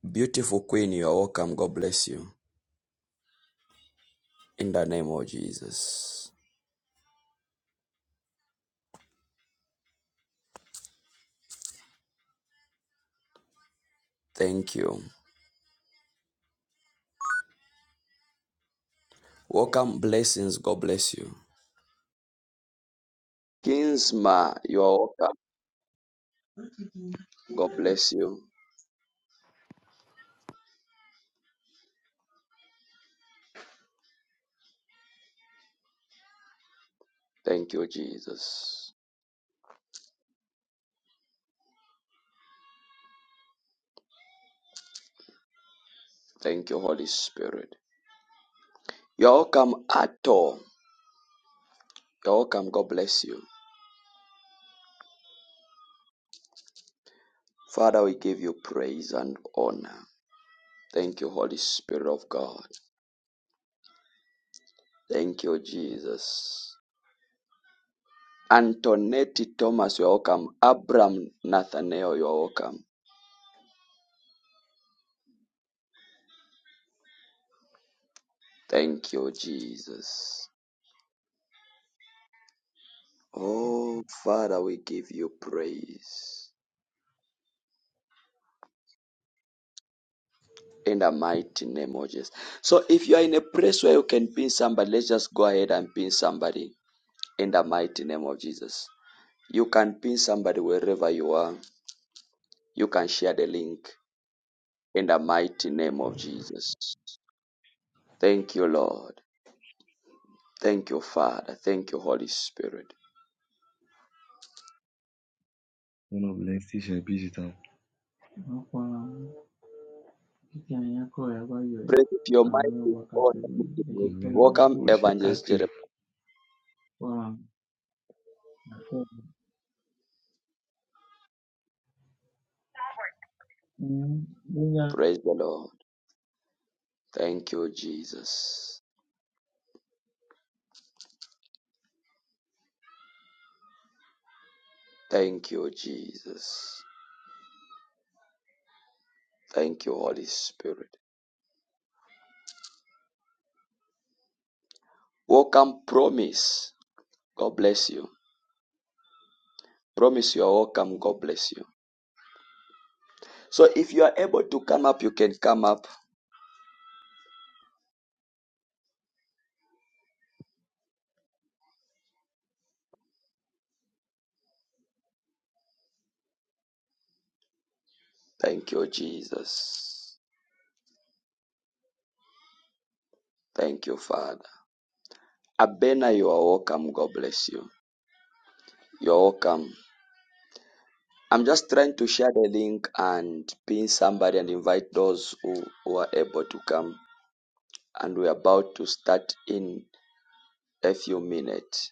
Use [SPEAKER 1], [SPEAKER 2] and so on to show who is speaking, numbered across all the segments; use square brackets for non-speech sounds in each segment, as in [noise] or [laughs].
[SPEAKER 1] Beautiful Queen, you are welcome. God bless you. In the name of Jesus. Thank you. Welcome. Blessings. God bless you. Kinsma, you are welcome. God bless you. Thank you, Jesus. Thank you, Holy Spirit. You are welcome, Ato. You are welcome. God bless you. Father, we give you praise and honor. Thank you, Holy Spirit of God. Thank you, Jesus. Antonetti Thomas, you are welcome. Abram Nathaniel, you are welcome. Thank you, Jesus. Oh, Father, we give you praise in the mighty name of Jesus. So, if you are in a place where you can pin somebody, let's just go ahead and pin somebody in the mighty name of Jesus. You can pin somebody wherever you are. You can share the link in the mighty name of Jesus. Thank you, Lord. Thank you, Father. Thank you, Holy Spirit.
[SPEAKER 2] one of the station i Ọ̀pọ̀lọpọ̀ títí àyàn kọ̀ ẹ̀ wáyọ̀ ẹ̀
[SPEAKER 1] Praise your
[SPEAKER 2] àwọn ọmọ
[SPEAKER 1] mighty God.
[SPEAKER 2] wákàtí ẹ̀ ṣe Kò kọ́ ní ìyá ń bọ̀
[SPEAKER 1] Welcome,
[SPEAKER 2] ó ṣe
[SPEAKER 1] Evangelist Jeremiah.
[SPEAKER 2] active. wá àfọ̀. Bóyá
[SPEAKER 1] Praise the Lord. Thank you, Jesus. Thank you, Jesus. Thank you, Holy Spirit. Welcome, promise. God bless you. Promise you are welcome. God bless you. So if you are able to come up, you can come up. Thank you, Jesus. Thank you, Father. Abena, you are welcome. God bless you. You're welcome. I'm just trying to share the link and pin somebody and invite those who, who are able to come. And we're about to start in a few minutes.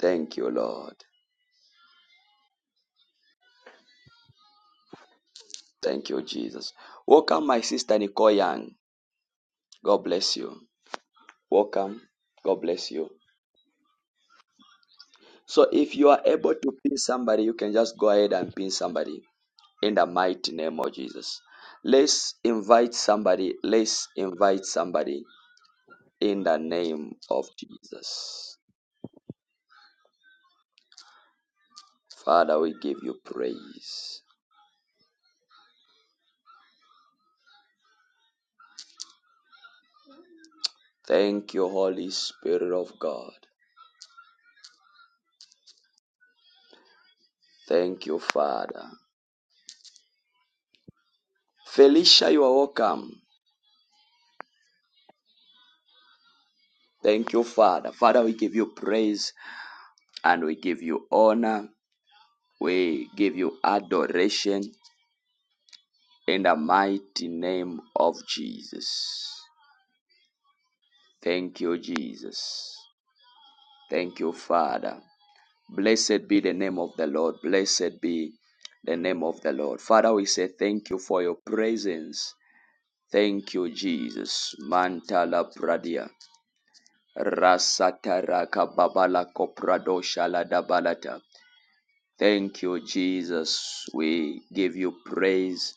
[SPEAKER 1] Thank you, Lord. Thank you, Jesus. Welcome, my sister Nicole Young. God bless you. Welcome. God bless you. So, if you are able to pin somebody, you can just go ahead and pin somebody in the mighty name of Jesus. Let's invite somebody. Let's invite somebody in the name of Jesus. Father, we give you praise. Thank you, Holy Spirit of God. Thank you, Father. Felicia, you are welcome. Thank you, Father. Father, we give you praise and we give you honor. We give you adoration in the mighty name of Jesus. Thank you, Jesus. Thank you, Father. Blessed be the name of the Lord. Blessed be the name of the Lord. Father, we say thank you for your presence. Thank you, Jesus. Mantala Pradia. Rasatara Babala Kopradosha dabalata. Thank you, Jesus. We give you praise.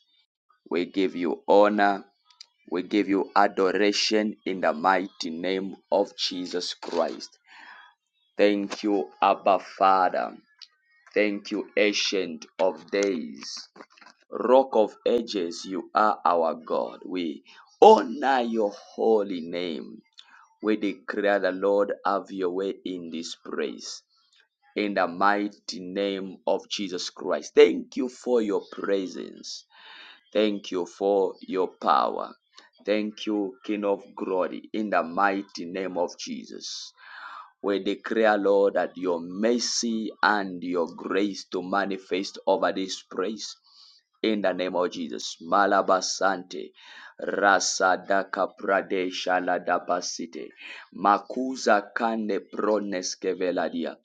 [SPEAKER 1] We give you honor. We give you adoration in the mighty name of Jesus Christ. Thank you, Abba Father. Thank you, Ancient of Days. Rock of Ages, you are our God. We honor your holy name. We declare the Lord have your way in this place in the mighty name of Jesus Christ. Thank you for your presence. Thank you for your power. Thank you, King of glory, in the mighty name of Jesus. We declare, Lord, that your mercy and your grace to manifest over this place. in the name of Jesus. Malabasante, Rasadaka Pradesha Ladabasite, Makuza Kande Prones Keveladia.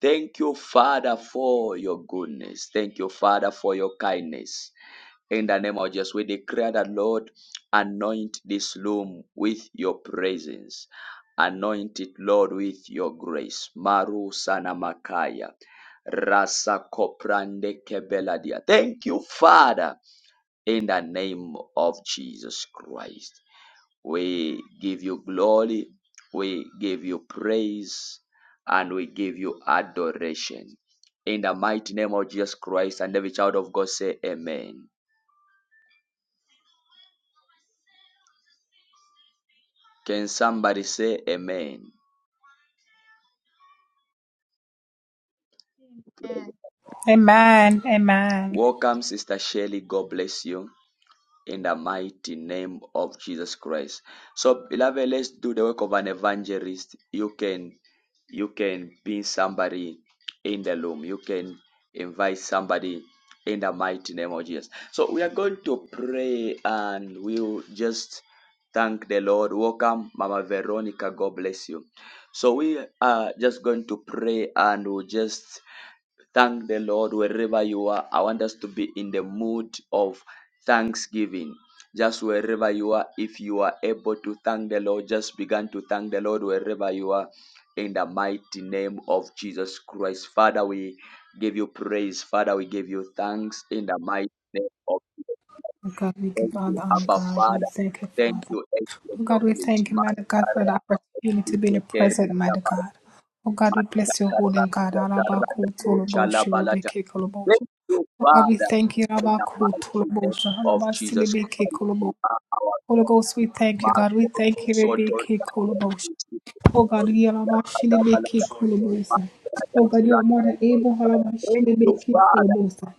[SPEAKER 1] Thank you, Father, for your goodness. Thank you, Father, for your kindness. In the name of Jesus, we declare that, Lord, anoint this room with your presence. Anoint it, Lord, with your grace. Maru Sanamakaya. Rasa Koprande Kebeladia. Thank you, Father, in the name of Jesus Christ. We give you glory, we give you praise, and we give you adoration. In the mighty name of Jesus Christ, and every child of God say amen. Can somebody say amen?
[SPEAKER 3] Amen.
[SPEAKER 4] Amen. Amen.
[SPEAKER 1] Welcome, Sister Shelley. God bless you. in the mighty name of Jesus Christ. So, beloved, let's do the work of an evangelist. You can you can pin somebody in the room. You can invite somebody in the mighty name of Jesus. So we are going to pray and we'll just thank the Lord. Welcome, Mama Veronica. God bless you. So we are just going to pray and we'll just Thank the Lord wherever you are. I want us to be in the mood of thanksgiving. Just wherever you are, if you are able to thank the Lord, just begin to thank the Lord wherever you are in the mighty name of Jesus Christ. Father, we give you praise. Father, we give you thanks in the mighty name of Jesus.
[SPEAKER 4] Oh God, we give
[SPEAKER 1] Thank
[SPEAKER 4] all
[SPEAKER 1] you,
[SPEAKER 4] the honor,
[SPEAKER 1] Abba
[SPEAKER 4] God. We
[SPEAKER 1] Father.
[SPEAKER 4] thank you,
[SPEAKER 1] Thank
[SPEAKER 4] Father.
[SPEAKER 1] you, Agent
[SPEAKER 4] Oh
[SPEAKER 1] of
[SPEAKER 4] God, we
[SPEAKER 1] His
[SPEAKER 4] thank you, mighty
[SPEAKER 1] Manta,
[SPEAKER 4] God, for the opportunity to be in the present, mighty God. Oh God, we bless your holy name, God. Alabaku tolobosha, rebeke kolobosha.
[SPEAKER 1] Thank you,
[SPEAKER 4] Oh God, we
[SPEAKER 1] Father,
[SPEAKER 4] thank you,
[SPEAKER 1] in the
[SPEAKER 4] Alabaku
[SPEAKER 1] mighty name
[SPEAKER 4] tolobosha,
[SPEAKER 1] of Jesus
[SPEAKER 4] alabasilibeke
[SPEAKER 1] Christ. You
[SPEAKER 4] kolobosha.
[SPEAKER 1] are our
[SPEAKER 4] Holy
[SPEAKER 1] God.
[SPEAKER 4] Ghost, we thank you, God. We
[SPEAKER 1] Marco
[SPEAKER 4] thank you,
[SPEAKER 1] Soto
[SPEAKER 4] rebeke
[SPEAKER 1] Thank
[SPEAKER 4] kolobosha.
[SPEAKER 1] you,
[SPEAKER 4] Oh God, Yalabashilibiki Kolobosa. Oh God, you are more than able, Halabashilibiki
[SPEAKER 1] Father,
[SPEAKER 4] Kolobosa.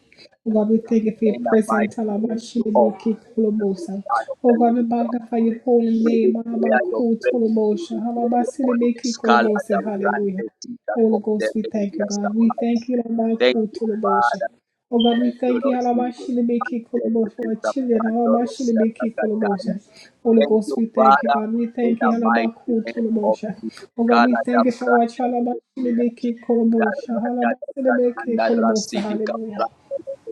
[SPEAKER 4] Oh God, we thank you for your
[SPEAKER 1] in the
[SPEAKER 4] presence,
[SPEAKER 1] mighty name of
[SPEAKER 4] Halabashilibiki
[SPEAKER 1] the
[SPEAKER 4] Kolobosa.
[SPEAKER 1] Son of
[SPEAKER 4] Oh
[SPEAKER 1] the
[SPEAKER 4] God, we
[SPEAKER 1] Living God.
[SPEAKER 4] magnify your holy
[SPEAKER 1] We
[SPEAKER 4] name,
[SPEAKER 1] declare your
[SPEAKER 4] Halabaku
[SPEAKER 1] presence. We
[SPEAKER 4] Tolobosha,
[SPEAKER 1] declare your holiness.
[SPEAKER 4] Halabashilibiki
[SPEAKER 1] Scala the
[SPEAKER 4] Kolobosa.
[SPEAKER 1] brand
[SPEAKER 4] Hallelujah.
[SPEAKER 1] of Jesus
[SPEAKER 4] Holy
[SPEAKER 1] of the
[SPEAKER 4] Ghost, we
[SPEAKER 1] Living
[SPEAKER 4] thank you,
[SPEAKER 1] God.
[SPEAKER 4] God. We thank you,
[SPEAKER 1] Thank
[SPEAKER 4] Halabaku
[SPEAKER 1] you, Father.
[SPEAKER 4] Tolobosha. Oh God, we
[SPEAKER 1] Thank you,
[SPEAKER 4] thank you,
[SPEAKER 1] Lord Jesus. Thank
[SPEAKER 4] Halabashilibiki
[SPEAKER 1] you, Lord, for the
[SPEAKER 4] Kolobo, for our
[SPEAKER 1] grace of
[SPEAKER 4] children,
[SPEAKER 1] God, Lord, Lord, see that I
[SPEAKER 4] Halabashilibiki
[SPEAKER 1] got that.
[SPEAKER 4] Kolobosha. Holy
[SPEAKER 1] Thank you,
[SPEAKER 4] Ghost, we thank you,
[SPEAKER 1] Father,
[SPEAKER 4] God. We
[SPEAKER 1] in
[SPEAKER 4] thank
[SPEAKER 1] the
[SPEAKER 4] you,
[SPEAKER 1] mighty
[SPEAKER 4] Halabaku
[SPEAKER 1] name of
[SPEAKER 4] Tolobosha.
[SPEAKER 1] Jesus.
[SPEAKER 4] Oh God,
[SPEAKER 1] God,
[SPEAKER 4] we
[SPEAKER 1] I
[SPEAKER 4] thank
[SPEAKER 1] have
[SPEAKER 4] you for our
[SPEAKER 1] granted the comfort, Lord,
[SPEAKER 4] Chalabashilibiki
[SPEAKER 1] Lord,
[SPEAKER 4] Kolobosha, Halabashilibiki Kolobosha, hallelujah.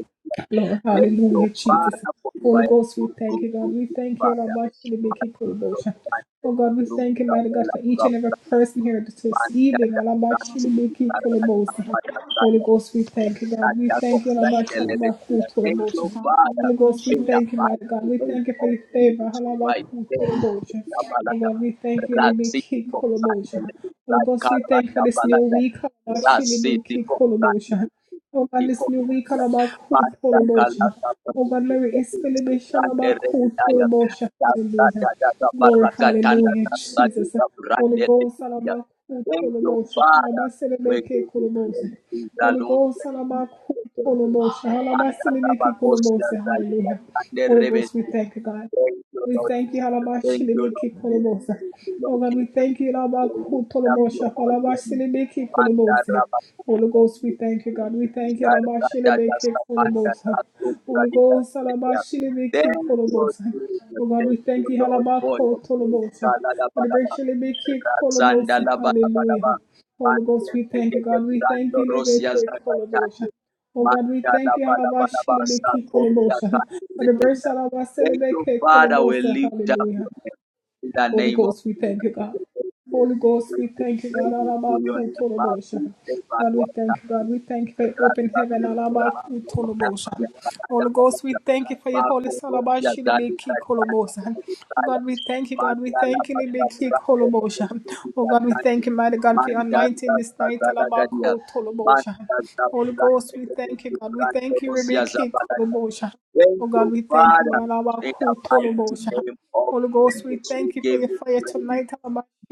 [SPEAKER 1] Lord.
[SPEAKER 4] Lord,
[SPEAKER 1] Thank you,
[SPEAKER 4] hallelujah, Jesus.
[SPEAKER 1] Father, for you are
[SPEAKER 4] Holy
[SPEAKER 1] a
[SPEAKER 4] Ghost, we
[SPEAKER 1] good,
[SPEAKER 4] thank
[SPEAKER 1] good,
[SPEAKER 4] you, God.
[SPEAKER 1] good,
[SPEAKER 4] We
[SPEAKER 1] good
[SPEAKER 4] thank you,
[SPEAKER 1] Father.
[SPEAKER 4] Rabbi
[SPEAKER 1] My
[SPEAKER 4] Shilibiki
[SPEAKER 1] God,
[SPEAKER 4] Kulubosha. Oh
[SPEAKER 1] thank you,
[SPEAKER 4] God, we
[SPEAKER 1] through
[SPEAKER 4] thank you,
[SPEAKER 1] the
[SPEAKER 4] mighty
[SPEAKER 1] whole
[SPEAKER 4] God, for each
[SPEAKER 1] of
[SPEAKER 4] and every
[SPEAKER 1] God.
[SPEAKER 4] person here
[SPEAKER 1] Thank
[SPEAKER 4] this evening. Alaba
[SPEAKER 1] you,
[SPEAKER 4] Shilibiki
[SPEAKER 3] Thank you
[SPEAKER 4] Kulubosha. Holy Ghost, we thank you, God. We thank you, Rabbi Shalabaku Tulubosha.
[SPEAKER 1] Father,
[SPEAKER 4] Holy
[SPEAKER 3] for
[SPEAKER 4] Ghost, we
[SPEAKER 1] in
[SPEAKER 3] choosing
[SPEAKER 1] the
[SPEAKER 4] thank you, my God.
[SPEAKER 1] mighty
[SPEAKER 4] We
[SPEAKER 1] name
[SPEAKER 4] thank you for
[SPEAKER 1] of
[SPEAKER 4] your favor.
[SPEAKER 1] Jesus Christ.
[SPEAKER 4] Halabaku
[SPEAKER 1] There is
[SPEAKER 4] Tolobosha.
[SPEAKER 1] a
[SPEAKER 4] Oh
[SPEAKER 1] balada.
[SPEAKER 4] God, we thank you, Libi
[SPEAKER 1] Rasiti
[SPEAKER 4] King
[SPEAKER 1] kobrata
[SPEAKER 4] Kolobosha. Holy
[SPEAKER 1] lebrai
[SPEAKER 4] Ghost, we thank you for
[SPEAKER 1] karata
[SPEAKER 4] this new
[SPEAKER 1] balada.
[SPEAKER 4] week. Halabashi Libi
[SPEAKER 1] Rasiti
[SPEAKER 4] King
[SPEAKER 1] kobrata
[SPEAKER 4] Kolobosha. Oh God,
[SPEAKER 1] lebrai
[SPEAKER 4] this new week.
[SPEAKER 1] kobrata.
[SPEAKER 4] Halabaku
[SPEAKER 1] Mata
[SPEAKER 4] Tolobosha.
[SPEAKER 1] kalata
[SPEAKER 4] Oh God, Mary is
[SPEAKER 1] perbuatan
[SPEAKER 4] Filibi
[SPEAKER 1] grande
[SPEAKER 4] Shalabaku
[SPEAKER 1] rebenaya.
[SPEAKER 4] Tolobosha.
[SPEAKER 1] Dada
[SPEAKER 4] Hallelujah.
[SPEAKER 1] dada dada
[SPEAKER 4] Glory,
[SPEAKER 1] baragatanda
[SPEAKER 4] hallelujah,
[SPEAKER 1] dada
[SPEAKER 4] Jesus.
[SPEAKER 1] dada
[SPEAKER 4] Holy Ghost,
[SPEAKER 1] brande
[SPEAKER 4] Salabaku,
[SPEAKER 1] Thank you,
[SPEAKER 4] Tolobosha,
[SPEAKER 1] Father. We
[SPEAKER 4] Halabaselebeke,
[SPEAKER 1] give you
[SPEAKER 4] Kolobosha.
[SPEAKER 1] praise. We
[SPEAKER 4] Holy
[SPEAKER 1] alone
[SPEAKER 4] Ghost,
[SPEAKER 1] thank you.
[SPEAKER 4] Salabaku,
[SPEAKER 1] We thank you.
[SPEAKER 4] Tolobosha,
[SPEAKER 1] Manda
[SPEAKER 4] Halabaselebeke,
[SPEAKER 1] rabakosia
[SPEAKER 4] Kolobosha,
[SPEAKER 1] zalika
[SPEAKER 4] hallelujah.
[SPEAKER 1] kande
[SPEAKER 4] Holy Ghost, we
[SPEAKER 1] rebesia.
[SPEAKER 4] thank you, God.
[SPEAKER 1] Thank you,
[SPEAKER 4] We
[SPEAKER 1] Lord
[SPEAKER 4] thank you,
[SPEAKER 1] Jesus.
[SPEAKER 4] Halaba
[SPEAKER 1] Thank you, Lord
[SPEAKER 4] Shilibiki
[SPEAKER 1] Jesus.
[SPEAKER 4] Kolobosa.
[SPEAKER 1] Thank you,
[SPEAKER 4] Oh
[SPEAKER 1] Lord
[SPEAKER 4] God, we
[SPEAKER 1] Jesus.
[SPEAKER 4] thank you,
[SPEAKER 1] We
[SPEAKER 4] Halaba
[SPEAKER 1] lift up your
[SPEAKER 4] Kutolobosha,
[SPEAKER 1] holy
[SPEAKER 4] Halaba
[SPEAKER 1] name.
[SPEAKER 4] Shilibiki
[SPEAKER 1] Manda
[SPEAKER 4] Kolobose.
[SPEAKER 1] raba
[SPEAKER 4] Holy
[SPEAKER 1] kuta
[SPEAKER 4] Ghost, we thank you,
[SPEAKER 1] kuta.
[SPEAKER 4] God. We thank you, Halaba
[SPEAKER 1] Jarda dada
[SPEAKER 4] Shilibiki
[SPEAKER 1] samanda
[SPEAKER 4] Kolobosa.
[SPEAKER 1] rato
[SPEAKER 4] Holy
[SPEAKER 1] pradina
[SPEAKER 4] Ghost, Halaba
[SPEAKER 1] yedia.
[SPEAKER 4] Shilibiki
[SPEAKER 1] Thank you,
[SPEAKER 4] Kolobosa. Oh
[SPEAKER 1] Jesus.
[SPEAKER 4] God, we
[SPEAKER 1] Thank you,
[SPEAKER 4] thank you,
[SPEAKER 1] Lord,
[SPEAKER 4] Halaba
[SPEAKER 1] for your grace.
[SPEAKER 4] Kotolobosa.
[SPEAKER 1] Kala da ba da
[SPEAKER 4] Halaba
[SPEAKER 1] ba.
[SPEAKER 4] Shilibiki
[SPEAKER 1] Razanda
[SPEAKER 4] Kolobosa.
[SPEAKER 1] la ba da ba da ba.
[SPEAKER 4] Hallelujah. Holy
[SPEAKER 1] Mante
[SPEAKER 4] Ghost, we thank
[SPEAKER 1] teke
[SPEAKER 4] you,
[SPEAKER 1] te
[SPEAKER 4] God. We thank
[SPEAKER 1] brando
[SPEAKER 4] you,
[SPEAKER 1] rosia
[SPEAKER 4] Libiki Kolobosa.
[SPEAKER 1] zakatande.
[SPEAKER 4] Oh God, we
[SPEAKER 1] Manda la
[SPEAKER 4] thank you,
[SPEAKER 1] ba da ba da ba.
[SPEAKER 4] Halabashilibiki
[SPEAKER 1] Sakori ya
[SPEAKER 4] Kolobosa.
[SPEAKER 1] tande
[SPEAKER 4] For the breast
[SPEAKER 1] redenda.
[SPEAKER 4] of our
[SPEAKER 1] Thank you,
[SPEAKER 4] celebeke
[SPEAKER 1] Father. We
[SPEAKER 4] Kolobosa,
[SPEAKER 1] lift up
[SPEAKER 4] hallelujah.
[SPEAKER 1] your name in the
[SPEAKER 4] Holy
[SPEAKER 1] name of
[SPEAKER 4] Ghost, we thank you, God.
[SPEAKER 1] Jesus.
[SPEAKER 4] Holy Ghost,
[SPEAKER 1] Praise
[SPEAKER 4] we thank you, God.
[SPEAKER 1] to your
[SPEAKER 4] Alabaku
[SPEAKER 1] name. Babu,
[SPEAKER 4] tolobosha.
[SPEAKER 1] Eva,
[SPEAKER 4] God, we thank you,
[SPEAKER 1] Wataku,
[SPEAKER 4] God. We thank you for your open
[SPEAKER 1] Rasta,
[SPEAKER 4] heaven.
[SPEAKER 1] Kurura,
[SPEAKER 4] Alabaku
[SPEAKER 1] Yamana,
[SPEAKER 4] tolobosha.
[SPEAKER 1] Yakada,
[SPEAKER 4] Holy Ghost, we
[SPEAKER 1] Yakada,
[SPEAKER 4] thank you for your holy
[SPEAKER 1] Marco, Rosia,
[SPEAKER 4] salabashi
[SPEAKER 1] Zali,
[SPEAKER 4] libiki
[SPEAKER 1] Tatan,
[SPEAKER 4] kolobosha. Oh
[SPEAKER 1] Messiah,
[SPEAKER 4] God, we thank you, God. We
[SPEAKER 1] Mandala,
[SPEAKER 4] thank you, libiki
[SPEAKER 1] Pasabra,
[SPEAKER 4] kolobosha. Oh
[SPEAKER 1] Kurura,
[SPEAKER 4] God, we
[SPEAKER 1] Tatan,
[SPEAKER 4] thank you, mighty God, for your anointing
[SPEAKER 1] Mandala,
[SPEAKER 4] this night.
[SPEAKER 1] Pasada, Gadia,
[SPEAKER 4] Alabaku tolobosha.
[SPEAKER 1] Mandala,
[SPEAKER 4] Holy Ghost, we thank you, God. We
[SPEAKER 1] Kurura,
[SPEAKER 4] thank you,
[SPEAKER 1] Rosia,
[SPEAKER 4] libiki
[SPEAKER 1] Zabala.
[SPEAKER 4] kolobosha. Oh
[SPEAKER 1] Thank
[SPEAKER 4] God,
[SPEAKER 1] you,
[SPEAKER 4] we thank you,
[SPEAKER 1] Father,
[SPEAKER 4] Malaba
[SPEAKER 1] in the mighty
[SPEAKER 4] Kutolobosha.
[SPEAKER 1] name of
[SPEAKER 4] Holy Ghost, we
[SPEAKER 1] Jesus. We
[SPEAKER 4] thank you for
[SPEAKER 1] give
[SPEAKER 4] your
[SPEAKER 1] you
[SPEAKER 4] fire
[SPEAKER 1] praise.
[SPEAKER 4] tonight.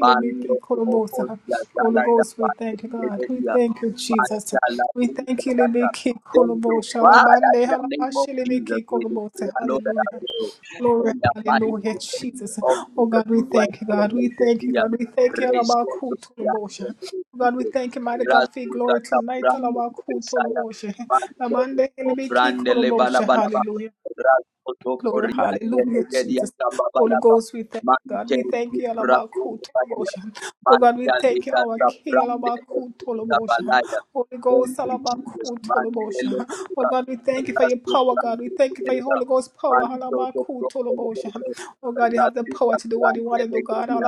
[SPEAKER 1] Mando Opo
[SPEAKER 4] korobosa. Holy
[SPEAKER 1] Yagala
[SPEAKER 4] Ghost, we
[SPEAKER 1] Dapando
[SPEAKER 4] thank you, God. We
[SPEAKER 1] Kededia
[SPEAKER 4] thank you, Jesus.
[SPEAKER 1] Mashala
[SPEAKER 4] We thank you,
[SPEAKER 1] Usadata.
[SPEAKER 4] Libiki
[SPEAKER 1] Thank you,
[SPEAKER 4] Kolobosha.
[SPEAKER 1] Father,
[SPEAKER 4] Labande
[SPEAKER 1] in the name of Jesus,
[SPEAKER 4] Halabashilibiki
[SPEAKER 1] we
[SPEAKER 4] Kolobosa.
[SPEAKER 1] declare, Lord, that I
[SPEAKER 4] Hallelujah.
[SPEAKER 1] pray
[SPEAKER 4] Glory,
[SPEAKER 1] in the mighty
[SPEAKER 4] hallelujah,
[SPEAKER 1] name
[SPEAKER 4] Jesus.
[SPEAKER 1] of
[SPEAKER 4] Oh
[SPEAKER 1] Jesus
[SPEAKER 4] God, we
[SPEAKER 1] Christ,
[SPEAKER 4] thank you,
[SPEAKER 1] we
[SPEAKER 4] God. We
[SPEAKER 1] make the
[SPEAKER 4] thank you,
[SPEAKER 1] dear
[SPEAKER 4] God. We thank you,
[SPEAKER 1] Resto
[SPEAKER 4] Alabakutu
[SPEAKER 1] Sophia,
[SPEAKER 4] Labosha.
[SPEAKER 1] and the
[SPEAKER 4] Oh God, we
[SPEAKER 1] people,
[SPEAKER 4] thank you, mighty God, for your
[SPEAKER 1] Rasu
[SPEAKER 4] glory
[SPEAKER 1] Gata
[SPEAKER 4] tonight.
[SPEAKER 1] Brand, the
[SPEAKER 4] Alabakutu
[SPEAKER 1] Messiah,
[SPEAKER 4] Labosha.
[SPEAKER 1] Mando
[SPEAKER 4] Labande
[SPEAKER 1] Opo
[SPEAKER 4] Libiki
[SPEAKER 1] Brand, Lebala
[SPEAKER 4] Kolobosha.
[SPEAKER 1] Balaba,
[SPEAKER 4] Hallelujah.
[SPEAKER 1] Rasu
[SPEAKER 4] Glory,
[SPEAKER 1] Sophia, and
[SPEAKER 4] hallelujah, Jesus. Holy
[SPEAKER 1] Legedia
[SPEAKER 4] Ghost, we thank you, God.
[SPEAKER 1] Mante
[SPEAKER 4] We thank you,
[SPEAKER 1] brapo kapadia.
[SPEAKER 4] Alabakutolobosha. Oh God, we
[SPEAKER 1] Mante
[SPEAKER 4] thank you,
[SPEAKER 1] leda
[SPEAKER 4] our King,
[SPEAKER 1] sabrande ekida
[SPEAKER 4] Alabakutolobosha.
[SPEAKER 1] balaya.
[SPEAKER 4] Holy Ghost,
[SPEAKER 1] Thank you, Jesus. Mante
[SPEAKER 4] Alabakutolobosha. Oh
[SPEAKER 1] leda.
[SPEAKER 4] God, we thank you for your
[SPEAKER 1] Rasto
[SPEAKER 4] power, God. We
[SPEAKER 1] brapo
[SPEAKER 4] thank you for your
[SPEAKER 1] leda.
[SPEAKER 4] Holy Ghost power,
[SPEAKER 1] Manto to brapo
[SPEAKER 4] Alabakutolobosha.
[SPEAKER 1] leda.
[SPEAKER 4] Oh God, you have the
[SPEAKER 1] Rasto
[SPEAKER 4] power to do what you
[SPEAKER 1] sabrande
[SPEAKER 4] want to do, God.
[SPEAKER 1] leda.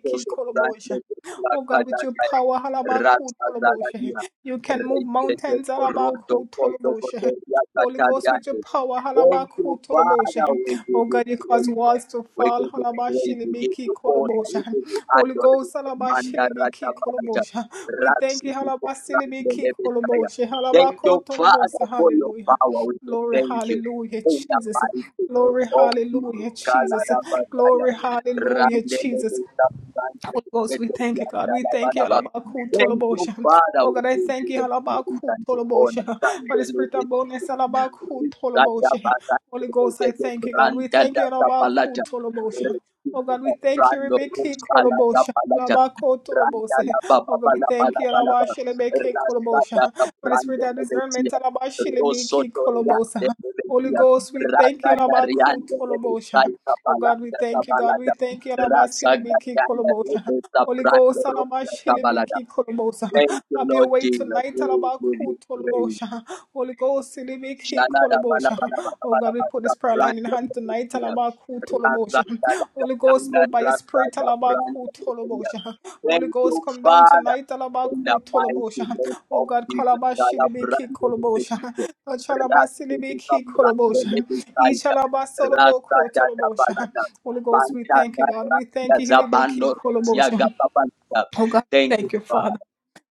[SPEAKER 1] so sabrande leda
[SPEAKER 4] Oh God,
[SPEAKER 1] kada
[SPEAKER 4] with your
[SPEAKER 1] kaya.
[SPEAKER 4] power, Halabaku
[SPEAKER 1] Rasta
[SPEAKER 4] Toloboshe,
[SPEAKER 1] zaladia.
[SPEAKER 4] you can move
[SPEAKER 1] Reitete
[SPEAKER 4] mountains,
[SPEAKER 1] korodo
[SPEAKER 4] Halabaku
[SPEAKER 1] kodo kodo ya
[SPEAKER 4] Holy Ghost, with your
[SPEAKER 1] kataliande.
[SPEAKER 4] power,
[SPEAKER 1] Thank you,
[SPEAKER 4] halabakutolobosha.
[SPEAKER 1] Father. We give
[SPEAKER 4] Oh
[SPEAKER 1] you
[SPEAKER 4] God, you cause
[SPEAKER 1] praise
[SPEAKER 4] walls to
[SPEAKER 1] you
[SPEAKER 4] fall,
[SPEAKER 1] praise, Wewe
[SPEAKER 4] halabashilibiki
[SPEAKER 1] tuona
[SPEAKER 4] kolobosha.
[SPEAKER 1] wewe
[SPEAKER 4] Holy
[SPEAKER 1] adoration.
[SPEAKER 4] Ghost,
[SPEAKER 1] manda rata
[SPEAKER 4] halabashilibiki
[SPEAKER 1] pacha
[SPEAKER 4] kolobosha. We thank
[SPEAKER 1] raksi
[SPEAKER 4] you,
[SPEAKER 1] tuko
[SPEAKER 4] halabashilibiki
[SPEAKER 1] lebe taya.
[SPEAKER 4] kolobosha,
[SPEAKER 1] Thank you, Father,
[SPEAKER 4] halabakotolobosa.
[SPEAKER 1] for your
[SPEAKER 4] Hallelujah.
[SPEAKER 1] power. We say
[SPEAKER 4] Glory,
[SPEAKER 1] thank you.
[SPEAKER 4] hallelujah,
[SPEAKER 1] In the
[SPEAKER 4] Jesus.
[SPEAKER 1] mighty name
[SPEAKER 4] Glory,
[SPEAKER 1] of Jesus,
[SPEAKER 4] hallelujah, Jesus.
[SPEAKER 1] Kalada Bataya,
[SPEAKER 4] Glory, hallelujah,
[SPEAKER 1] Randele
[SPEAKER 4] Jesus. Holy Ghost, we thank you, God. We thank you, Alabaku
[SPEAKER 1] Thank you,
[SPEAKER 4] Tolobosha.
[SPEAKER 1] Father,
[SPEAKER 4] Oh
[SPEAKER 1] we
[SPEAKER 4] God, I
[SPEAKER 1] give
[SPEAKER 4] thank
[SPEAKER 1] you
[SPEAKER 4] you,
[SPEAKER 1] the praise
[SPEAKER 4] Alabaku
[SPEAKER 1] and the
[SPEAKER 4] Tolobosha. For the
[SPEAKER 1] honor.
[SPEAKER 4] spirit of boldness, Alabaku Tolobosha. Holy Ghost, I thank you, God. We thank you, Alabaku
[SPEAKER 1] Palata,
[SPEAKER 4] Tolobosha. Oh God, we thank you,
[SPEAKER 1] Rando
[SPEAKER 4] Rebecca
[SPEAKER 1] Rosala da
[SPEAKER 4] Kolobosha.
[SPEAKER 1] Palata,
[SPEAKER 4] Alabako
[SPEAKER 1] Randala
[SPEAKER 4] Tolobose.
[SPEAKER 1] Baba
[SPEAKER 4] Oh God, we
[SPEAKER 1] Bala
[SPEAKER 4] thank
[SPEAKER 1] Bala
[SPEAKER 4] you,
[SPEAKER 1] Bala Bala,
[SPEAKER 4] Alabashilebeke Kolobosha.
[SPEAKER 1] Rasata da
[SPEAKER 4] For the
[SPEAKER 1] Brando
[SPEAKER 4] spirit of discernment,
[SPEAKER 1] Rebetia,
[SPEAKER 4] Alabashilebeke
[SPEAKER 1] Rosoto
[SPEAKER 4] Kolobosa.
[SPEAKER 1] Riante
[SPEAKER 4] Holy
[SPEAKER 1] Rebetia,
[SPEAKER 4] Ghost, we thank you,
[SPEAKER 1] Rasata
[SPEAKER 4] Alabaku
[SPEAKER 1] Riante
[SPEAKER 4] Tolobosha.
[SPEAKER 1] Rebetai da
[SPEAKER 4] Oh God, we
[SPEAKER 1] Palata da
[SPEAKER 4] thank you. God, we
[SPEAKER 1] Palata,
[SPEAKER 4] thank you. Alaba
[SPEAKER 1] Rasata
[SPEAKER 4] silibiki
[SPEAKER 1] Riante
[SPEAKER 4] kolobosa.
[SPEAKER 1] Rebeta
[SPEAKER 4] Holy
[SPEAKER 1] Brando
[SPEAKER 4] Ghost, alaba
[SPEAKER 1] Rosa da Palata.
[SPEAKER 4] silibiki kolobosa.
[SPEAKER 1] Thank you,
[SPEAKER 4] Have your
[SPEAKER 1] Lord
[SPEAKER 4] way
[SPEAKER 1] Jesus.
[SPEAKER 4] tonight,
[SPEAKER 1] We give you
[SPEAKER 4] Alabaku
[SPEAKER 1] praise.
[SPEAKER 4] Tolobosha. Holy Ghost, Silibiki
[SPEAKER 1] Shalada bala
[SPEAKER 4] Kolobosha.
[SPEAKER 1] bala bala
[SPEAKER 4] Oh
[SPEAKER 1] bala
[SPEAKER 4] God, we put
[SPEAKER 1] bala
[SPEAKER 4] this prayer
[SPEAKER 1] brand
[SPEAKER 4] line in hand
[SPEAKER 1] new
[SPEAKER 4] tonight,
[SPEAKER 1] year.
[SPEAKER 4] Alabaku
[SPEAKER 1] Rasa
[SPEAKER 4] Tolobosha.
[SPEAKER 1] dala
[SPEAKER 4] Holy Ghost,
[SPEAKER 1] kanda
[SPEAKER 4] move by your
[SPEAKER 1] rasa
[SPEAKER 4] spirit,
[SPEAKER 1] da brand
[SPEAKER 4] Alabaku
[SPEAKER 1] new year.
[SPEAKER 4] Tolobosha. Holy
[SPEAKER 1] Thank you,
[SPEAKER 4] Ghost, come down
[SPEAKER 1] Father,
[SPEAKER 4] tonight,
[SPEAKER 1] in the
[SPEAKER 4] Alabaku
[SPEAKER 1] mighty
[SPEAKER 4] Tolobosha.
[SPEAKER 1] name
[SPEAKER 4] Oh
[SPEAKER 1] of
[SPEAKER 4] God,
[SPEAKER 1] Jesus. Dala
[SPEAKER 4] Kalabashilibiki
[SPEAKER 1] brand new
[SPEAKER 4] Kolobosha.
[SPEAKER 1] year. Rasa dika
[SPEAKER 4] Kalabasilibiki
[SPEAKER 1] brand new
[SPEAKER 4] Kolobosha.
[SPEAKER 1] year.
[SPEAKER 4] Each
[SPEAKER 1] Rasa
[SPEAKER 4] Alabasoloboko
[SPEAKER 1] dada bala
[SPEAKER 4] Tolobosha.
[SPEAKER 1] da.
[SPEAKER 4] Holy Ghost, we
[SPEAKER 1] Manta
[SPEAKER 4] thank you, God.
[SPEAKER 1] dada
[SPEAKER 4] We
[SPEAKER 1] da
[SPEAKER 4] thank you, Hilibiki
[SPEAKER 1] zabando yaga
[SPEAKER 4] Kolobosha.
[SPEAKER 1] babanda.
[SPEAKER 4] Oh God,
[SPEAKER 1] Thank you,
[SPEAKER 4] thank you, Father.
[SPEAKER 1] Father.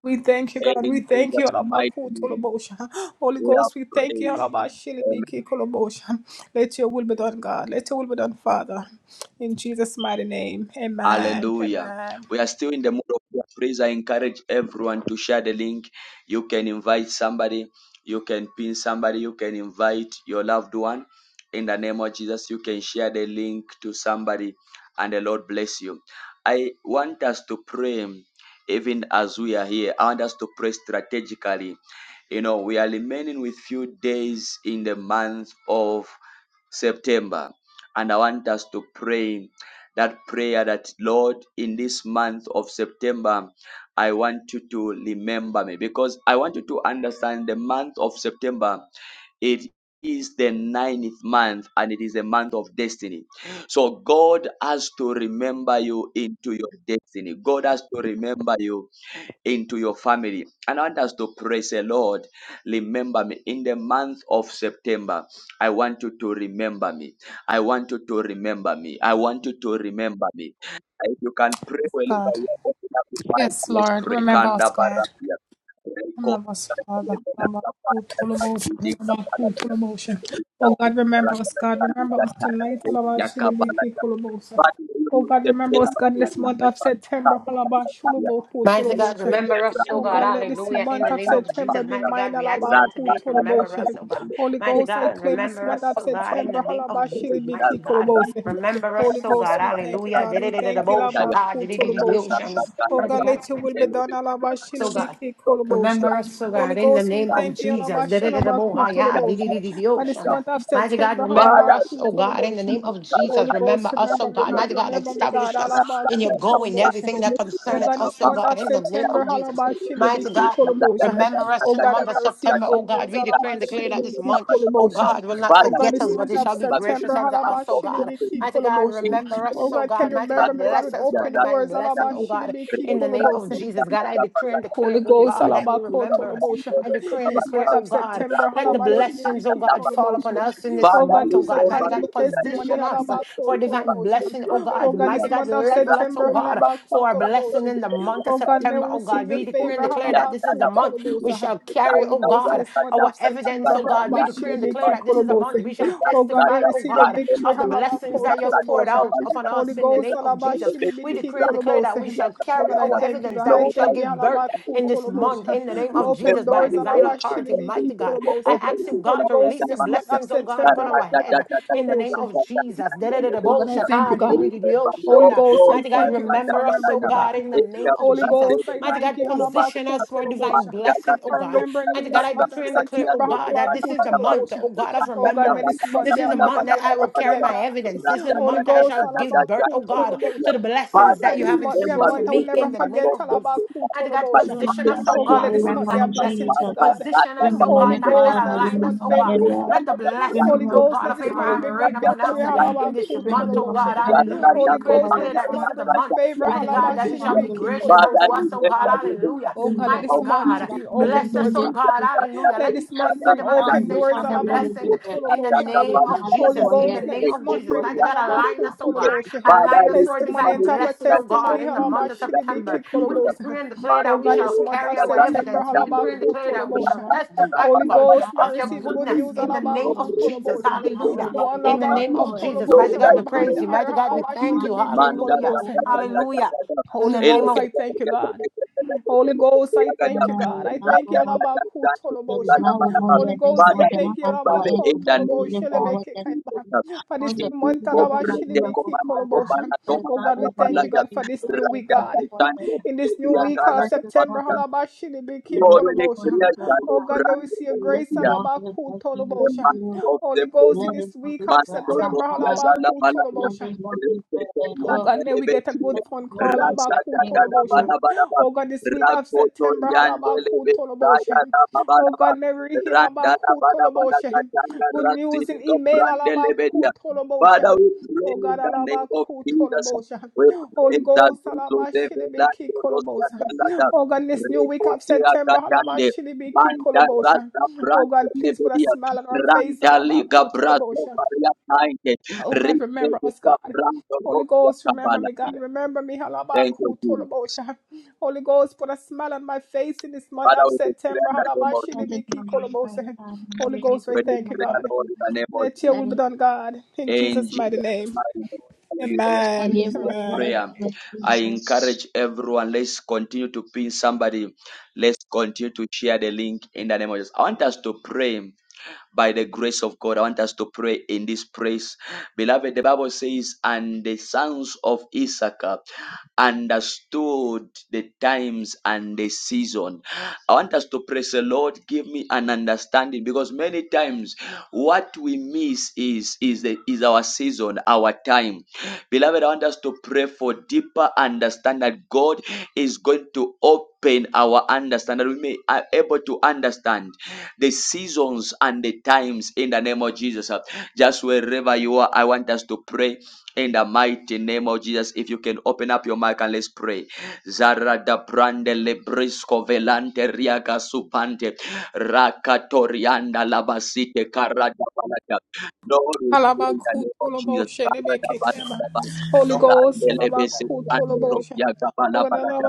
[SPEAKER 4] We thank you, God.
[SPEAKER 1] In
[SPEAKER 4] We thank you,
[SPEAKER 1] Jesus' mighty name,
[SPEAKER 4] Rabakutolobosha. Holy
[SPEAKER 1] we have
[SPEAKER 4] Ghost, we thank you,
[SPEAKER 1] prayed. Amen.
[SPEAKER 4] Rabashilibiki Kolobosha. Let your will be done, God. Let your will be done, Father. In Jesus' mighty name. Amen.
[SPEAKER 1] Hallelujah.
[SPEAKER 4] Amen.
[SPEAKER 1] We are still in the mood of prayer. Please, I encourage everyone to share the link. You can invite somebody, you can pin somebody, you can invite your loved one. In the name of Jesus, you can share the link to somebody, and the Lord bless you. I want us to pray, even as we are here, I want us to pray strategically. You know, we are remaining with few days in the month of September, and I want us to pray that prayer that Lord, in this month of September, I want you to remember me because I want you to understand the month of September. It is the ninth month and it is a month of destiny. So God has to remember you into your destiny. God has to remember you into your family. And I want us to praise the Lord. Remember me in the month of September. I want you to remember me. I want you to remember me. I want you to remember me. If you can pray wherever
[SPEAKER 4] God.
[SPEAKER 1] you are, open up your mic
[SPEAKER 4] Yes,
[SPEAKER 1] and let's
[SPEAKER 4] Lord.
[SPEAKER 1] pray.
[SPEAKER 4] Remember us,
[SPEAKER 1] Kanda
[SPEAKER 4] God.
[SPEAKER 1] barabia. Reko-
[SPEAKER 4] Nonetheless, Father, Habakkuk, Tolomos, Habakkuk, Tolomos. Oh God, remember us, God, remember us tonight, Alabashilibiki,
[SPEAKER 1] Yakabalaya.
[SPEAKER 4] Kolobos.
[SPEAKER 1] But you
[SPEAKER 4] Oh
[SPEAKER 1] use
[SPEAKER 4] God,
[SPEAKER 1] the
[SPEAKER 4] remember us,
[SPEAKER 1] paper
[SPEAKER 4] God,
[SPEAKER 1] to
[SPEAKER 4] this month of
[SPEAKER 1] remember the
[SPEAKER 4] September,
[SPEAKER 1] Sakalaya.
[SPEAKER 4] Alabashuluboku,
[SPEAKER 5] Mighty God,
[SPEAKER 4] Tolobos.
[SPEAKER 5] remember us, oh
[SPEAKER 4] Oh
[SPEAKER 5] God,
[SPEAKER 4] God, let this
[SPEAKER 5] hallelujah, in
[SPEAKER 4] month
[SPEAKER 5] the
[SPEAKER 4] of
[SPEAKER 5] name of
[SPEAKER 4] September
[SPEAKER 5] Jesus.
[SPEAKER 4] be
[SPEAKER 5] Mighty
[SPEAKER 4] mine,
[SPEAKER 5] God, we ask
[SPEAKER 4] Alabaku,
[SPEAKER 5] you on today to remember
[SPEAKER 4] Tolobos.
[SPEAKER 5] us, oh God.
[SPEAKER 4] Holy
[SPEAKER 5] Mighty
[SPEAKER 4] Ghost, I
[SPEAKER 5] God,
[SPEAKER 4] claim this
[SPEAKER 5] remember
[SPEAKER 4] month
[SPEAKER 5] us,
[SPEAKER 4] of
[SPEAKER 5] oh God, in the
[SPEAKER 4] September,
[SPEAKER 5] name of Jesus. Mighty
[SPEAKER 4] Alabashilibiki,
[SPEAKER 5] God,
[SPEAKER 4] Kolobos.
[SPEAKER 5] remember us,
[SPEAKER 4] Holy
[SPEAKER 5] oh
[SPEAKER 4] Ghost,
[SPEAKER 5] God,
[SPEAKER 4] we thank you,
[SPEAKER 5] hallelujah.
[SPEAKER 4] God, we thank you, Lord. Kolobosha. Oh
[SPEAKER 5] Mighty
[SPEAKER 4] God,
[SPEAKER 5] God,
[SPEAKER 4] let your will be done.
[SPEAKER 5] so God,
[SPEAKER 4] Alabashilibiki Kolobosha.
[SPEAKER 5] remember us,
[SPEAKER 1] Thank
[SPEAKER 5] so
[SPEAKER 1] you.
[SPEAKER 4] Holy
[SPEAKER 5] God, in the
[SPEAKER 4] Ghost, we
[SPEAKER 5] name of
[SPEAKER 4] thank you.
[SPEAKER 5] Jesus.
[SPEAKER 4] Alabashalabaku
[SPEAKER 5] Da-da-da-da-bo-ha-ya, di di
[SPEAKER 4] Tolobosha.
[SPEAKER 5] di di o
[SPEAKER 4] For this
[SPEAKER 5] sha
[SPEAKER 1] Thank
[SPEAKER 4] month of
[SPEAKER 1] you.
[SPEAKER 5] Mighty God,
[SPEAKER 4] September,
[SPEAKER 1] What I
[SPEAKER 5] remember
[SPEAKER 1] am
[SPEAKER 5] us,
[SPEAKER 4] Alabaku
[SPEAKER 5] oh God, in the
[SPEAKER 4] Tolobosha.
[SPEAKER 5] name
[SPEAKER 1] doing is not the
[SPEAKER 5] of Jesus.
[SPEAKER 4] Holy Ghost,
[SPEAKER 5] Remember us,
[SPEAKER 4] remember
[SPEAKER 5] oh
[SPEAKER 4] me,
[SPEAKER 5] God.
[SPEAKER 1] same
[SPEAKER 4] God.
[SPEAKER 5] Mighty God,
[SPEAKER 4] Remember me, God.
[SPEAKER 5] establish us in your
[SPEAKER 4] Alabaku
[SPEAKER 5] going,
[SPEAKER 4] Tolobosha.
[SPEAKER 5] everything that
[SPEAKER 4] Oh
[SPEAKER 5] concerneth
[SPEAKER 4] God,
[SPEAKER 5] us,
[SPEAKER 4] this
[SPEAKER 5] oh
[SPEAKER 4] month
[SPEAKER 5] God,
[SPEAKER 4] of
[SPEAKER 5] in the name
[SPEAKER 4] September,
[SPEAKER 5] of
[SPEAKER 4] all
[SPEAKER 5] Jesus.
[SPEAKER 4] about
[SPEAKER 5] Mighty
[SPEAKER 4] Shilibiki
[SPEAKER 5] God,
[SPEAKER 4] Kolobosha.
[SPEAKER 5] remember us
[SPEAKER 4] Oh
[SPEAKER 5] in the
[SPEAKER 4] God,
[SPEAKER 5] month
[SPEAKER 4] may
[SPEAKER 5] of
[SPEAKER 4] I receive
[SPEAKER 5] September, oh
[SPEAKER 4] good
[SPEAKER 5] God.
[SPEAKER 4] news,
[SPEAKER 5] We
[SPEAKER 4] all
[SPEAKER 5] decree and
[SPEAKER 4] about
[SPEAKER 5] declare that this
[SPEAKER 4] Shilibiki
[SPEAKER 5] month, oh
[SPEAKER 4] Kolobosha.
[SPEAKER 5] God, will not
[SPEAKER 4] Oh God,
[SPEAKER 5] forget
[SPEAKER 4] this
[SPEAKER 5] us, but
[SPEAKER 4] month
[SPEAKER 5] it
[SPEAKER 4] of
[SPEAKER 5] shall be gracious
[SPEAKER 4] September,
[SPEAKER 5] unto
[SPEAKER 4] all
[SPEAKER 5] us,
[SPEAKER 4] about
[SPEAKER 5] oh God.
[SPEAKER 4] Shilibiki
[SPEAKER 5] Mighty God,
[SPEAKER 4] Kolobosha.
[SPEAKER 5] remember us,
[SPEAKER 4] Oh
[SPEAKER 5] oh
[SPEAKER 4] God, can
[SPEAKER 5] God.
[SPEAKER 4] you
[SPEAKER 5] Mighty
[SPEAKER 4] remember
[SPEAKER 5] God,
[SPEAKER 4] me, God,
[SPEAKER 5] bless
[SPEAKER 4] with
[SPEAKER 5] us for a
[SPEAKER 4] open
[SPEAKER 5] divine
[SPEAKER 4] doors,
[SPEAKER 5] blessing
[SPEAKER 4] all
[SPEAKER 5] blessing,
[SPEAKER 4] about
[SPEAKER 5] oh God,
[SPEAKER 4] Shilibiki
[SPEAKER 5] in the name of
[SPEAKER 4] Kolobosha.
[SPEAKER 5] Jesus. God, I decree and
[SPEAKER 4] Holy
[SPEAKER 5] declare, oh
[SPEAKER 4] Ghost,
[SPEAKER 5] God, that you
[SPEAKER 4] Halabako
[SPEAKER 5] remember us.
[SPEAKER 4] Tolobosha.
[SPEAKER 5] I decree
[SPEAKER 4] In
[SPEAKER 5] and
[SPEAKER 4] this
[SPEAKER 5] declare,
[SPEAKER 4] month
[SPEAKER 5] oh
[SPEAKER 4] of
[SPEAKER 5] God,
[SPEAKER 1] as
[SPEAKER 4] September,
[SPEAKER 5] let
[SPEAKER 1] what
[SPEAKER 5] the
[SPEAKER 1] you are
[SPEAKER 5] blessings, oh
[SPEAKER 4] Halabashilibiki
[SPEAKER 5] God, fall
[SPEAKER 1] doing.
[SPEAKER 4] Kolobosha.
[SPEAKER 5] upon us in
[SPEAKER 1] Father,
[SPEAKER 5] this
[SPEAKER 4] Oh God,
[SPEAKER 5] month,
[SPEAKER 4] give
[SPEAKER 5] oh
[SPEAKER 4] us a
[SPEAKER 5] God.
[SPEAKER 1] remember
[SPEAKER 5] Mighty
[SPEAKER 1] me
[SPEAKER 5] God,
[SPEAKER 4] tangible
[SPEAKER 1] in the name
[SPEAKER 4] testimony,
[SPEAKER 1] of
[SPEAKER 5] position us
[SPEAKER 1] Jesus.
[SPEAKER 4] Halabako
[SPEAKER 5] for
[SPEAKER 1] Remember
[SPEAKER 5] divine
[SPEAKER 1] me
[SPEAKER 4] Tolobosha.
[SPEAKER 1] in the
[SPEAKER 5] blessing, oh
[SPEAKER 1] name of
[SPEAKER 4] Oh
[SPEAKER 5] God.
[SPEAKER 4] God,
[SPEAKER 1] Jesus.
[SPEAKER 5] Mighty
[SPEAKER 4] this
[SPEAKER 5] God,
[SPEAKER 4] month of
[SPEAKER 5] level
[SPEAKER 1] Run
[SPEAKER 5] us, oh
[SPEAKER 1] the
[SPEAKER 4] September,
[SPEAKER 1] never
[SPEAKER 5] God,
[SPEAKER 1] stop,
[SPEAKER 4] Halabako
[SPEAKER 5] for a
[SPEAKER 1] run the
[SPEAKER 5] blessing
[SPEAKER 4] Tolobosha.
[SPEAKER 5] in the
[SPEAKER 1] second
[SPEAKER 5] month of
[SPEAKER 1] last
[SPEAKER 4] Oh God,
[SPEAKER 1] time.
[SPEAKER 4] may
[SPEAKER 5] September,
[SPEAKER 4] we
[SPEAKER 5] oh
[SPEAKER 4] receive
[SPEAKER 5] God.
[SPEAKER 4] your
[SPEAKER 5] We
[SPEAKER 1] Every phone
[SPEAKER 5] decree and
[SPEAKER 4] favor,
[SPEAKER 1] that we
[SPEAKER 5] declare
[SPEAKER 1] are
[SPEAKER 5] that this is
[SPEAKER 1] done
[SPEAKER 4] Halabako
[SPEAKER 5] the
[SPEAKER 1] about
[SPEAKER 5] month
[SPEAKER 1] Jesus.
[SPEAKER 5] we
[SPEAKER 4] Tolobosha.
[SPEAKER 5] shall
[SPEAKER 1] Right,
[SPEAKER 5] carry,
[SPEAKER 4] Holy
[SPEAKER 5] oh
[SPEAKER 1] right,
[SPEAKER 4] Ghost, in
[SPEAKER 1] right,
[SPEAKER 5] God,
[SPEAKER 1] right, right,
[SPEAKER 4] this month
[SPEAKER 5] our
[SPEAKER 4] of
[SPEAKER 1] right,
[SPEAKER 5] evidence,
[SPEAKER 1] right,
[SPEAKER 4] September,
[SPEAKER 5] oh
[SPEAKER 1] right,
[SPEAKER 5] God. We
[SPEAKER 1] right, run
[SPEAKER 5] decree and declare
[SPEAKER 4] Halabashilibiki
[SPEAKER 5] that this is the
[SPEAKER 1] the
[SPEAKER 5] month we
[SPEAKER 4] Kolobosha.
[SPEAKER 1] Rasta
[SPEAKER 5] shall
[SPEAKER 4] Oh
[SPEAKER 1] Jasta Jasta Jasta
[SPEAKER 4] God, may
[SPEAKER 5] testify,
[SPEAKER 4] we
[SPEAKER 1] Jasta
[SPEAKER 5] oh
[SPEAKER 4] receive your
[SPEAKER 5] God,
[SPEAKER 1] Random
[SPEAKER 4] victory,
[SPEAKER 5] of the
[SPEAKER 1] never
[SPEAKER 5] blessings
[SPEAKER 1] Jesus.
[SPEAKER 5] blessings
[SPEAKER 4] Halabako
[SPEAKER 1] Right,
[SPEAKER 5] that you have
[SPEAKER 1] right,
[SPEAKER 5] poured
[SPEAKER 1] right,
[SPEAKER 4] Tolobosha.
[SPEAKER 5] out
[SPEAKER 1] run the
[SPEAKER 5] upon
[SPEAKER 4] Holy
[SPEAKER 5] us in the
[SPEAKER 4] Ghost,
[SPEAKER 5] name of Jesus.
[SPEAKER 1] never
[SPEAKER 5] We
[SPEAKER 1] Jesus.
[SPEAKER 4] Halabashilibiki
[SPEAKER 5] decree and
[SPEAKER 1] Right, right,
[SPEAKER 5] declare that we
[SPEAKER 4] Kolobosha.
[SPEAKER 1] right,
[SPEAKER 5] shall
[SPEAKER 4] Oh
[SPEAKER 5] carry
[SPEAKER 4] God,
[SPEAKER 1] right,
[SPEAKER 4] I
[SPEAKER 5] our
[SPEAKER 1] right, right, right, run the Rasta never Jesus. Right, right, right, right, right, right.
[SPEAKER 4] thank you,
[SPEAKER 5] evidence,
[SPEAKER 4] God.
[SPEAKER 5] that
[SPEAKER 4] I
[SPEAKER 5] we
[SPEAKER 1] Lord,
[SPEAKER 5] shall
[SPEAKER 1] I
[SPEAKER 4] thank you,
[SPEAKER 5] give
[SPEAKER 1] pray
[SPEAKER 5] birth
[SPEAKER 1] that you
[SPEAKER 5] in
[SPEAKER 1] will
[SPEAKER 5] this
[SPEAKER 1] see me.
[SPEAKER 5] month
[SPEAKER 4] Halabakutolobosha.
[SPEAKER 5] in the name
[SPEAKER 4] For
[SPEAKER 5] of
[SPEAKER 4] Open
[SPEAKER 5] Jesus
[SPEAKER 1] Remember
[SPEAKER 5] by
[SPEAKER 4] doors,
[SPEAKER 1] me,
[SPEAKER 5] divine
[SPEAKER 1] ancient
[SPEAKER 5] authority,
[SPEAKER 1] of days,
[SPEAKER 5] mighty God.
[SPEAKER 1] O
[SPEAKER 5] I
[SPEAKER 1] God, O
[SPEAKER 4] Halabashinibikikolobosa.
[SPEAKER 1] God,
[SPEAKER 5] ask you, God,
[SPEAKER 4] Holy
[SPEAKER 5] to
[SPEAKER 4] Ghost, in
[SPEAKER 5] release your
[SPEAKER 4] this month of
[SPEAKER 5] blessings, oh God, upon
[SPEAKER 4] September,
[SPEAKER 5] our
[SPEAKER 1] Remember
[SPEAKER 5] head in the name
[SPEAKER 4] Halabakutolobosha.
[SPEAKER 5] of Jesus.
[SPEAKER 4] Oh
[SPEAKER 5] Dererebo
[SPEAKER 4] God, I thank you,
[SPEAKER 5] shaka,
[SPEAKER 4] God.
[SPEAKER 5] diridirio
[SPEAKER 1] me, O
[SPEAKER 4] Holy
[SPEAKER 5] shanda,
[SPEAKER 4] Ghost,
[SPEAKER 1] God,
[SPEAKER 4] I
[SPEAKER 5] Mighty God,
[SPEAKER 4] thank you, God, for
[SPEAKER 5] remember us,
[SPEAKER 4] remembering
[SPEAKER 5] oh
[SPEAKER 4] me,
[SPEAKER 1] Baradabalata.
[SPEAKER 5] God,
[SPEAKER 4] God.
[SPEAKER 5] in the
[SPEAKER 1] Eka
[SPEAKER 5] name of
[SPEAKER 4] Holy
[SPEAKER 5] Jesus.
[SPEAKER 1] brate
[SPEAKER 4] Ghost,
[SPEAKER 1] de
[SPEAKER 4] I
[SPEAKER 5] Mighty
[SPEAKER 4] thank
[SPEAKER 5] God,
[SPEAKER 1] nande
[SPEAKER 4] you,
[SPEAKER 5] position
[SPEAKER 1] lebarata.
[SPEAKER 5] us for a divine
[SPEAKER 4] Halabakutolobosha.
[SPEAKER 1] Mangala
[SPEAKER 5] blessing, oh
[SPEAKER 4] For
[SPEAKER 1] kato
[SPEAKER 5] God.
[SPEAKER 4] remembering me
[SPEAKER 5] Mighty
[SPEAKER 1] karia
[SPEAKER 5] God,
[SPEAKER 4] this
[SPEAKER 5] I
[SPEAKER 4] month
[SPEAKER 5] decree
[SPEAKER 4] of
[SPEAKER 5] and
[SPEAKER 1] samira
[SPEAKER 5] declare,
[SPEAKER 1] kia
[SPEAKER 5] oh
[SPEAKER 4] September,
[SPEAKER 1] de
[SPEAKER 5] God, that
[SPEAKER 1] lebana
[SPEAKER 5] this is the month
[SPEAKER 1] banaba.
[SPEAKER 5] month,
[SPEAKER 4] Halabakutolobosha.
[SPEAKER 5] oh God, of
[SPEAKER 4] Oh
[SPEAKER 1] Rada
[SPEAKER 4] God, may
[SPEAKER 5] remembrance.
[SPEAKER 4] this
[SPEAKER 1] bana
[SPEAKER 4] month
[SPEAKER 5] This
[SPEAKER 1] bana
[SPEAKER 4] be a
[SPEAKER 5] is a
[SPEAKER 1] bana
[SPEAKER 4] month
[SPEAKER 5] month
[SPEAKER 4] that
[SPEAKER 1] bana
[SPEAKER 5] that
[SPEAKER 4] we'll
[SPEAKER 5] I
[SPEAKER 1] bana
[SPEAKER 4] never
[SPEAKER 5] will
[SPEAKER 1] bana
[SPEAKER 5] carry
[SPEAKER 4] forget,
[SPEAKER 5] my
[SPEAKER 1] bana.
[SPEAKER 4] God.
[SPEAKER 5] evidence. This is
[SPEAKER 1] Rada
[SPEAKER 5] a
[SPEAKER 4] Holy
[SPEAKER 5] month
[SPEAKER 1] rada
[SPEAKER 5] I
[SPEAKER 4] Ghost,
[SPEAKER 5] shall
[SPEAKER 1] rada
[SPEAKER 5] give
[SPEAKER 1] rada
[SPEAKER 5] birth,
[SPEAKER 4] Talabaku
[SPEAKER 5] oh God, to
[SPEAKER 1] rada.
[SPEAKER 5] the
[SPEAKER 4] Tolobosha.
[SPEAKER 5] blessings that
[SPEAKER 1] Father,
[SPEAKER 4] Let
[SPEAKER 5] you
[SPEAKER 4] this
[SPEAKER 5] have in
[SPEAKER 4] month be a
[SPEAKER 5] store
[SPEAKER 1] remember
[SPEAKER 5] for
[SPEAKER 1] me
[SPEAKER 4] month I
[SPEAKER 5] me
[SPEAKER 4] will
[SPEAKER 1] is a
[SPEAKER 5] in
[SPEAKER 4] never
[SPEAKER 5] the
[SPEAKER 1] matter
[SPEAKER 5] name
[SPEAKER 4] forget,
[SPEAKER 1] of
[SPEAKER 5] of Jesus.
[SPEAKER 1] faith
[SPEAKER 4] Talabaku
[SPEAKER 5] Mighty God,
[SPEAKER 1] by
[SPEAKER 4] Tolobosha.
[SPEAKER 3] to
[SPEAKER 5] position us,
[SPEAKER 1] September
[SPEAKER 5] oh
[SPEAKER 4] Oh
[SPEAKER 3] mercy
[SPEAKER 1] to
[SPEAKER 4] God,
[SPEAKER 5] God,
[SPEAKER 4] let
[SPEAKER 3] and
[SPEAKER 1] the
[SPEAKER 5] for
[SPEAKER 4] this
[SPEAKER 5] a
[SPEAKER 3] remember
[SPEAKER 4] month be
[SPEAKER 1] reason
[SPEAKER 4] a
[SPEAKER 3] me,
[SPEAKER 5] divine
[SPEAKER 1] that
[SPEAKER 4] blessing
[SPEAKER 5] blessing.
[SPEAKER 1] my
[SPEAKER 4] to my
[SPEAKER 3] Jesus.
[SPEAKER 1] heart
[SPEAKER 4] God.
[SPEAKER 1] that
[SPEAKER 5] Position
[SPEAKER 1] I
[SPEAKER 5] us, oh
[SPEAKER 1] was
[SPEAKER 3] Remember
[SPEAKER 1] to
[SPEAKER 5] God.
[SPEAKER 4] Holy
[SPEAKER 3] me,
[SPEAKER 1] do.
[SPEAKER 5] Mighty God,
[SPEAKER 4] Ghost,
[SPEAKER 3] Father.
[SPEAKER 4] let
[SPEAKER 1] the
[SPEAKER 4] this
[SPEAKER 5] align
[SPEAKER 1] possibility is
[SPEAKER 5] us,
[SPEAKER 4] month
[SPEAKER 3] Remember
[SPEAKER 5] oh
[SPEAKER 1] that
[SPEAKER 4] favor
[SPEAKER 5] God.
[SPEAKER 3] me,
[SPEAKER 4] my
[SPEAKER 1] your
[SPEAKER 3] Lord.
[SPEAKER 4] God.
[SPEAKER 5] Let the
[SPEAKER 1] Canada
[SPEAKER 5] blessing,
[SPEAKER 4] Holy
[SPEAKER 3] Remember
[SPEAKER 5] oh
[SPEAKER 1] granted
[SPEAKER 3] me,
[SPEAKER 4] Ghost,
[SPEAKER 5] God,
[SPEAKER 3] the
[SPEAKER 4] let
[SPEAKER 5] of
[SPEAKER 1] the
[SPEAKER 4] this
[SPEAKER 3] power
[SPEAKER 4] month
[SPEAKER 5] Abraham
[SPEAKER 3] of
[SPEAKER 1] race
[SPEAKER 4] bring
[SPEAKER 3] love
[SPEAKER 4] me
[SPEAKER 1] that
[SPEAKER 5] rain
[SPEAKER 3] of my
[SPEAKER 5] upon
[SPEAKER 1] Canada
[SPEAKER 4] victory,
[SPEAKER 5] us uh,
[SPEAKER 3] family.
[SPEAKER 5] in
[SPEAKER 1] granted the
[SPEAKER 5] this
[SPEAKER 4] Halabaku
[SPEAKER 5] month, oh
[SPEAKER 1] race
[SPEAKER 3] Remember my
[SPEAKER 5] God.
[SPEAKER 4] Tolobosha.
[SPEAKER 3] parents.
[SPEAKER 5] Hallelujah.
[SPEAKER 1] Yarda
[SPEAKER 5] We
[SPEAKER 4] Holy
[SPEAKER 1] Jago
[SPEAKER 5] decree and
[SPEAKER 3] Remember
[SPEAKER 4] Ghost,
[SPEAKER 3] their
[SPEAKER 4] let
[SPEAKER 5] declare
[SPEAKER 1] Panda
[SPEAKER 4] this
[SPEAKER 5] that this
[SPEAKER 3] father.
[SPEAKER 4] month
[SPEAKER 5] is the
[SPEAKER 1] Raka
[SPEAKER 4] bring me
[SPEAKER 5] month,
[SPEAKER 4] favor,
[SPEAKER 1] Jadian
[SPEAKER 5] mighty
[SPEAKER 3] Remember
[SPEAKER 5] God,
[SPEAKER 3] my
[SPEAKER 5] that it shall
[SPEAKER 1] Television
[SPEAKER 5] be
[SPEAKER 3] family.
[SPEAKER 4] Halabashilibiki
[SPEAKER 3] Remember
[SPEAKER 5] gracious
[SPEAKER 3] my
[SPEAKER 5] unto
[SPEAKER 1] Father
[SPEAKER 4] Kolobosa.
[SPEAKER 5] us,
[SPEAKER 1] we
[SPEAKER 3] family,
[SPEAKER 5] oh God.
[SPEAKER 1] enter
[SPEAKER 3] Father.
[SPEAKER 1] you in the
[SPEAKER 5] Hallelujah.
[SPEAKER 4] Oh
[SPEAKER 1] name
[SPEAKER 4] God, let
[SPEAKER 3] Remember
[SPEAKER 5] Mighty
[SPEAKER 1] of
[SPEAKER 4] this
[SPEAKER 3] my
[SPEAKER 4] month
[SPEAKER 5] God,
[SPEAKER 3] father.
[SPEAKER 1] Jesus
[SPEAKER 4] be
[SPEAKER 3] Remember
[SPEAKER 5] bless
[SPEAKER 4] open
[SPEAKER 3] me,
[SPEAKER 5] us,
[SPEAKER 4] doors,
[SPEAKER 5] oh
[SPEAKER 3] this
[SPEAKER 4] God.
[SPEAKER 1] Jesus
[SPEAKER 5] God.
[SPEAKER 3] this is
[SPEAKER 1] Christ, that
[SPEAKER 5] Hallelujah.
[SPEAKER 4] Let
[SPEAKER 3] Father.
[SPEAKER 5] Let
[SPEAKER 1] is, that is,
[SPEAKER 4] this
[SPEAKER 5] I
[SPEAKER 4] month
[SPEAKER 5] see
[SPEAKER 1] that
[SPEAKER 3] That's
[SPEAKER 4] bring
[SPEAKER 5] the
[SPEAKER 3] not
[SPEAKER 4] open
[SPEAKER 1] is,
[SPEAKER 5] manifestation
[SPEAKER 4] doors,
[SPEAKER 5] of
[SPEAKER 3] Father.
[SPEAKER 5] your
[SPEAKER 1] so that is, that is, that
[SPEAKER 3] Let it be
[SPEAKER 5] blessing
[SPEAKER 4] Alabaku
[SPEAKER 3] there.
[SPEAKER 5] in the
[SPEAKER 4] Tolobosha.
[SPEAKER 3] It is
[SPEAKER 5] name
[SPEAKER 1] is,
[SPEAKER 5] of
[SPEAKER 1] that is,
[SPEAKER 3] not
[SPEAKER 1] that
[SPEAKER 4] Holy
[SPEAKER 1] is,
[SPEAKER 5] Jesus.
[SPEAKER 3] over
[SPEAKER 5] In
[SPEAKER 1] Father, we me in the name of Jesus, in
[SPEAKER 3] yet.
[SPEAKER 5] the
[SPEAKER 4] Ghost, let
[SPEAKER 3] It's
[SPEAKER 5] name
[SPEAKER 4] this
[SPEAKER 5] of
[SPEAKER 4] month
[SPEAKER 5] Jesus.
[SPEAKER 3] over
[SPEAKER 4] bring
[SPEAKER 5] Mighty
[SPEAKER 3] yet,
[SPEAKER 5] God, align
[SPEAKER 4] Alabaku
[SPEAKER 3] Father.
[SPEAKER 5] us, oh
[SPEAKER 3] I
[SPEAKER 5] God.
[SPEAKER 3] am
[SPEAKER 4] Tolobosha.
[SPEAKER 3] not
[SPEAKER 5] Align us to our
[SPEAKER 4] Testimony on
[SPEAKER 5] divine
[SPEAKER 3] forgetting,
[SPEAKER 4] top of
[SPEAKER 5] blessing,
[SPEAKER 1] the
[SPEAKER 5] oh God,
[SPEAKER 4] testimony,
[SPEAKER 5] in the month of
[SPEAKER 1] name of
[SPEAKER 4] Halabashilibiki
[SPEAKER 5] September. We
[SPEAKER 3] Father.
[SPEAKER 4] Kolobosha.
[SPEAKER 1] Jesus.
[SPEAKER 5] decree and declare
[SPEAKER 4] Oh
[SPEAKER 5] that
[SPEAKER 3] the
[SPEAKER 5] we
[SPEAKER 4] God,
[SPEAKER 3] vehicles
[SPEAKER 4] this
[SPEAKER 5] shall
[SPEAKER 1] Matoro,
[SPEAKER 4] month
[SPEAKER 5] carry
[SPEAKER 4] of
[SPEAKER 3] of the
[SPEAKER 5] our
[SPEAKER 1] Lazana,
[SPEAKER 3] system
[SPEAKER 4] September,
[SPEAKER 5] evidence.
[SPEAKER 3] from
[SPEAKER 5] We
[SPEAKER 3] the
[SPEAKER 1] Katano,
[SPEAKER 5] decree and
[SPEAKER 4] Halabaku
[SPEAKER 3] vehicle
[SPEAKER 5] declare
[SPEAKER 3] to
[SPEAKER 1] Rose,
[SPEAKER 5] that
[SPEAKER 3] our
[SPEAKER 5] we shall
[SPEAKER 1] Rata,
[SPEAKER 4] Tolobosha.
[SPEAKER 3] weapon.
[SPEAKER 5] testify, oh
[SPEAKER 4] Holy
[SPEAKER 3] It
[SPEAKER 1] Rapana,
[SPEAKER 5] God,
[SPEAKER 3] is not
[SPEAKER 4] Ghost, may
[SPEAKER 1] Panaka,
[SPEAKER 4] I
[SPEAKER 5] of your
[SPEAKER 3] over
[SPEAKER 4] receive good
[SPEAKER 3] yet,
[SPEAKER 5] goodness
[SPEAKER 1] Remain,
[SPEAKER 4] news,
[SPEAKER 3] King
[SPEAKER 5] in
[SPEAKER 3] of
[SPEAKER 5] the
[SPEAKER 1] Titi,
[SPEAKER 5] name
[SPEAKER 3] glory.
[SPEAKER 4] Alabaku
[SPEAKER 5] of
[SPEAKER 1] Kokro,
[SPEAKER 5] Jesus.
[SPEAKER 1] Sente,
[SPEAKER 4] Tolobosha.
[SPEAKER 3] It is not
[SPEAKER 1] Sente,
[SPEAKER 5] Hallelujah.
[SPEAKER 3] over
[SPEAKER 4] One
[SPEAKER 1] Rato,
[SPEAKER 3] yet,
[SPEAKER 5] In the
[SPEAKER 3] and
[SPEAKER 5] name
[SPEAKER 1] Maria.
[SPEAKER 4] Labaku
[SPEAKER 5] of
[SPEAKER 3] glory. It is
[SPEAKER 5] Jesus.
[SPEAKER 3] not
[SPEAKER 5] Mighty
[SPEAKER 4] Tolobosha,
[SPEAKER 1] Lord,
[SPEAKER 5] God,
[SPEAKER 1] I
[SPEAKER 5] we
[SPEAKER 4] one
[SPEAKER 3] over
[SPEAKER 1] pray
[SPEAKER 3] yet,
[SPEAKER 4] behind
[SPEAKER 5] praise
[SPEAKER 4] the
[SPEAKER 5] you.
[SPEAKER 1] the
[SPEAKER 4] other,
[SPEAKER 5] Mighty
[SPEAKER 1] name
[SPEAKER 5] God, we
[SPEAKER 1] of
[SPEAKER 3] Abba
[SPEAKER 5] thank you.
[SPEAKER 3] Father.
[SPEAKER 4] Halabashilibiki
[SPEAKER 3] It is
[SPEAKER 5] Hallelujah.
[SPEAKER 3] not
[SPEAKER 4] Kolobosha.
[SPEAKER 3] over yet,
[SPEAKER 5] Hallelujah. In
[SPEAKER 4] Holy
[SPEAKER 5] the name
[SPEAKER 4] Ghost,
[SPEAKER 5] of
[SPEAKER 4] I thank you, God. Holy Ghost, I thank you,
[SPEAKER 3] Father. It
[SPEAKER 4] God.
[SPEAKER 3] is
[SPEAKER 4] I
[SPEAKER 3] not
[SPEAKER 4] thank you,
[SPEAKER 3] over yet.
[SPEAKER 4] Alabaku
[SPEAKER 3] It is
[SPEAKER 4] Tolobosha.
[SPEAKER 3] not over
[SPEAKER 4] Holy
[SPEAKER 3] yet this
[SPEAKER 4] Ghost, I
[SPEAKER 1] Father,
[SPEAKER 3] morning. I'm
[SPEAKER 4] thank you,
[SPEAKER 3] unto our end.
[SPEAKER 1] in
[SPEAKER 4] Alabaku
[SPEAKER 1] the
[SPEAKER 3] We
[SPEAKER 1] name
[SPEAKER 4] Tolobosha,
[SPEAKER 3] deliver
[SPEAKER 1] of
[SPEAKER 3] our
[SPEAKER 4] Lebeke Kayaba.
[SPEAKER 1] Jesus.
[SPEAKER 3] testimony.
[SPEAKER 4] for
[SPEAKER 3] All
[SPEAKER 4] this
[SPEAKER 3] the
[SPEAKER 4] new month,
[SPEAKER 3] people,
[SPEAKER 1] Lord,
[SPEAKER 3] deliver my miracle,
[SPEAKER 4] Alabashilibiki
[SPEAKER 3] Father.
[SPEAKER 4] Kolobosha.
[SPEAKER 3] It is
[SPEAKER 4] Oh
[SPEAKER 3] not
[SPEAKER 4] God, we
[SPEAKER 3] over
[SPEAKER 4] thank
[SPEAKER 3] yet,
[SPEAKER 4] you, God, for this
[SPEAKER 3] Jesus.
[SPEAKER 4] new
[SPEAKER 3] It is
[SPEAKER 4] week,
[SPEAKER 3] not
[SPEAKER 4] God.
[SPEAKER 3] over
[SPEAKER 4] [laughs]
[SPEAKER 3] yet.
[SPEAKER 4] In this new week
[SPEAKER 3] Father,
[SPEAKER 4] of
[SPEAKER 3] let this
[SPEAKER 4] September,
[SPEAKER 3] morning,
[SPEAKER 4] Alabashilibiki
[SPEAKER 3] let
[SPEAKER 1] we
[SPEAKER 3] this
[SPEAKER 4] Kolobosha.
[SPEAKER 1] declare that
[SPEAKER 3] morning,
[SPEAKER 1] the
[SPEAKER 4] Oh God, may we
[SPEAKER 1] brand
[SPEAKER 4] see your
[SPEAKER 1] of
[SPEAKER 3] Let
[SPEAKER 4] grace,
[SPEAKER 3] the
[SPEAKER 1] the
[SPEAKER 3] Lord be
[SPEAKER 4] Alabaku
[SPEAKER 3] blessing
[SPEAKER 1] the
[SPEAKER 4] Tolobosha.
[SPEAKER 1] mind
[SPEAKER 3] you.
[SPEAKER 1] of
[SPEAKER 4] Holy
[SPEAKER 1] the
[SPEAKER 4] Ghost, in
[SPEAKER 3] Let
[SPEAKER 1] woman.
[SPEAKER 3] the
[SPEAKER 4] this
[SPEAKER 3] Lord
[SPEAKER 4] week
[SPEAKER 3] be
[SPEAKER 4] of
[SPEAKER 3] prayer
[SPEAKER 1] Mando
[SPEAKER 3] about
[SPEAKER 4] September,
[SPEAKER 1] dos
[SPEAKER 3] Father.
[SPEAKER 1] días a la
[SPEAKER 4] Alabaku
[SPEAKER 1] palabra.
[SPEAKER 3] Let
[SPEAKER 4] Tolobosha.
[SPEAKER 3] the Lord be prayer and
[SPEAKER 4] Oh
[SPEAKER 3] work.
[SPEAKER 4] God, may we get a good
[SPEAKER 3] Let the
[SPEAKER 4] phone
[SPEAKER 3] Lord
[SPEAKER 4] call
[SPEAKER 3] be
[SPEAKER 1] Rasa
[SPEAKER 4] about
[SPEAKER 1] da
[SPEAKER 4] who
[SPEAKER 3] blessing
[SPEAKER 1] da
[SPEAKER 3] of
[SPEAKER 1] da ba
[SPEAKER 4] Tolobosha.
[SPEAKER 3] you.
[SPEAKER 1] da ba da ba.
[SPEAKER 4] Oh God, this week of
[SPEAKER 1] Rakoto
[SPEAKER 4] September, all
[SPEAKER 1] yande
[SPEAKER 4] about who
[SPEAKER 1] lebe saya
[SPEAKER 4] Tolobosha.
[SPEAKER 1] da ba ba
[SPEAKER 4] Oh
[SPEAKER 1] da ba.
[SPEAKER 4] God, may we heal
[SPEAKER 1] Randa
[SPEAKER 4] about
[SPEAKER 1] da
[SPEAKER 4] who
[SPEAKER 1] ba da ba da ka
[SPEAKER 4] Tolobosha.
[SPEAKER 1] chanda
[SPEAKER 4] Good
[SPEAKER 1] rasi
[SPEAKER 4] news
[SPEAKER 1] di
[SPEAKER 4] in
[SPEAKER 1] ko
[SPEAKER 4] email, all about who
[SPEAKER 1] Father,
[SPEAKER 4] Tolobosha.
[SPEAKER 1] we pray
[SPEAKER 4] Oh
[SPEAKER 1] in
[SPEAKER 4] God,
[SPEAKER 1] the
[SPEAKER 4] all
[SPEAKER 1] name
[SPEAKER 4] about
[SPEAKER 1] of
[SPEAKER 4] who
[SPEAKER 1] Jesus.
[SPEAKER 4] Tolobosha.
[SPEAKER 1] We pray
[SPEAKER 4] Holy
[SPEAKER 1] that
[SPEAKER 4] Ghost,
[SPEAKER 1] we
[SPEAKER 4] all
[SPEAKER 1] to
[SPEAKER 4] about
[SPEAKER 1] develop
[SPEAKER 4] Shilibiki
[SPEAKER 1] those that
[SPEAKER 4] Kolobosha.
[SPEAKER 1] are
[SPEAKER 4] Oh God, this new week of
[SPEAKER 1] Rekotia
[SPEAKER 4] September, all about
[SPEAKER 1] Katande.
[SPEAKER 4] Shilibiki
[SPEAKER 1] Manda
[SPEAKER 4] Kolobosha.
[SPEAKER 1] rasa
[SPEAKER 4] Oh
[SPEAKER 1] brante
[SPEAKER 4] God, please put a
[SPEAKER 1] lebedia.
[SPEAKER 4] smile on our face, all
[SPEAKER 1] Randa
[SPEAKER 4] about
[SPEAKER 1] liga
[SPEAKER 4] who
[SPEAKER 1] brazo
[SPEAKER 4] Tolobosha.
[SPEAKER 1] varia nainte.
[SPEAKER 4] Oh God,
[SPEAKER 1] Rite
[SPEAKER 4] remember
[SPEAKER 1] de
[SPEAKER 4] us, God.
[SPEAKER 1] sabranto
[SPEAKER 4] Holy
[SPEAKER 1] rosa
[SPEAKER 4] Ghost, remember
[SPEAKER 1] cabala
[SPEAKER 4] me, God.
[SPEAKER 1] dia.
[SPEAKER 4] Remember me.
[SPEAKER 1] Thank you,
[SPEAKER 4] Halabaku
[SPEAKER 1] Jesus.
[SPEAKER 4] tolobosha. Holy Ghost, put a smile on my face in this month
[SPEAKER 1] Father,
[SPEAKER 4] of
[SPEAKER 1] we declare
[SPEAKER 4] September.
[SPEAKER 1] in the name of
[SPEAKER 3] Let
[SPEAKER 1] Jesus.
[SPEAKER 3] the
[SPEAKER 4] Halabashilibiki
[SPEAKER 3] Lord be prayer
[SPEAKER 4] kolobose.
[SPEAKER 3] and let
[SPEAKER 4] Holy
[SPEAKER 3] it be
[SPEAKER 4] Ghost, we
[SPEAKER 1] We
[SPEAKER 4] thank you,
[SPEAKER 1] declare,
[SPEAKER 3] blessing.
[SPEAKER 4] God.
[SPEAKER 1] Lord, in the name of
[SPEAKER 4] Let your
[SPEAKER 3] Let
[SPEAKER 4] will
[SPEAKER 1] Jesus.
[SPEAKER 4] be
[SPEAKER 3] it
[SPEAKER 4] done, God. In
[SPEAKER 1] In
[SPEAKER 4] Jesus' mighty
[SPEAKER 1] Jesus'
[SPEAKER 4] name.
[SPEAKER 1] mighty name. Hallelujah. We are still
[SPEAKER 3] not
[SPEAKER 1] in
[SPEAKER 4] Amen.
[SPEAKER 1] the
[SPEAKER 3] give
[SPEAKER 1] middle
[SPEAKER 3] up.
[SPEAKER 1] of
[SPEAKER 3] Let
[SPEAKER 4] Amen.
[SPEAKER 3] it be
[SPEAKER 1] prayer.
[SPEAKER 3] blessing
[SPEAKER 1] I
[SPEAKER 3] Jesus.
[SPEAKER 1] encourage everyone, let's continue to pin somebody. Let's continue to share the link in the name of Jesus. I want us to pray by the grace of God. I want us to pray in this praise. Beloved, the Bible says, and the sons of Issachar understood the times and the season. I want us to praise the Lord, give me an understanding because many times what we miss is is the, is our season, our time. Beloved, I want us to pray for deeper understanding that God is going to open our understanding. that We may are able to understand the seasons and the times in the name of Jesus. Just wherever you are, I want us to pray in the mighty name of Jesus. If you can open up your mic and let's pray. Zarada brande lebrisco velante riaga supante rakatorianda labasite karada balata. Lord, in the name of Jesus.
[SPEAKER 4] Halabakutoloboshe, lebekekeba. Holy Ghost,
[SPEAKER 1] Randele bese brande
[SPEAKER 4] halabakutoloboshe.
[SPEAKER 1] ropia
[SPEAKER 4] Oh
[SPEAKER 1] kapala
[SPEAKER 4] God,
[SPEAKER 1] barada.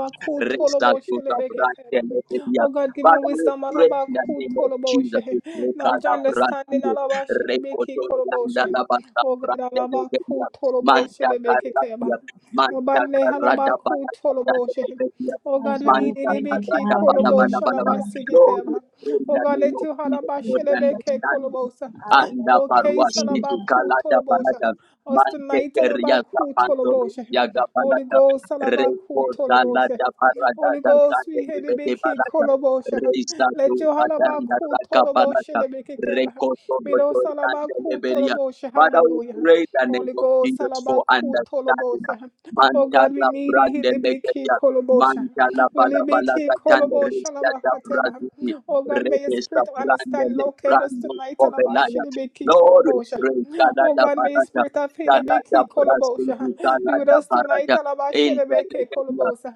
[SPEAKER 1] Resta tuta
[SPEAKER 4] lebekekeba.
[SPEAKER 1] brandele bia.
[SPEAKER 4] Oh God, give me
[SPEAKER 1] Father, we
[SPEAKER 4] wisdom,
[SPEAKER 1] pray in the name of Jesus.
[SPEAKER 4] halabakutoloboshe.
[SPEAKER 1] We pray
[SPEAKER 4] knowledge,
[SPEAKER 1] kada
[SPEAKER 4] understanding,
[SPEAKER 1] brandele.
[SPEAKER 4] halabashe,
[SPEAKER 1] Rekoto yanda
[SPEAKER 4] lebekekoloboshe.
[SPEAKER 1] la basa
[SPEAKER 4] oh God,
[SPEAKER 1] brandele bia.
[SPEAKER 4] halabakutoloboshe,
[SPEAKER 1] Manta
[SPEAKER 4] lebekekeba.
[SPEAKER 1] karadia. Manta
[SPEAKER 4] Mubande,
[SPEAKER 1] karada bala
[SPEAKER 4] halabakutoloboshe.
[SPEAKER 1] brandele bia.
[SPEAKER 4] Oh
[SPEAKER 3] Father,
[SPEAKER 4] God, we
[SPEAKER 3] shall we
[SPEAKER 4] need it.
[SPEAKER 1] Manta
[SPEAKER 3] pray this
[SPEAKER 4] Lebeke
[SPEAKER 1] karada
[SPEAKER 3] now
[SPEAKER 1] bala bala
[SPEAKER 3] in
[SPEAKER 4] kolobosha
[SPEAKER 1] bala. bala.
[SPEAKER 3] the
[SPEAKER 1] Lord, we
[SPEAKER 4] labasikikeba.
[SPEAKER 1] pray in the
[SPEAKER 4] Oh God,
[SPEAKER 1] name
[SPEAKER 4] let
[SPEAKER 1] of
[SPEAKER 4] you
[SPEAKER 1] Jesus
[SPEAKER 3] name
[SPEAKER 1] for
[SPEAKER 4] halabashe
[SPEAKER 1] the
[SPEAKER 4] lebeke
[SPEAKER 1] understanding.
[SPEAKER 4] kolobosa.
[SPEAKER 3] of our
[SPEAKER 1] Anda
[SPEAKER 3] Lord
[SPEAKER 4] Locate
[SPEAKER 1] parwa city
[SPEAKER 3] Jesus.
[SPEAKER 4] Salabaku
[SPEAKER 1] kalada
[SPEAKER 4] Tolobosha.
[SPEAKER 1] balada
[SPEAKER 4] Us tonight,
[SPEAKER 1] Manteker ya
[SPEAKER 4] Salabaku
[SPEAKER 1] zapando
[SPEAKER 4] Tolobosha.
[SPEAKER 1] ya
[SPEAKER 4] Holy
[SPEAKER 1] gabalata
[SPEAKER 4] Ghost, Salabaku
[SPEAKER 1] repo dala
[SPEAKER 4] Tolobosha.
[SPEAKER 1] ya parada
[SPEAKER 4] Holy
[SPEAKER 1] da da
[SPEAKER 4] Ghost,
[SPEAKER 1] de
[SPEAKER 4] we hear the
[SPEAKER 1] bebe
[SPEAKER 4] big key,
[SPEAKER 1] balata
[SPEAKER 4] Kolobosha.
[SPEAKER 1] reisa
[SPEAKER 4] Let
[SPEAKER 1] tu
[SPEAKER 4] your
[SPEAKER 1] adanda
[SPEAKER 4] Halabaku
[SPEAKER 1] raka
[SPEAKER 4] Tolobosha,
[SPEAKER 1] balata
[SPEAKER 4] the big keba.
[SPEAKER 1] reko todo
[SPEAKER 4] Mido
[SPEAKER 1] to dande
[SPEAKER 4] Salabaku
[SPEAKER 1] leberia
[SPEAKER 4] Tolobosha,
[SPEAKER 1] Father, we
[SPEAKER 4] hallelujah.
[SPEAKER 1] pray the name
[SPEAKER 4] Holy
[SPEAKER 1] of
[SPEAKER 4] Ghost,
[SPEAKER 1] Jesus for
[SPEAKER 4] Salabaku
[SPEAKER 1] understanding.
[SPEAKER 4] Tolobosha. Oh God, we
[SPEAKER 1] Mantala
[SPEAKER 4] need you,
[SPEAKER 1] brande
[SPEAKER 4] Hilibiki
[SPEAKER 1] legedia
[SPEAKER 4] Kolobosha.
[SPEAKER 1] mantala bala bala
[SPEAKER 4] Hilibiki
[SPEAKER 1] gatande
[SPEAKER 4] Kolobosha,
[SPEAKER 1] reisa da
[SPEAKER 4] Labakateba.
[SPEAKER 1] braziti
[SPEAKER 4] Oh God, may your
[SPEAKER 1] reisa
[SPEAKER 4] spirit of
[SPEAKER 1] brande
[SPEAKER 4] understanding
[SPEAKER 1] le
[SPEAKER 4] locate us
[SPEAKER 1] brando
[SPEAKER 4] tonight.
[SPEAKER 1] obelaya
[SPEAKER 4] Alabashilibiki
[SPEAKER 1] Lord, we
[SPEAKER 4] kolobosha.
[SPEAKER 1] pray
[SPEAKER 4] Oh
[SPEAKER 1] Galata
[SPEAKER 4] God, may your
[SPEAKER 1] Barata
[SPEAKER 4] spirit of healing be
[SPEAKER 1] Talada
[SPEAKER 4] key kolobosha.
[SPEAKER 1] Brasilia,
[SPEAKER 4] Be with
[SPEAKER 1] Talada
[SPEAKER 4] us tonight.
[SPEAKER 1] Barada,
[SPEAKER 4] Alabashilibiki
[SPEAKER 1] Intelegabia,
[SPEAKER 4] kolobosha.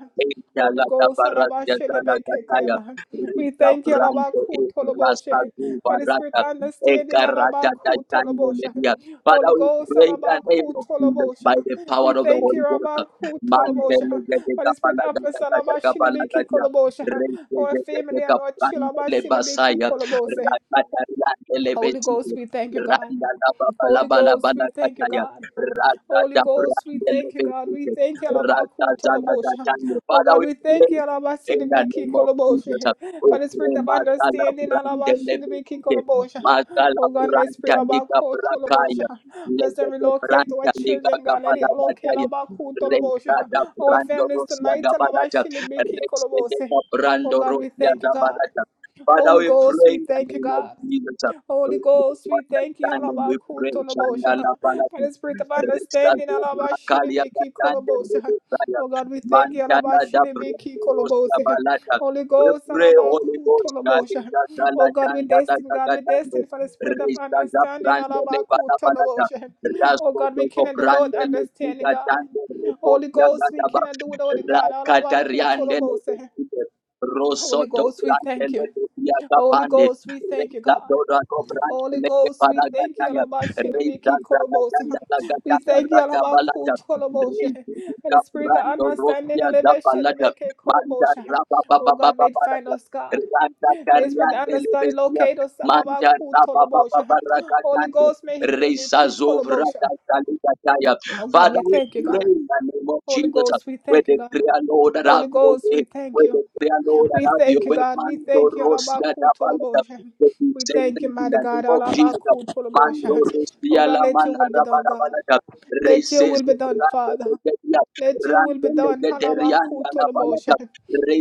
[SPEAKER 4] Holy
[SPEAKER 1] Intalada
[SPEAKER 4] Ghost,
[SPEAKER 1] Barasia,
[SPEAKER 4] alabashilibiki
[SPEAKER 1] Talagataya,
[SPEAKER 4] kayabaha. we
[SPEAKER 1] Rita
[SPEAKER 4] thank you
[SPEAKER 1] Brante,
[SPEAKER 4] Alabaku
[SPEAKER 1] Rasta
[SPEAKER 4] tolobosha, for the spirit
[SPEAKER 1] Zubarata,
[SPEAKER 4] of understanding.
[SPEAKER 1] Ekarata,
[SPEAKER 4] Alabaku tolobosha.
[SPEAKER 1] Tandelia. Father,
[SPEAKER 4] Holy
[SPEAKER 1] we
[SPEAKER 4] Ghost,
[SPEAKER 1] pray in the name
[SPEAKER 4] salabaku
[SPEAKER 1] of Jesus
[SPEAKER 4] Tolobosha.
[SPEAKER 1] by the power
[SPEAKER 4] We
[SPEAKER 1] of the
[SPEAKER 4] thank
[SPEAKER 1] Holy
[SPEAKER 4] you,
[SPEAKER 1] Ghost.
[SPEAKER 4] Rabaku Tolobosha. For the spirit of us, Alabashilibiki
[SPEAKER 1] Mantelegabalagadabalagadia,
[SPEAKER 4] Kolobosha. For our family and our children, Alabashilibiki
[SPEAKER 1] Regelegabrandelebasaya,
[SPEAKER 4] Kolobose. Holy Ghost,
[SPEAKER 1] Rakatarandelebetia,
[SPEAKER 4] we thank you, God.
[SPEAKER 1] Randa la baba la
[SPEAKER 4] Holy
[SPEAKER 1] bala
[SPEAKER 4] Ghost, we thank you,
[SPEAKER 1] bala
[SPEAKER 4] God.
[SPEAKER 1] Rata
[SPEAKER 4] Holy
[SPEAKER 1] da
[SPEAKER 4] Ghost, we
[SPEAKER 1] brandele
[SPEAKER 4] thank you, God. We
[SPEAKER 1] besite.
[SPEAKER 4] thank you,
[SPEAKER 1] Rata
[SPEAKER 4] Alabaku
[SPEAKER 1] zala
[SPEAKER 4] Tolobosha. Oh
[SPEAKER 1] Father, we
[SPEAKER 4] God, we thank you,
[SPEAKER 1] pray in the
[SPEAKER 4] Alabasilibiki
[SPEAKER 1] name of
[SPEAKER 4] Kolobosha.
[SPEAKER 1] Jesus. We
[SPEAKER 4] For the spirit
[SPEAKER 1] pray
[SPEAKER 4] of
[SPEAKER 1] masala
[SPEAKER 4] understanding,
[SPEAKER 1] brandele
[SPEAKER 4] Alabashilibiki
[SPEAKER 1] besite.
[SPEAKER 4] Kolobosha.
[SPEAKER 1] Masala
[SPEAKER 4] Oh God, may spirit
[SPEAKER 1] branda liga
[SPEAKER 4] Alabaku
[SPEAKER 1] brakaya.
[SPEAKER 4] Tolobosha. Let's then
[SPEAKER 1] Lega de
[SPEAKER 4] relocate our
[SPEAKER 1] liga
[SPEAKER 4] children, God. Let
[SPEAKER 1] gabala
[SPEAKER 4] it
[SPEAKER 1] da
[SPEAKER 4] locate
[SPEAKER 1] tanya.
[SPEAKER 4] Alabaku
[SPEAKER 1] Resta
[SPEAKER 4] Tolobosha.
[SPEAKER 1] da
[SPEAKER 4] Our
[SPEAKER 1] brando
[SPEAKER 4] families
[SPEAKER 1] rosia
[SPEAKER 4] tonight,
[SPEAKER 1] gabala da.
[SPEAKER 4] Alabashilibiki Kolobosha. Oh
[SPEAKER 1] brando
[SPEAKER 4] God, we
[SPEAKER 1] rosia
[SPEAKER 4] thank you,
[SPEAKER 1] gabala
[SPEAKER 4] God.
[SPEAKER 1] Father,
[SPEAKER 4] Holy
[SPEAKER 1] we
[SPEAKER 4] Ghost,
[SPEAKER 1] pray
[SPEAKER 4] we
[SPEAKER 1] in the
[SPEAKER 4] thank you,
[SPEAKER 1] name of
[SPEAKER 4] God.
[SPEAKER 1] Jesus. We
[SPEAKER 4] Holy
[SPEAKER 1] pray
[SPEAKER 4] Ghost,
[SPEAKER 1] for
[SPEAKER 4] we thank you,
[SPEAKER 1] understanding. We
[SPEAKER 4] Halaba
[SPEAKER 1] pray.
[SPEAKER 4] Kutolobosha,
[SPEAKER 1] Chandala
[SPEAKER 4] for
[SPEAKER 1] Balati,
[SPEAKER 4] the spirit of understanding,
[SPEAKER 1] Rexazo
[SPEAKER 4] Halaba
[SPEAKER 1] Bracalia
[SPEAKER 4] Shilibiki
[SPEAKER 1] Gatande
[SPEAKER 4] Kolobosa.
[SPEAKER 1] Rebosaya
[SPEAKER 4] Oh God, we thank you,
[SPEAKER 1] Mandala
[SPEAKER 4] Halaba
[SPEAKER 1] da
[SPEAKER 4] Shilibiki
[SPEAKER 1] brendo rosia
[SPEAKER 4] Kolobose.
[SPEAKER 1] Balata.
[SPEAKER 4] Holy
[SPEAKER 1] We
[SPEAKER 4] Ghost,
[SPEAKER 1] pray,
[SPEAKER 4] Halaba
[SPEAKER 1] Holy Ghost,
[SPEAKER 4] Kutolobosha.
[SPEAKER 1] Galinda
[SPEAKER 4] Oh God, we
[SPEAKER 1] Galatanda da
[SPEAKER 4] destined, God, we
[SPEAKER 1] Gagatando,
[SPEAKER 4] destined for the spirit of
[SPEAKER 1] Rexaza
[SPEAKER 4] understanding,
[SPEAKER 1] Brandele
[SPEAKER 4] Halaba
[SPEAKER 1] Balabalata,
[SPEAKER 4] Kutolobosha. Oh
[SPEAKER 1] Rasko
[SPEAKER 4] God, we
[SPEAKER 1] Doko
[SPEAKER 4] cannot do without
[SPEAKER 1] Brandele
[SPEAKER 4] understanding, God.
[SPEAKER 1] Gigatando,
[SPEAKER 4] Holy
[SPEAKER 1] Rekosia
[SPEAKER 4] Ghost, we cannot do without it,
[SPEAKER 1] le
[SPEAKER 4] God, Halaba
[SPEAKER 1] Rakatariandele
[SPEAKER 4] Kutolobose.
[SPEAKER 1] Rosso
[SPEAKER 4] Holy
[SPEAKER 1] do
[SPEAKER 4] Ghost, we thank you.
[SPEAKER 1] Brandele
[SPEAKER 4] Holy
[SPEAKER 1] brande
[SPEAKER 4] Ghost, we
[SPEAKER 1] le
[SPEAKER 4] thank you, God.
[SPEAKER 1] Doko para
[SPEAKER 4] Holy Ghost, we thank you,
[SPEAKER 1] Paragataya.
[SPEAKER 4] Alaba
[SPEAKER 1] Manda
[SPEAKER 4] Shilibiki Kolobos. We thank you, Alaba Kutolobos. And the spirit of understanding, Alaba Shilibiki kolobosha. Oh God, may it find us, God. May the spirit of understanding locate us, Alaba Kutolobos. Holy Ghost, may he be kolobosha. Oh God,
[SPEAKER 1] Father,
[SPEAKER 4] we
[SPEAKER 1] we
[SPEAKER 4] thank you,
[SPEAKER 1] pray
[SPEAKER 4] God.
[SPEAKER 1] in the name of
[SPEAKER 4] Holy
[SPEAKER 1] Jesus.
[SPEAKER 4] Ghost, we
[SPEAKER 1] We
[SPEAKER 4] thank you, God.
[SPEAKER 1] declare, Lord, that have
[SPEAKER 4] Holy
[SPEAKER 1] your
[SPEAKER 4] Ghost,
[SPEAKER 1] way.
[SPEAKER 4] we thank
[SPEAKER 1] We
[SPEAKER 4] you.
[SPEAKER 1] declare, Lord, that
[SPEAKER 4] We
[SPEAKER 1] have your
[SPEAKER 4] thank you,
[SPEAKER 1] way.
[SPEAKER 4] God. We
[SPEAKER 1] Mando
[SPEAKER 4] thank you,
[SPEAKER 1] Rosia Dabalata.
[SPEAKER 4] Alabakutolabosha.
[SPEAKER 1] We
[SPEAKER 4] We
[SPEAKER 1] send
[SPEAKER 4] thank you,
[SPEAKER 1] in the
[SPEAKER 4] mighty
[SPEAKER 1] name
[SPEAKER 4] God,
[SPEAKER 1] of Jesus. Mando
[SPEAKER 4] Alabakutolabosha. Oh
[SPEAKER 1] Rustia la
[SPEAKER 4] God, let your
[SPEAKER 1] mana
[SPEAKER 4] will be done, God.
[SPEAKER 1] rabarabada.
[SPEAKER 4] Let your
[SPEAKER 1] Races
[SPEAKER 4] will be done, Father.
[SPEAKER 1] Randelia,
[SPEAKER 4] Let your will be done,
[SPEAKER 1] Randelianda la balada.
[SPEAKER 4] Alabakutolabosha.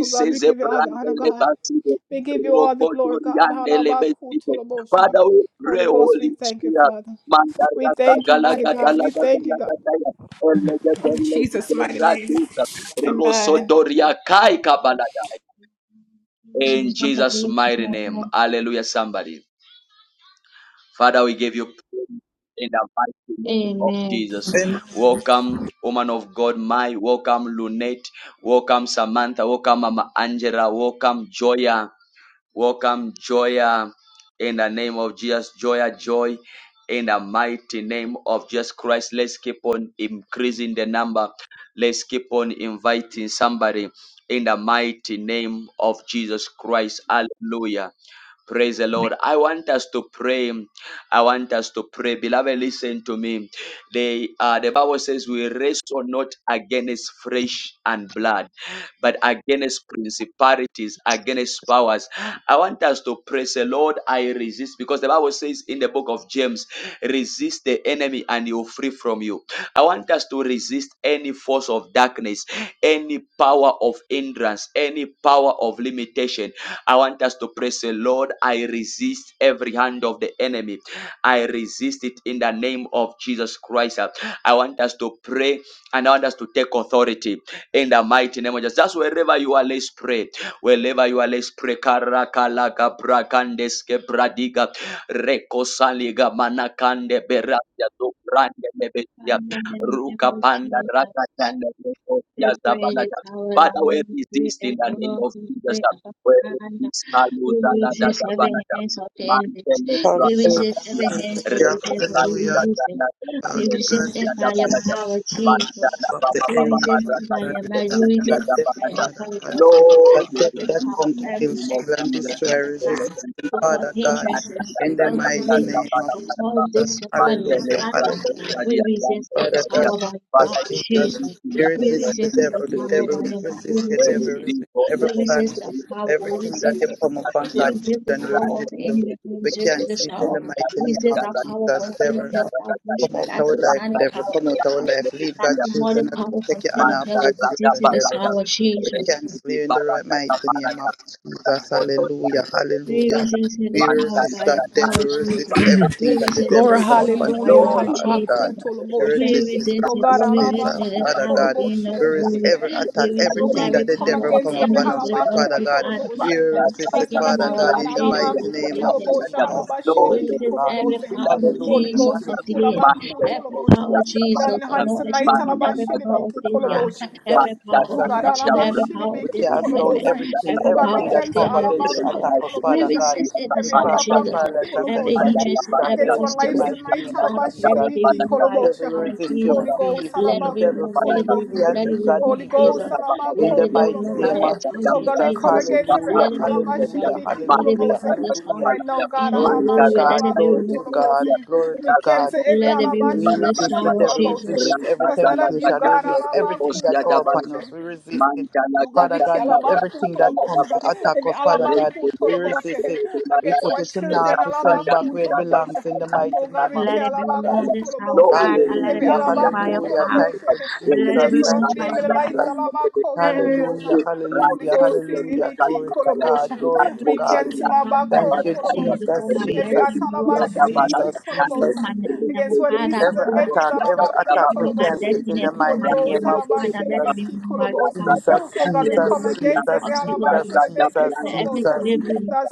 [SPEAKER 4] Oh God, we give you all the honor,
[SPEAKER 1] Brandele
[SPEAKER 4] God.
[SPEAKER 1] Batide,
[SPEAKER 4] We give you all the glory, God.
[SPEAKER 1] Rocodoriande le Betide.
[SPEAKER 4] Alabakutolabosha.
[SPEAKER 1] Father, we pray,
[SPEAKER 4] Holy Ghost, we
[SPEAKER 1] Holy
[SPEAKER 4] thank you,
[SPEAKER 1] Spirit.
[SPEAKER 4] Father. We
[SPEAKER 1] Mandara
[SPEAKER 4] thank you, mighty
[SPEAKER 1] Galaga
[SPEAKER 4] God. We
[SPEAKER 1] Dalaga
[SPEAKER 4] thank you, God.
[SPEAKER 1] Dalaga
[SPEAKER 4] In Jesus' mighty name.
[SPEAKER 1] Elegedelekeratika,
[SPEAKER 4] Amen.
[SPEAKER 1] Rosodoria Kai Kabalada. In
[SPEAKER 3] Jesus, let it be
[SPEAKER 1] Jesus'
[SPEAKER 3] to
[SPEAKER 1] mighty name.
[SPEAKER 3] you.
[SPEAKER 1] Hallelujah, somebody. Father, we give you praise in the mighty name of
[SPEAKER 3] Amen.
[SPEAKER 1] Jesus.
[SPEAKER 6] Amen.
[SPEAKER 1] Welcome, woman of God, my welcome Lunette, welcome Samantha, welcome Mama Angela, welcome Joya. Welcome, Joya, in the name of Jesus. Joya, joy, in the mighty name of Jesus Christ. Let's keep on increasing the number. Let's keep on inviting somebody in the mighty name of Jesus Christ. Hallelujah. Praise the Lord. I want us to pray. I want us to pray. Beloved, listen to me. They, uh, the Bible says we wrestle not against flesh and blood, but against principalities, against powers. I want us to praise the Lord. I resist because the Bible says in the book of James, resist the enemy and he'll flee from you. I want us to resist any force of darkness, any power of hindrance, any power of limitation. I want us to praise the Lord. I resist every hand of the enemy. I resist it in the name of Jesus Christ. I want us to pray and I want us to take authority in the mighty name of Jesus. That's wherever you are, let's pray. Wherever you are, let's pray. Karakalaga brakandeske bradiga rekosaliga manakande beratia do brande lebetia
[SPEAKER 3] Father, in the name
[SPEAKER 1] ruka
[SPEAKER 3] of
[SPEAKER 1] panda raka
[SPEAKER 3] Jesus.
[SPEAKER 1] tanda lebetia
[SPEAKER 3] We pray that
[SPEAKER 1] zabalata.
[SPEAKER 3] our
[SPEAKER 1] Father, we
[SPEAKER 3] love, we
[SPEAKER 1] resist in the name
[SPEAKER 3] adore,
[SPEAKER 1] of
[SPEAKER 3] we
[SPEAKER 1] Jesus.
[SPEAKER 3] pray above
[SPEAKER 1] We
[SPEAKER 3] Father.
[SPEAKER 1] resist
[SPEAKER 3] We
[SPEAKER 1] kaluza la da
[SPEAKER 3] resist
[SPEAKER 1] da
[SPEAKER 3] every
[SPEAKER 1] balata.
[SPEAKER 3] hands of the enemies.
[SPEAKER 1] Mantele
[SPEAKER 3] We
[SPEAKER 6] Hallelujah.
[SPEAKER 3] resist every
[SPEAKER 1] brakatia
[SPEAKER 3] hands of the devil. We
[SPEAKER 6] Hallelujah.
[SPEAKER 1] rekosaliga
[SPEAKER 3] resist it.
[SPEAKER 1] tanda
[SPEAKER 6] Uh,
[SPEAKER 3] We
[SPEAKER 1] tanda
[SPEAKER 6] God,
[SPEAKER 3] resist
[SPEAKER 1] lebetia
[SPEAKER 3] it
[SPEAKER 1] da
[SPEAKER 3] by your
[SPEAKER 1] balata.
[SPEAKER 6] is
[SPEAKER 3] power,
[SPEAKER 1] Panda
[SPEAKER 3] Jesus.
[SPEAKER 1] la
[SPEAKER 6] of
[SPEAKER 1] ba
[SPEAKER 6] the
[SPEAKER 1] ba ba
[SPEAKER 3] We
[SPEAKER 1] ba
[SPEAKER 6] enemy,
[SPEAKER 1] ba
[SPEAKER 3] resist it
[SPEAKER 6] Father
[SPEAKER 1] raka
[SPEAKER 3] by
[SPEAKER 6] God,
[SPEAKER 3] your
[SPEAKER 1] tanda
[SPEAKER 3] might. We
[SPEAKER 6] that
[SPEAKER 1] lebetia
[SPEAKER 3] resist
[SPEAKER 1] da
[SPEAKER 3] it by
[SPEAKER 6] devil,
[SPEAKER 3] your
[SPEAKER 1] balata.
[SPEAKER 6] Father God,
[SPEAKER 3] intelligent mind.
[SPEAKER 6] that
[SPEAKER 1] Lord, let
[SPEAKER 6] devil
[SPEAKER 3] Every
[SPEAKER 1] him
[SPEAKER 6] that
[SPEAKER 1] be
[SPEAKER 3] power,
[SPEAKER 6] come to
[SPEAKER 1] in the
[SPEAKER 6] kill,
[SPEAKER 3] every
[SPEAKER 1] name
[SPEAKER 3] hand
[SPEAKER 1] of
[SPEAKER 6] steal,
[SPEAKER 3] of
[SPEAKER 6] and
[SPEAKER 3] the
[SPEAKER 1] Jesus.
[SPEAKER 6] destroy,
[SPEAKER 3] enemy's God.
[SPEAKER 6] resist, him,
[SPEAKER 3] To cause
[SPEAKER 6] Father God,
[SPEAKER 3] hindrances, to
[SPEAKER 6] in the
[SPEAKER 3] cause
[SPEAKER 6] mighty
[SPEAKER 3] delay,
[SPEAKER 6] name of
[SPEAKER 3] to cause
[SPEAKER 6] Jesus.
[SPEAKER 3] disappointment,
[SPEAKER 6] Hallelujah.
[SPEAKER 3] Father.
[SPEAKER 6] Hallelujah.
[SPEAKER 3] We resist it
[SPEAKER 6] Father
[SPEAKER 3] this
[SPEAKER 6] God,
[SPEAKER 3] hour by your
[SPEAKER 6] as
[SPEAKER 1] Father,
[SPEAKER 3] power,
[SPEAKER 1] we rebuke
[SPEAKER 3] Jesus.
[SPEAKER 6] Jesus,
[SPEAKER 1] in
[SPEAKER 6] you
[SPEAKER 1] the
[SPEAKER 3] We
[SPEAKER 1] name
[SPEAKER 6] resist
[SPEAKER 1] of
[SPEAKER 6] the
[SPEAKER 3] resist it
[SPEAKER 1] Jesus,
[SPEAKER 6] devil,
[SPEAKER 3] this
[SPEAKER 6] the
[SPEAKER 1] we
[SPEAKER 3] hour
[SPEAKER 6] devil
[SPEAKER 3] by
[SPEAKER 1] rebuke.
[SPEAKER 3] your might. We
[SPEAKER 6] resist the
[SPEAKER 1] We
[SPEAKER 3] resist
[SPEAKER 6] devil,
[SPEAKER 3] it.
[SPEAKER 6] resist
[SPEAKER 1] rebuke all
[SPEAKER 6] every
[SPEAKER 1] the
[SPEAKER 3] We
[SPEAKER 1] forces
[SPEAKER 6] plan,
[SPEAKER 3] resist
[SPEAKER 1] of the
[SPEAKER 3] the
[SPEAKER 1] Lord,
[SPEAKER 3] power.
[SPEAKER 1] the
[SPEAKER 3] We
[SPEAKER 1] Lord,
[SPEAKER 6] everything
[SPEAKER 1] the
[SPEAKER 3] resist
[SPEAKER 6] that you
[SPEAKER 3] it.
[SPEAKER 6] come
[SPEAKER 1] Lord.
[SPEAKER 6] upon
[SPEAKER 3] We
[SPEAKER 1] We
[SPEAKER 6] God,
[SPEAKER 1] rebuke
[SPEAKER 3] resist the
[SPEAKER 6] children, we
[SPEAKER 3] power of
[SPEAKER 6] resist
[SPEAKER 3] the
[SPEAKER 6] you.
[SPEAKER 3] enemy. We
[SPEAKER 1] the
[SPEAKER 6] We
[SPEAKER 3] resist the
[SPEAKER 6] cancel it in
[SPEAKER 3] shower.
[SPEAKER 6] the mighty
[SPEAKER 3] We
[SPEAKER 6] name
[SPEAKER 3] resist
[SPEAKER 6] of
[SPEAKER 3] that power for
[SPEAKER 6] Jesus,
[SPEAKER 3] state
[SPEAKER 6] devil.
[SPEAKER 3] of hell. That
[SPEAKER 1] Lord,
[SPEAKER 3] witch
[SPEAKER 6] Come
[SPEAKER 3] by
[SPEAKER 6] out
[SPEAKER 3] that
[SPEAKER 1] the
[SPEAKER 6] our life,
[SPEAKER 1] Lord,
[SPEAKER 3] satanic
[SPEAKER 6] devil.
[SPEAKER 3] power
[SPEAKER 6] Come
[SPEAKER 3] of
[SPEAKER 6] out
[SPEAKER 3] this
[SPEAKER 6] our
[SPEAKER 3] hour.
[SPEAKER 1] the
[SPEAKER 6] life. Leave
[SPEAKER 3] That
[SPEAKER 6] God, children,
[SPEAKER 3] demonic
[SPEAKER 6] alone.
[SPEAKER 3] power for
[SPEAKER 6] Take your
[SPEAKER 3] state of
[SPEAKER 6] honor of
[SPEAKER 1] Manta
[SPEAKER 3] hell. We
[SPEAKER 6] God,
[SPEAKER 1] raka
[SPEAKER 3] resist the
[SPEAKER 6] children,
[SPEAKER 3] this
[SPEAKER 6] devil.
[SPEAKER 1] baraka.
[SPEAKER 6] We
[SPEAKER 3] Jesus.
[SPEAKER 6] cancel
[SPEAKER 1] Reki
[SPEAKER 6] you in the right
[SPEAKER 1] baraka ta
[SPEAKER 6] mighty name of
[SPEAKER 1] baraka. Kita
[SPEAKER 6] Jesus.
[SPEAKER 1] foto dan
[SPEAKER 6] Hallelujah.
[SPEAKER 1] kita
[SPEAKER 6] Hallelujah.
[SPEAKER 3] Revisitated
[SPEAKER 6] We
[SPEAKER 1] manta
[SPEAKER 3] power
[SPEAKER 6] resist
[SPEAKER 3] by a
[SPEAKER 6] that
[SPEAKER 1] raka tan
[SPEAKER 3] power,
[SPEAKER 6] devil, resist
[SPEAKER 3] Jesus.
[SPEAKER 1] baraka.
[SPEAKER 6] everything that the devil
[SPEAKER 4] Glory,
[SPEAKER 3] Represented
[SPEAKER 6] come
[SPEAKER 3] power
[SPEAKER 6] upon
[SPEAKER 3] by
[SPEAKER 6] us
[SPEAKER 4] hallelujah,
[SPEAKER 3] your
[SPEAKER 6] with,
[SPEAKER 1] Lord,
[SPEAKER 3] might,
[SPEAKER 1] we
[SPEAKER 6] Father
[SPEAKER 3] Jesus.
[SPEAKER 6] God.
[SPEAKER 1] thank
[SPEAKER 6] We
[SPEAKER 4] halabakutoloboshe.
[SPEAKER 1] you
[SPEAKER 3] We
[SPEAKER 6] resist
[SPEAKER 1] for
[SPEAKER 6] it,
[SPEAKER 1] the
[SPEAKER 3] resist
[SPEAKER 4] Oh
[SPEAKER 1] baraka
[SPEAKER 3] it,
[SPEAKER 4] God,
[SPEAKER 1] la
[SPEAKER 3] we
[SPEAKER 6] resist it,
[SPEAKER 3] resist
[SPEAKER 1] baraka
[SPEAKER 3] it, the
[SPEAKER 6] Father
[SPEAKER 1] baraka.
[SPEAKER 3] power of
[SPEAKER 6] God.
[SPEAKER 3] the
[SPEAKER 4] halabakutoloboshe,
[SPEAKER 3] of
[SPEAKER 6] We
[SPEAKER 4] to make
[SPEAKER 1] Kita
[SPEAKER 6] resist
[SPEAKER 4] it
[SPEAKER 3] glory.
[SPEAKER 6] every
[SPEAKER 4] come.
[SPEAKER 1] kita
[SPEAKER 6] attack,
[SPEAKER 3] We
[SPEAKER 4] Oh
[SPEAKER 3] resist
[SPEAKER 6] everything
[SPEAKER 4] God, we
[SPEAKER 3] every
[SPEAKER 6] that the
[SPEAKER 4] come
[SPEAKER 1] kita
[SPEAKER 6] devil
[SPEAKER 3] power of
[SPEAKER 4] against
[SPEAKER 6] come
[SPEAKER 3] the
[SPEAKER 1] kita yang
[SPEAKER 4] every
[SPEAKER 3] enemy
[SPEAKER 6] upon
[SPEAKER 3] is
[SPEAKER 6] us
[SPEAKER 3] the
[SPEAKER 6] with,
[SPEAKER 3] of
[SPEAKER 6] Father
[SPEAKER 1] berbahagia.
[SPEAKER 3] the
[SPEAKER 6] God.
[SPEAKER 3] Father
[SPEAKER 6] We
[SPEAKER 4] halabakutoloboshe.
[SPEAKER 1] Manta
[SPEAKER 3] that is
[SPEAKER 6] resist it,
[SPEAKER 4] That's
[SPEAKER 1] raka
[SPEAKER 4] not
[SPEAKER 3] speaking
[SPEAKER 4] of
[SPEAKER 3] in
[SPEAKER 6] Father
[SPEAKER 4] you,
[SPEAKER 3] our
[SPEAKER 6] God,
[SPEAKER 1] program
[SPEAKER 3] life,
[SPEAKER 4] God.
[SPEAKER 6] in the
[SPEAKER 1] dan
[SPEAKER 3] Jesus.
[SPEAKER 6] mighty
[SPEAKER 3] We
[SPEAKER 1] kita
[SPEAKER 6] name
[SPEAKER 3] resist
[SPEAKER 6] of
[SPEAKER 3] every
[SPEAKER 4] Halabakutoloboshe,
[SPEAKER 1] kita
[SPEAKER 6] Jesus.
[SPEAKER 3] power.
[SPEAKER 6] Glory
[SPEAKER 3] We
[SPEAKER 1] Lord,
[SPEAKER 6] to
[SPEAKER 1] we
[SPEAKER 3] resist
[SPEAKER 1] thank
[SPEAKER 6] God.
[SPEAKER 3] every
[SPEAKER 1] you in
[SPEAKER 4] halabashilibikitoloboshe.
[SPEAKER 3] power
[SPEAKER 1] the
[SPEAKER 3] of
[SPEAKER 1] name of
[SPEAKER 4] Holy
[SPEAKER 6] Hallelujah.
[SPEAKER 3] Jesus
[SPEAKER 4] Ghost, we
[SPEAKER 3] of
[SPEAKER 1] Jesus.
[SPEAKER 4] pull
[SPEAKER 6] Hallelujah.
[SPEAKER 3] delay,
[SPEAKER 1] Manta
[SPEAKER 6] Hallelujah.
[SPEAKER 3] every
[SPEAKER 4] halabakutoloboshe.
[SPEAKER 3] power,
[SPEAKER 1] raka
[SPEAKER 4] It
[SPEAKER 3] Jesus,
[SPEAKER 4] on the
[SPEAKER 1] baraka.
[SPEAKER 3] of
[SPEAKER 4] hands
[SPEAKER 3] no
[SPEAKER 4] tonight,
[SPEAKER 3] achievement,
[SPEAKER 1] Manta
[SPEAKER 3] every power of
[SPEAKER 1] raka
[SPEAKER 6] God,
[SPEAKER 3] failure,
[SPEAKER 4] halabashilibikitoloboshe.
[SPEAKER 6] Jesus,
[SPEAKER 3] every power
[SPEAKER 4] Oh
[SPEAKER 3] of
[SPEAKER 6] Jesus,
[SPEAKER 3] no
[SPEAKER 4] God,
[SPEAKER 3] achievement,
[SPEAKER 4] Alaba
[SPEAKER 6] Jesus.
[SPEAKER 3] every power of
[SPEAKER 6] We
[SPEAKER 4] Shilibiki
[SPEAKER 6] cast down
[SPEAKER 3] disappointment,
[SPEAKER 4] Koloboshe.
[SPEAKER 6] everything,
[SPEAKER 4] Oh
[SPEAKER 3] every
[SPEAKER 4] God, we
[SPEAKER 6] everything
[SPEAKER 3] power of
[SPEAKER 6] that
[SPEAKER 4] cancel
[SPEAKER 6] comes
[SPEAKER 3] failure,
[SPEAKER 4] Alaba
[SPEAKER 6] against
[SPEAKER 3] this
[SPEAKER 6] the
[SPEAKER 3] hour.
[SPEAKER 6] attack us,
[SPEAKER 3] We
[SPEAKER 6] Father
[SPEAKER 4] Kutoloboshe.
[SPEAKER 6] God.
[SPEAKER 3] resist it this
[SPEAKER 4] Every
[SPEAKER 6] We
[SPEAKER 3] the of
[SPEAKER 6] cramp
[SPEAKER 4] Alaba
[SPEAKER 6] and
[SPEAKER 3] Jesus.
[SPEAKER 6] paralyze and send
[SPEAKER 3] Every
[SPEAKER 6] it
[SPEAKER 4] Kutoloboshe.
[SPEAKER 6] back to the
[SPEAKER 3] hindrance,
[SPEAKER 6] pit of
[SPEAKER 3] every
[SPEAKER 4] Against
[SPEAKER 6] hell
[SPEAKER 4] our
[SPEAKER 6] in the
[SPEAKER 4] lives
[SPEAKER 3] obstacle,
[SPEAKER 6] mighty
[SPEAKER 4] tonight,
[SPEAKER 6] name of
[SPEAKER 4] Alaba
[SPEAKER 3] Father, let it
[SPEAKER 6] Jesus.
[SPEAKER 3] be
[SPEAKER 4] Shilibiki
[SPEAKER 3] removed by your
[SPEAKER 6] Devil
[SPEAKER 4] Koloboshe.
[SPEAKER 6] we
[SPEAKER 3] power,
[SPEAKER 6] resist you.
[SPEAKER 3] Jesus.
[SPEAKER 4] Holy Ghost,
[SPEAKER 6] Flee,
[SPEAKER 3] Let
[SPEAKER 6] flee,
[SPEAKER 3] it
[SPEAKER 4] Alaba
[SPEAKER 3] be
[SPEAKER 6] devil,
[SPEAKER 3] removed, let
[SPEAKER 6] flee,
[SPEAKER 3] it be
[SPEAKER 6] flee
[SPEAKER 3] removed,
[SPEAKER 4] Kutoloboshe.
[SPEAKER 6] and
[SPEAKER 3] let it
[SPEAKER 6] leave
[SPEAKER 3] be
[SPEAKER 6] God
[SPEAKER 3] removed,
[SPEAKER 4] Holy
[SPEAKER 6] people
[SPEAKER 4] Ghost,
[SPEAKER 3] Jesus.
[SPEAKER 4] Alaba
[SPEAKER 6] in
[SPEAKER 3] Let
[SPEAKER 6] the
[SPEAKER 3] it be
[SPEAKER 6] mighty
[SPEAKER 3] removed by
[SPEAKER 6] name
[SPEAKER 4] Kutoloboshe.
[SPEAKER 3] your
[SPEAKER 6] of
[SPEAKER 4] Oh
[SPEAKER 3] authority,
[SPEAKER 4] God, we
[SPEAKER 6] Jesus.
[SPEAKER 4] come
[SPEAKER 3] Jesus.
[SPEAKER 4] against every
[SPEAKER 6] Hallelujah,
[SPEAKER 3] Let it be
[SPEAKER 4] Atalaba
[SPEAKER 3] removed by
[SPEAKER 6] hallelujah,
[SPEAKER 3] your might.
[SPEAKER 4] Shilibiki
[SPEAKER 3] Let it be
[SPEAKER 6] hallelujah,
[SPEAKER 4] Koloboshe.
[SPEAKER 3] removed this hour.
[SPEAKER 6] hallelujah.
[SPEAKER 4] Right now, God,
[SPEAKER 3] King of
[SPEAKER 6] Glory
[SPEAKER 4] Alaba
[SPEAKER 6] to
[SPEAKER 1] Mancar
[SPEAKER 3] glory,
[SPEAKER 1] las
[SPEAKER 3] let
[SPEAKER 6] God,
[SPEAKER 3] it
[SPEAKER 4] Shalaba
[SPEAKER 3] be
[SPEAKER 6] glory
[SPEAKER 1] calles de
[SPEAKER 6] to
[SPEAKER 3] removed.
[SPEAKER 1] la
[SPEAKER 6] God,
[SPEAKER 1] vía,
[SPEAKER 4] Kutoloboshe.
[SPEAKER 6] glory to
[SPEAKER 4] We
[SPEAKER 1] rastro
[SPEAKER 6] God.
[SPEAKER 4] cancel
[SPEAKER 1] por
[SPEAKER 4] every
[SPEAKER 3] Let it be
[SPEAKER 4] Alaba
[SPEAKER 1] camino
[SPEAKER 6] We
[SPEAKER 3] removed
[SPEAKER 1] para
[SPEAKER 3] this
[SPEAKER 1] para
[SPEAKER 6] resist the
[SPEAKER 4] Shilibiki
[SPEAKER 1] para
[SPEAKER 3] hour,
[SPEAKER 6] devil, we
[SPEAKER 4] Koloboshe.
[SPEAKER 3] Jesus.
[SPEAKER 6] resist every
[SPEAKER 4] That's not
[SPEAKER 1] Rakazala
[SPEAKER 4] of you,
[SPEAKER 6] temptation, we
[SPEAKER 4] God,
[SPEAKER 1] gatanda
[SPEAKER 6] resist
[SPEAKER 4] Alaba
[SPEAKER 6] everything that
[SPEAKER 1] rekosia
[SPEAKER 6] comes upon
[SPEAKER 1] dabarata.
[SPEAKER 6] us,
[SPEAKER 4] Kutoloboshe.
[SPEAKER 6] we resist it.
[SPEAKER 1] Mantala
[SPEAKER 4] Oh God
[SPEAKER 6] Father
[SPEAKER 4] we Ugariki
[SPEAKER 6] God,
[SPEAKER 1] gatanda
[SPEAKER 6] with
[SPEAKER 4] alabaku
[SPEAKER 6] everything that
[SPEAKER 1] rakazala
[SPEAKER 6] comes to
[SPEAKER 4] tolobosha.
[SPEAKER 1] dabarata.
[SPEAKER 6] attack
[SPEAKER 4] Every
[SPEAKER 6] us, Father God,
[SPEAKER 1] Reko
[SPEAKER 4] alabaku
[SPEAKER 1] do
[SPEAKER 6] we
[SPEAKER 1] krasa
[SPEAKER 6] resist
[SPEAKER 4] tolobosha
[SPEAKER 1] de
[SPEAKER 6] it. We
[SPEAKER 4] against
[SPEAKER 1] dinadana.
[SPEAKER 6] put
[SPEAKER 4] our
[SPEAKER 6] it to
[SPEAKER 4] children
[SPEAKER 6] naught, we send it
[SPEAKER 1] Rakazanda
[SPEAKER 6] back
[SPEAKER 4] alabaku
[SPEAKER 6] where it
[SPEAKER 1] dana
[SPEAKER 4] tolobosha.
[SPEAKER 6] belongs in the
[SPEAKER 1] gatanda
[SPEAKER 6] mighty name of
[SPEAKER 4] Ugariki
[SPEAKER 3] Let it be
[SPEAKER 1] rakazala
[SPEAKER 6] Jesus.
[SPEAKER 3] removed
[SPEAKER 4] alabaku
[SPEAKER 1] dala.
[SPEAKER 3] this hour,
[SPEAKER 4] tolobosha.
[SPEAKER 3] Father. And
[SPEAKER 1] Glory
[SPEAKER 3] Let
[SPEAKER 4] Every
[SPEAKER 3] it
[SPEAKER 1] be
[SPEAKER 3] be
[SPEAKER 6] Hallelujah,
[SPEAKER 1] to
[SPEAKER 3] removed by
[SPEAKER 1] the
[SPEAKER 4] alabaku
[SPEAKER 3] your
[SPEAKER 1] Lord
[SPEAKER 6] hallelujah.
[SPEAKER 3] power.
[SPEAKER 6] Thank
[SPEAKER 1] Jesus.
[SPEAKER 4] tolobosha
[SPEAKER 6] you,
[SPEAKER 1] There
[SPEAKER 3] Let
[SPEAKER 1] is
[SPEAKER 3] it
[SPEAKER 6] Jesus.
[SPEAKER 4] against
[SPEAKER 3] be
[SPEAKER 1] this
[SPEAKER 4] our
[SPEAKER 6] Thank
[SPEAKER 3] removed
[SPEAKER 1] kind
[SPEAKER 6] you,
[SPEAKER 3] by your
[SPEAKER 4] family
[SPEAKER 1] of
[SPEAKER 3] might.
[SPEAKER 4] lives
[SPEAKER 6] Jesus.
[SPEAKER 4] alabaku
[SPEAKER 3] Let it
[SPEAKER 1] brand
[SPEAKER 3] be
[SPEAKER 4] tolobosha.
[SPEAKER 6] Hallelujah,
[SPEAKER 3] removed.
[SPEAKER 4] Holy
[SPEAKER 6] hallelujah,
[SPEAKER 4] Ghost,
[SPEAKER 6] hallelujah.
[SPEAKER 4] Libiki
[SPEAKER 6] Glory to God,
[SPEAKER 4] Kolobosha.
[SPEAKER 6] glory to
[SPEAKER 3] Every
[SPEAKER 4] We
[SPEAKER 6] God.
[SPEAKER 4] cancel
[SPEAKER 3] possible Father
[SPEAKER 4] Abako
[SPEAKER 6] Thank
[SPEAKER 3] that
[SPEAKER 6] you,
[SPEAKER 3] is standing
[SPEAKER 4] Tolobosha.
[SPEAKER 6] Jesus,
[SPEAKER 3] before my
[SPEAKER 4] Every
[SPEAKER 3] blessing,
[SPEAKER 6] Jesus,
[SPEAKER 3] before my
[SPEAKER 6] Jesus,
[SPEAKER 4] Atalabashi
[SPEAKER 3] breakthrough,
[SPEAKER 6] Jesus,
[SPEAKER 4] Libiki
[SPEAKER 3] before
[SPEAKER 6] Jesus,
[SPEAKER 4] Kolobosha.
[SPEAKER 3] my next level,
[SPEAKER 4] Against our
[SPEAKER 3] Father,
[SPEAKER 4] nieces
[SPEAKER 6] Every
[SPEAKER 4] and
[SPEAKER 3] before my
[SPEAKER 4] nephews,
[SPEAKER 6] attack,
[SPEAKER 3] traveling,
[SPEAKER 6] every
[SPEAKER 4] Alabaku
[SPEAKER 6] attack, we
[SPEAKER 3] before my
[SPEAKER 4] Tolobosha.
[SPEAKER 6] cancel it in
[SPEAKER 3] destiny,
[SPEAKER 6] the
[SPEAKER 3] before
[SPEAKER 4] Holy
[SPEAKER 3] my
[SPEAKER 6] mighty
[SPEAKER 4] Ghost,
[SPEAKER 6] name
[SPEAKER 3] career,
[SPEAKER 6] of
[SPEAKER 4] Alabashi
[SPEAKER 3] Father, let it
[SPEAKER 6] Jesus.
[SPEAKER 3] be
[SPEAKER 4] Libiki
[SPEAKER 3] moved by the
[SPEAKER 4] Kolobosha.
[SPEAKER 3] power.
[SPEAKER 6] Jesus,
[SPEAKER 4] Oh God, we
[SPEAKER 3] Let it
[SPEAKER 6] Jesus,
[SPEAKER 4] come
[SPEAKER 3] be- let
[SPEAKER 4] against
[SPEAKER 3] the
[SPEAKER 6] Jesus,
[SPEAKER 4] every
[SPEAKER 3] obstacle
[SPEAKER 4] halaba
[SPEAKER 3] be
[SPEAKER 6] Jesus,
[SPEAKER 3] removed.
[SPEAKER 6] Jesus,
[SPEAKER 4] shelebeke
[SPEAKER 3] Let every
[SPEAKER 4] kolobosha.
[SPEAKER 6] Jesus.
[SPEAKER 3] delay be removed.
[SPEAKER 4] That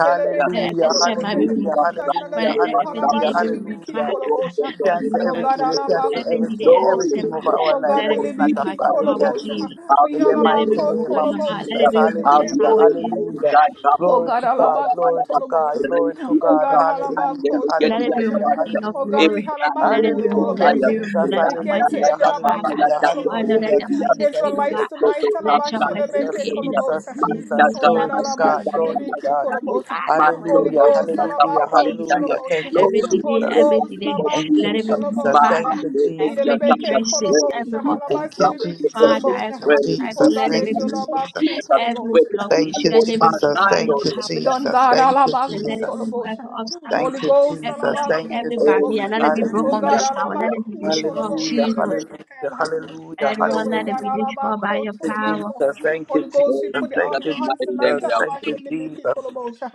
[SPEAKER 3] Let
[SPEAKER 4] shelebeke
[SPEAKER 6] Hallelujah,
[SPEAKER 3] every setback be
[SPEAKER 4] kolobote.
[SPEAKER 6] hallelujah,
[SPEAKER 3] removed.
[SPEAKER 4] That's not of
[SPEAKER 6] hallelujah,
[SPEAKER 3] Father, let
[SPEAKER 4] you
[SPEAKER 3] every
[SPEAKER 4] halaba
[SPEAKER 6] hallelujah,
[SPEAKER 3] delay be removed,
[SPEAKER 4] shelebeke
[SPEAKER 6] hallelujah.
[SPEAKER 3] Father.
[SPEAKER 6] We
[SPEAKER 4] kolobosha.
[SPEAKER 3] Let it
[SPEAKER 6] cancel
[SPEAKER 3] remove
[SPEAKER 4] Oh
[SPEAKER 3] every
[SPEAKER 4] God,
[SPEAKER 6] everything, we
[SPEAKER 3] obstacle,
[SPEAKER 4] halaba
[SPEAKER 6] cancel
[SPEAKER 3] every delay,
[SPEAKER 6] everything,
[SPEAKER 3] every
[SPEAKER 1] Lord,
[SPEAKER 6] everything
[SPEAKER 4] kutolobosha.
[SPEAKER 3] setback.
[SPEAKER 6] over our
[SPEAKER 4] Oh
[SPEAKER 6] life
[SPEAKER 4] God,
[SPEAKER 3] Let
[SPEAKER 6] that
[SPEAKER 4] we
[SPEAKER 3] it be
[SPEAKER 6] is not
[SPEAKER 3] removed
[SPEAKER 6] of
[SPEAKER 3] by
[SPEAKER 4] libeke
[SPEAKER 3] the
[SPEAKER 6] God. We
[SPEAKER 3] power, of
[SPEAKER 6] cancel it
[SPEAKER 4] kolobosha.
[SPEAKER 3] Jesus.
[SPEAKER 1] have
[SPEAKER 4] We
[SPEAKER 6] in
[SPEAKER 1] your
[SPEAKER 6] the
[SPEAKER 1] way,
[SPEAKER 3] Let
[SPEAKER 4] halaba
[SPEAKER 3] it be
[SPEAKER 1] Spirit
[SPEAKER 6] mighty
[SPEAKER 3] removed
[SPEAKER 1] the
[SPEAKER 6] name
[SPEAKER 3] by
[SPEAKER 6] of
[SPEAKER 3] your
[SPEAKER 1] Holy
[SPEAKER 3] mind. Let
[SPEAKER 1] Spirit.
[SPEAKER 4] kotolobosha
[SPEAKER 6] Jesus.
[SPEAKER 3] it be removed by
[SPEAKER 1] Have
[SPEAKER 3] this
[SPEAKER 6] Hallelujah,
[SPEAKER 4] lebeke
[SPEAKER 1] your
[SPEAKER 3] power, of
[SPEAKER 1] way,
[SPEAKER 3] Jesus.
[SPEAKER 1] mighty
[SPEAKER 6] hallelujah.
[SPEAKER 1] God. Come
[SPEAKER 4] Oh
[SPEAKER 1] to
[SPEAKER 6] Glory
[SPEAKER 4] God,
[SPEAKER 1] us,
[SPEAKER 6] to God,
[SPEAKER 1] Yara
[SPEAKER 4] Halabaku
[SPEAKER 6] glory
[SPEAKER 1] Madaba.
[SPEAKER 6] to God,
[SPEAKER 4] Toloboshe.
[SPEAKER 6] glory to
[SPEAKER 1] Receive
[SPEAKER 4] Oh
[SPEAKER 1] it
[SPEAKER 6] God.
[SPEAKER 4] God,
[SPEAKER 1] up,
[SPEAKER 6] Hallelujah,
[SPEAKER 1] Randele
[SPEAKER 4] Halabaku
[SPEAKER 3] Let it
[SPEAKER 1] Gedia
[SPEAKER 3] be
[SPEAKER 4] Toloboshe.
[SPEAKER 6] hallelujah,
[SPEAKER 3] removed,
[SPEAKER 1] Kabadaya.
[SPEAKER 3] King of
[SPEAKER 4] Oh
[SPEAKER 6] hallelujah.
[SPEAKER 4] God,
[SPEAKER 1] If
[SPEAKER 4] we
[SPEAKER 3] glory. Let it
[SPEAKER 4] Halabaku
[SPEAKER 1] Randele
[SPEAKER 3] be removed.
[SPEAKER 6] Hallelujah,
[SPEAKER 3] Let it
[SPEAKER 1] Desire,
[SPEAKER 4] Toloboshe.
[SPEAKER 3] be
[SPEAKER 6] Jesus,
[SPEAKER 3] removed. Let your
[SPEAKER 4] Against
[SPEAKER 1] Randala
[SPEAKER 3] mercies
[SPEAKER 6] hallelujah,
[SPEAKER 3] be Father.
[SPEAKER 1] Kapapaya
[SPEAKER 4] Evilabaku
[SPEAKER 6] hallelujah,
[SPEAKER 1] Chanda
[SPEAKER 3] Father,
[SPEAKER 4] Toloboshe.
[SPEAKER 3] let
[SPEAKER 6] hallelujah,
[SPEAKER 3] your
[SPEAKER 1] Rekedia.
[SPEAKER 3] mercies
[SPEAKER 4] Against
[SPEAKER 6] Jesus,
[SPEAKER 3] be
[SPEAKER 4] our lives
[SPEAKER 3] river.
[SPEAKER 6] Jesus,
[SPEAKER 1] Rosoto
[SPEAKER 4] tonight,
[SPEAKER 3] Let your
[SPEAKER 1] Sabra
[SPEAKER 3] mercies
[SPEAKER 4] Halabashilebeke
[SPEAKER 6] Jesus,
[SPEAKER 3] be
[SPEAKER 1] Rekedia.
[SPEAKER 3] ancient. of
[SPEAKER 6] Jesus,
[SPEAKER 4] Koloboshe.
[SPEAKER 3] this
[SPEAKER 1] Manta
[SPEAKER 6] Jesus.
[SPEAKER 4] Oh
[SPEAKER 3] music
[SPEAKER 4] God,
[SPEAKER 6] Glory
[SPEAKER 3] have the
[SPEAKER 6] to
[SPEAKER 1] Kapaya
[SPEAKER 6] God,
[SPEAKER 3] season.
[SPEAKER 6] glory to
[SPEAKER 1] Kapaya
[SPEAKER 4] Halabashilebeke
[SPEAKER 6] God.
[SPEAKER 3] Thank
[SPEAKER 1] Chanda.
[SPEAKER 3] you,
[SPEAKER 4] Koloboshe.
[SPEAKER 3] Father, for your
[SPEAKER 1] Master
[SPEAKER 4] Holy
[SPEAKER 6] Hallelujah,
[SPEAKER 3] mercy in
[SPEAKER 4] Ghost,
[SPEAKER 1] Rosia
[SPEAKER 3] the
[SPEAKER 6] hallelujah,
[SPEAKER 3] for
[SPEAKER 1] Kapapaya
[SPEAKER 4] Halabaku
[SPEAKER 3] Jesus.
[SPEAKER 1] Chanda.
[SPEAKER 6] hallelujah. Thank you,
[SPEAKER 4] Toloboshe.
[SPEAKER 1] Lord,
[SPEAKER 3] Every
[SPEAKER 1] we
[SPEAKER 3] delay,
[SPEAKER 4] Holy
[SPEAKER 1] pray
[SPEAKER 6] Jesus.
[SPEAKER 3] every
[SPEAKER 1] that
[SPEAKER 4] Ghost,
[SPEAKER 1] you
[SPEAKER 3] delay,
[SPEAKER 1] will
[SPEAKER 6] Thank you,
[SPEAKER 3] let
[SPEAKER 4] Labaku
[SPEAKER 1] see
[SPEAKER 3] it be
[SPEAKER 1] us.
[SPEAKER 3] removed,
[SPEAKER 6] Jesus.
[SPEAKER 4] Toloboshe.
[SPEAKER 6] Thank
[SPEAKER 1] Mama
[SPEAKER 3] Father.
[SPEAKER 6] you, Jesus.
[SPEAKER 1] Rekedia
[SPEAKER 3] Every
[SPEAKER 1] Chanda.
[SPEAKER 4] Yelebeke
[SPEAKER 3] hindrances,
[SPEAKER 1] Where we
[SPEAKER 4] Koloboshe.
[SPEAKER 3] every
[SPEAKER 1] see the
[SPEAKER 6] Thank you,
[SPEAKER 1] strong
[SPEAKER 3] obstacle,
[SPEAKER 1] of the
[SPEAKER 4] Halabashilebeke
[SPEAKER 6] Jesus.
[SPEAKER 1] enemy
[SPEAKER 3] Father,
[SPEAKER 4] Koloboshe.
[SPEAKER 3] every
[SPEAKER 1] where in
[SPEAKER 3] obstacle,
[SPEAKER 4] Oh God,
[SPEAKER 3] let
[SPEAKER 1] Jesus'
[SPEAKER 3] it
[SPEAKER 6] Thank
[SPEAKER 3] be
[SPEAKER 4] let
[SPEAKER 6] you,
[SPEAKER 4] your
[SPEAKER 3] removed
[SPEAKER 1] name, I pray
[SPEAKER 6] Jesus.
[SPEAKER 4] Labaku
[SPEAKER 1] that
[SPEAKER 3] every
[SPEAKER 1] where
[SPEAKER 4] Toloboshe.
[SPEAKER 3] blockage,
[SPEAKER 6] Thank
[SPEAKER 1] and the
[SPEAKER 6] you,
[SPEAKER 3] let
[SPEAKER 1] Lord
[SPEAKER 3] it be removed
[SPEAKER 6] Jesus.
[SPEAKER 1] not
[SPEAKER 3] by the
[SPEAKER 6] Thank you, Jesus. Thank
[SPEAKER 1] those
[SPEAKER 6] you,
[SPEAKER 1] of
[SPEAKER 3] power
[SPEAKER 4] We
[SPEAKER 3] of
[SPEAKER 1] us.
[SPEAKER 4] done
[SPEAKER 6] Jesus.
[SPEAKER 3] Jesus.
[SPEAKER 4] God all
[SPEAKER 6] Thank you,
[SPEAKER 4] about
[SPEAKER 3] And
[SPEAKER 4] who
[SPEAKER 3] let it
[SPEAKER 6] Jesus.
[SPEAKER 3] be
[SPEAKER 4] told
[SPEAKER 3] removed
[SPEAKER 4] motion.
[SPEAKER 3] every obstacle,
[SPEAKER 4] Holy
[SPEAKER 6] Thank you,
[SPEAKER 4] Ghost all
[SPEAKER 6] Jesus.
[SPEAKER 3] every
[SPEAKER 4] about
[SPEAKER 3] delay,
[SPEAKER 6] Thank
[SPEAKER 4] who
[SPEAKER 6] you,
[SPEAKER 3] every
[SPEAKER 4] told
[SPEAKER 1] Oh, in
[SPEAKER 3] barrier.
[SPEAKER 6] Jesus.
[SPEAKER 4] motion.
[SPEAKER 3] Let it be
[SPEAKER 1] Jesus'
[SPEAKER 3] broken
[SPEAKER 4] Oh
[SPEAKER 3] on
[SPEAKER 4] God
[SPEAKER 6] Hallelujah.
[SPEAKER 1] mighty
[SPEAKER 3] this
[SPEAKER 4] all
[SPEAKER 1] name
[SPEAKER 3] hour.
[SPEAKER 1] we
[SPEAKER 4] about
[SPEAKER 3] Let
[SPEAKER 1] have
[SPEAKER 3] it be
[SPEAKER 4] who told
[SPEAKER 1] prayed.
[SPEAKER 3] destroyed,
[SPEAKER 6] Hallelujah.
[SPEAKER 4] motion. Let me
[SPEAKER 3] Jesus.
[SPEAKER 4] keep it
[SPEAKER 6] Hallelujah. Hallelujah.
[SPEAKER 3] And
[SPEAKER 4] Have your
[SPEAKER 3] Lord,
[SPEAKER 4] way,
[SPEAKER 3] let it
[SPEAKER 4] God,
[SPEAKER 6] Hallelujah.
[SPEAKER 3] be
[SPEAKER 4] all about
[SPEAKER 3] destroyed by
[SPEAKER 4] who
[SPEAKER 3] your
[SPEAKER 6] Thank
[SPEAKER 4] told
[SPEAKER 6] you,
[SPEAKER 3] power.
[SPEAKER 4] motion.
[SPEAKER 6] Jesus. Thank you,
[SPEAKER 4] Holy
[SPEAKER 6] Jesus.
[SPEAKER 4] Ghost,
[SPEAKER 1] Oh,
[SPEAKER 4] we
[SPEAKER 1] in
[SPEAKER 4] put it all
[SPEAKER 6] Thank
[SPEAKER 4] in
[SPEAKER 1] Jesus'
[SPEAKER 6] you,
[SPEAKER 4] your hands
[SPEAKER 1] mighty name
[SPEAKER 4] tonight.
[SPEAKER 1] we
[SPEAKER 6] Jesus.
[SPEAKER 4] All
[SPEAKER 1] have
[SPEAKER 4] about
[SPEAKER 6] Thank you,
[SPEAKER 4] she
[SPEAKER 1] prayed.
[SPEAKER 4] let me keep
[SPEAKER 6] Jesus.
[SPEAKER 4] cool motion.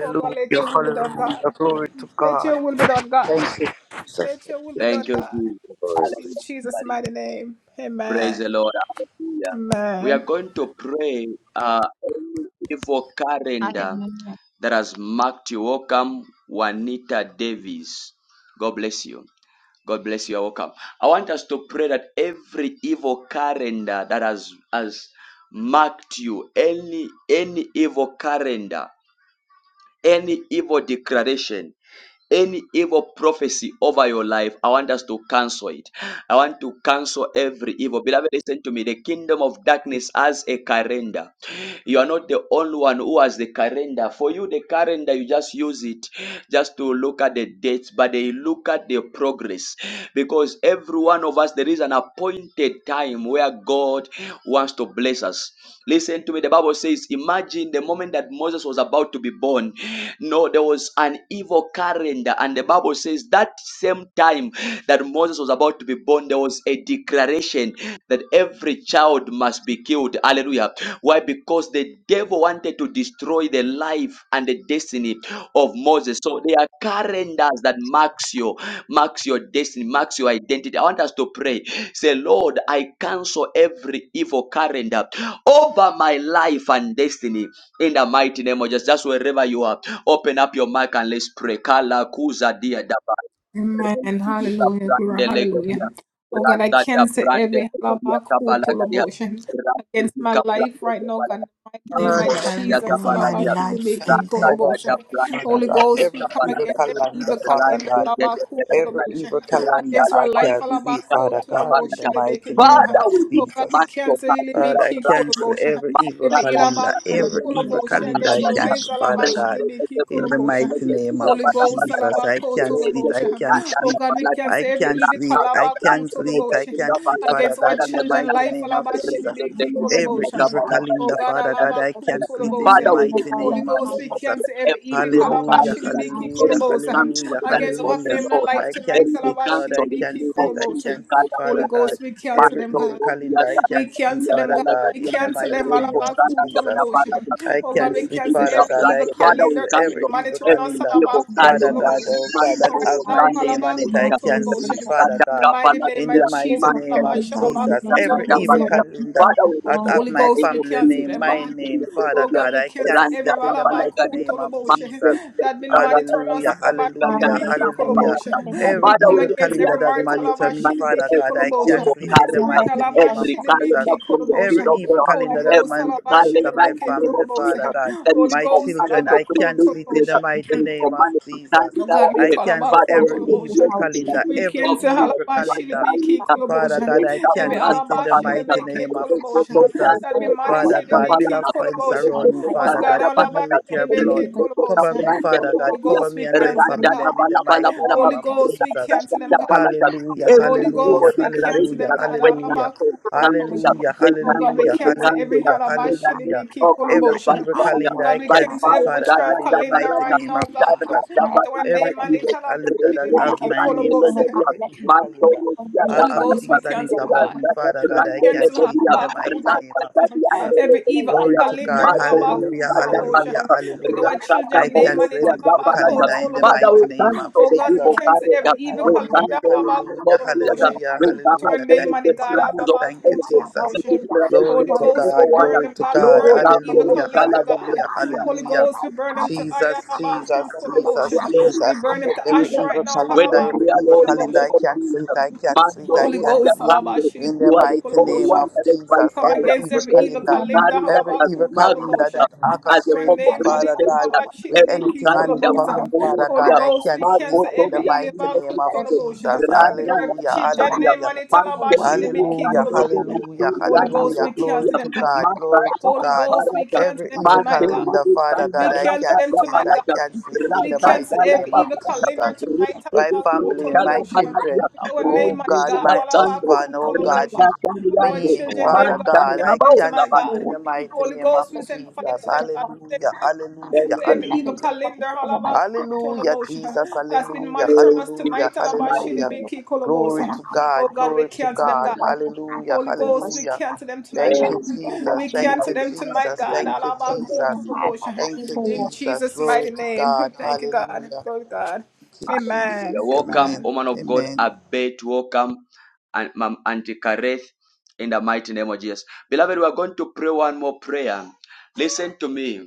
[SPEAKER 4] Oh God, let your will be done,
[SPEAKER 6] hallelujah.
[SPEAKER 4] God.
[SPEAKER 6] Glory to
[SPEAKER 4] Let your
[SPEAKER 6] God.
[SPEAKER 4] will be done,
[SPEAKER 6] Thank
[SPEAKER 4] God.
[SPEAKER 6] you, Jesus.
[SPEAKER 4] Let your will be
[SPEAKER 1] Thank
[SPEAKER 4] done,
[SPEAKER 1] you,
[SPEAKER 4] God.
[SPEAKER 1] Jesus.
[SPEAKER 6] Glory to
[SPEAKER 4] In
[SPEAKER 1] Hallelujah.
[SPEAKER 4] Jesus'
[SPEAKER 1] everybody.
[SPEAKER 4] mighty name.
[SPEAKER 1] Praise the
[SPEAKER 4] Amen.
[SPEAKER 1] Lord. Hallelujah. We are
[SPEAKER 4] Amen.
[SPEAKER 1] going to pray uh, any evil calendar
[SPEAKER 3] Hallelujah.
[SPEAKER 1] that has marked you. Welcome, Juanita Davis. God bless you. God bless you. You're welcome. I want us to pray that every evil calendar that has has marked you, any any evil calendar, any evil declaration, any evil prophecy over your life, I want us to cancel it. I want to cancel every evil. Beloved, listen to me. The kingdom of darkness has a calendar. You are not the only one who has the calendar. For you, the calendar, you just use it just to look at the dates, but they look at the progress. Because every one of us, there is an appointed time where God wants to bless us. Listen to me. The Bible says, Imagine the moment that Moses was about to be born. No, there was an evil calendar. And the Bible says, That same time that Moses was about to be born, there was a declaration that every child must be killed. Hallelujah. Why? Because the devil wanted to destroy the life and the destiny of Moses. So they are calendars that marks you, marks your destiny, marks your identity. I want us to pray. Say, Lord, I cancel every evil calendar over my life and destiny. In the mighty name of Jesus, just wherever you are, open up your mic and let's pray. Kala kuza dia daba.
[SPEAKER 4] Amen. Hallelujah. Glory.
[SPEAKER 1] Brande Legadia,
[SPEAKER 4] Hallelujah. Oh God, I
[SPEAKER 1] Rasata
[SPEAKER 4] cancel
[SPEAKER 1] Brande
[SPEAKER 4] every
[SPEAKER 1] Legadia, Cabalagadia,
[SPEAKER 4] halabakutulobotion against my
[SPEAKER 1] Rasica
[SPEAKER 4] life
[SPEAKER 1] Brande
[SPEAKER 4] right now, God. In
[SPEAKER 1] Cabalagadia,
[SPEAKER 4] my name,
[SPEAKER 6] Lord,
[SPEAKER 7] evil
[SPEAKER 4] my
[SPEAKER 6] I
[SPEAKER 1] Mantoro
[SPEAKER 7] carrying
[SPEAKER 4] Jesus.
[SPEAKER 7] over my
[SPEAKER 1] Yazabaladia,
[SPEAKER 7] life
[SPEAKER 6] thank you
[SPEAKER 7] and death.
[SPEAKER 6] over
[SPEAKER 1] Rasata
[SPEAKER 6] my
[SPEAKER 4] halabashilibikikolobotion.
[SPEAKER 1] Brande
[SPEAKER 6] life, Father
[SPEAKER 4] Holy
[SPEAKER 6] God.
[SPEAKER 1] Legadia,
[SPEAKER 4] Ghost, we
[SPEAKER 6] Every
[SPEAKER 4] come
[SPEAKER 6] evil
[SPEAKER 4] against
[SPEAKER 1] Cabalagadia,
[SPEAKER 4] every
[SPEAKER 6] calendar,
[SPEAKER 4] evil
[SPEAKER 6] Father
[SPEAKER 1] Rande
[SPEAKER 4] calendar.
[SPEAKER 6] God.
[SPEAKER 1] Legadia,
[SPEAKER 6] Every evil
[SPEAKER 4] halabakutolobotion.
[SPEAKER 6] calendar
[SPEAKER 1] Randa
[SPEAKER 4] Against
[SPEAKER 1] La
[SPEAKER 4] our
[SPEAKER 6] I
[SPEAKER 4] life.
[SPEAKER 6] can see,
[SPEAKER 1] Pasica
[SPEAKER 6] Father God, in the
[SPEAKER 1] Cabalagadia.
[SPEAKER 6] mighty name
[SPEAKER 4] halabakutoloboshilibikikeba.
[SPEAKER 6] of
[SPEAKER 1] Father, we
[SPEAKER 4] Oh God, we
[SPEAKER 6] Jesus.
[SPEAKER 1] dismantle
[SPEAKER 4] cancel
[SPEAKER 6] God,
[SPEAKER 1] Nasica
[SPEAKER 6] I cancel
[SPEAKER 4] hilibikikolobotion.
[SPEAKER 6] every
[SPEAKER 1] Brande.
[SPEAKER 6] evil
[SPEAKER 1] Father,
[SPEAKER 4] every
[SPEAKER 1] we
[SPEAKER 6] calendar,
[SPEAKER 1] decree in the
[SPEAKER 6] every
[SPEAKER 3] Hallelujah.
[SPEAKER 6] evil
[SPEAKER 1] name
[SPEAKER 4] ilabakutolobotion
[SPEAKER 3] Father
[SPEAKER 6] calendar
[SPEAKER 4] against
[SPEAKER 6] I
[SPEAKER 4] our lives.
[SPEAKER 6] cancel,
[SPEAKER 3] Jesus, you come
[SPEAKER 6] Father
[SPEAKER 3] to
[SPEAKER 6] God.
[SPEAKER 3] me.
[SPEAKER 6] In the
[SPEAKER 4] halabashilibikikolobotion.
[SPEAKER 6] mighty name of
[SPEAKER 4] Holy Ghost,
[SPEAKER 6] Jesus, I cancel it, I
[SPEAKER 4] Salabakotolobosha.
[SPEAKER 6] cancel
[SPEAKER 4] oh
[SPEAKER 6] it,
[SPEAKER 4] God, we
[SPEAKER 6] I
[SPEAKER 4] cancel every evil
[SPEAKER 6] cancel it, I cancel it, I
[SPEAKER 4] Kalabakutolobosha.
[SPEAKER 6] cancel it, Father
[SPEAKER 4] against our
[SPEAKER 6] God, in the
[SPEAKER 4] children,
[SPEAKER 6] mighty
[SPEAKER 4] life,
[SPEAKER 6] name of Jesus.
[SPEAKER 3] You
[SPEAKER 4] Alabashilibiki
[SPEAKER 3] Counsel in
[SPEAKER 6] Every
[SPEAKER 4] Kolobosha.
[SPEAKER 3] this
[SPEAKER 6] evil
[SPEAKER 3] hour.
[SPEAKER 4] Oh
[SPEAKER 6] calendar,
[SPEAKER 4] God,
[SPEAKER 6] Father God, I
[SPEAKER 3] Every
[SPEAKER 6] cancel
[SPEAKER 3] fear
[SPEAKER 6] it
[SPEAKER 3] of
[SPEAKER 6] in the
[SPEAKER 4] Alabakutolobosha.
[SPEAKER 3] prayer,
[SPEAKER 6] mighty
[SPEAKER 4] Holy
[SPEAKER 3] Father,
[SPEAKER 6] name
[SPEAKER 3] and
[SPEAKER 6] of
[SPEAKER 4] Ghost, we
[SPEAKER 1] of
[SPEAKER 3] counsel. me.
[SPEAKER 6] Jesus.
[SPEAKER 1] Jesus,
[SPEAKER 4] cancel every
[SPEAKER 1] every
[SPEAKER 4] evil
[SPEAKER 1] evil
[SPEAKER 3] Counsel
[SPEAKER 1] power
[SPEAKER 3] in
[SPEAKER 6] Hallelujah,
[SPEAKER 1] that
[SPEAKER 3] this hour,
[SPEAKER 4] Kalabashilibiki
[SPEAKER 6] hallelujah,
[SPEAKER 1] every
[SPEAKER 3] Jesus.
[SPEAKER 4] Kolobosha.
[SPEAKER 1] distance in
[SPEAKER 6] hallelujah,
[SPEAKER 1] the name
[SPEAKER 4] against our
[SPEAKER 1] of
[SPEAKER 6] hallelujah.
[SPEAKER 1] the
[SPEAKER 4] family
[SPEAKER 1] Lord,
[SPEAKER 4] life
[SPEAKER 6] I
[SPEAKER 4] tonight,
[SPEAKER 1] every
[SPEAKER 6] cancel it,
[SPEAKER 1] distance
[SPEAKER 6] Lord, I
[SPEAKER 1] in the
[SPEAKER 4] Alabashilibiki
[SPEAKER 6] cancel
[SPEAKER 1] name of
[SPEAKER 6] it, I
[SPEAKER 1] Jesus,
[SPEAKER 4] Kolobosha.
[SPEAKER 6] cancel it,
[SPEAKER 4] Holy
[SPEAKER 6] Father
[SPEAKER 1] God,
[SPEAKER 6] God
[SPEAKER 4] Ghost, we cancel
[SPEAKER 6] every
[SPEAKER 4] them,
[SPEAKER 1] Manto
[SPEAKER 4] God.
[SPEAKER 6] evil
[SPEAKER 1] Rosia
[SPEAKER 6] calendar. I
[SPEAKER 4] We
[SPEAKER 6] cancel it,
[SPEAKER 4] cancel
[SPEAKER 1] Galatia
[SPEAKER 4] them,
[SPEAKER 6] Father
[SPEAKER 4] God.
[SPEAKER 6] God,
[SPEAKER 4] We
[SPEAKER 1] Galagadia,
[SPEAKER 6] in the
[SPEAKER 3] Counsel in
[SPEAKER 4] cancel
[SPEAKER 3] this hour.
[SPEAKER 4] them,
[SPEAKER 6] mighty
[SPEAKER 1] Reiko
[SPEAKER 6] name
[SPEAKER 3] Counsel
[SPEAKER 6] of
[SPEAKER 3] in
[SPEAKER 1] Sanda
[SPEAKER 4] Malabaku
[SPEAKER 1] Gata
[SPEAKER 6] Jesus.
[SPEAKER 4] Tolobosha.
[SPEAKER 1] Balaga,
[SPEAKER 3] this
[SPEAKER 6] I
[SPEAKER 4] Oh
[SPEAKER 3] hour.
[SPEAKER 4] God, we
[SPEAKER 6] cancel it,
[SPEAKER 4] cancel
[SPEAKER 1] Reiko
[SPEAKER 6] Father
[SPEAKER 4] every
[SPEAKER 6] God.
[SPEAKER 3] Counsel
[SPEAKER 6] I
[SPEAKER 4] evil
[SPEAKER 1] Branche.
[SPEAKER 3] in
[SPEAKER 1] Father, we
[SPEAKER 6] cancel
[SPEAKER 4] calendar that's been
[SPEAKER 6] every
[SPEAKER 1] cancel
[SPEAKER 6] evil
[SPEAKER 4] monitoring us,
[SPEAKER 1] every
[SPEAKER 6] calendar,
[SPEAKER 1] evil
[SPEAKER 4] Alabaku
[SPEAKER 3] Kingdom
[SPEAKER 6] Father
[SPEAKER 1] calendar.
[SPEAKER 6] God,
[SPEAKER 4] Tolobosha.
[SPEAKER 6] oh God, that
[SPEAKER 1] Manto
[SPEAKER 4] Right
[SPEAKER 6] have my
[SPEAKER 4] now,
[SPEAKER 1] Rosanda
[SPEAKER 6] name on it. I
[SPEAKER 1] Gata,
[SPEAKER 4] Alabaku
[SPEAKER 3] glory,
[SPEAKER 6] cancel
[SPEAKER 3] this
[SPEAKER 4] Tolobosha.
[SPEAKER 6] it, Father
[SPEAKER 3] suffering,
[SPEAKER 4] In the
[SPEAKER 1] Gata
[SPEAKER 6] God,
[SPEAKER 4] mighty name
[SPEAKER 6] in the
[SPEAKER 1] Balagia,
[SPEAKER 4] of
[SPEAKER 3] this
[SPEAKER 6] mighty
[SPEAKER 4] Jesus,
[SPEAKER 1] Manto
[SPEAKER 6] name
[SPEAKER 3] suffering,
[SPEAKER 6] of
[SPEAKER 3] this
[SPEAKER 4] Alabasha,
[SPEAKER 1] Rosia
[SPEAKER 3] suffering,
[SPEAKER 6] Jesus.
[SPEAKER 4] Alabaku
[SPEAKER 3] worship
[SPEAKER 6] Every
[SPEAKER 1] Gata
[SPEAKER 3] that you
[SPEAKER 6] evil
[SPEAKER 3] were
[SPEAKER 4] Tolobosha.
[SPEAKER 1] Balaga.
[SPEAKER 3] as the
[SPEAKER 6] calendar
[SPEAKER 3] place
[SPEAKER 1] Father,
[SPEAKER 3] of
[SPEAKER 1] we
[SPEAKER 6] that
[SPEAKER 3] God,
[SPEAKER 1] declare
[SPEAKER 6] have
[SPEAKER 4] Holy
[SPEAKER 6] my
[SPEAKER 1] that
[SPEAKER 4] Ghost, we
[SPEAKER 1] evil
[SPEAKER 6] family
[SPEAKER 4] cancel
[SPEAKER 1] spirit,
[SPEAKER 6] name,
[SPEAKER 4] them,
[SPEAKER 6] my
[SPEAKER 4] God.
[SPEAKER 1] Manto
[SPEAKER 6] name, Father
[SPEAKER 4] Oh
[SPEAKER 1] Rosia,
[SPEAKER 4] God,
[SPEAKER 6] God,
[SPEAKER 4] we
[SPEAKER 6] I
[SPEAKER 4] cancel
[SPEAKER 6] cancel
[SPEAKER 1] Ranja
[SPEAKER 4] every
[SPEAKER 6] it in the
[SPEAKER 1] Balaga,
[SPEAKER 6] mighty
[SPEAKER 4] Ralabaku
[SPEAKER 6] name of
[SPEAKER 4] Toloboshe
[SPEAKER 1] Manto
[SPEAKER 6] Jesus.
[SPEAKER 1] Rosia
[SPEAKER 4] that been
[SPEAKER 1] Gata
[SPEAKER 4] monitoring us
[SPEAKER 6] Hallelujah,
[SPEAKER 4] about
[SPEAKER 1] Gata Gata Gata
[SPEAKER 6] hallelujah,
[SPEAKER 3] God, we
[SPEAKER 4] shilibiki
[SPEAKER 6] hallelujah.
[SPEAKER 1] Gata
[SPEAKER 3] that
[SPEAKER 4] Koloboshe.
[SPEAKER 3] you
[SPEAKER 6] Every
[SPEAKER 4] We
[SPEAKER 3] were
[SPEAKER 1] Father,
[SPEAKER 4] come
[SPEAKER 3] as
[SPEAKER 1] we
[SPEAKER 6] evil
[SPEAKER 3] the
[SPEAKER 1] just
[SPEAKER 3] place
[SPEAKER 4] against
[SPEAKER 1] pray
[SPEAKER 6] calendar
[SPEAKER 4] every
[SPEAKER 3] of God,
[SPEAKER 1] and
[SPEAKER 6] that
[SPEAKER 1] we want to
[SPEAKER 6] monitor
[SPEAKER 1] give
[SPEAKER 3] that
[SPEAKER 6] me,
[SPEAKER 1] thanks
[SPEAKER 3] you
[SPEAKER 1] for
[SPEAKER 6] Father
[SPEAKER 4] Martalabashilibiki
[SPEAKER 6] God,
[SPEAKER 1] every
[SPEAKER 6] I
[SPEAKER 3] were as
[SPEAKER 4] Koloboshe.
[SPEAKER 1] evil
[SPEAKER 6] cancel
[SPEAKER 3] the place
[SPEAKER 6] it in
[SPEAKER 3] of
[SPEAKER 6] the
[SPEAKER 1] carrying
[SPEAKER 4] Spirit
[SPEAKER 1] up,
[SPEAKER 6] mighty
[SPEAKER 4] Alaba
[SPEAKER 6] name
[SPEAKER 3] God, that
[SPEAKER 6] of
[SPEAKER 1] every carrying
[SPEAKER 6] Jesus.
[SPEAKER 4] shilibiki
[SPEAKER 1] up from the feet
[SPEAKER 6] Every
[SPEAKER 4] Koloboshe.
[SPEAKER 1] of
[SPEAKER 6] evil
[SPEAKER 1] hell,
[SPEAKER 4] Holy
[SPEAKER 6] calendar that
[SPEAKER 4] Ghost
[SPEAKER 1] every
[SPEAKER 6] man-
[SPEAKER 4] Alaba
[SPEAKER 6] monitor
[SPEAKER 1] silent
[SPEAKER 6] my
[SPEAKER 1] eye in the
[SPEAKER 4] shilibiki
[SPEAKER 1] name
[SPEAKER 3] you were
[SPEAKER 6] family,
[SPEAKER 1] of Jesus
[SPEAKER 6] Father
[SPEAKER 4] Koloboshe.
[SPEAKER 6] God,
[SPEAKER 1] that is
[SPEAKER 4] Holy
[SPEAKER 6] my
[SPEAKER 4] Ghost
[SPEAKER 1] commanded
[SPEAKER 6] children,
[SPEAKER 1] to
[SPEAKER 6] I
[SPEAKER 1] bring this
[SPEAKER 4] Alabako
[SPEAKER 6] cancel it in the
[SPEAKER 1] greater,
[SPEAKER 6] mighty
[SPEAKER 1] that is
[SPEAKER 6] name of
[SPEAKER 1] commanded to stand
[SPEAKER 6] Jesus.
[SPEAKER 4] Oh
[SPEAKER 1] in our
[SPEAKER 4] God, we
[SPEAKER 6] I
[SPEAKER 1] way.
[SPEAKER 4] call
[SPEAKER 6] cancel
[SPEAKER 4] about
[SPEAKER 1] Father,
[SPEAKER 3] as
[SPEAKER 1] we
[SPEAKER 6] every
[SPEAKER 3] the
[SPEAKER 6] evil
[SPEAKER 1] refuse
[SPEAKER 4] kutoloboshan.
[SPEAKER 1] it in the
[SPEAKER 6] calendar,
[SPEAKER 1] name
[SPEAKER 4] We
[SPEAKER 6] every
[SPEAKER 1] of
[SPEAKER 4] cancel
[SPEAKER 6] evil
[SPEAKER 1] Jesus Christ,
[SPEAKER 6] calendar.
[SPEAKER 1] stand
[SPEAKER 4] halabashilibiki
[SPEAKER 1] up.
[SPEAKER 6] Father
[SPEAKER 4] koloboshan.
[SPEAKER 6] God, I
[SPEAKER 1] Resta
[SPEAKER 3] my
[SPEAKER 4] Every
[SPEAKER 6] cancel
[SPEAKER 3] life
[SPEAKER 6] it
[SPEAKER 1] plasta
[SPEAKER 6] in the
[SPEAKER 1] parata,
[SPEAKER 6] mighty
[SPEAKER 4] alabashilibiki
[SPEAKER 6] name of
[SPEAKER 1] resto
[SPEAKER 3] I ask
[SPEAKER 4] koloboshan.
[SPEAKER 3] for a
[SPEAKER 6] Jesus.
[SPEAKER 1] toriante,
[SPEAKER 4] That be
[SPEAKER 3] fire
[SPEAKER 1] resto
[SPEAKER 3] power,
[SPEAKER 6] Father
[SPEAKER 1] piazza
[SPEAKER 3] Jesus.
[SPEAKER 6] God, build
[SPEAKER 3] I
[SPEAKER 6] a
[SPEAKER 4] manishilibiki
[SPEAKER 1] palata,
[SPEAKER 3] Ask
[SPEAKER 6] fence
[SPEAKER 4] koloboshan.
[SPEAKER 3] for
[SPEAKER 1] resto
[SPEAKER 3] a
[SPEAKER 6] around me,
[SPEAKER 3] fire
[SPEAKER 4] Us
[SPEAKER 6] Father
[SPEAKER 3] might.
[SPEAKER 1] portana
[SPEAKER 3] I
[SPEAKER 4] God
[SPEAKER 6] God.
[SPEAKER 3] Ask
[SPEAKER 6] Cover me
[SPEAKER 1] ciabatata,
[SPEAKER 3] for
[SPEAKER 6] with
[SPEAKER 3] a
[SPEAKER 6] your
[SPEAKER 3] covenant
[SPEAKER 6] blood.
[SPEAKER 4] alabashilibiki
[SPEAKER 3] given
[SPEAKER 1] resto
[SPEAKER 3] God.
[SPEAKER 1] porta
[SPEAKER 6] Cover me,
[SPEAKER 4] koloboshan.
[SPEAKER 1] prande,
[SPEAKER 3] God,
[SPEAKER 6] Father
[SPEAKER 1] resto
[SPEAKER 6] God.
[SPEAKER 4] Holy
[SPEAKER 3] God,
[SPEAKER 1] via,
[SPEAKER 6] Cover
[SPEAKER 4] Ghost,
[SPEAKER 6] me
[SPEAKER 3] God,
[SPEAKER 4] we
[SPEAKER 6] and
[SPEAKER 3] God,
[SPEAKER 6] my
[SPEAKER 3] with
[SPEAKER 4] cancel them,
[SPEAKER 3] me,
[SPEAKER 6] family
[SPEAKER 4] God.
[SPEAKER 6] them
[SPEAKER 3] power.
[SPEAKER 6] in the
[SPEAKER 1] randa
[SPEAKER 3] The
[SPEAKER 6] mighty
[SPEAKER 3] God
[SPEAKER 1] la
[SPEAKER 6] name
[SPEAKER 4] Holy
[SPEAKER 3] of
[SPEAKER 6] of
[SPEAKER 3] them.
[SPEAKER 4] Ghost, we
[SPEAKER 6] Jesus.
[SPEAKER 4] cancel them,
[SPEAKER 3] Jesus, ask
[SPEAKER 4] God.
[SPEAKER 6] Hallelujah,
[SPEAKER 3] for
[SPEAKER 1] Every
[SPEAKER 3] the
[SPEAKER 4] Holy
[SPEAKER 3] very word
[SPEAKER 1] evil
[SPEAKER 6] hallelujah,
[SPEAKER 4] Ghost, we
[SPEAKER 3] of
[SPEAKER 4] cancel
[SPEAKER 1] declaration
[SPEAKER 3] Jesus,
[SPEAKER 6] hallelujah,
[SPEAKER 4] them,
[SPEAKER 1] that
[SPEAKER 4] God.
[SPEAKER 1] we
[SPEAKER 3] everything. I
[SPEAKER 6] hallelujah.
[SPEAKER 1] cancel,
[SPEAKER 4] Alabaku,
[SPEAKER 1] we
[SPEAKER 3] Ask for the
[SPEAKER 1] cancel
[SPEAKER 3] many
[SPEAKER 4] Tolobosha.
[SPEAKER 1] that,
[SPEAKER 6] Hallelujah,
[SPEAKER 1] we
[SPEAKER 3] for
[SPEAKER 4] Oh
[SPEAKER 3] me,
[SPEAKER 4] God,
[SPEAKER 3] but
[SPEAKER 1] cancel
[SPEAKER 4] we
[SPEAKER 3] you
[SPEAKER 6] hallelujah,
[SPEAKER 1] it,
[SPEAKER 3] know
[SPEAKER 1] we
[SPEAKER 3] what?
[SPEAKER 4] cancel
[SPEAKER 1] cancel
[SPEAKER 4] every
[SPEAKER 1] that,
[SPEAKER 6] hallelujah,
[SPEAKER 1] in the
[SPEAKER 4] Halabashini
[SPEAKER 1] name
[SPEAKER 6] hallelujah.
[SPEAKER 4] Biki
[SPEAKER 1] of
[SPEAKER 3] Father,
[SPEAKER 6] Every
[SPEAKER 1] Jesus, by
[SPEAKER 3] this
[SPEAKER 4] Kolobosha.
[SPEAKER 6] evil
[SPEAKER 3] power
[SPEAKER 1] fire,
[SPEAKER 4] Oh
[SPEAKER 6] calendar I
[SPEAKER 4] God, we
[SPEAKER 3] forgive
[SPEAKER 1] by
[SPEAKER 3] my
[SPEAKER 4] cancel
[SPEAKER 6] cancel it,
[SPEAKER 1] fire,
[SPEAKER 4] every
[SPEAKER 3] excess
[SPEAKER 6] Father God,
[SPEAKER 4] witchcraft
[SPEAKER 6] in
[SPEAKER 1] Zaraja
[SPEAKER 3] over.
[SPEAKER 6] the
[SPEAKER 4] calendar
[SPEAKER 6] mighty
[SPEAKER 1] Baraja,
[SPEAKER 4] right
[SPEAKER 6] name
[SPEAKER 3] Forgive
[SPEAKER 6] of
[SPEAKER 4] now,
[SPEAKER 3] me
[SPEAKER 4] God.
[SPEAKER 3] without
[SPEAKER 6] Jesus
[SPEAKER 1] Zaraja
[SPEAKER 3] my
[SPEAKER 4] With our
[SPEAKER 1] Baraja,
[SPEAKER 6] every
[SPEAKER 4] name on
[SPEAKER 6] evil
[SPEAKER 4] it,
[SPEAKER 3] expectation.
[SPEAKER 1] Jesus,
[SPEAKER 6] calendar that
[SPEAKER 4] Halabashini
[SPEAKER 3] Let
[SPEAKER 1] Rachel
[SPEAKER 3] our
[SPEAKER 6] have
[SPEAKER 4] Biki
[SPEAKER 6] my
[SPEAKER 1] Grande
[SPEAKER 3] expectation
[SPEAKER 6] name on it,
[SPEAKER 3] look
[SPEAKER 4] Kolobosha.
[SPEAKER 1] Legeria,
[SPEAKER 3] out.
[SPEAKER 6] every
[SPEAKER 3] Let
[SPEAKER 6] evil
[SPEAKER 3] it
[SPEAKER 1] Manto
[SPEAKER 3] be
[SPEAKER 6] calendar
[SPEAKER 1] Lucia
[SPEAKER 3] forgiven.
[SPEAKER 6] I
[SPEAKER 3] Let
[SPEAKER 4] Holy
[SPEAKER 6] have
[SPEAKER 3] it be
[SPEAKER 4] Ghost,
[SPEAKER 1] Damanata,
[SPEAKER 4] we
[SPEAKER 6] things on it
[SPEAKER 4] cancel them,
[SPEAKER 3] forgiven.
[SPEAKER 6] about
[SPEAKER 3] Let
[SPEAKER 4] God.
[SPEAKER 6] me.
[SPEAKER 1] Rasta
[SPEAKER 6] Father
[SPEAKER 4] We
[SPEAKER 6] God, I
[SPEAKER 1] Grande
[SPEAKER 3] it
[SPEAKER 6] can't
[SPEAKER 4] cancel
[SPEAKER 3] be
[SPEAKER 6] sleep
[SPEAKER 1] Legeria,
[SPEAKER 6] in the
[SPEAKER 4] Halabaku
[SPEAKER 6] mighty
[SPEAKER 3] forgiven
[SPEAKER 6] name of
[SPEAKER 1] Rasta
[SPEAKER 4] Tolobosha.
[SPEAKER 3] have
[SPEAKER 1] Grande
[SPEAKER 6] Jesus.
[SPEAKER 4] Every
[SPEAKER 3] before,
[SPEAKER 4] evil
[SPEAKER 3] like
[SPEAKER 6] Glory
[SPEAKER 1] Legeria,
[SPEAKER 6] to
[SPEAKER 3] every
[SPEAKER 6] God.
[SPEAKER 4] calendar,
[SPEAKER 1] Manto
[SPEAKER 3] negative thought,
[SPEAKER 6] Hallelujah,
[SPEAKER 4] Halabaku
[SPEAKER 1] Lucia
[SPEAKER 3] Father, I
[SPEAKER 6] hallelujah,
[SPEAKER 3] come
[SPEAKER 4] Tolobosha.
[SPEAKER 1] Damanata,
[SPEAKER 3] every
[SPEAKER 4] With
[SPEAKER 6] hallelujah.
[SPEAKER 4] our
[SPEAKER 1] Rasta
[SPEAKER 6] I
[SPEAKER 4] children name on
[SPEAKER 3] negative
[SPEAKER 6] cancel
[SPEAKER 4] it,
[SPEAKER 1] Orosia
[SPEAKER 6] every
[SPEAKER 3] thought is
[SPEAKER 6] evil
[SPEAKER 3] over
[SPEAKER 1] Damanata,
[SPEAKER 3] my
[SPEAKER 6] calendar
[SPEAKER 3] life,
[SPEAKER 6] in
[SPEAKER 3] I
[SPEAKER 6] the
[SPEAKER 4] Halabaku
[SPEAKER 3] come
[SPEAKER 1] Father, we
[SPEAKER 6] mighty
[SPEAKER 1] thank
[SPEAKER 6] name
[SPEAKER 1] you
[SPEAKER 6] of
[SPEAKER 1] for
[SPEAKER 4] Oh
[SPEAKER 1] the
[SPEAKER 4] God,
[SPEAKER 3] every
[SPEAKER 4] we
[SPEAKER 6] Jesus.
[SPEAKER 1] people,
[SPEAKER 4] cancel
[SPEAKER 3] negative
[SPEAKER 1] Father.
[SPEAKER 3] thought
[SPEAKER 4] every
[SPEAKER 1] God.
[SPEAKER 3] is
[SPEAKER 4] evil
[SPEAKER 1] We
[SPEAKER 3] over my
[SPEAKER 1] thank
[SPEAKER 3] head,
[SPEAKER 6] Hallelujah,
[SPEAKER 4] calendar
[SPEAKER 1] you
[SPEAKER 3] I
[SPEAKER 1] in the name
[SPEAKER 6] hallelujah,
[SPEAKER 1] of Jesus. uh,
[SPEAKER 3] pray
[SPEAKER 4] Habakutoloboshe.
[SPEAKER 3] over my
[SPEAKER 6] hallelujah,
[SPEAKER 1] We
[SPEAKER 3] day,
[SPEAKER 4] With
[SPEAKER 1] come
[SPEAKER 3] Father,
[SPEAKER 4] our
[SPEAKER 6] hallelujah.
[SPEAKER 4] name,
[SPEAKER 1] against
[SPEAKER 6] Thank
[SPEAKER 4] mighty
[SPEAKER 1] the
[SPEAKER 6] you,
[SPEAKER 3] for no
[SPEAKER 4] God,
[SPEAKER 1] plans
[SPEAKER 6] Jesus.
[SPEAKER 1] of the
[SPEAKER 6] Thank
[SPEAKER 3] excuse,
[SPEAKER 6] you,
[SPEAKER 1] enemy,
[SPEAKER 3] Father, for
[SPEAKER 6] Jesus.
[SPEAKER 1] the
[SPEAKER 4] Habakutoloboshe.
[SPEAKER 3] failure,
[SPEAKER 1] declaration
[SPEAKER 6] Glory
[SPEAKER 4] Holy
[SPEAKER 3] for
[SPEAKER 1] of
[SPEAKER 6] to
[SPEAKER 1] the
[SPEAKER 3] lack
[SPEAKER 4] Ghost, we
[SPEAKER 1] evil
[SPEAKER 6] God,
[SPEAKER 1] one.
[SPEAKER 4] burn
[SPEAKER 1] uh,
[SPEAKER 6] glory
[SPEAKER 4] them,
[SPEAKER 6] to
[SPEAKER 4] God. We
[SPEAKER 3] Father,
[SPEAKER 6] God.
[SPEAKER 3] for
[SPEAKER 4] burn
[SPEAKER 1] Lord,
[SPEAKER 4] them
[SPEAKER 3] yes,
[SPEAKER 1] have
[SPEAKER 3] for
[SPEAKER 1] your
[SPEAKER 4] evil
[SPEAKER 1] way,
[SPEAKER 6] Hallelujah,
[SPEAKER 3] nothing, God,
[SPEAKER 1] Father.
[SPEAKER 4] calendar, God.
[SPEAKER 6] hallelujah,
[SPEAKER 3] I
[SPEAKER 1] that
[SPEAKER 3] come
[SPEAKER 4] Holy
[SPEAKER 3] sorry
[SPEAKER 6] hallelujah.
[SPEAKER 4] Ghost,
[SPEAKER 3] by
[SPEAKER 4] we burn them
[SPEAKER 3] power,
[SPEAKER 4] to Ayah
[SPEAKER 6] Jesus,
[SPEAKER 3] I come
[SPEAKER 6] Jesus,
[SPEAKER 3] sorry
[SPEAKER 1] where
[SPEAKER 3] by
[SPEAKER 1] the
[SPEAKER 3] the man,
[SPEAKER 6] Jesus,
[SPEAKER 3] I
[SPEAKER 4] Habakutoloboshe.
[SPEAKER 3] come
[SPEAKER 4] We
[SPEAKER 3] sorry
[SPEAKER 6] Jesus.
[SPEAKER 4] burn them to
[SPEAKER 3] for
[SPEAKER 6] Every
[SPEAKER 4] ash
[SPEAKER 3] the
[SPEAKER 4] right
[SPEAKER 6] evil
[SPEAKER 4] now,
[SPEAKER 6] calendar,
[SPEAKER 3] unspoken
[SPEAKER 6] every
[SPEAKER 1] Kriya
[SPEAKER 3] negative
[SPEAKER 6] evil
[SPEAKER 1] Lord in the
[SPEAKER 6] calendar,
[SPEAKER 3] thoughts
[SPEAKER 4] Halabakutoloboshe.
[SPEAKER 6] I
[SPEAKER 1] name of
[SPEAKER 3] that I
[SPEAKER 6] cancel it,
[SPEAKER 1] Jesus.
[SPEAKER 6] I
[SPEAKER 3] need to
[SPEAKER 1] Man,
[SPEAKER 6] cancel it,
[SPEAKER 3] speak
[SPEAKER 1] Lord,
[SPEAKER 6] I
[SPEAKER 3] of
[SPEAKER 4] Holy
[SPEAKER 1] was
[SPEAKER 3] what
[SPEAKER 1] your
[SPEAKER 4] Ghost,
[SPEAKER 6] cancel it.
[SPEAKER 1] family.
[SPEAKER 6] In
[SPEAKER 1] You
[SPEAKER 6] the
[SPEAKER 1] are the
[SPEAKER 6] mighty
[SPEAKER 1] only
[SPEAKER 6] name
[SPEAKER 1] one
[SPEAKER 4] Halabashilikikoloboshe.
[SPEAKER 6] of
[SPEAKER 1] that is by
[SPEAKER 4] We
[SPEAKER 6] Jesus,
[SPEAKER 3] I
[SPEAKER 4] come
[SPEAKER 6] every
[SPEAKER 1] fire.
[SPEAKER 4] against
[SPEAKER 3] can't
[SPEAKER 6] evil
[SPEAKER 4] every
[SPEAKER 3] change
[SPEAKER 4] evil
[SPEAKER 1] Every
[SPEAKER 6] calendar,
[SPEAKER 3] by
[SPEAKER 4] calendar,
[SPEAKER 1] time
[SPEAKER 3] now.
[SPEAKER 1] that
[SPEAKER 6] every
[SPEAKER 1] has
[SPEAKER 6] evil
[SPEAKER 1] marked
[SPEAKER 6] calendar
[SPEAKER 4] Halabakutoloboshe.
[SPEAKER 6] that
[SPEAKER 1] us
[SPEAKER 3] After
[SPEAKER 1] as a
[SPEAKER 4] Your
[SPEAKER 1] form of
[SPEAKER 6] orchestrates,
[SPEAKER 4] name,
[SPEAKER 3] Harris's
[SPEAKER 6] Father
[SPEAKER 4] Malita
[SPEAKER 3] patent
[SPEAKER 6] God
[SPEAKER 1] reputation,
[SPEAKER 4] Laba
[SPEAKER 3] was
[SPEAKER 4] Shidi
[SPEAKER 6] with
[SPEAKER 1] every
[SPEAKER 4] Biki
[SPEAKER 6] anything
[SPEAKER 1] time
[SPEAKER 6] on
[SPEAKER 1] the
[SPEAKER 3] repealed
[SPEAKER 6] for
[SPEAKER 1] mark
[SPEAKER 3] or
[SPEAKER 6] me,
[SPEAKER 4] Kolobosa.
[SPEAKER 6] Father
[SPEAKER 1] almost
[SPEAKER 4] Holy
[SPEAKER 6] God.
[SPEAKER 3] modified
[SPEAKER 1] here,
[SPEAKER 3] by
[SPEAKER 6] I
[SPEAKER 4] Ghost,
[SPEAKER 6] can't
[SPEAKER 4] we
[SPEAKER 1] mark
[SPEAKER 3] Congress
[SPEAKER 6] sleep
[SPEAKER 4] cancel
[SPEAKER 3] of
[SPEAKER 1] also
[SPEAKER 3] the
[SPEAKER 6] in the
[SPEAKER 4] every
[SPEAKER 1] the
[SPEAKER 6] mighty
[SPEAKER 1] name
[SPEAKER 4] Ileba
[SPEAKER 1] of
[SPEAKER 6] name of
[SPEAKER 3] United
[SPEAKER 1] Jesus.
[SPEAKER 6] Jesus.
[SPEAKER 4] Kutolobosha. With
[SPEAKER 1] Rana
[SPEAKER 4] our
[SPEAKER 6] Hallelujah,
[SPEAKER 3] Kingdom,
[SPEAKER 4] children,
[SPEAKER 1] Messiah.
[SPEAKER 4] name,
[SPEAKER 6] hallelujah,
[SPEAKER 3] the
[SPEAKER 4] Malita
[SPEAKER 1] Man,
[SPEAKER 3] principle
[SPEAKER 4] Laba
[SPEAKER 1] the
[SPEAKER 3] was
[SPEAKER 4] Shidi
[SPEAKER 1] Lord,
[SPEAKER 4] Biki
[SPEAKER 1] and
[SPEAKER 6] hallelujah,
[SPEAKER 3] formally
[SPEAKER 1] Lord, who
[SPEAKER 4] Kolobosa.
[SPEAKER 1] is
[SPEAKER 6] hallelujah,
[SPEAKER 3] reaffirmed and
[SPEAKER 4] Holy
[SPEAKER 3] applied
[SPEAKER 4] Ghost,
[SPEAKER 6] hallelujah.
[SPEAKER 4] we
[SPEAKER 3] on
[SPEAKER 6] Glory
[SPEAKER 1] the
[SPEAKER 4] cancel
[SPEAKER 6] to
[SPEAKER 4] them, God.
[SPEAKER 3] the
[SPEAKER 6] God, glory to
[SPEAKER 3] Patent
[SPEAKER 4] Holy
[SPEAKER 6] God.
[SPEAKER 4] Ghost, we
[SPEAKER 1] Lord,
[SPEAKER 4] cancel
[SPEAKER 6] Every
[SPEAKER 4] them
[SPEAKER 1] you're
[SPEAKER 6] evil
[SPEAKER 4] tonight, God.
[SPEAKER 6] calendar, Father God,
[SPEAKER 4] We
[SPEAKER 6] I
[SPEAKER 4] cancel
[SPEAKER 6] can't
[SPEAKER 4] them
[SPEAKER 6] sleep.
[SPEAKER 4] tonight, God.
[SPEAKER 6] I
[SPEAKER 3] Act.
[SPEAKER 6] can't sleep in
[SPEAKER 4] We
[SPEAKER 6] the
[SPEAKER 3] This
[SPEAKER 4] cancel
[SPEAKER 6] mighty
[SPEAKER 3] was
[SPEAKER 4] every
[SPEAKER 6] name of
[SPEAKER 4] evil
[SPEAKER 3] not sufficient
[SPEAKER 4] calendar
[SPEAKER 6] Jesus.
[SPEAKER 4] tonight.
[SPEAKER 3] for permission
[SPEAKER 6] My
[SPEAKER 4] All about who told
[SPEAKER 6] family, my
[SPEAKER 4] about you.
[SPEAKER 6] children,
[SPEAKER 4] With our
[SPEAKER 6] oh
[SPEAKER 4] name, my
[SPEAKER 6] God,
[SPEAKER 4] God,
[SPEAKER 3] to
[SPEAKER 6] my
[SPEAKER 4] all about
[SPEAKER 6] husband,
[SPEAKER 4] who told
[SPEAKER 6] oh
[SPEAKER 3] establish
[SPEAKER 6] God,
[SPEAKER 3] what
[SPEAKER 4] Tolobosha. And our
[SPEAKER 3] the
[SPEAKER 6] me,
[SPEAKER 4] children,
[SPEAKER 3] law
[SPEAKER 4] name
[SPEAKER 6] Father
[SPEAKER 4] God, we
[SPEAKER 6] God,
[SPEAKER 4] cancel
[SPEAKER 6] I
[SPEAKER 4] them tonight,
[SPEAKER 6] cancel it
[SPEAKER 4] God.
[SPEAKER 6] in
[SPEAKER 3] people
[SPEAKER 6] the mighty
[SPEAKER 4] Holy
[SPEAKER 6] name
[SPEAKER 3] I've
[SPEAKER 6] of
[SPEAKER 4] Ghost, we
[SPEAKER 3] been
[SPEAKER 4] send fire
[SPEAKER 6] Jesus.
[SPEAKER 4] to them,
[SPEAKER 3] negative
[SPEAKER 4] God.
[SPEAKER 3] thoughts.
[SPEAKER 4] We send
[SPEAKER 6] Hallelujah,
[SPEAKER 3] um,
[SPEAKER 4] fire
[SPEAKER 6] hallelujah,
[SPEAKER 4] to
[SPEAKER 3] I've been a
[SPEAKER 4] every evil
[SPEAKER 6] hallelujah.
[SPEAKER 3] negative focus
[SPEAKER 4] calendar,
[SPEAKER 3] my
[SPEAKER 4] Halaba
[SPEAKER 3] life.
[SPEAKER 6] Hallelujah,
[SPEAKER 3] I'm
[SPEAKER 4] Kutolobosha,
[SPEAKER 3] sorry
[SPEAKER 6] Jesus.
[SPEAKER 3] about the
[SPEAKER 4] that's been
[SPEAKER 3] power
[SPEAKER 6] Hallelujah.
[SPEAKER 4] monitoring us
[SPEAKER 3] I'm
[SPEAKER 6] Hallelujah.
[SPEAKER 4] tonight,
[SPEAKER 3] sorry
[SPEAKER 4] Halaba
[SPEAKER 3] about
[SPEAKER 6] Hallelujah.
[SPEAKER 3] my
[SPEAKER 4] Shilibiki
[SPEAKER 3] witness
[SPEAKER 6] Glory
[SPEAKER 3] when I
[SPEAKER 4] Kolobose.
[SPEAKER 6] to
[SPEAKER 3] come to
[SPEAKER 4] Oh
[SPEAKER 6] God.
[SPEAKER 3] my
[SPEAKER 4] God,
[SPEAKER 3] back.
[SPEAKER 4] we
[SPEAKER 6] Glory to
[SPEAKER 4] cancel
[SPEAKER 3] Because
[SPEAKER 4] them,
[SPEAKER 3] the
[SPEAKER 6] God.
[SPEAKER 4] God.
[SPEAKER 3] words and
[SPEAKER 6] Hallelujah.
[SPEAKER 4] Holy
[SPEAKER 3] actions and the
[SPEAKER 4] Ghost, we
[SPEAKER 3] first said
[SPEAKER 6] Hallelujah.
[SPEAKER 3] that
[SPEAKER 4] cancel them
[SPEAKER 3] this
[SPEAKER 4] tonight,
[SPEAKER 6] Thank
[SPEAKER 3] nation
[SPEAKER 4] God.
[SPEAKER 6] you,
[SPEAKER 3] has been and I
[SPEAKER 6] Jesus.
[SPEAKER 4] We
[SPEAKER 3] shall
[SPEAKER 6] Thank
[SPEAKER 3] not
[SPEAKER 4] cancel
[SPEAKER 6] you,
[SPEAKER 4] them tonight,
[SPEAKER 6] Jesus.
[SPEAKER 4] God.
[SPEAKER 6] Thank you,
[SPEAKER 3] to
[SPEAKER 6] Jesus.
[SPEAKER 3] mad that
[SPEAKER 4] Alabakutulabosha.
[SPEAKER 3] the
[SPEAKER 6] Thank you,
[SPEAKER 3] evil
[SPEAKER 4] In
[SPEAKER 3] one
[SPEAKER 6] Jesus.
[SPEAKER 4] Jesus'
[SPEAKER 6] Glory
[SPEAKER 4] mighty
[SPEAKER 6] to
[SPEAKER 4] name, we
[SPEAKER 6] God.
[SPEAKER 4] thank you, God.
[SPEAKER 6] Hallelujah.
[SPEAKER 4] Glory to God.
[SPEAKER 6] Thank you,
[SPEAKER 4] Amen.
[SPEAKER 6] Jesus.
[SPEAKER 1] welcome,
[SPEAKER 6] Amen.
[SPEAKER 4] Amen.
[SPEAKER 1] woman of God,
[SPEAKER 6] Amen.
[SPEAKER 1] Abet, welcome, and Mam Antikareth, in the mighty name of Jesus. Beloved, we are going to pray one more prayer. Listen to me.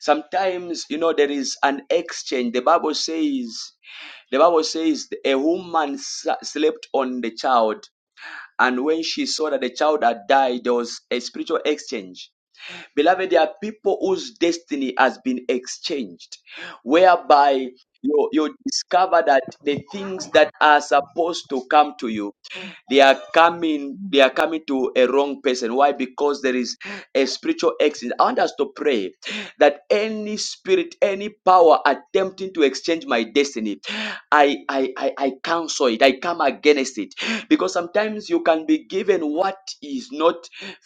[SPEAKER 1] Sometimes, you know, there is an exchange. The Bible says, the Bible says a woman s- slept on the child. And when she saw that the child had died, there was a spiritual exchange. Beloved, there are people whose destiny has been exchanged, whereby you, you discover that the things that are supposed to come to you they are coming, they are coming to a wrong person. Why? Because there is a spiritual exit. I want us to pray that any spirit, any power attempting to exchange my destiny, I I I, I cancel it. I come against it. Because sometimes you can be given what is not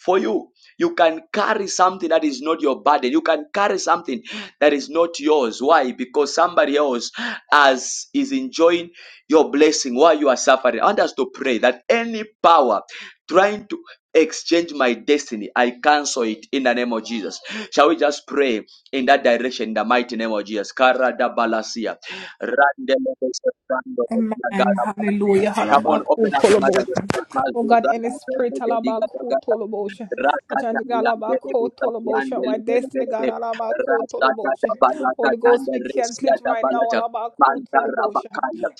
[SPEAKER 1] for you. You can carry something that is not your burden. You can carry something that is not yours. Why? Because somebody else as is enjoying your blessing while you are suffering. I want us to pray that any power trying to exchange my destiny, I cancel it in the name of Jesus. Shall we just pray in that direction in the mighty name of Jesus? Kara da balasia. Randele bese brando bese
[SPEAKER 4] Amen.
[SPEAKER 1] nagara.
[SPEAKER 4] Hallelujah.
[SPEAKER 1] Come on, open
[SPEAKER 4] Halabaku
[SPEAKER 1] up your
[SPEAKER 4] tolobosha. Oh
[SPEAKER 1] mouth
[SPEAKER 4] God, any spirit
[SPEAKER 1] and
[SPEAKER 4] halabaku tolobosha.
[SPEAKER 1] Lord,
[SPEAKER 4] I trying to
[SPEAKER 1] we
[SPEAKER 4] halabaku tolobosha. My destiny, God, halabaku tolobosha. Holy Ghost, we cancel it right now. Halabaku tolobosha.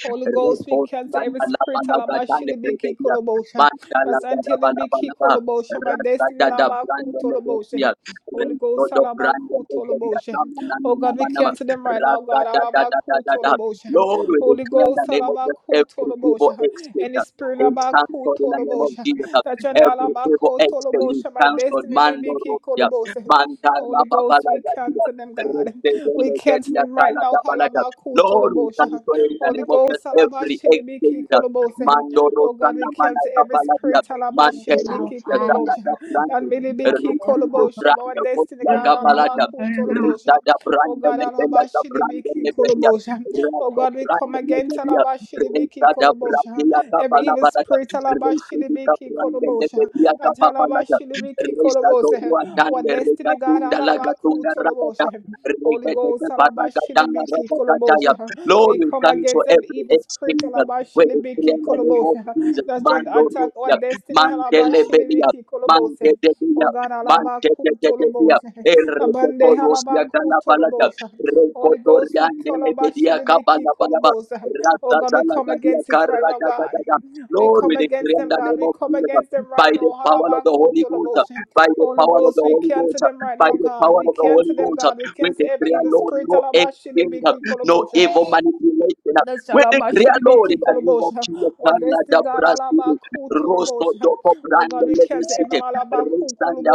[SPEAKER 4] Holy Ghost, we cancel every spirit halabashilibiki kolobosha. That's until it be kolobosha. My destiny, halabaku tolobosha. Holy Ghost, alabaku Alabakutoloboshe. Oh God, we cancel them right now, God. alabaku Alabakutoloboshe. Holy
[SPEAKER 1] declare in the
[SPEAKER 4] Ghost,
[SPEAKER 1] name of just
[SPEAKER 4] alabaku
[SPEAKER 1] every evil
[SPEAKER 4] Alabakutoloboshe.
[SPEAKER 1] exchange.
[SPEAKER 4] Any spirit,
[SPEAKER 1] It's
[SPEAKER 4] alabaku
[SPEAKER 1] cancelled in the name of
[SPEAKER 4] Alabakutoloboshe.
[SPEAKER 1] Jesus
[SPEAKER 4] That you're
[SPEAKER 1] every evil exchange
[SPEAKER 4] Alabakutoloboshe. My
[SPEAKER 1] cancelled
[SPEAKER 4] destiny,
[SPEAKER 1] mando
[SPEAKER 4] Libiki
[SPEAKER 1] rosia
[SPEAKER 4] Koloboshe.
[SPEAKER 1] manta
[SPEAKER 4] Holy Ghost, we
[SPEAKER 1] rababaladia
[SPEAKER 4] cancel them, God. We cancel
[SPEAKER 1] Resedelegedia
[SPEAKER 4] them right now.
[SPEAKER 1] Kaladabalata. Lord, we
[SPEAKER 4] Halabakutoloboshe.
[SPEAKER 1] thank you in the
[SPEAKER 4] Holy
[SPEAKER 1] name of Jesus,
[SPEAKER 4] Ghost,
[SPEAKER 1] every
[SPEAKER 4] Alabashilibiki
[SPEAKER 1] exchange.
[SPEAKER 4] Koloboshe.
[SPEAKER 1] Mandoro
[SPEAKER 4] Oh God, we
[SPEAKER 1] Sana
[SPEAKER 4] cancel
[SPEAKER 1] Manata
[SPEAKER 4] every
[SPEAKER 1] Baladia.
[SPEAKER 4] spirit,
[SPEAKER 1] Mante
[SPEAKER 3] is our
[SPEAKER 4] Alabashilibiki
[SPEAKER 1] Risia
[SPEAKER 3] father.
[SPEAKER 4] Koloboshe.
[SPEAKER 1] Kalada Brandi.
[SPEAKER 4] And
[SPEAKER 3] And
[SPEAKER 4] may be
[SPEAKER 3] God, I
[SPEAKER 4] key
[SPEAKER 3] am
[SPEAKER 1] Risia
[SPEAKER 3] of
[SPEAKER 4] colobosha, our
[SPEAKER 1] Branda
[SPEAKER 4] destiny,
[SPEAKER 1] Kosia
[SPEAKER 4] God, all our
[SPEAKER 1] Gabalata.
[SPEAKER 4] cool
[SPEAKER 1] Risa
[SPEAKER 4] tolobosha.
[SPEAKER 1] da
[SPEAKER 4] Oh
[SPEAKER 1] Branda
[SPEAKER 4] God, all
[SPEAKER 1] Lebela
[SPEAKER 4] about
[SPEAKER 1] da Branda
[SPEAKER 4] shilibiki
[SPEAKER 1] Lebelia.
[SPEAKER 4] colobosha. Oh
[SPEAKER 1] Rako
[SPEAKER 4] God, we come
[SPEAKER 1] Branda
[SPEAKER 4] against all
[SPEAKER 1] Lebelia.
[SPEAKER 4] about
[SPEAKER 1] Reza
[SPEAKER 4] shilibiki
[SPEAKER 1] da
[SPEAKER 4] colobosha.
[SPEAKER 1] Bradia
[SPEAKER 4] Every
[SPEAKER 1] Capala
[SPEAKER 4] evil
[SPEAKER 1] Baraja,
[SPEAKER 4] spirit, all about
[SPEAKER 1] Reza di
[SPEAKER 4] shilibiki
[SPEAKER 1] Caprande de
[SPEAKER 4] colobosha.
[SPEAKER 1] Bedia
[SPEAKER 4] That all about
[SPEAKER 1] Capapalaja,
[SPEAKER 4] shilibiki
[SPEAKER 1] Reza
[SPEAKER 4] colobosha.
[SPEAKER 1] Zorua
[SPEAKER 4] Our
[SPEAKER 1] Tande,
[SPEAKER 4] destiny, God, all
[SPEAKER 1] Regatunda
[SPEAKER 4] about cool
[SPEAKER 1] Lagatunda Rakata,
[SPEAKER 4] tolobosha. Holy
[SPEAKER 1] Regatunda
[SPEAKER 4] Ghost,
[SPEAKER 1] Paragatanga
[SPEAKER 4] Alabashilibiki,
[SPEAKER 1] Rakataya.
[SPEAKER 4] Kolobosha.
[SPEAKER 1] Lord,
[SPEAKER 4] We
[SPEAKER 1] we
[SPEAKER 4] come
[SPEAKER 1] cancel
[SPEAKER 4] against every
[SPEAKER 1] every
[SPEAKER 4] evil spirit,
[SPEAKER 1] exchange where it's in
[SPEAKER 4] Alabashilibiki,
[SPEAKER 1] the name of
[SPEAKER 4] Kolobosha.
[SPEAKER 1] Jesus,
[SPEAKER 4] That's trying to
[SPEAKER 1] Mando
[SPEAKER 4] attack our
[SPEAKER 1] Rusia,
[SPEAKER 4] destiny,
[SPEAKER 1] Mandele Belia,
[SPEAKER 4] Alabashilibiki,
[SPEAKER 1] Mande
[SPEAKER 4] Kolobosha.
[SPEAKER 1] de Belia,
[SPEAKER 4] Oh God,
[SPEAKER 1] Mande de
[SPEAKER 4] Alabaku
[SPEAKER 1] de de Belia.
[SPEAKER 4] Tolobosa.
[SPEAKER 1] El
[SPEAKER 4] Abande
[SPEAKER 1] reconos y
[SPEAKER 4] Alabaku
[SPEAKER 1] agala balaja,
[SPEAKER 4] Tolobosa. Holy Ghost, we
[SPEAKER 1] recotorian de le pedía capa
[SPEAKER 4] Kolabashidibiki
[SPEAKER 1] la
[SPEAKER 4] Kolobosa.
[SPEAKER 1] palabra,
[SPEAKER 4] Oh God, we come against it right now, God. We
[SPEAKER 1] Lord, we
[SPEAKER 4] come
[SPEAKER 1] decree
[SPEAKER 4] against
[SPEAKER 1] in
[SPEAKER 4] them,
[SPEAKER 1] the
[SPEAKER 4] God.
[SPEAKER 1] name
[SPEAKER 4] We
[SPEAKER 1] of
[SPEAKER 4] come
[SPEAKER 1] Jesus,
[SPEAKER 4] against them
[SPEAKER 1] by
[SPEAKER 4] right now.
[SPEAKER 1] the power of the
[SPEAKER 4] Halabaku
[SPEAKER 1] Holy Ghost,
[SPEAKER 4] Tolobosa.
[SPEAKER 1] by the
[SPEAKER 4] Holy
[SPEAKER 1] power of the
[SPEAKER 4] Ghost, we
[SPEAKER 1] Holy
[SPEAKER 4] cancel
[SPEAKER 1] Ghost,
[SPEAKER 4] them right
[SPEAKER 1] by
[SPEAKER 4] now,
[SPEAKER 1] the
[SPEAKER 4] God.
[SPEAKER 1] power
[SPEAKER 4] We
[SPEAKER 1] of the Holy
[SPEAKER 4] cancel them,
[SPEAKER 1] Ghost,
[SPEAKER 4] God. We
[SPEAKER 1] we
[SPEAKER 4] cancel every
[SPEAKER 1] decree,
[SPEAKER 4] evil
[SPEAKER 1] Lord,
[SPEAKER 4] spirit.
[SPEAKER 1] no exchange,
[SPEAKER 4] Alabashidibiki
[SPEAKER 1] no
[SPEAKER 4] Kolobosa.
[SPEAKER 1] evil manipulation.
[SPEAKER 4] That's
[SPEAKER 1] We decree, Lord, in
[SPEAKER 4] Nashalabashilibiki
[SPEAKER 1] the name of
[SPEAKER 4] kolobosha.
[SPEAKER 1] Jesus,
[SPEAKER 4] What
[SPEAKER 1] Canada,
[SPEAKER 4] destiny God
[SPEAKER 1] Brazil,
[SPEAKER 4] alabaku
[SPEAKER 1] Rosto,
[SPEAKER 4] tolobosha.
[SPEAKER 1] Doko,
[SPEAKER 4] Oh
[SPEAKER 1] Brande,
[SPEAKER 4] God, we
[SPEAKER 1] Lady
[SPEAKER 4] cancel every
[SPEAKER 1] City,
[SPEAKER 4] malabaku
[SPEAKER 1] Restanda,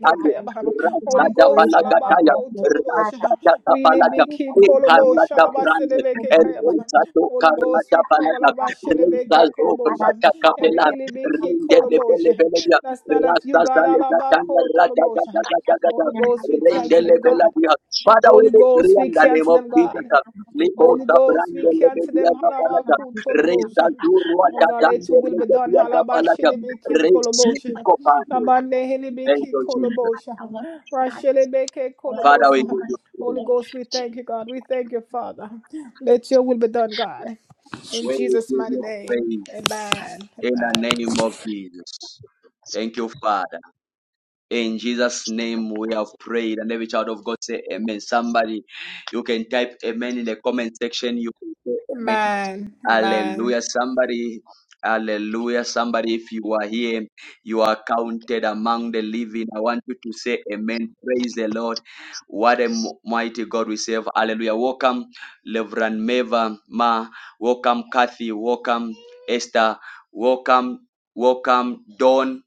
[SPEAKER 3] the
[SPEAKER 4] kayaba. Holy
[SPEAKER 1] Rasada,
[SPEAKER 4] Ghost
[SPEAKER 3] manipulations of the
[SPEAKER 1] Palagataya,
[SPEAKER 4] alabako
[SPEAKER 3] endless father.
[SPEAKER 4] tolobosha.
[SPEAKER 1] Rasada,
[SPEAKER 4] We
[SPEAKER 1] Palagataya,
[SPEAKER 4] libiki kolobosha
[SPEAKER 1] Ikarlata, Brande,
[SPEAKER 4] alabasilibiki kayaba. Holy Ghost,
[SPEAKER 1] Karata
[SPEAKER 4] we come
[SPEAKER 1] Palana, Reza
[SPEAKER 4] alabashilibiki kolobosha.
[SPEAKER 1] Zobrata
[SPEAKER 4] Every
[SPEAKER 1] Capella,
[SPEAKER 4] ilibiki
[SPEAKER 1] Rende de Pele
[SPEAKER 4] kolobosha.
[SPEAKER 1] Peledia,
[SPEAKER 4] That's not of you,
[SPEAKER 1] Rasta
[SPEAKER 4] God
[SPEAKER 1] Saleta
[SPEAKER 4] alabako
[SPEAKER 1] Rata Gata
[SPEAKER 4] tolobosha.
[SPEAKER 1] Gata Gata,
[SPEAKER 4] Holy Ghost, we
[SPEAKER 1] Rende
[SPEAKER 4] cancel
[SPEAKER 1] Le
[SPEAKER 4] them, God.
[SPEAKER 1] Peladia. Father, we
[SPEAKER 4] Holy
[SPEAKER 1] decree
[SPEAKER 4] Ghost, we
[SPEAKER 1] in the name
[SPEAKER 4] cancel
[SPEAKER 1] of
[SPEAKER 4] them,
[SPEAKER 1] Jesus,
[SPEAKER 4] God. Holy
[SPEAKER 1] Lipota
[SPEAKER 4] Ghost, we
[SPEAKER 1] Brande
[SPEAKER 4] cancel
[SPEAKER 1] Lebedia
[SPEAKER 4] them.
[SPEAKER 1] Gapalata,
[SPEAKER 4] Halabaku
[SPEAKER 1] Reza
[SPEAKER 4] tolobosha.
[SPEAKER 1] Zurua
[SPEAKER 4] Oh God, let
[SPEAKER 1] Tatande
[SPEAKER 4] your will be done.
[SPEAKER 1] Lebedia Gapalata,
[SPEAKER 4] Halabashilibiki kolobosha.
[SPEAKER 1] Receive Copande.
[SPEAKER 4] Labande
[SPEAKER 1] Thank
[SPEAKER 4] hilibiki
[SPEAKER 1] you, Jesus.
[SPEAKER 4] kolobosha. Rashilibiki
[SPEAKER 1] Father, we
[SPEAKER 4] kolobosha.
[SPEAKER 1] give you
[SPEAKER 4] Holy
[SPEAKER 1] praise.
[SPEAKER 4] Ghost, we thank you, God. We thank you, Father. Let your will be done, God. In
[SPEAKER 1] We
[SPEAKER 4] Jesus'
[SPEAKER 1] give
[SPEAKER 4] mighty
[SPEAKER 1] you
[SPEAKER 4] name.
[SPEAKER 1] praise
[SPEAKER 4] Amen.
[SPEAKER 1] in the
[SPEAKER 4] Amen.
[SPEAKER 1] name of Jesus. Thank you, Father. In Jesus' name we have prayed, and every child of God say amen. Somebody, you can type amen in the comment section. You can say amen.
[SPEAKER 4] Amen. Amen.
[SPEAKER 1] Hallelujah. Somebody, hallelujah. Somebody, if you are here, you are counted among the living. I want you to say amen. Praise the Lord. What a mighty God we serve. Hallelujah. Welcome, Reverend Meva Ma. Welcome, Kathy. Welcome, Esther. Welcome, welcome, Dawn.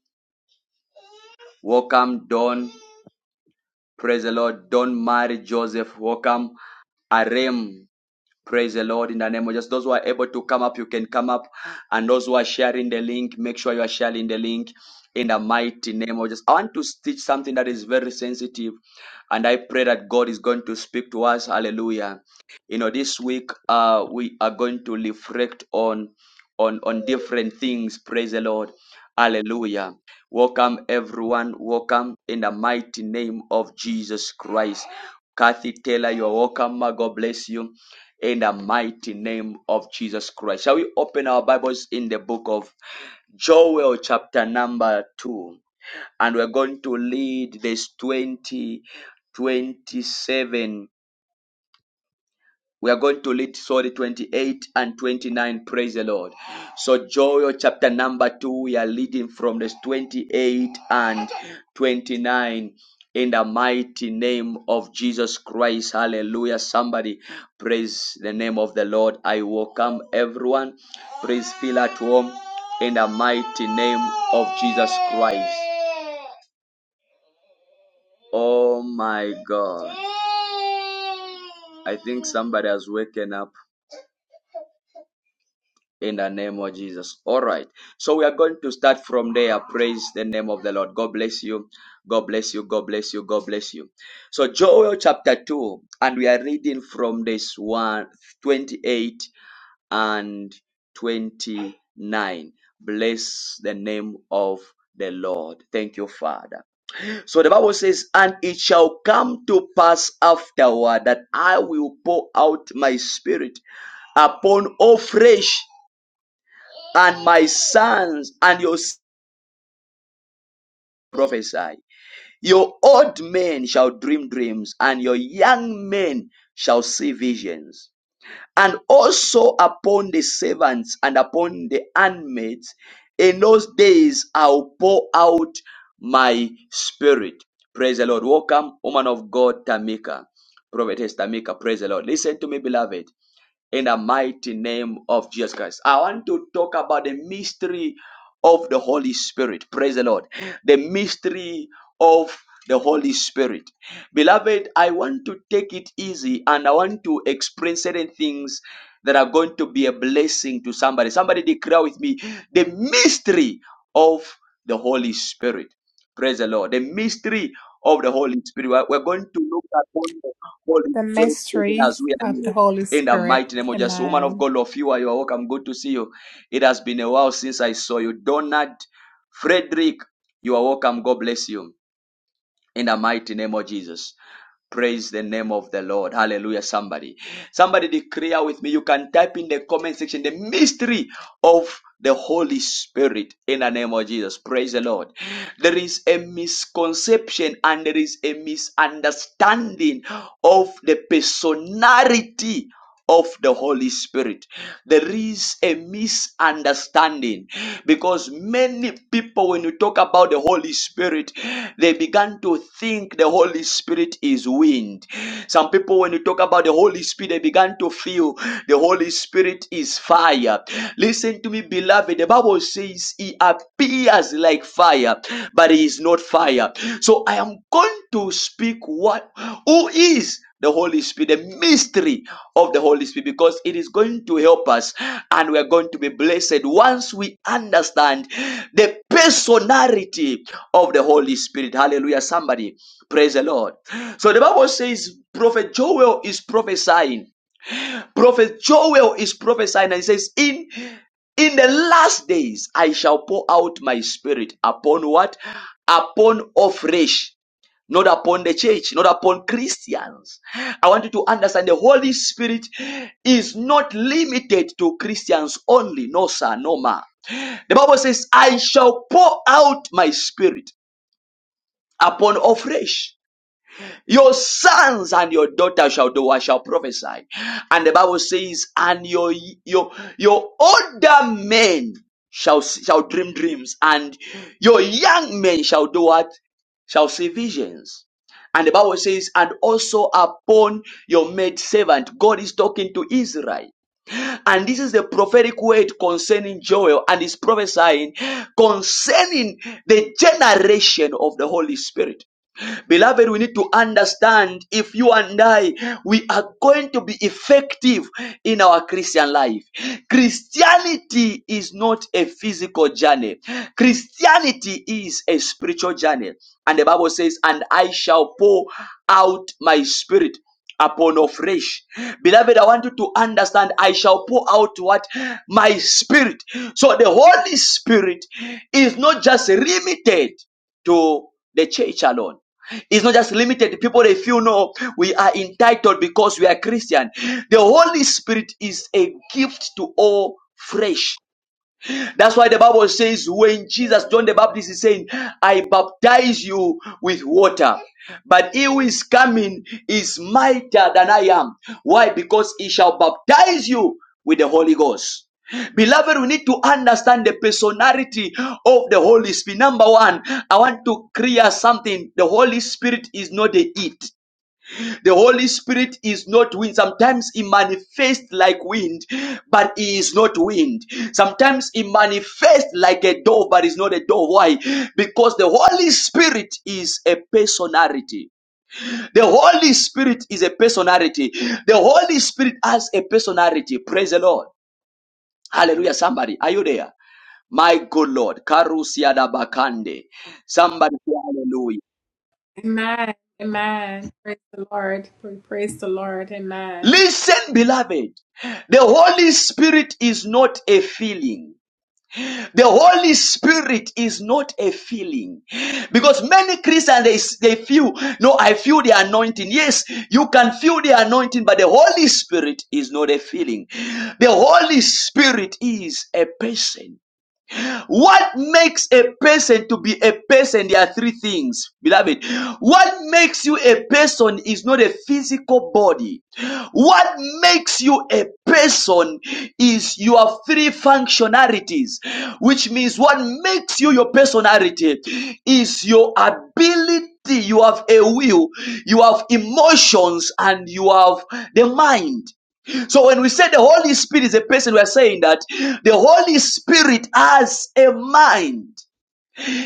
[SPEAKER 1] Welcome, Dawn. Praise the Lord. Don't marry Joseph Welcome, Arem. Praise the Lord in the name of Jesus. Those who are able to come up, you can come up. And those who are sharing the link, make sure you are sharing the link in the mighty name of Jesus. I want to teach something that is very sensitive. And I pray that God is going to speak to us. Hallelujah. You know, this week uh, we are going to reflect on on on different things. Praise the Lord. Hallelujah. Welcome everyone. Welcome in the mighty name of Jesus Christ. Kathy Taylor, you're welcome. Ma, God bless you in the mighty name of Jesus Christ. Shall we open our Bibles in the book of Joel, chapter number 2? And we're going to lead this 20 27. We are going to read sorry 28 and 29. Praise the Lord. So Joel chapter number 2, we are reading from verse 28 and 29 in the mighty name of Jesus Christ. Hallelujah. Somebody praise the name of the Lord. I welcome everyone. Praise feel at home in the mighty name of Jesus Christ. Oh my God. I think somebody has woken up. in the name of Jesus. All right. So we are going to start from there. Praise the name of the Lord. God bless you. God bless you. God bless you. God bless you. So Joel chapter 2, and we are reading from this one 28 and 29. Bless the name of the Lord. Thank you, Father. So the Bible says, And it shall come to pass afterward that I will pour out my spirit upon all flesh and my sons and your sons prophesy. Your old men shall dream dreams, and your young men shall see visions. And also upon the servants and upon the handmaids, in those days I'll pour out my spirit. Praise the Lord. Welcome, woman of God, Tamika. Prophetess Tamika, praise the Lord. Listen to me, beloved. in the mighty name of Jesus Christ. I want to talk about the mystery of the Holy Spirit. Praise the Lord. The mystery of the Holy Spirit. Beloved, I want to take it easy and I want to explain certain things that are going to be a blessing to somebody. Somebody declare with me the mystery of the Holy Spirit. Praise the Lord. The mystery of the Holy Spirit. We're we're going to look at the Holy
[SPEAKER 4] The
[SPEAKER 1] Spirit even
[SPEAKER 4] mystery
[SPEAKER 1] as we are
[SPEAKER 4] of
[SPEAKER 1] here.
[SPEAKER 4] the Holy
[SPEAKER 1] In the
[SPEAKER 4] Spirit.
[SPEAKER 1] mighty name of Jesus, woman of
[SPEAKER 4] Amen.
[SPEAKER 1] God, of you are you are welcome. Good to see you. It has been a while since I saw you. Donald Frederick, you are welcome. God bless you. In the mighty name of Jesus. Praise the name of the Lord. Hallelujah. Somebody. Somebody declare with me. You can type in the comment section the mystery of the Holy Spirit in the name of Jesus. Praise the Lord. There is a misconception and there is a misunderstanding of the personality of the Holy Spirit. There is a misunderstanding because many people, when you talk about the Holy Spirit, they began to think the Holy Spirit is wind. Some people, when you talk about the Holy Spirit, they began to feel the Holy Spirit is fire. Listen to me, beloved. The Bible says he appears like fire, but he is not fire. So I am going to speak what who is the Holy Spirit, the mystery of the Holy Spirit, because it is going to help us and we are going to be blessed once we understand the personality of the Holy Spirit. Hallelujah. Somebody, praise the Lord. So the Bible says, Prophet Joel is prophesying. Prophet Joel is prophesying and he says, In in the last days I shall pour out my spirit upon what? Upon all flesh not upon the church, not upon Christians. I want you to understand the Holy Spirit is not limited to Christians only. No, sir, no, ma. The Bible says, I shall pour out my spirit upon all flesh. Your sons and your daughters shall do what shall prophesy. And the Bible says, and your your your older men shall shall dream dreams, and your young men shall do what shall see visions. And the Bible says, and also upon your maid servant, God is talking to Israel. And this is the prophetic word concerning Joel and is prophesying concerning the generation of the Holy Spirit. Beloved, we need to understand if you and I, we are going to be effective in our Christian life. Christianity is not a physical journey. Christianity is a spiritual journey. And the Bible says, and I shall pour out my spirit upon all flesh. Beloved, I want you to understand, I shall pour out what? My spirit. So the Holy Spirit is not just limited to the church alone. It's not just limited. to People, if you know, we are entitled because we are Christian. The Holy Spirit is a gift to all flesh. That's why the Bible says when Jesus, John the Baptist is saying, I baptize you with water. But he who is coming is mightier than I am. Why? Because he shall baptize you with the Holy Ghost. Beloved, we need to understand the personality of the Holy Spirit. Number one, I want to clear something. The Holy Spirit is not the it. The Holy Spirit is not wind. Sometimes he manifests like wind, but he is not wind. Sometimes he manifests like a dove, but is not a dove. Why? Because the Holy Spirit is a personality. The Holy Spirit is a personality. The Holy Spirit has a personality. Praise the Lord. Hallelujah. Somebody, are you there? My good Lord. Karusiada Bakande. Somebody, hallelujah.
[SPEAKER 4] Amen. Amen. Praise the Lord. We praise the Lord. Amen.
[SPEAKER 1] Listen, beloved. The Holy Spirit is not a feeling. The Holy Spirit is not a feeling. Because many Christians, they, s- they feel, no, I feel the anointing. Yes, you can feel the anointing, but the Holy Spirit is not a feeling. The Holy Spirit is a person. What makes a person to be a person? There are three things, beloved. What makes you a person is not a physical body. What makes you a person is your three functionalities, which means what makes you your personality is your ability. You have a will, you have emotions, and you have the mind. So when we say the Holy Spirit is a person, we are saying that the Holy Spirit has a mind.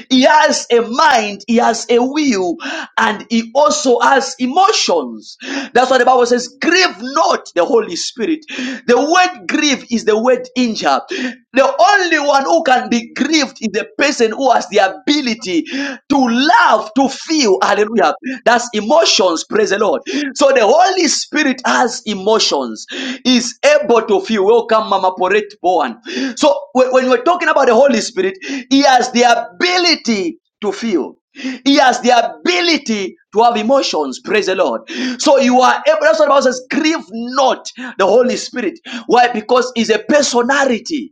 [SPEAKER 1] He has a mind, he has a will, and he also has emotions. That's why the Bible says, grieve not the Holy Spirit. The word grieve is the word injure. The only one who can be grieved is the person who has the ability to love, to feel. Hallelujah. That's emotions. Praise the Lord. So the so the Holy Spirit has emotions, is able to feel. Welcome, Mama Poret Bowen. So when when we're talking about the Holy Spirit, He has the ability to feel. He has the ability to have emotions. Praise the Lord. So you are able. That's what the Bible says. Grieve not the Holy Spirit. Why? Because he's a personality.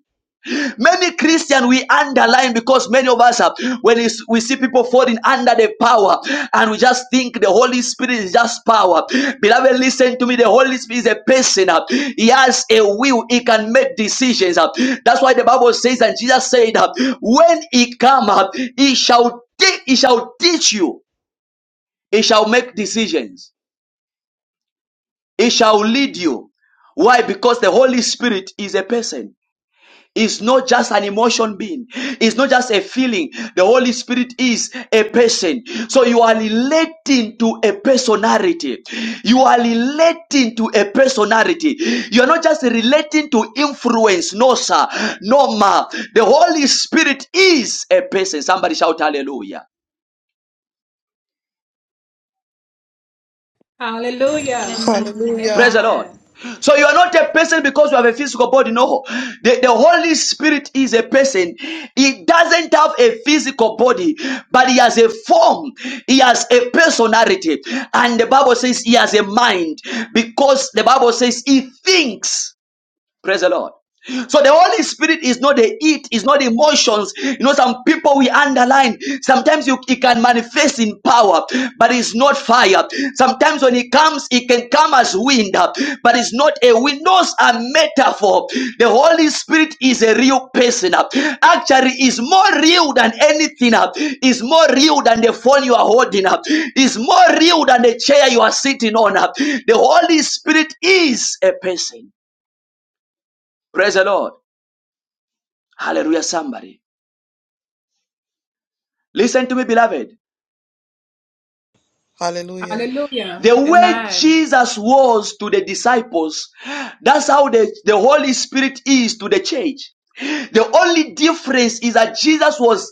[SPEAKER 1] Many Christian we underline because many of us, when when is- we see people falling under the power, and we just think the Holy Spirit is just power. Beloved, listen to me. The Holy Spirit is a person. uh, He has a will. He can make decisions. uh. That's why the Bible says, and Jesus said, uh, when He come up, He shall te- He shall teach you. He shall make decisions. He shall lead you. Why? Because the Holy Spirit is a person. is not just an emotion being, it's not just a feeling. The Holy Spirit is a person. So you are relating to a personality. You are relating to a personality. You are not just relating to influence. No, sir. No, ma. The Holy Spirit is a person. Somebody shout hallelujah.
[SPEAKER 4] Hallelujah.
[SPEAKER 3] Hallelujah.
[SPEAKER 1] Praise
[SPEAKER 6] Hallelujah.
[SPEAKER 1] the Lord.
[SPEAKER 4] Amen.
[SPEAKER 1] So you are not a person because you have a physical body. No. The, the Holy Spirit is a person. He doesn't have a physical body, but he has a form. He has a personality. And the Bible says he has a mind because the Bible says he thinks. Praise the Lord. So the Holy Spirit is not the it, is not emotions. You know, some people we underline. Sometimes you, it can manifest in power, but it's not fire. Sometimes when it comes, it can come as wind, but it's not a wind. Those are metaphor. The Holy Spirit is a real person. Actually, is more real than anything. Is more real than the phone you are holding up. Is more real than the chair you are sitting on. The Holy Spirit is a person. Praise the Lord. Hallelujah, somebody. Listen to me, beloved.
[SPEAKER 6] Hallelujah.
[SPEAKER 4] Hallelujah.
[SPEAKER 1] The way
[SPEAKER 4] Amen.
[SPEAKER 1] Jesus was to the disciples, that's how the, the Holy Spirit is to the church. The only difference is that Jesus was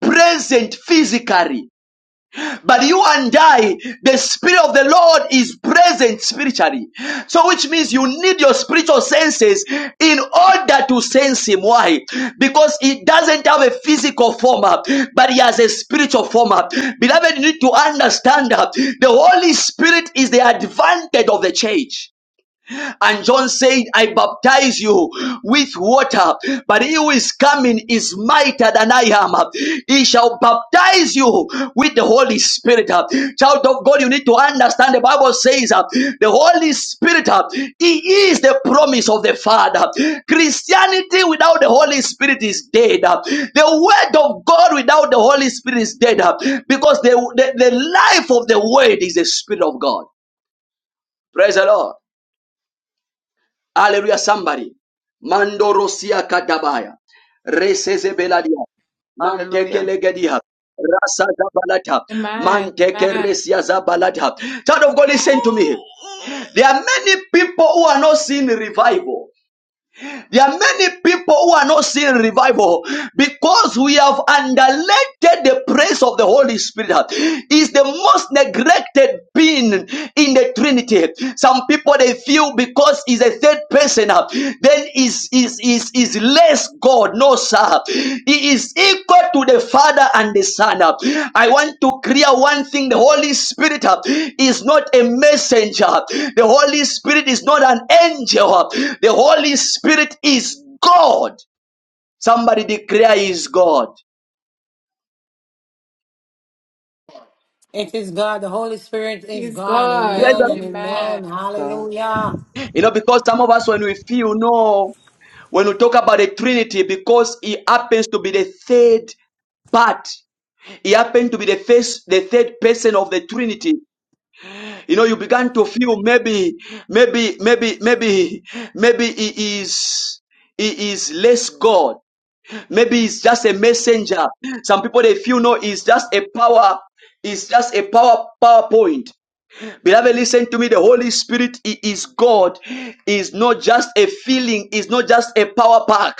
[SPEAKER 1] present physically But you and I, the Spirit of the Lord is present spiritually. So, which means you need your spiritual senses in order to sense Him. Why? Because He doesn't have a physical form, uh, but He has a spiritual form. uh. Beloved, you need to understand that the Holy Spirit is the advantage of the church. And John said, I baptize you with water, but he who is coming is mightier than I am. He shall baptize you with the Holy Spirit. Child of God, you need to understand the Bible says uh, the Holy Spirit, uh, he is the promise of the Father. Christianity without the Holy Spirit is dead. The Word of God without the Holy Spirit is dead because the, the, the life of the Word is the Spirit of God. Praise the Lord. Hallelujah, somebody. Mandorosia kadabaya. Reseze beladia. Manteke
[SPEAKER 6] Hallelujah.
[SPEAKER 1] legedia. Rasa zabalata.
[SPEAKER 4] Amen.
[SPEAKER 1] Manteke
[SPEAKER 4] Amen.
[SPEAKER 1] resia zabalata. Child of God, listen to me. There are many people who are not seeing revival. There are many people who are not seeing revival because we have underrated the praise of the Holy Spirit. Is the most neglected being in the Trinity. Some people they feel because he's a third person, then is is is is less God. No, sir. He is equal to the Father and the Son. I want to clear one thing. The Holy Spirit uh, is not a messenger. The Holy Spirit is not an angel. The Holy Spirit is God. Somebody declare he is God.
[SPEAKER 5] it is God. The Holy Spirit is
[SPEAKER 4] He's
[SPEAKER 5] God.
[SPEAKER 4] God.
[SPEAKER 5] Amen and
[SPEAKER 1] You
[SPEAKER 4] Amen.
[SPEAKER 5] amen.
[SPEAKER 6] Praise God.
[SPEAKER 5] Hallelujah.
[SPEAKER 1] know, because some of us, when we feel, no, when we talk about the Trinity, because he happens to be the third part. He happened to be the first, the third person of the Trinity. you know you began to feel maybe maybe maybe maybe maybe he is he is less god maybe he's just a messenger some people they feel no he's just a power it's just a power powerpoint Beloved, listen to me. The Holy Spirit He is God, He is not just a feeling, He is not just a power pack.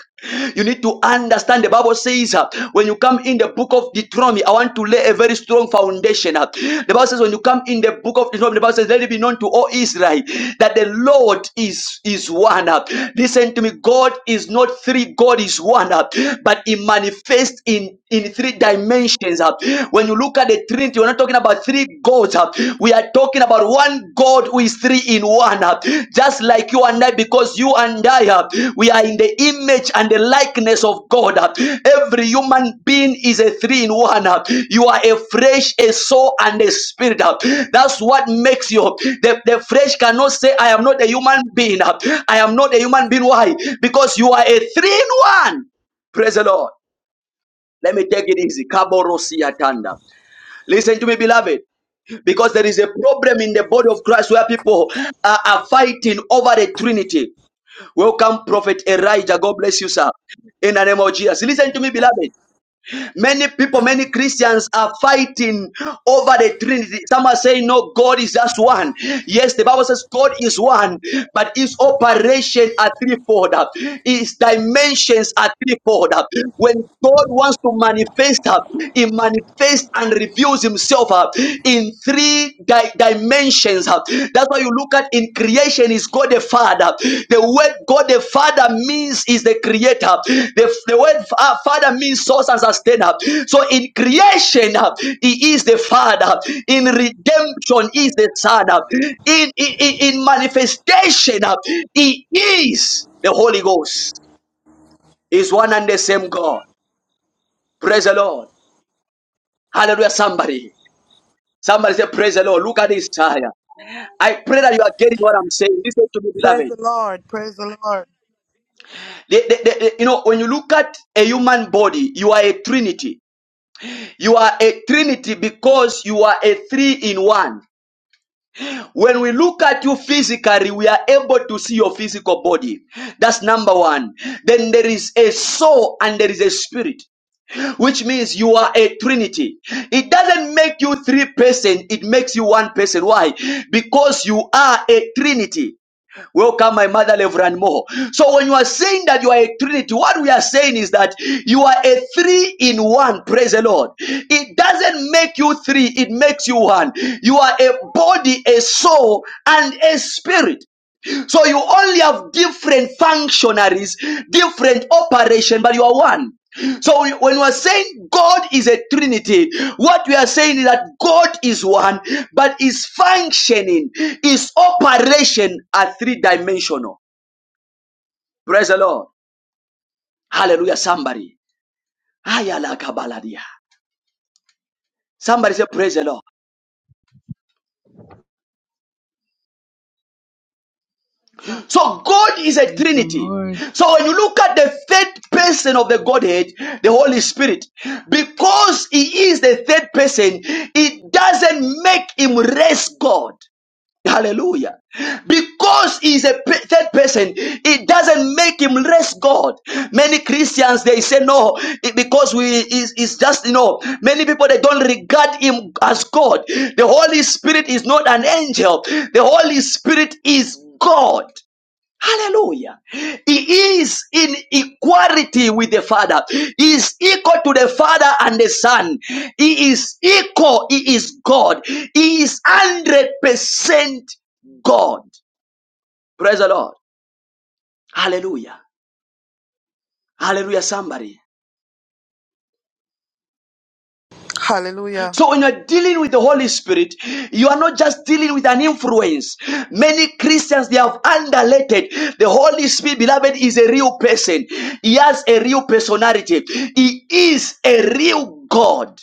[SPEAKER 1] You need to understand the Bible says uh, when you come in the book of Deuteronomy, I want to lay a very strong foundation. uh. The Bible says when you come in the book of Deuteronomy, the Bible says, Let it be known to all Israel that the Lord is, is one. uh. Listen to me, God is not three, God is one, uh, but He manifests in, in three dimensions. uh. When you look at the Trinity, we're not talking about three gods. uh, We are talking about one God who is three in one. uh, Just like you and I, because you and I, uh, we are in the image and the likeness of God. uh. Every human being is a three in one. uh. You are a flesh, a soul, and a spirit. uh. That's what makes you. The, the flesh cannot say, I am not a human being. uh. I am not a human being. Why? Because you are a three in one. Praise the Lord. Let me take it easy. Kaboro siyatanda. Listen to me, beloved, because there is a problem in the body of Christ where people are, are fighting over the Trinity. Welcome, Prophet Elijah. God bless you, sir. In the name of Jesus. Listen to me, beloved. Many people, many Christians are fighting over the Trinity. Some are saying, No, God is just one. Yes, the Bible says God is one, but his operation are threefold, his dimensions are threefold. When God wants to manifest, he manifests and reveals himself in three di- dimensions actions. huh. That's why you look at in creation is God the Father. The word God the Father means is the creator. The, the word fa- uh, Father means source and sustainer. So in creation, huh, He is the Father. In redemption, He is the Son. huh. In, in, in in manifestation, huh, He is the Holy Ghost. Is one and the same God. Praise the Lord. Hallelujah, somebody. Somebody say, Praise the Lord. Look at this tire. I pray that you are getting what I'm saying. Listen to me,
[SPEAKER 6] Praise
[SPEAKER 1] beloved.
[SPEAKER 6] the Lord. Praise the Lord.
[SPEAKER 1] The- the- the- the- you know, when you look at a human body, you are a trinity. You are a trinity because you are a three in one. When we look at you physically, we are able to see your physical body. That's number one. Then there is a soul and there is a spirit, which means you are a trinity. It doesn't make you three person, it makes you one person. Why? Because you are a trinity. Welcome, my mother, Reverend Moho. So when you are saying that you are a Trinity, what we are saying is that you are a three in one. Praise the Lord. It doesn't make you three; it makes you one. You are a body, a soul, and a spirit. So you only have different functionaries, different operation, but you are one. So we- when we are saying God is a Trinity, what we are saying is that God is one, but his functioning, his operation are three dimensional. Praise the Lord. Hallelujah. Somebody. Ayala kabaladia. Somebody say, Praise the Lord.
[SPEAKER 3] Lord.
[SPEAKER 1] So God is a
[SPEAKER 8] Praise the
[SPEAKER 1] Trinity.
[SPEAKER 8] Lord.
[SPEAKER 1] So when you look at the third person of the Godhead, the Holy Spirit, because he is the third person, it doesn't make him less God. Hallelujah. Because he is a pe- third person, it doesn't make him less God. Many Christians, they say no, it- because we is is just, you know, many people, they don't regard him as God. The Holy Spirit is not an angel. The Holy Spirit is God. Hallelujah. He is in equality with the Father. He is equal to the Father and the Son. He is equal. He is God. He is 100% God. Praise the Lord. Hallelujah. Hallelujah, somebody.
[SPEAKER 6] Hallelujah.
[SPEAKER 1] So when you're dealing with the Holy Spirit, you are not just dealing with an influence. Many Christians, they have underrated the Holy Spirit, beloved, is a real person. He has a real personality. He is a real God.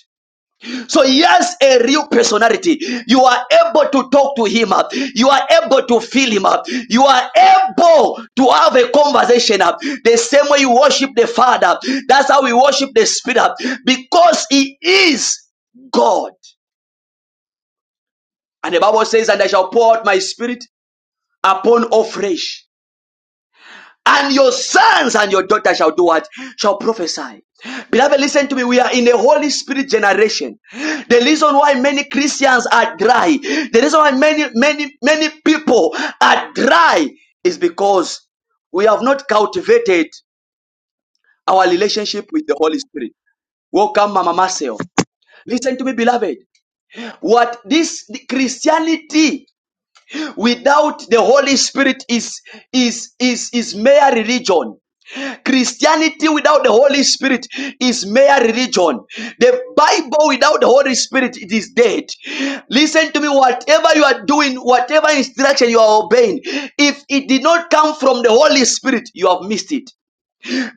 [SPEAKER 1] So he has a real personality. You are able to talk to him up. You are able to feel him up. You are able to have a conversation up. The same way you worship the Father. That's how we worship the Spirit up. Because he is God. And the Bible says, And I shall pour out my spirit upon all flesh. And your sons and your daughters shall do what? Shall prophesy. Beloved, listen to me. We are in a Holy Spirit generation. The reason why many Christians are dry, the reason why many, many, many people are dry is because we have not cultivated our relationship with the Holy Spirit. Welcome, Mama Marcel. Listen to me, beloved. What this Christianity without the holy spirit is is is is mere religion christianity without the holy spirit is mere religion the bible without the holy spirit it is dead listen to me whatever you are doing whatever instruction you are obeying if it did not come from the holy spirit you have missed it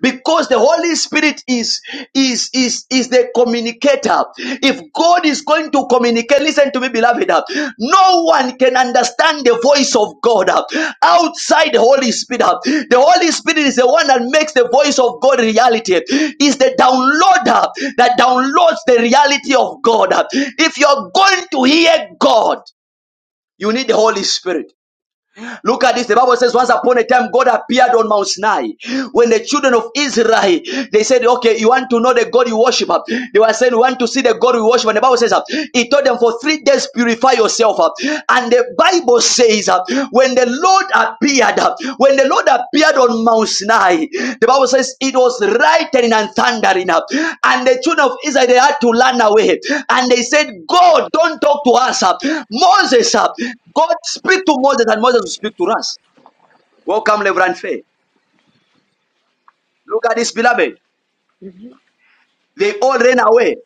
[SPEAKER 1] because the holy spirit is is is is the communicator if god is going to communicate listen to me beloved uh, no one can understand the voice of god uh, outside the holy spirit uh. the holy spirit is the one that makes the voice of god reality is the downloader that downloads the reality of god uh. if you're going to hear god you need the holy spirit Look at this. The Bible says, once upon a time, God appeared on Mount Sinai. When the children of Israel, they said, okay, you want to know the God you worship. uh, They were saying, we want to see the God we worship. And the Bible says, uh, he told them for three days, purify yourself. uh, And the Bible says, uh, when the Lord appeared, when the Lord appeared on Mount Sinai, the Bible says it was lightning and thundering up. And the children of Israel they had to run away. And they said, God, don't talk to us. uh, Moses, uh, God speak to Moses, and Moses will speak to us. Welcome, Reverend Faye. Look at this, beloved.
[SPEAKER 9] Mhm.
[SPEAKER 1] They all ran away.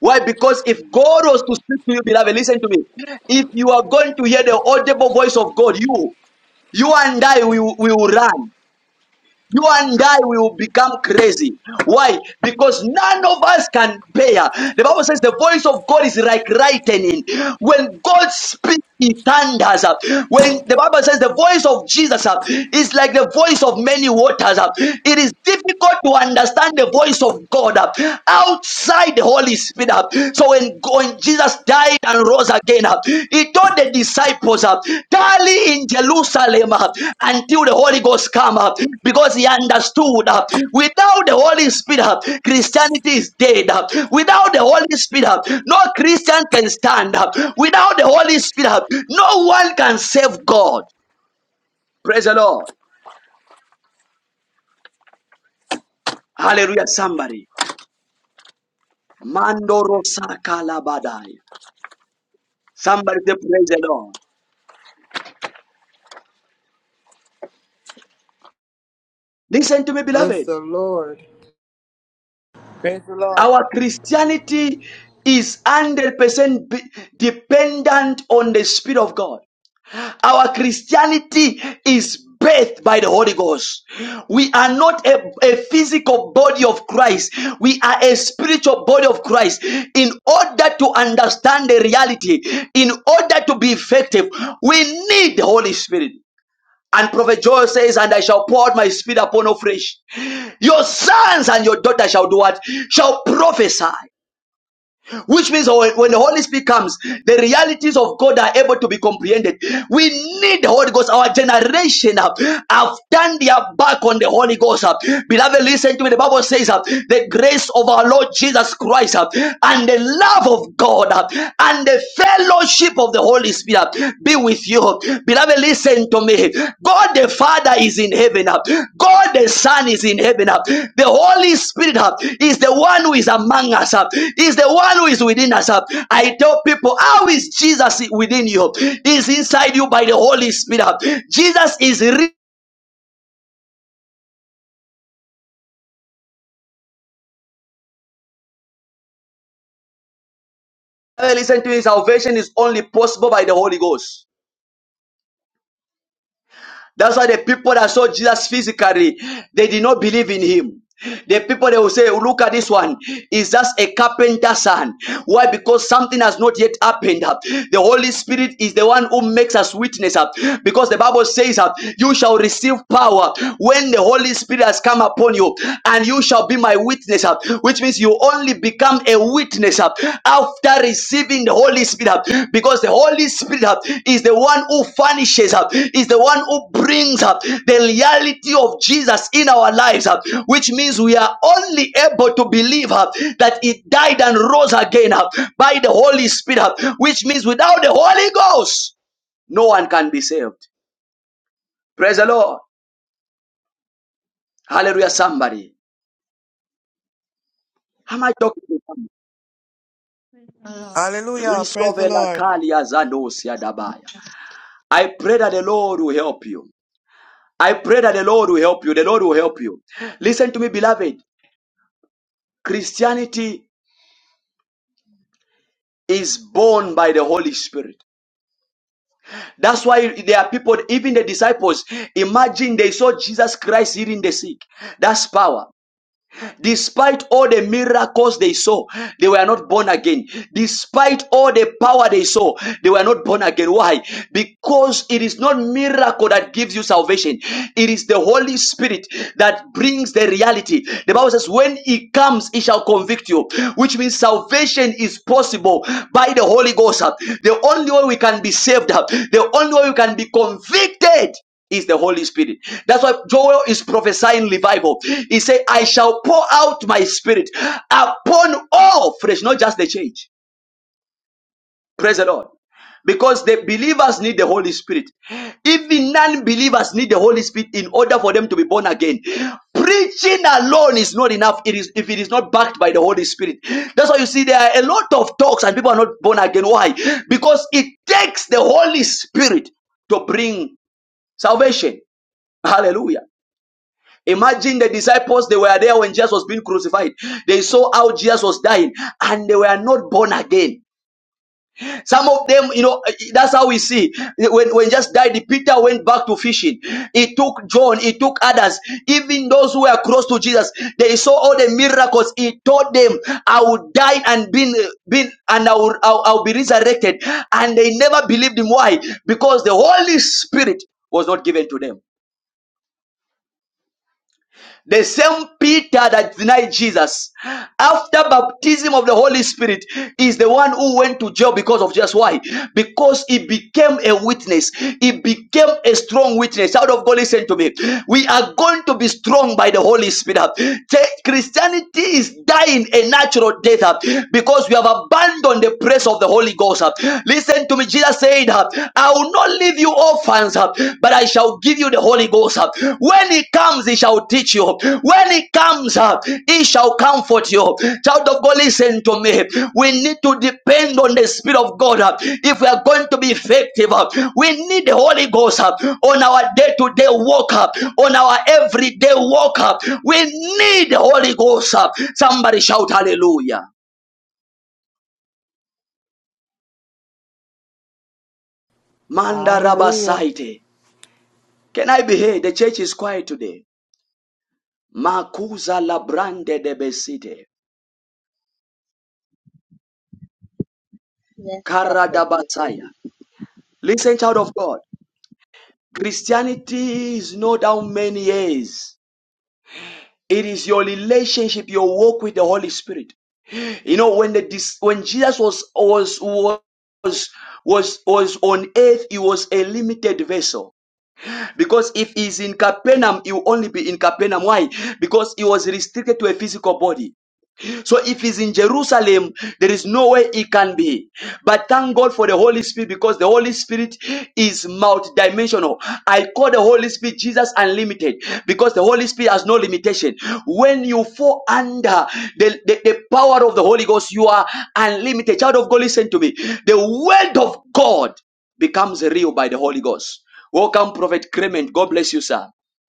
[SPEAKER 1] Why? Because if God was to speak to you, beloved, listen to me. If you are going to hear the audible voice of God, you, you and I, we, will- we will run. You and I will become crazy. Why? Because none of us can bear. The Bible says the voice of God is like lightning. When God speaks, he thunders. When the Bible says the voice of Jesus uh, is like the voice of many waters, uh, it is difficult to understand the voice of God uh, outside the Holy Spirit. uh. So when, when Jesus died and rose again, uh, he told the disciples, uh, tarry in Jerusalem uh, until the Holy Ghost come up, because he understood uh, without the Holy Spirit, uh, Christianity is dead. uh, Without the Holy Spirit, uh, no Christian can stand up. Without the Holy Spirit, uh, no one can save God. Praise the Lord. Hallelujah. Somebody. Mandoro Sakalabadai. Somebody say, Praise the Lord. Listen to me,
[SPEAKER 10] Bless
[SPEAKER 1] beloved.
[SPEAKER 10] the Lord.
[SPEAKER 6] Praise the Lord.
[SPEAKER 1] Our Christianity is 100% be- dependent on the Spirit of God. Our Christianity is birthed by the Holy Ghost. We are not a, a physical body of Christ. We are a spiritual body of Christ. In order to understand the reality, in order to be effective, we need the Holy Spirit. And Prophet Joel says, And I shall pour out my spirit upon all flesh. Your sons and your daughters shall do what? Shall prophesy which means when the Holy Spirit comes, the realities of God are able to be comprehended. We need the Holy Ghost. Our generation uh, have turned their back on the Holy Ghost. uh. Beloved, listen to me. The Bible says uh, the grace of our Lord Jesus Christ uh, and the love of God uh, and the fellowship of the Holy Spirit be with you. Beloved, listen to me. God the Father is in heaven. God the Son is in heaven. The Holy Spirit is the one who is among us, is the one who is within us. I tell people, how is Jesus within you? Is inside you by the Holy Spirit. Jesus is real. Listen to me. Salvation is only possible by the Holy Ghost. That's why the people that saw Jesus physically, they did not believe in him. The people they will say, Look at this one. Is just a carpenter's son? Why? Because something has not yet happened. The Holy Spirit is the one who makes us witness. Because the Bible says, You shall receive power when the Holy Spirit has come upon you, and you shall be my witness. Which means you only become a witness uh, after receiving the Holy Spirit uh, because the Holy Spirit uh, is the one who furnishes up, is the one who brings up uh, the reality of Jesus in our lives, uh, which means we are only able to believe uh, that He died and rose again uh, by the Holy Spirit, uh, which means without the Holy Ghost, no one can be saved. Praise the Lord. Hallelujah, somebody. Am I talking to somebody?
[SPEAKER 3] Hallelujah.
[SPEAKER 6] Hallelujah. Praise the
[SPEAKER 1] Risovela
[SPEAKER 6] Lord.
[SPEAKER 1] kalia zadosia dabaya. I pray that the Lord will help you. I pray that the Lord will help you. The Lord will help you. Listen to me, beloved. Christianity is born by the Holy Spirit. That's why there are people, even the disciples, imagine they saw Jesus Christ healing the sick. That's power. Despite all the miracles they saw, they were not born again. Despite all the power they saw, they were not born again. Why? Because it is not miracle that gives you salvation. It is the Holy Spirit that brings the reality. The Bible says, when he comes, he shall convict you, which means salvation is possible by the Holy Ghost. The only way we can be saved, the only way we can be convicted is the Holy Spirit. That's why Joel is prophesying revival. He said, I shall pour out my spirit upon all flesh, not just the church. Praise the Lord. Because the believers need the Holy Spirit. Even non believers need the Holy Spirit in order for them to be born again. Preaching alone is not enough it is, if it is not backed by the Holy Spirit. That's why you see there are a lot of talks and people are not born again. Why? Because it takes the Holy Spirit to bring salvation. Hallelujah. Imagine the disciples, they were there when Jesus was being crucified. They saw how Jesus was dying and they were not born again. Some of them, you know, eh, eh, that's how we see. When, when Jesus died, Peter went back to fishing. It took John, it took others, even those who were close to Jesus. They saw all the miracles. He told them, I will die and be been and I will, I'll, I'll be resurrected. And they never believed him. Why? Because the Holy Spirit was not given to them. The same Peter that denied Jesus after baptism of the Holy Spirit is the one who went to jail because of just why? Because he became a witness. He became a strong witness. Out of God, listen to me. We are going to be strong by the Holy Spirit. Christianity is dying a natural death uh, because we have abandoned the presence of the Holy Ghost. uh. Listen to me. Jesus said, uh, "I will." not leave you orphans, uh, but I shall give you the Holy Ghost. uh. When He comes, He shall teach you. When He comes, uh, He shall comfort you. Child of God, listen to me. We need to depend on the Spirit of God uh, if we are going to be effective. uh. We need the Holy Ghost uh, on our day to day walk, uh, on our everyday walk. uh. We need the Holy Ghost. uh. Somebody shout hallelujah. Manda
[SPEAKER 11] Hallelujah.
[SPEAKER 1] Rabasaite. Can I be here? The church is quiet today. Makuza labrande de besite.
[SPEAKER 12] Yes, Prophet, Yes.
[SPEAKER 1] Karadabasaya. Listen, child of God. Christianity is not how many years. It is your relationship, your walk with the Holy Spirit. You know, when the when Jesus was was was was was on earth, he was a limited vessel. Because if he's in Capernaum, he will only be in Capernaum. Why? Because he was restricted to a physical body. So if he's in Jerusalem, there is no way he can be. But thank God for the Holy Spirit because the Holy Spirit is multidimensional. I call the Holy Spirit Jesus unlimited because the Holy Spirit has no limitation. When you fall under the, the, the power of the Holy Ghost, you are unlimited. Child of God, listen to me. The word of God becomes real by the Holy Ghost. Welcome, Prophet Clement. God bless you, sir.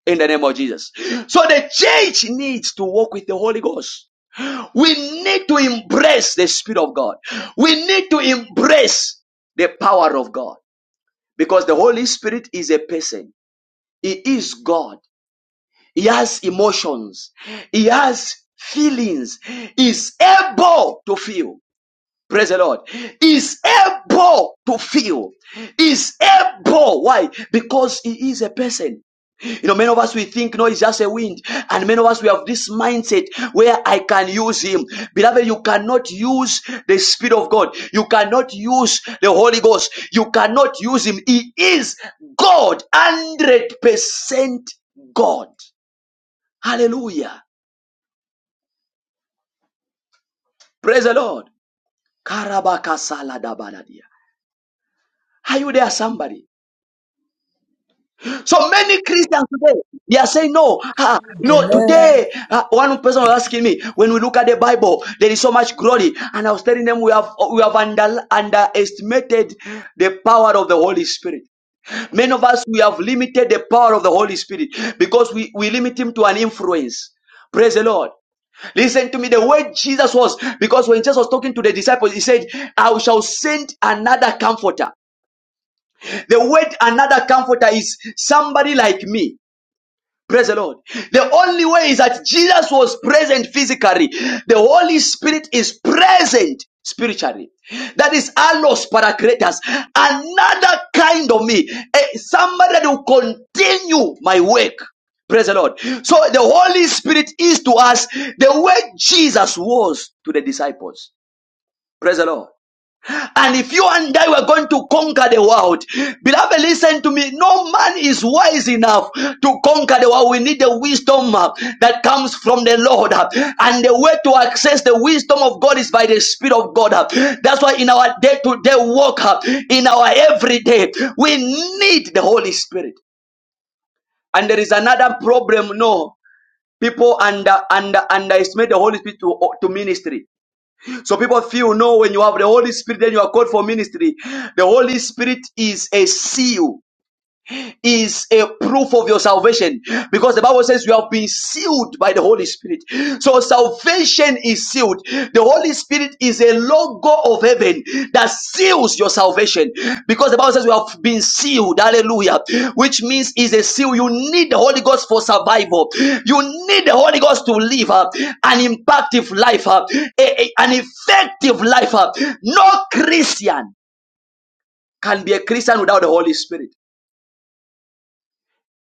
[SPEAKER 1] In the name of Jesus. So the church needs to walk with the Holy Ghost. We need to embrace the Spirit of God. We need to embrace the power of God because the Holy Spirit is a person. He is God. He has emotions. He has feelings. He Is able to feel. Praise the Lord. He Is able to feel. He Is able. Why? Because he is a person. You know, many of us we think no, it's just a wind, and many of us we have this mindset where I can use him. Beloved, you cannot use the Spirit of God, you cannot use the Holy Ghost, you cannot use him. He is God, 100% God. Hallelujah. Praise the Lord. Karabakasaladabadia. Are you there, somebody? So many Christians today, they are saying, no, ah, no,
[SPEAKER 10] Amen.
[SPEAKER 6] Amen.
[SPEAKER 1] today, ah, one person was asking me, when we look at the Bible, there is so much glory. And I was telling them, we have, we have under, underestimated the power of the Holy Spirit. Many of us, we have limited the power of the Holy Spirit because we, we limit him to an influence. Praise the Lord. Listen to me. The way Jesus was, because when Jesus was talking to the disciples, he said, I shall send another comforter. The word another comforter is somebody like me. Praise the Lord. The only way is that Jesus was present physically. The Holy Spirit is present spiritually. That is allos paracletus. Another kind of me. Eh, Somebody that will continue my work. Praise the Lord. So the Holy Spirit is to us the way Jesus was to the disciples. Praise the Lord. And if you and I were going to conquer the world, beloved, listen to me. No man is wise enough to conquer the world. We need the wisdom uh, that comes from the Lord. uh, And the way to access the wisdom of God is by the Spirit of God. uh. That's why in our day to day walk, uh, in our everyday, we need the Holy Spirit. And there is another problem. No, people under, under, underestimate the Holy Spirit to, to ministry so people feel, no, when you have the Holy Spirit, then you are called for ministry. The Holy Spirit is a seal is a proof of your salvation because the Bible says you have been sealed by the Holy Spirit. So salvation is sealed. The Holy Spirit is a logo of heaven that seals your salvation because the Bible says we have been sealed. Hallelujah. Which means is a seal. You need the Holy Ghost for survival. You need the Holy Ghost to live uh, an impactful life, uh, a- a- an effective life. uh. No Christian can be a Christian without the Holy Spirit.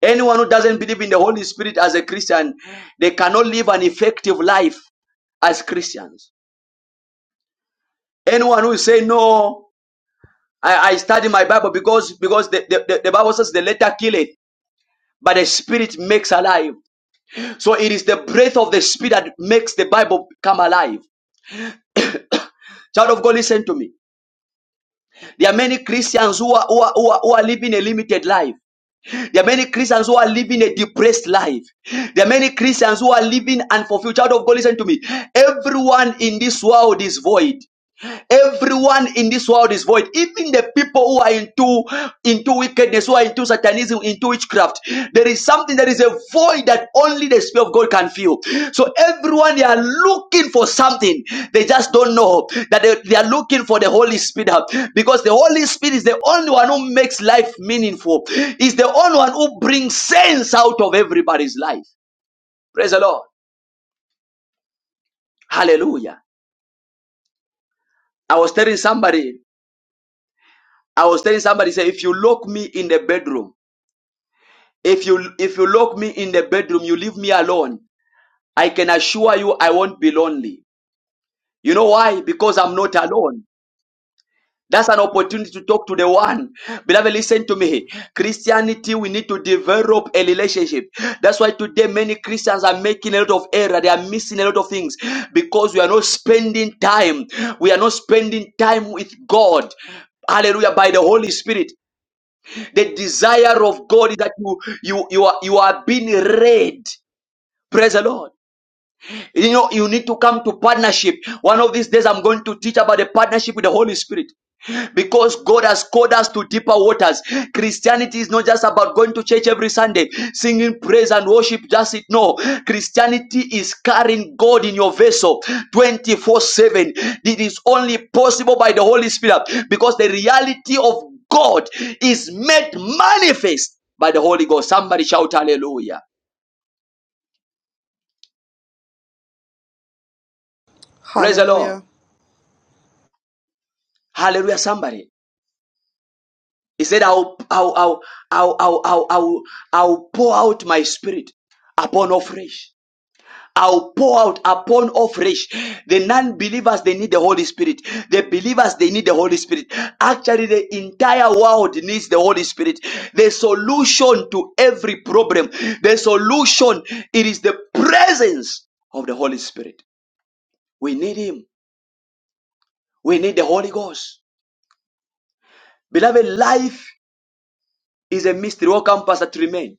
[SPEAKER 1] Anyone who doesn't believe in the Holy Spirit as a Christian, they cannot live an effective life as Christians. Anyone who say no, I, I study my Bible because because the, the, the Bible says the letter kill but the spirit makes alive. So it is the breath of the spirit that makes the Bible come alive. Child of God, listen to me. There are many Christians who are, who are, who are, who are living a limited life. There are many Christians who are living a depressed life. There are many Christians who are living unfulfilled. Child of God, listen to me. Everyone in this world is void. Everyone in this world is void. Even the people who are into into wickedness, who are into satanism, into witchcraft, there is something that is a void that only the Spirit of God can fill. So everyone they are looking for something, they just don't know that they, they are looking for the Holy Spirit because the Holy Spirit is the only one who makes life meaningful. Is the only one who brings sense out of everybody's life. Praise the Lord. Hallelujah. I was telling somebody. I was telling somebody, say, if you lock me in the bedroom, If you if you lock me in the bedroom, you leave me alone. I can assure you I won't be lonely. You know why? Because I'm not alone. That's an opportunity to talk to the one. Beloved, listen to me. Christianity, we need to develop a relationship. That's why today many Christians are making a lot of error. They are missing a lot of things because we are not spending time. We are not spending time with God. Hallelujah. By the Holy Spirit. The desire of God is that you you you are you are being read. Praise the Lord. You know, you need to come to partnership. One of these days, I'm going to teach about the partnership with the Holy Spirit because God has called us to deeper waters. Christianity is not just about going to church every Sunday, singing praise and worship, just it. No, Christianity is carrying God in your vessel 24 7. It is only possible by the Holy Spirit because the reality of God is made manifest by the Holy Ghost. Somebody shout hallelujah. Praise the Lord.
[SPEAKER 6] Hallelujah.
[SPEAKER 1] Hallelujah, somebody. He said, I'll, I'll, I'll, I'll, I'll, I'll, I'll, I'll pour out my spirit upon all flesh. I'll pour out upon all flesh. The non-believers, they need the Holy Spirit. The believers, they need the Holy Spirit. Actually, the entire world needs the Holy Spirit. The solution to every problem, the solution, it is the presence of the Holy Spirit. We need Him. We need the Holy Ghost. Beloved, life is a mystery. Welcome, Pastor Tremaine.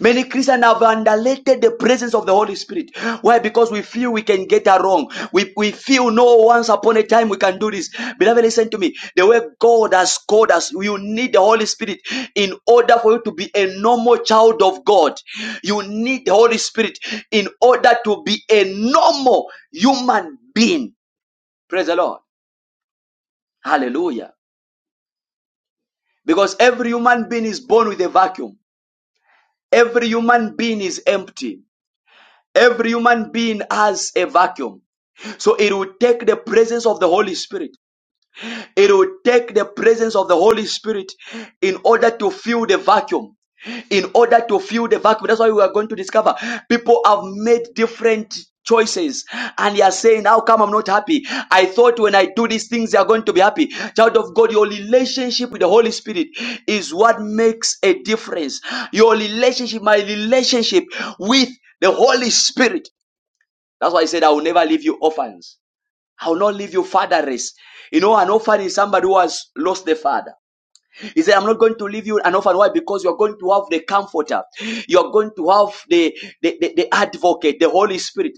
[SPEAKER 1] Many Christians have underrated the presence of the Holy Spirit. Why? Because we feel we can get it wrong. We, we feel no once upon a time we can do this. Beloved, listen to me. The way God has called us, you need the Holy Spirit in order for you to be a normal child of God. You need the Holy Spirit in order to be a normal human being. Praise the Lord. Hallelujah. Because every human being is born with a vacuum. Every human being is empty. Every human being has a vacuum. So it will take the presence of the Holy Spirit. It will take the presence of the Holy Spirit in order to fill the vacuum. In order to fill the vacuum. That's why we are going to discover people have made different choices and they are saying, How come I'm not happy? I thought when I do these things, they are going to be happy. Child of God, your relationship with the Holy Spirit is what makes a difference. Your relationship, my relationship with the Holy Spirit that's why he said, I will never leave you orphans. I will not leave you fatherless. You know, an orphan is somebody who has lost the father. He said, I'm not going to leave you an orphan. Why? Because you're going to have the comforter. You're going to have the, the, the, the advocate, the Holy Spirit.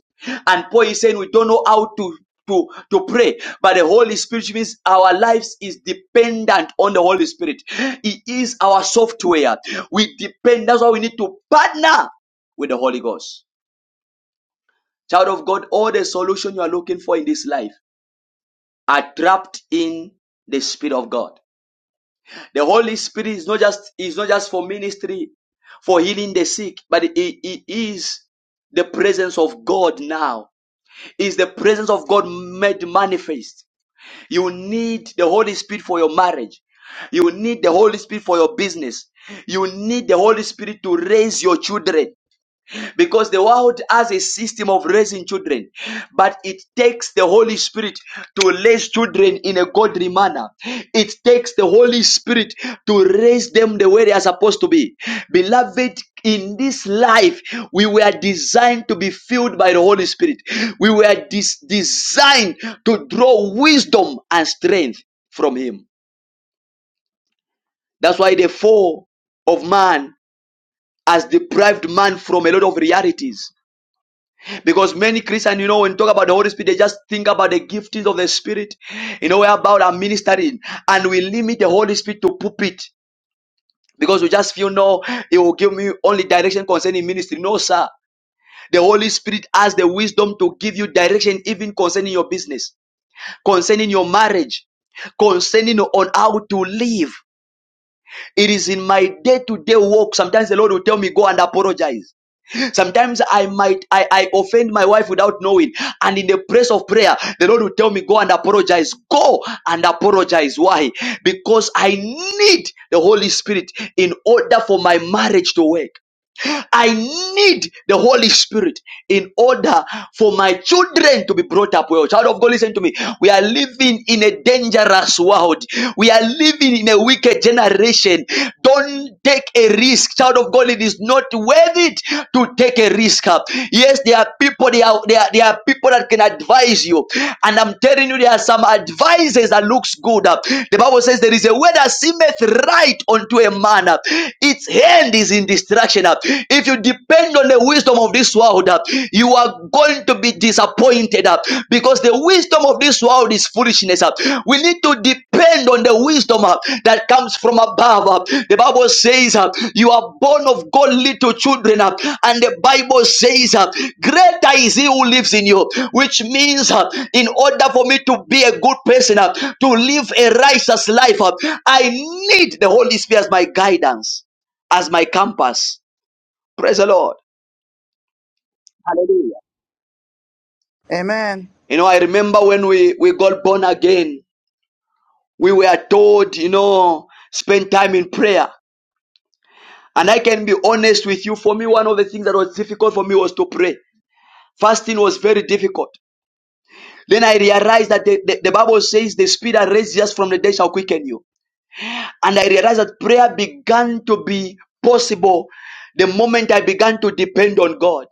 [SPEAKER 1] And Paul is saying, we don't know how to, to, to pray, but the Holy Spirit means our lives is dependent on the Holy Spirit. It is our software. We depend. That's why we need to partner with the Holy Ghost. Child of God, all the solution you are looking for in this life are trapped in the Spirit of God. The Holy Spirit is not just is not just for ministry, for healing the sick, but it, it is the presence of God now. It Is the presence of God made manifest. You need the Holy Spirit for your marriage. You need the Holy Spirit for your business. You need the Holy Spirit to raise your children. because the world has a system of raising children, but it takes the Holy Spirit to raise children in a godly manner. It takes the Holy Spirit to raise them the way they are supposed to be. Beloved, in this life, we were designed to be filled by the Holy Spirit. We were dis- designed to draw wisdom and strength from Him. That's why the fall of man has deprived man from a lot of realities Because many Christians, you know, when talk about the Holy Spirit, they just think about the giftings of the Spirit, you know, about our ministering, and we limit the Holy Spirit to pulpit because we just feel no, it will give me only direction concerning ministry. No, sir. The Holy Spirit has the wisdom to give you direction even concerning your business, concerning your marriage, concerning on how to live. It is in my day-to-day walk. Sometimes the Lord will tell me, go and apologize. Sometimes I might I, I offend my wife without knowing, and in the place of prayer, the Lord will tell me, Go and apologize. Go and apologize. Why? Because I need the Holy Spirit in order for my marriage to work. I need the Holy Spirit in order for my children to be brought up well. Child of God, listen to me. We are living in a dangerous world. We are living in a wicked generation. Don't take a risk. Child of God, it is not worth it to take a risk. Yes, there are people, there are, there are, there are people that can advise you. And I'm telling you, there are some advices that looks good. The Bible says there is a way that seemeth right unto a man. Its hand is in in distraction. uh, If you depend on the wisdom of this world, uh, you are going to be disappointed uh, because the wisdom of this world is foolishness. uh. We need to depend on the wisdom uh, that comes from above. uh. The Bible says, uh, You are born of God, little children. uh, And the Bible says, uh, Greater is He who lives in you, which means uh, in order for me to be a good person, uh, to live a righteous life, uh, I need the Holy Spirit as my guidance as my compass, Praise the Lord. Hallelujah.
[SPEAKER 6] Amen.
[SPEAKER 1] You know, I remember when we, we got born again, we were told, you know, spend time in prayer. And I can be honest with you, for me, one of the things that was difficult for me was to pray. Fasting was very difficult. Then I realized that the, the, the Bible says the spirit that raised us from the dead shall quicken you. And I realized that prayer began to be possible the moment I began to depend on God.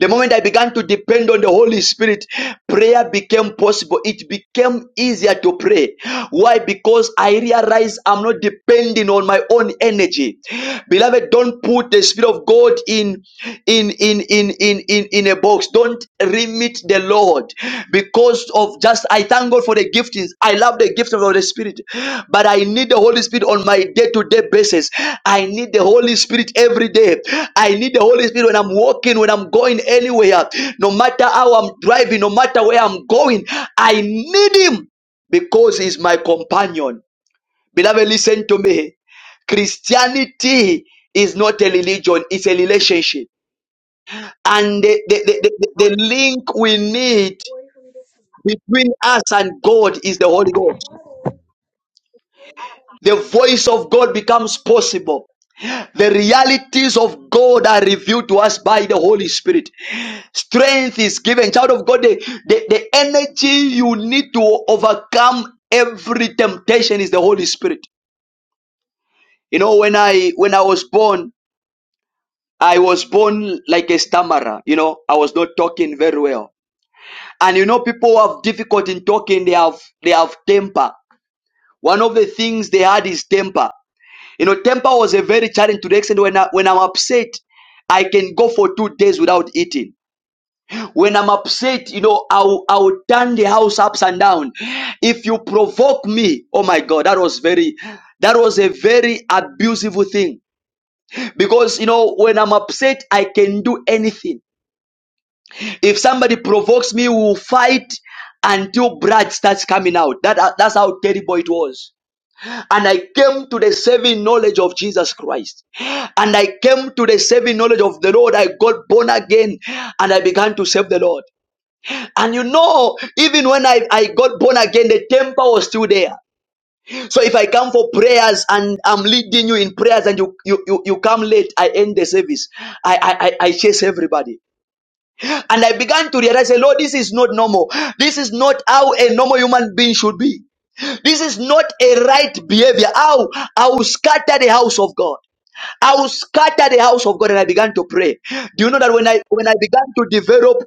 [SPEAKER 1] The moment I began to depend on the Holy Spirit, prayer became possible. It became easier to pray. Why? Because I realize I'm not depending on my own energy. Beloved, don't put the Spirit of God in in in in in in, in a box. Don't remit the Lord because of just I thank God for the giftings. I love the gift of the Holy Spirit, but I need the Holy Spirit on my day-to-day basis. I need the Holy Spirit every day. I need the Holy Spirit when I'm walking, when I'm going anywhere, no matter how I'm driving, no matter where I'm going. I need Him because He's my companion. Beloved, listen to me. Christianity is not a religion; it's a relationship, and the the, the,
[SPEAKER 13] God
[SPEAKER 1] the the link we need. Between us and God is the Holy Ghost. The voice of God becomes possible. The realities of God are revealed to us by the Holy Spirit. Strength is given. Child of God, the, the, the energy you need to overcome every temptation is the Holy Spirit. You know, when I when I was born, I was born like a stammerer. You know, I was not talking very well. And you know, people who have difficulty in talking, they have they have temper. One of the things they had is temper. You know, temper was a very challenge to the extent when I, when I'm upset, I can go for two days without eating. When I'm upset, you know, I'll I'll turn the house ups and down. If you provoke me, oh my God, that was very, that was a very abusive thing. Because you know, when I'm upset, I can do anything. If somebody provokes me, we'll fight until blood starts coming out. That that's how terrible it was. and I came to the saving knowledge of Jesus Christ. And I came to the saving knowledge of the Lord. I got born again and I began to serve the Lord. And you know, even when I, I got born again, the temper was still there. So if I come for prayers and I'm leading you in prayers and you you you, you come late, I end the service. I I I I chase everybody. And I began to realize, Lord, this is not normal. This is not how a normal human being should be. This is not a right behavior. How I will scatter the house of God. I will scatter the house of God. And I began to pray. Do you know that when I when I began to develop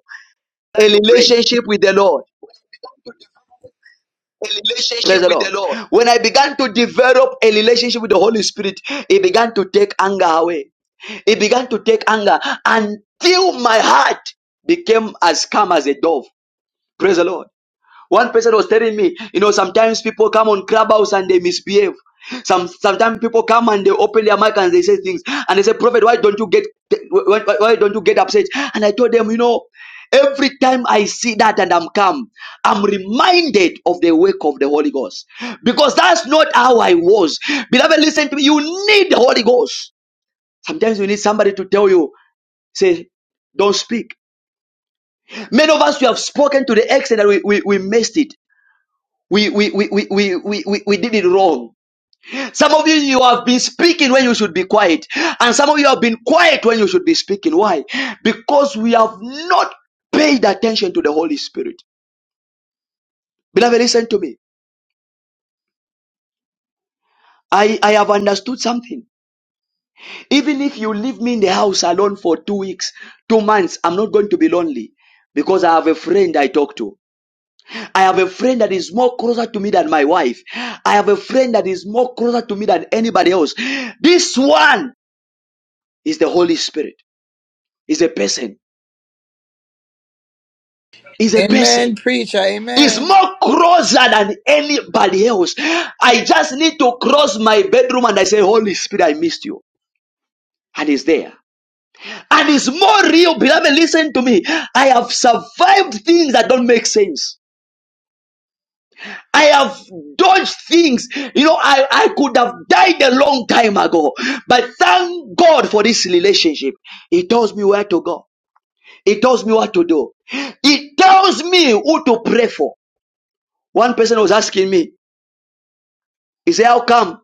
[SPEAKER 14] Learn
[SPEAKER 1] a
[SPEAKER 14] to pray.
[SPEAKER 1] relationship with the Lord,
[SPEAKER 14] A
[SPEAKER 1] praise
[SPEAKER 14] relationship
[SPEAKER 1] the
[SPEAKER 14] with the
[SPEAKER 1] Lord.
[SPEAKER 14] Lord.
[SPEAKER 1] When I began to develop a relationship with the Holy Spirit, it began to take anger away. It began to take anger until my heart became as calm as a dove. Praise the Lord. One person was telling me, you know, sometimes people come on Clubhouse and they misbehave. Some sometimes people come and they open their mic and they say things and they say, Prophet, why don't you get why, why why don't you get upset? And I told them, you know, every time I see that and I'm calm, I'm reminded of the work of the Holy Ghost. Because that's not how I was. Beloved, listen to me. You need the Holy Ghost. Sometimes you need somebody to tell you, say, don't speak. Many of us we have spoken to the extent that we, we, we missed it. We, we, we, we, we, we, we we did it wrong. Some of you, you have been speaking when you should be quiet. And some of you have been quiet when you should be speaking. Why? Because we have not paid attention to the Holy Spirit. Beloved, listen to me. I, I have understood something. Even if you leave me in the house alone for two weeks, two months, I'm not going to be lonely because I have a friend I talk to. I have a friend that is more closer to me than my wife. I have a friend that is more closer to me than anybody else. This one It's the Holy Spirit. It's a person. It's a
[SPEAKER 10] Amen.
[SPEAKER 1] person.
[SPEAKER 10] Preacher.
[SPEAKER 1] It's
[SPEAKER 10] Amen.
[SPEAKER 1] more closer than anybody else. I just need to cross my bedroom and I say, Holy Spirit, I missed you. And it's there. And it's more real. Beloved, listen to me. I have survived things that don't make sense. I have dodged things. You know, I, I could have died a long time ago. But thank God for this relationship. It tells me where to go. It tells me what to do. It tells me who to pray for. One person was asking me, he said, How come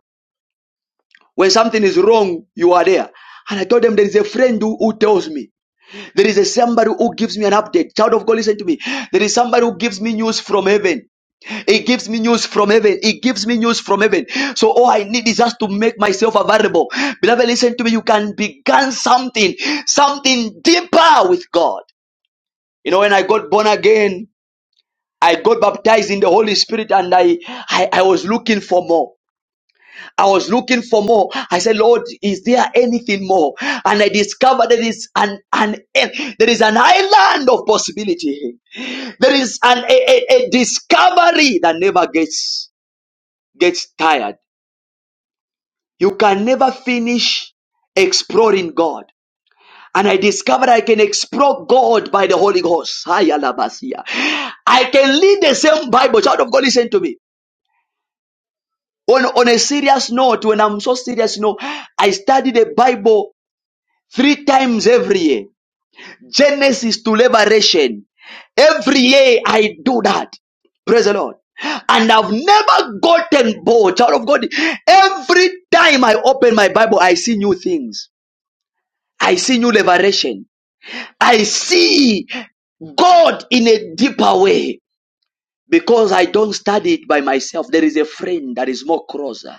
[SPEAKER 1] when something is wrong, you are there? And I told them There is a friend who, who tells me. There is a somebody who gives me an update. Child of God, listen to me. There is somebody who gives me news from heaven. He gives me news from heaven. He gives me news from heaven. So all I need is just to make myself available. Beloved, listen to me. You can begin something, something deeper with God. You know, when I got born again, I got baptized in the Holy Spirit and I, I, I was looking for more. I was looking for more. I said, Lord, is there anything more? And I discovered there is an, an there is an island of possibility. There is an a, a, a discovery that never gets gets tired. You can never finish exploring God. And I discovered I can explore God by the Holy Ghost. Hayalabasia. I can lead the same Bible. Child of God, listen to me. On, on a serious note, when I'm so serious, you know, I study the Bible three times every year. Genesis to Liberation. Every year I do that. Praise the Lord. And I've never gotten bored, child of God. Every time I open my Bible, I see new things. I see new liberation. I see God in a deeper way because I don't study it by myself. There is a friend that is more closer.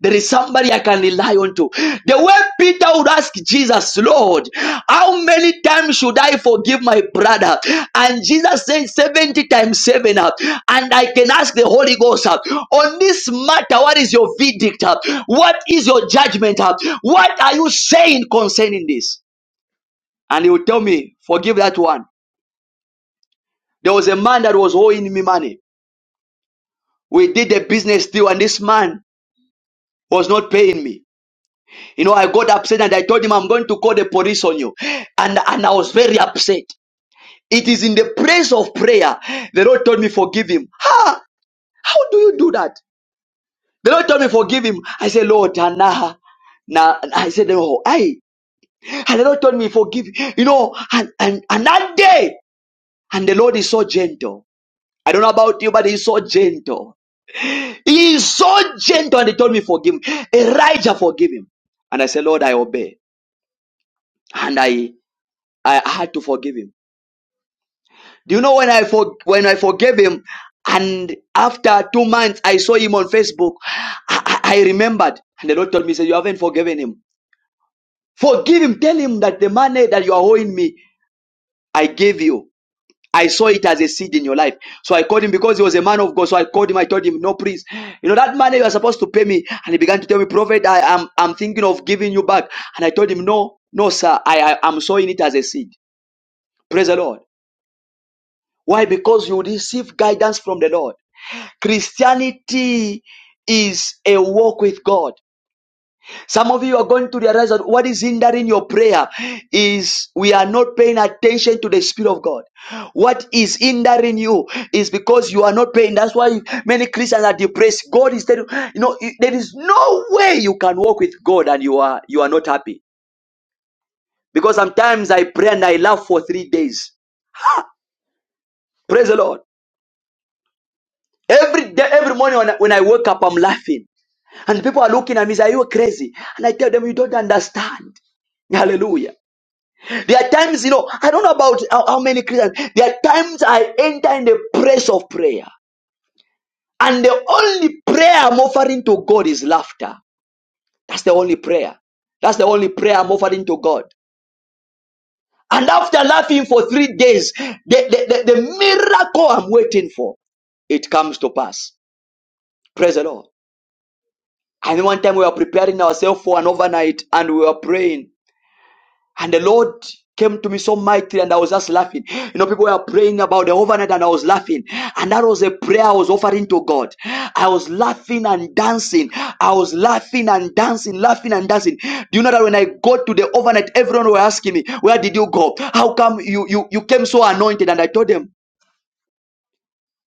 [SPEAKER 1] There is somebody I can rely on to. The way Peter would ask Jesus, Lord, how many times should I forgive my brother? And Jesus said 70 times 7 up. And I can ask the Holy Ghost uh, on this matter, what is your verdict? uh? What is your judgment? uh? What are you saying concerning this? And he would tell me, forgive that one. There was a man that was owing me money. We did a business deal and this man was not paying me. You know, I got upset and I told him I'm going to call the police on you. And, and I was very upset. It is in the place of prayer. The Lord told me, forgive him. Ha! How do you do that? The Lord told me, forgive him. I said, Lord, nah. Now I said, no, I and the Lord told me, forgive you know, and, and and that day, and the Lord is so gentle. I don't know about you, but he's so gentle. He is so gentle, and he told me, forgive him. Elijah, forgive him. And I said, Lord, I obey. And I I had to forgive him. Do you know when I for, when I forgave him, and after two months I saw him on Facebook, I, I I remembered, and the Lord told me, "He "said You haven't forgiven him. Forgive him. Tell him that the money that you are owing me, I gave you. I saw it as a seed in your life. So I called him because he was a man of God. So I called him. I told him, "No, please, you know that money you are supposed to pay me." And he began to tell me, "Prophet, I am I'm thinking of giving you back." And I told him, "No, no, sir. I, I I'm sowing it as a seed. Praise the Lord. Why? Because you receive guidance from the Lord." Christianity is a walk with God. Some of you are going to realize that what is hindering your prayer is we are not paying attention to the Spirit of God. What is hindering you is because you are not paying. That's why many Christians are depressed. God is telling you, "No, you know, there is no way you can walk with God and you are you are not happy. Because sometimes I pray and I laugh for three days. Praise the Lord. Every day, every morning when I, when I wake up, I'm laughing. And people are looking at me, say, Are you crazy? And I tell them, You don't understand. Hallelujah. There are times, you know, I don't know about how, how many Christians, there are times I enter in the place of prayer. And the only prayer I'm offering to God is laughter. That's the only prayer. That's the only prayer I'm offering to God. And after laughing for three days, the, the, the, the miracle I'm waiting for, it comes to pass. Praise the Lord. And one time we were preparing ourselves for an overnight and we were praying. And the Lord came to me so mightily and I was just laughing. You know, people were praying about the overnight and I was laughing. And that was a prayer I was offering to God. I was laughing and dancing. I was laughing and dancing, laughing and dancing. Do you know that when I got to the overnight, everyone were asking me, where did you go? How come you, you, you came so anointed? And I told them,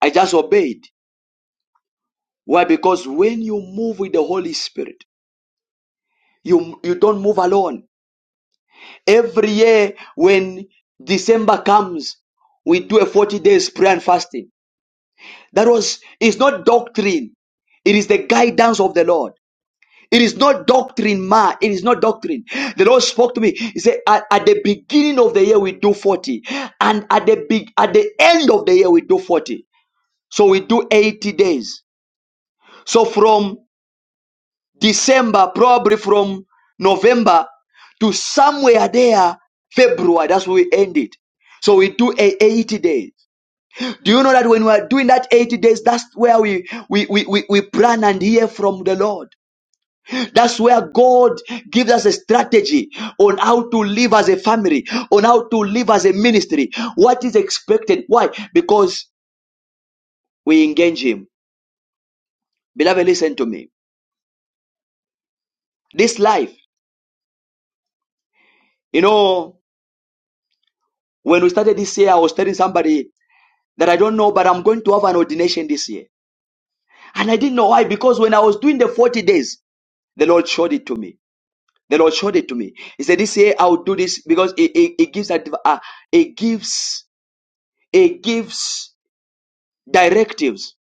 [SPEAKER 1] I just obeyed. Why? Because when you move with the Holy Spirit, you, you don't move alone Every year when December comes, we do a 40 days prayer and fasting. That was, it's not doctrine. It is the guidance of the Lord. It is not doctrine, ma. It is not doctrine. The Lord spoke to me. He said, at, at the beginning of the year, we do 40. And at the big, at the end of the year, we do 40. So we do 80 days. So from December, probably from November to somewhere there, February. That's where we end it. So we do a 80 days. Do you know that when we are doing that 80 days, that's where we, we, we, we, we plan and hear from the Lord. That's where God gives us a strategy on how to live as a family, on how to live as a ministry. What is expected? Why? Because we engage Him. Beloved, listen to me. This life, you know, when we started this year, I was telling somebody that I don't know, but I'm going to have an ordination this year. And I didn't know why, because when I was doing the 40 days, the Lord showed it to me. The Lord showed it to me. He said, This year I'll do this because it, it, it gives adv- uh, it gives it gives directives.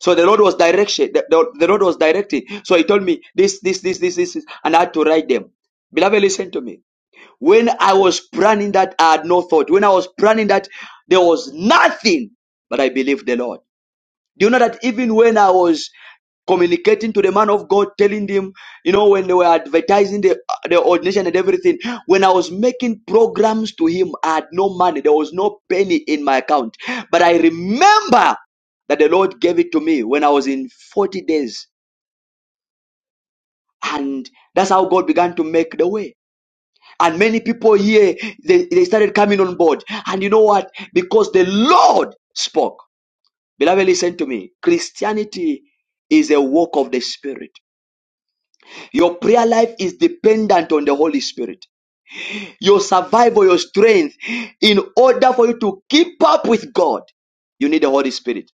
[SPEAKER 1] So the Lord was direction. The, the- the Lord was directing. So he told me this, this, this, this, this, this, and I had to write them. Beloved, listen to me. When I was planning that, I had no thought. When I was planning that, there was nothing, but I believed the Lord. Do you know that even when I was communicating to the man of God, telling him, you know, when they were advertising the, the ordination and everything, when I was making programs to him, I had no money. There was no penny in my account. But I remember that the Lord gave it to me when I was in 40 days. And that's how God began to make the way. And many people here, they, they started coming on board. And you know what? Because the Lord spoke. Beloved, listen to me. Christianity is a work of the Spirit. Your prayer life is dependent on the Holy Spirit. Your survival, your strength, in order for you to keep up with God, you need the Holy Spirit.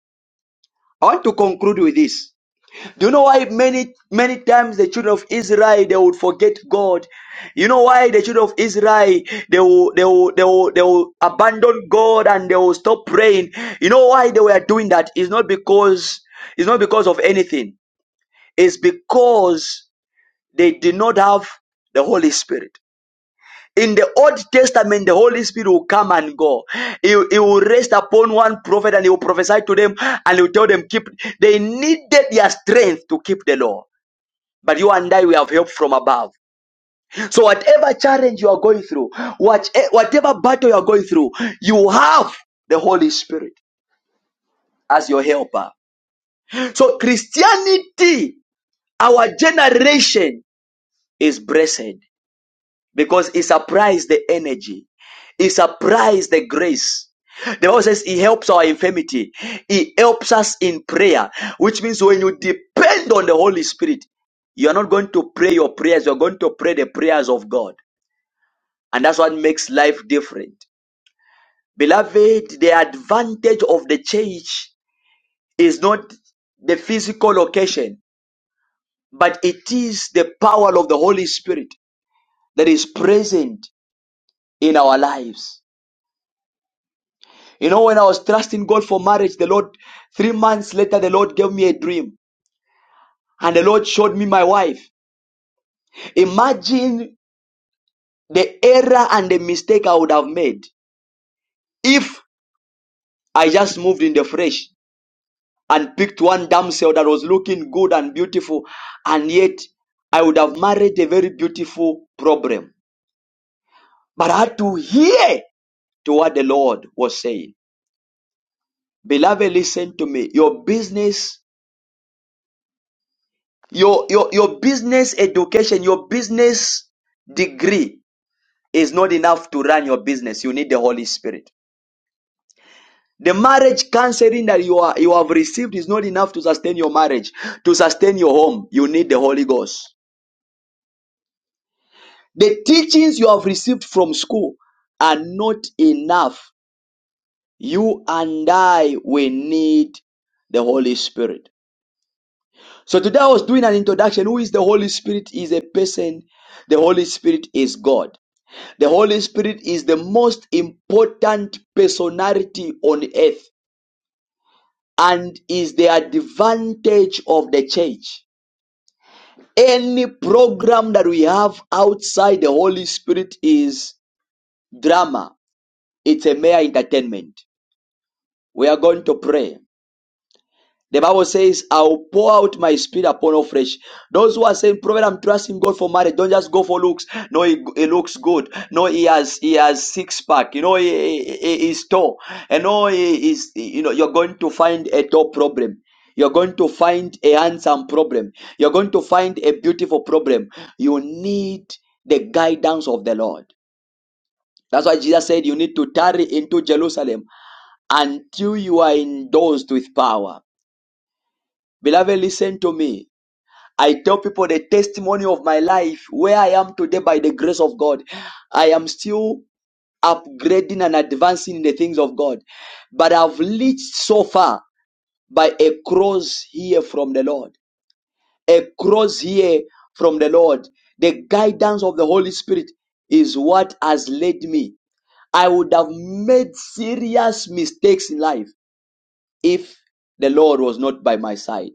[SPEAKER 1] I want to conclude with this. Do you know why many, many times the children of Israel, they would forget God? You know why the children of Israel, they will, they will, they will, they will abandon God and they will stop praying. You know why they were doing that? It's not because, it's not because of anything. is because they did not have the Holy Spirit. In the Old Testament, the Holy Spirit will come and go. He, he will rest upon one prophet and he will prophesy to them and he will tell them, keep. They needed their strength to keep the law. But you and I, we have help from above. So whatever challenge you are going through, what, eh, whatever battle you are going through, you have the Holy Spirit as your helper. So Christianity, our generation is blessed. because he supplies the energy. He supplies the grace. The Bible says he helps our infirmity. He helps us in prayer, which means when you depend on the Holy Spirit, you are not going to pray your prayers. You're going to pray the prayers of God. And that's what makes life different. Beloved, the advantage of the church is not the physical location, but it is the power of the Holy Spirit that is present in our lives. You know, when I was trusting God for marriage, the Lord, three months later, the Lord gave me a dream and the Lord showed me my wife. Imagine the error and the mistake I would have made if I just moved in the flesh and picked one damsel that was looking good and beautiful, and yet I would have married a very beautiful problem. But I had to hear to what the Lord was saying. Beloved, listen to me. Your business Your, your, your business education, your business degree is not enough to run your business. You need the Holy Spirit. The marriage counseling that you, are, you have received is not enough to sustain your marriage, to sustain your home. You need the Holy Ghost. The teachings you have received from school are not enough. You and I, we need the Holy Spirit. So today I was doing an introduction. Who is the Holy Spirit? He Is a person. The Holy Spirit is God. The Holy Spirit is the most important personality on earth and is the advantage of the church. Any program that we have outside the Holy Spirit is drama, it's a mere entertainment. We are going to pray. The Bible says, I'll pour out my spirit upon all flesh. Those who are saying, Prophet, I'm trusting God for marriage. Don't just go for looks. No, he, he looks good. No, he has he has six pack. You know, he, he, he- he's tall. And no, he is, you know, you're going to find a tall problem. You're going to find a handsome problem. You're going to find a beautiful problem. You need the guidance of the Lord. That's why Jesus said you need to tarry into Jerusalem until you are endorsed with power. Beloved, listen to me. I tell people the testimony of my life, where I am today by the grace of God. I am still upgrading and advancing in the things of God. But I've reached so far by a cross here from the Lord. A cross here from the Lord. The guidance of the Holy Spirit is what has led me. I would have made serious mistakes in life if the Lord was not by my side.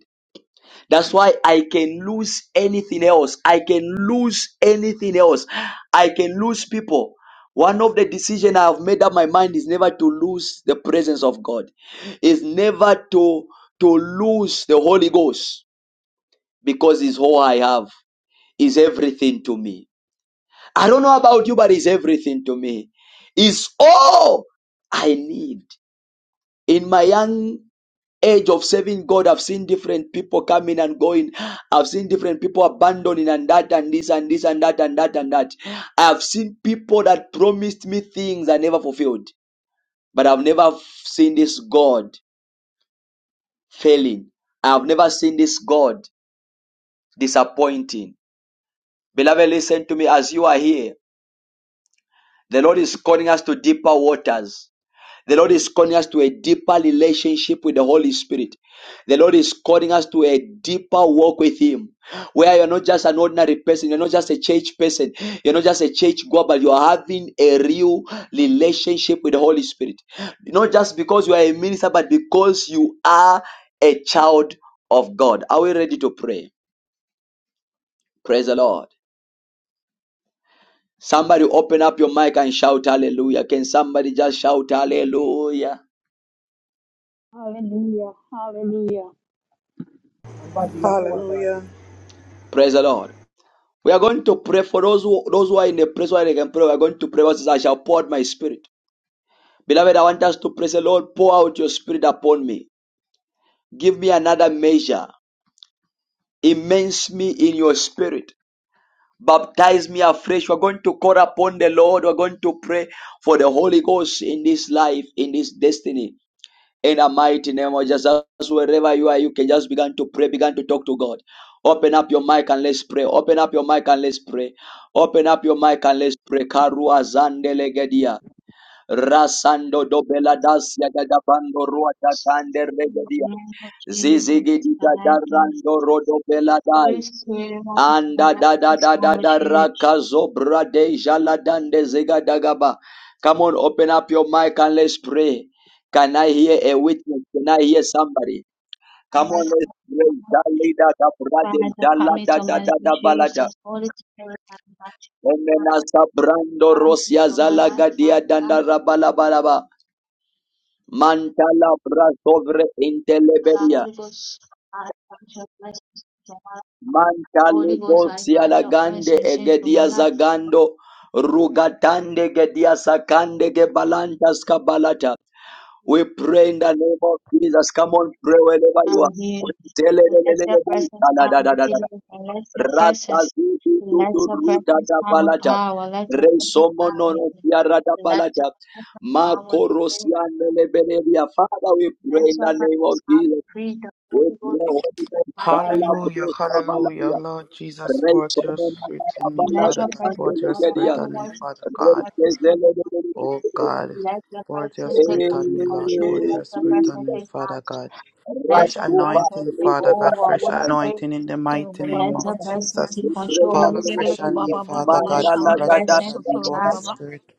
[SPEAKER 1] That's why I can lose anything else. I can lose anything else. I can lose people. One of the decisions I have made up my mind is never to lose the presence of God. Is never to to lose the Holy Ghost because it's all I have. Is everything to me. I don't know about you, but it's everything to me. It's all I need. In my young age of serving God, I've seen different people coming and going. I've seen different people abandoning and that and this and this and that and that and that. I've seen people that promised me things I never fulfilled, but I've never seen this God failing. I've never seen this God disappointing. Beloved, listen to me as you are here. The Lord is calling us to deeper waters. The Lord is calling us to a deeper relationship with the Holy Spirit. The Lord is calling us to a deeper walk with Him, where you're not just an ordinary person, you're not just a church person, you're not just a church goer, but you are having a real relationship with the Holy Spirit. Not just because you are a minister, but because you are a child of God. Are we ready to pray? Praise the Lord. Somebody open up your mic and shout hallelujah. Can somebody just shout hallelujah?
[SPEAKER 15] Hallelujah. Hallelujah.
[SPEAKER 6] Hallelujah.
[SPEAKER 1] Praise the Lord. We are going to pray for those who those who are in a place where they can pray. We are going to pray. What I shall pour out my spirit. Beloved, I want us to pray. Say, Lord, pour out your spirit upon me. Give me another measure. Immense me in your spirit. Baptize me afresh. We're going to call upon the Lord. We're going to pray for the Holy Ghost in this life, in this destiny. in the mighty name of Jesus. Wherever you are, you can just begin to pray, begin to talk to God. Open up your mic and let's pray. Open up your mic and let's pray. Open up your mic and let's pray. Karua zandelegedia. Rasando dobela dasya gadabando rua tatande
[SPEAKER 3] In the
[SPEAKER 1] regedia.
[SPEAKER 3] name of Jesus,
[SPEAKER 1] Zizigidita
[SPEAKER 3] guide us.
[SPEAKER 1] darando rodobela dai.
[SPEAKER 3] Holy Spirit, help us to
[SPEAKER 1] Anda
[SPEAKER 3] elect
[SPEAKER 1] da da
[SPEAKER 3] this
[SPEAKER 1] da da
[SPEAKER 3] our
[SPEAKER 1] da
[SPEAKER 3] church.
[SPEAKER 1] raka zobra de jala dande zega dagaba. Come on, open up your mic and let's pray. Can I hear a witness? Can I hear somebody?
[SPEAKER 3] I
[SPEAKER 1] Come
[SPEAKER 3] like
[SPEAKER 1] on, let's
[SPEAKER 3] our
[SPEAKER 1] pray. Jali da da brade
[SPEAKER 3] Father,
[SPEAKER 1] jala
[SPEAKER 3] come
[SPEAKER 1] da
[SPEAKER 3] into
[SPEAKER 1] da
[SPEAKER 3] my life,
[SPEAKER 1] da balada.
[SPEAKER 3] Jesus. Holy Spirit, I'm watching.
[SPEAKER 1] Omena sabrando
[SPEAKER 3] Come
[SPEAKER 1] rosia
[SPEAKER 3] into my
[SPEAKER 1] zala
[SPEAKER 3] life,
[SPEAKER 1] gadia
[SPEAKER 3] Father. Come
[SPEAKER 1] danda
[SPEAKER 3] into
[SPEAKER 1] rabala balaba. Mantala brasobre
[SPEAKER 3] my life,
[SPEAKER 1] inteleberia.
[SPEAKER 3] Holy Ghost. I invite your presence into my life.
[SPEAKER 1] Mantale
[SPEAKER 3] Holy Ghost, I invite
[SPEAKER 1] Bosiala
[SPEAKER 3] your
[SPEAKER 1] Gande
[SPEAKER 3] presence into
[SPEAKER 1] Egedia
[SPEAKER 3] my life.
[SPEAKER 1] Zagando Rugatande Gedia Sakande Gebalanta Skabalata. We pray in the name of Jesus. Come on, pray wherever
[SPEAKER 3] I
[SPEAKER 1] you are.
[SPEAKER 3] will hear Let your
[SPEAKER 1] Telelelelele
[SPEAKER 3] presence
[SPEAKER 1] Bosala
[SPEAKER 3] come
[SPEAKER 1] da da
[SPEAKER 3] with
[SPEAKER 1] da da.
[SPEAKER 3] healing. Let your
[SPEAKER 1] Rata
[SPEAKER 3] presence.
[SPEAKER 1] Zuzu
[SPEAKER 3] Let
[SPEAKER 1] Zuzu
[SPEAKER 3] your
[SPEAKER 1] Ruda
[SPEAKER 3] presence
[SPEAKER 1] da
[SPEAKER 3] come with
[SPEAKER 1] Balata.
[SPEAKER 3] power. Let your presence come
[SPEAKER 1] Resomono
[SPEAKER 3] with
[SPEAKER 1] no
[SPEAKER 3] healing.
[SPEAKER 1] Tiara da
[SPEAKER 3] Let your
[SPEAKER 1] Balata.
[SPEAKER 3] presence come with healing.
[SPEAKER 1] Makorosiane Lebeneria. Father, we pray
[SPEAKER 3] Let
[SPEAKER 1] in
[SPEAKER 3] your
[SPEAKER 1] the name of
[SPEAKER 3] presence come with
[SPEAKER 1] Jesus.
[SPEAKER 3] freedom.
[SPEAKER 1] We
[SPEAKER 3] Holy
[SPEAKER 1] pray,
[SPEAKER 3] Ghost.
[SPEAKER 1] Holy Ghost,
[SPEAKER 3] Let your
[SPEAKER 1] Sala
[SPEAKER 6] Hallelujah.
[SPEAKER 1] Brosa
[SPEAKER 3] presence.
[SPEAKER 6] Hallelujah.
[SPEAKER 1] Valadia.
[SPEAKER 6] Lord Jesus, pour
[SPEAKER 1] Rasto
[SPEAKER 6] out your spirit in me,
[SPEAKER 3] Let
[SPEAKER 6] Father
[SPEAKER 3] your
[SPEAKER 6] God. Pour out
[SPEAKER 3] presence
[SPEAKER 6] your
[SPEAKER 3] order
[SPEAKER 6] spirit on me,
[SPEAKER 3] everyone to
[SPEAKER 6] Father
[SPEAKER 3] come
[SPEAKER 6] God.
[SPEAKER 3] at this table.
[SPEAKER 6] Oh God.
[SPEAKER 3] Let your
[SPEAKER 6] Pour out your
[SPEAKER 3] presence take
[SPEAKER 6] spirit on
[SPEAKER 3] complete
[SPEAKER 6] me, Lord. Pour out
[SPEAKER 3] control. Let
[SPEAKER 6] your
[SPEAKER 3] your
[SPEAKER 6] spirit
[SPEAKER 3] presence
[SPEAKER 6] on me,
[SPEAKER 3] take
[SPEAKER 6] Father
[SPEAKER 3] charge.
[SPEAKER 6] God. Fresh
[SPEAKER 3] Let your presence
[SPEAKER 6] anointing,
[SPEAKER 3] take
[SPEAKER 6] Father God.
[SPEAKER 3] over.
[SPEAKER 6] Fresh
[SPEAKER 3] Holy Spirit.
[SPEAKER 6] anointing in the mighty
[SPEAKER 15] Torobo baba
[SPEAKER 3] Let
[SPEAKER 6] name of
[SPEAKER 3] your
[SPEAKER 15] baba.
[SPEAKER 3] presence
[SPEAKER 6] Jesus.
[SPEAKER 3] take control.
[SPEAKER 6] Fall
[SPEAKER 3] Holy Spirit.
[SPEAKER 6] afresh
[SPEAKER 15] Yerebo
[SPEAKER 6] on me,
[SPEAKER 15] baba baba
[SPEAKER 6] Father
[SPEAKER 15] baba.
[SPEAKER 3] Let
[SPEAKER 6] God.
[SPEAKER 3] your
[SPEAKER 6] Fall
[SPEAKER 15] Shanderebo
[SPEAKER 6] afresh
[SPEAKER 3] presence
[SPEAKER 6] on
[SPEAKER 3] be
[SPEAKER 6] me,
[SPEAKER 15] sotorobo
[SPEAKER 6] Holy
[SPEAKER 15] baba.
[SPEAKER 3] charged.
[SPEAKER 6] Spirit.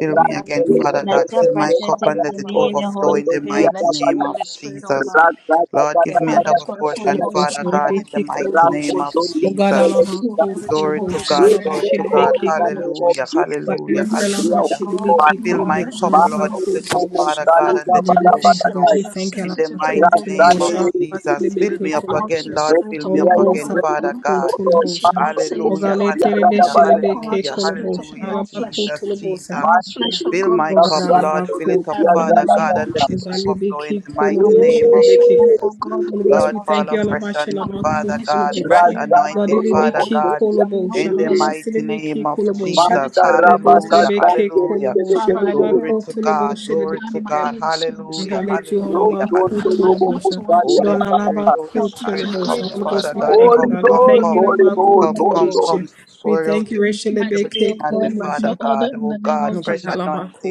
[SPEAKER 6] Fill me
[SPEAKER 15] Yekarebo
[SPEAKER 6] again, Father
[SPEAKER 3] Let
[SPEAKER 6] God.
[SPEAKER 3] your
[SPEAKER 15] baba.
[SPEAKER 6] Fill my
[SPEAKER 3] presence
[SPEAKER 6] cup and
[SPEAKER 3] take
[SPEAKER 15] Sotorobo
[SPEAKER 6] let it
[SPEAKER 15] baba.
[SPEAKER 3] dominion, the
[SPEAKER 6] overflow
[SPEAKER 3] Holy
[SPEAKER 6] in the
[SPEAKER 3] Spirit.
[SPEAKER 15] Let
[SPEAKER 6] mighty
[SPEAKER 15] your
[SPEAKER 6] name
[SPEAKER 15] Holy
[SPEAKER 6] of
[SPEAKER 15] Spirit, oh
[SPEAKER 6] Jesus.
[SPEAKER 15] God,
[SPEAKER 6] Lord,
[SPEAKER 4] O
[SPEAKER 6] give me a
[SPEAKER 4] God,
[SPEAKER 15] have his
[SPEAKER 6] double
[SPEAKER 15] wonderful
[SPEAKER 6] portion,
[SPEAKER 15] course in
[SPEAKER 6] Father
[SPEAKER 15] my
[SPEAKER 6] God, in
[SPEAKER 15] life
[SPEAKER 6] the
[SPEAKER 15] in the
[SPEAKER 6] mighty
[SPEAKER 15] name of
[SPEAKER 6] name of
[SPEAKER 15] Jesus.
[SPEAKER 6] Jesus.
[SPEAKER 4] Alaba,
[SPEAKER 15] Fill me
[SPEAKER 4] Ko,
[SPEAKER 15] with your
[SPEAKER 6] Glory to
[SPEAKER 15] Holy
[SPEAKER 4] Kolobosha,
[SPEAKER 6] God.
[SPEAKER 4] Halaba,
[SPEAKER 15] Spirit, oh
[SPEAKER 6] Glory to
[SPEAKER 15] God,
[SPEAKER 6] God.
[SPEAKER 15] in the
[SPEAKER 4] Shilibiki,
[SPEAKER 15] name of
[SPEAKER 4] Kolobosha,
[SPEAKER 6] Hallelujah.
[SPEAKER 15] Jesus.
[SPEAKER 4] Bagima,
[SPEAKER 6] Hallelujah.
[SPEAKER 15] Move me,
[SPEAKER 4] Frelaba,
[SPEAKER 15] oh
[SPEAKER 6] Hallelujah.
[SPEAKER 15] God, like
[SPEAKER 4] Shilibiki,
[SPEAKER 15] no
[SPEAKER 6] Fill my
[SPEAKER 15] other
[SPEAKER 4] Kolobosha,
[SPEAKER 1] Holy
[SPEAKER 15] in
[SPEAKER 6] cup,
[SPEAKER 15] the
[SPEAKER 4] Halaba,
[SPEAKER 15] name
[SPEAKER 6] Lord.
[SPEAKER 15] of
[SPEAKER 4] Ko,
[SPEAKER 6] Fill
[SPEAKER 1] Ghost,
[SPEAKER 6] it up,
[SPEAKER 15] Jesus.
[SPEAKER 4] Kolobosha.
[SPEAKER 6] Father God,
[SPEAKER 15] Help
[SPEAKER 6] and
[SPEAKER 4] Oh
[SPEAKER 15] me
[SPEAKER 6] let
[SPEAKER 15] to
[SPEAKER 6] it
[SPEAKER 4] God, we
[SPEAKER 15] be
[SPEAKER 4] thank you, God,
[SPEAKER 6] overflow.
[SPEAKER 15] receptive
[SPEAKER 4] we
[SPEAKER 15] and
[SPEAKER 4] thank you,
[SPEAKER 6] In
[SPEAKER 4] Alaba,
[SPEAKER 6] the
[SPEAKER 15] sensitive to
[SPEAKER 4] Ko,
[SPEAKER 15] the
[SPEAKER 6] mighty
[SPEAKER 15] Holy
[SPEAKER 6] name of
[SPEAKER 15] Spirit.
[SPEAKER 4] Kolobosha, Halaba,
[SPEAKER 6] Jesus. Fill
[SPEAKER 4] Shilibiki,
[SPEAKER 6] me
[SPEAKER 15] Pour
[SPEAKER 6] up
[SPEAKER 15] out
[SPEAKER 6] again,
[SPEAKER 15] your
[SPEAKER 4] Kolobosha,
[SPEAKER 6] Lord.
[SPEAKER 15] spirit
[SPEAKER 6] Fill me
[SPEAKER 4] Holy
[SPEAKER 6] up
[SPEAKER 15] upon me,
[SPEAKER 4] Ghost,
[SPEAKER 15] O
[SPEAKER 6] again,
[SPEAKER 4] Alaba,
[SPEAKER 6] Father
[SPEAKER 15] God.
[SPEAKER 4] Ko,
[SPEAKER 6] God.
[SPEAKER 15] As your
[SPEAKER 4] Kolobosha.
[SPEAKER 15] word
[SPEAKER 4] O
[SPEAKER 15] says that
[SPEAKER 6] Hallelujah,
[SPEAKER 4] God, let
[SPEAKER 15] on that
[SPEAKER 4] Terebe,
[SPEAKER 15] day
[SPEAKER 6] hallelujah,
[SPEAKER 15] you will pour out
[SPEAKER 4] Shilibiki,
[SPEAKER 6] hallelujah,
[SPEAKER 15] your spirit
[SPEAKER 4] Kolobosha,
[SPEAKER 15] upon
[SPEAKER 6] hallelujah.
[SPEAKER 15] all
[SPEAKER 4] Halaba, Ko,
[SPEAKER 15] flesh,
[SPEAKER 6] Jesus,
[SPEAKER 4] Kolobosha,
[SPEAKER 6] Jesus.
[SPEAKER 15] and all
[SPEAKER 4] Hallelujah.
[SPEAKER 15] flesh, O
[SPEAKER 6] Fill
[SPEAKER 15] God,
[SPEAKER 6] my
[SPEAKER 4] O
[SPEAKER 15] will
[SPEAKER 4] God,
[SPEAKER 6] cup,
[SPEAKER 15] see it.
[SPEAKER 6] Lord.
[SPEAKER 4] Alaba,
[SPEAKER 6] Fill
[SPEAKER 4] Ko,
[SPEAKER 6] it up,
[SPEAKER 15] I pray in
[SPEAKER 6] Father
[SPEAKER 15] the
[SPEAKER 4] Kolobosha,
[SPEAKER 15] name
[SPEAKER 6] God, and
[SPEAKER 15] of
[SPEAKER 6] let
[SPEAKER 4] O
[SPEAKER 6] it
[SPEAKER 4] God,
[SPEAKER 15] Jesus
[SPEAKER 6] overflow in
[SPEAKER 4] Libiki,
[SPEAKER 6] the
[SPEAKER 15] that I
[SPEAKER 6] mighty
[SPEAKER 15] will not
[SPEAKER 4] Kolobosha,
[SPEAKER 6] name of
[SPEAKER 15] miss your move,
[SPEAKER 4] Libiki,
[SPEAKER 15] O
[SPEAKER 6] Jesus.
[SPEAKER 15] God, in
[SPEAKER 4] Holy
[SPEAKER 15] the
[SPEAKER 4] Ghost,
[SPEAKER 15] name
[SPEAKER 6] Lord,
[SPEAKER 4] we
[SPEAKER 15] of
[SPEAKER 6] fall
[SPEAKER 4] thank you.
[SPEAKER 15] Jesus.
[SPEAKER 6] afresh on
[SPEAKER 15] I
[SPEAKER 6] me,
[SPEAKER 15] will
[SPEAKER 4] Alabashalabaku
[SPEAKER 15] not
[SPEAKER 6] Father
[SPEAKER 15] miss what
[SPEAKER 6] God.
[SPEAKER 15] you're
[SPEAKER 6] Fresh
[SPEAKER 4] kuloboshe.
[SPEAKER 15] doing in my
[SPEAKER 6] anointing,
[SPEAKER 15] life in the
[SPEAKER 6] Father
[SPEAKER 15] name
[SPEAKER 4] Godilibiki
[SPEAKER 15] of
[SPEAKER 6] God.
[SPEAKER 15] Jesus. I will not
[SPEAKER 4] koloboshe.
[SPEAKER 6] In the
[SPEAKER 15] miss
[SPEAKER 6] mighty name
[SPEAKER 4] Halabasilibiki
[SPEAKER 6] of
[SPEAKER 15] the
[SPEAKER 4] koloboshe.
[SPEAKER 6] Jesus.
[SPEAKER 15] opportunity of
[SPEAKER 4] Holy
[SPEAKER 15] the Holy
[SPEAKER 4] Ghost,
[SPEAKER 6] Hallelujah.
[SPEAKER 15] Spirit.
[SPEAKER 4] libiki
[SPEAKER 6] Hallelujah.
[SPEAKER 4] koloboshe.
[SPEAKER 15] Father, I pray,
[SPEAKER 6] Glory
[SPEAKER 15] O
[SPEAKER 4] Halabako
[SPEAKER 6] to
[SPEAKER 15] God, that you
[SPEAKER 6] God.
[SPEAKER 15] will
[SPEAKER 4] tuloboshe
[SPEAKER 6] Glory to
[SPEAKER 4] libiki
[SPEAKER 15] incline my
[SPEAKER 4] keb.
[SPEAKER 6] God.
[SPEAKER 15] ears to
[SPEAKER 6] Hallelujah.
[SPEAKER 15] understanding,
[SPEAKER 4] Ngaletu
[SPEAKER 6] Hallelujah.
[SPEAKER 4] halabaku
[SPEAKER 15] incline my
[SPEAKER 6] Hallelujah.
[SPEAKER 15] heart
[SPEAKER 4] tuloboshe.
[SPEAKER 15] to
[SPEAKER 6] Holy
[SPEAKER 4] Dona
[SPEAKER 15] understanding.
[SPEAKER 6] Spirit, Holy
[SPEAKER 4] alabaku
[SPEAKER 15] Help me to
[SPEAKER 6] Spirit,
[SPEAKER 4] tuloboshe.
[SPEAKER 15] hear
[SPEAKER 6] come,
[SPEAKER 4] Holy
[SPEAKER 15] you,
[SPEAKER 6] Father
[SPEAKER 4] Ghost, we
[SPEAKER 15] Lord.
[SPEAKER 6] God,
[SPEAKER 4] thank
[SPEAKER 15] Help
[SPEAKER 4] you,
[SPEAKER 15] me
[SPEAKER 6] come,
[SPEAKER 4] God.
[SPEAKER 15] to
[SPEAKER 4] We
[SPEAKER 6] come,
[SPEAKER 15] hear
[SPEAKER 4] thank
[SPEAKER 15] you
[SPEAKER 4] you,
[SPEAKER 6] come,
[SPEAKER 15] in
[SPEAKER 1] Holy
[SPEAKER 15] the
[SPEAKER 4] alabaku
[SPEAKER 1] Ghost,
[SPEAKER 15] name
[SPEAKER 6] come,
[SPEAKER 15] of
[SPEAKER 1] Holy
[SPEAKER 6] come,
[SPEAKER 15] Jesus.
[SPEAKER 1] Ghost.
[SPEAKER 6] come,
[SPEAKER 4] tuloboshe. We
[SPEAKER 6] swear
[SPEAKER 4] thank
[SPEAKER 6] out
[SPEAKER 4] you,
[SPEAKER 6] your-
[SPEAKER 15] Please,
[SPEAKER 4] Rachel
[SPEAKER 15] Mighty O
[SPEAKER 4] libiki
[SPEAKER 6] everything on me,
[SPEAKER 15] God, like
[SPEAKER 6] Father
[SPEAKER 15] no
[SPEAKER 4] koloboshe.
[SPEAKER 15] other
[SPEAKER 6] God,
[SPEAKER 15] in
[SPEAKER 6] oh
[SPEAKER 15] the name
[SPEAKER 6] God,
[SPEAKER 15] of
[SPEAKER 4] Oh God,
[SPEAKER 6] fresh
[SPEAKER 15] Jesus.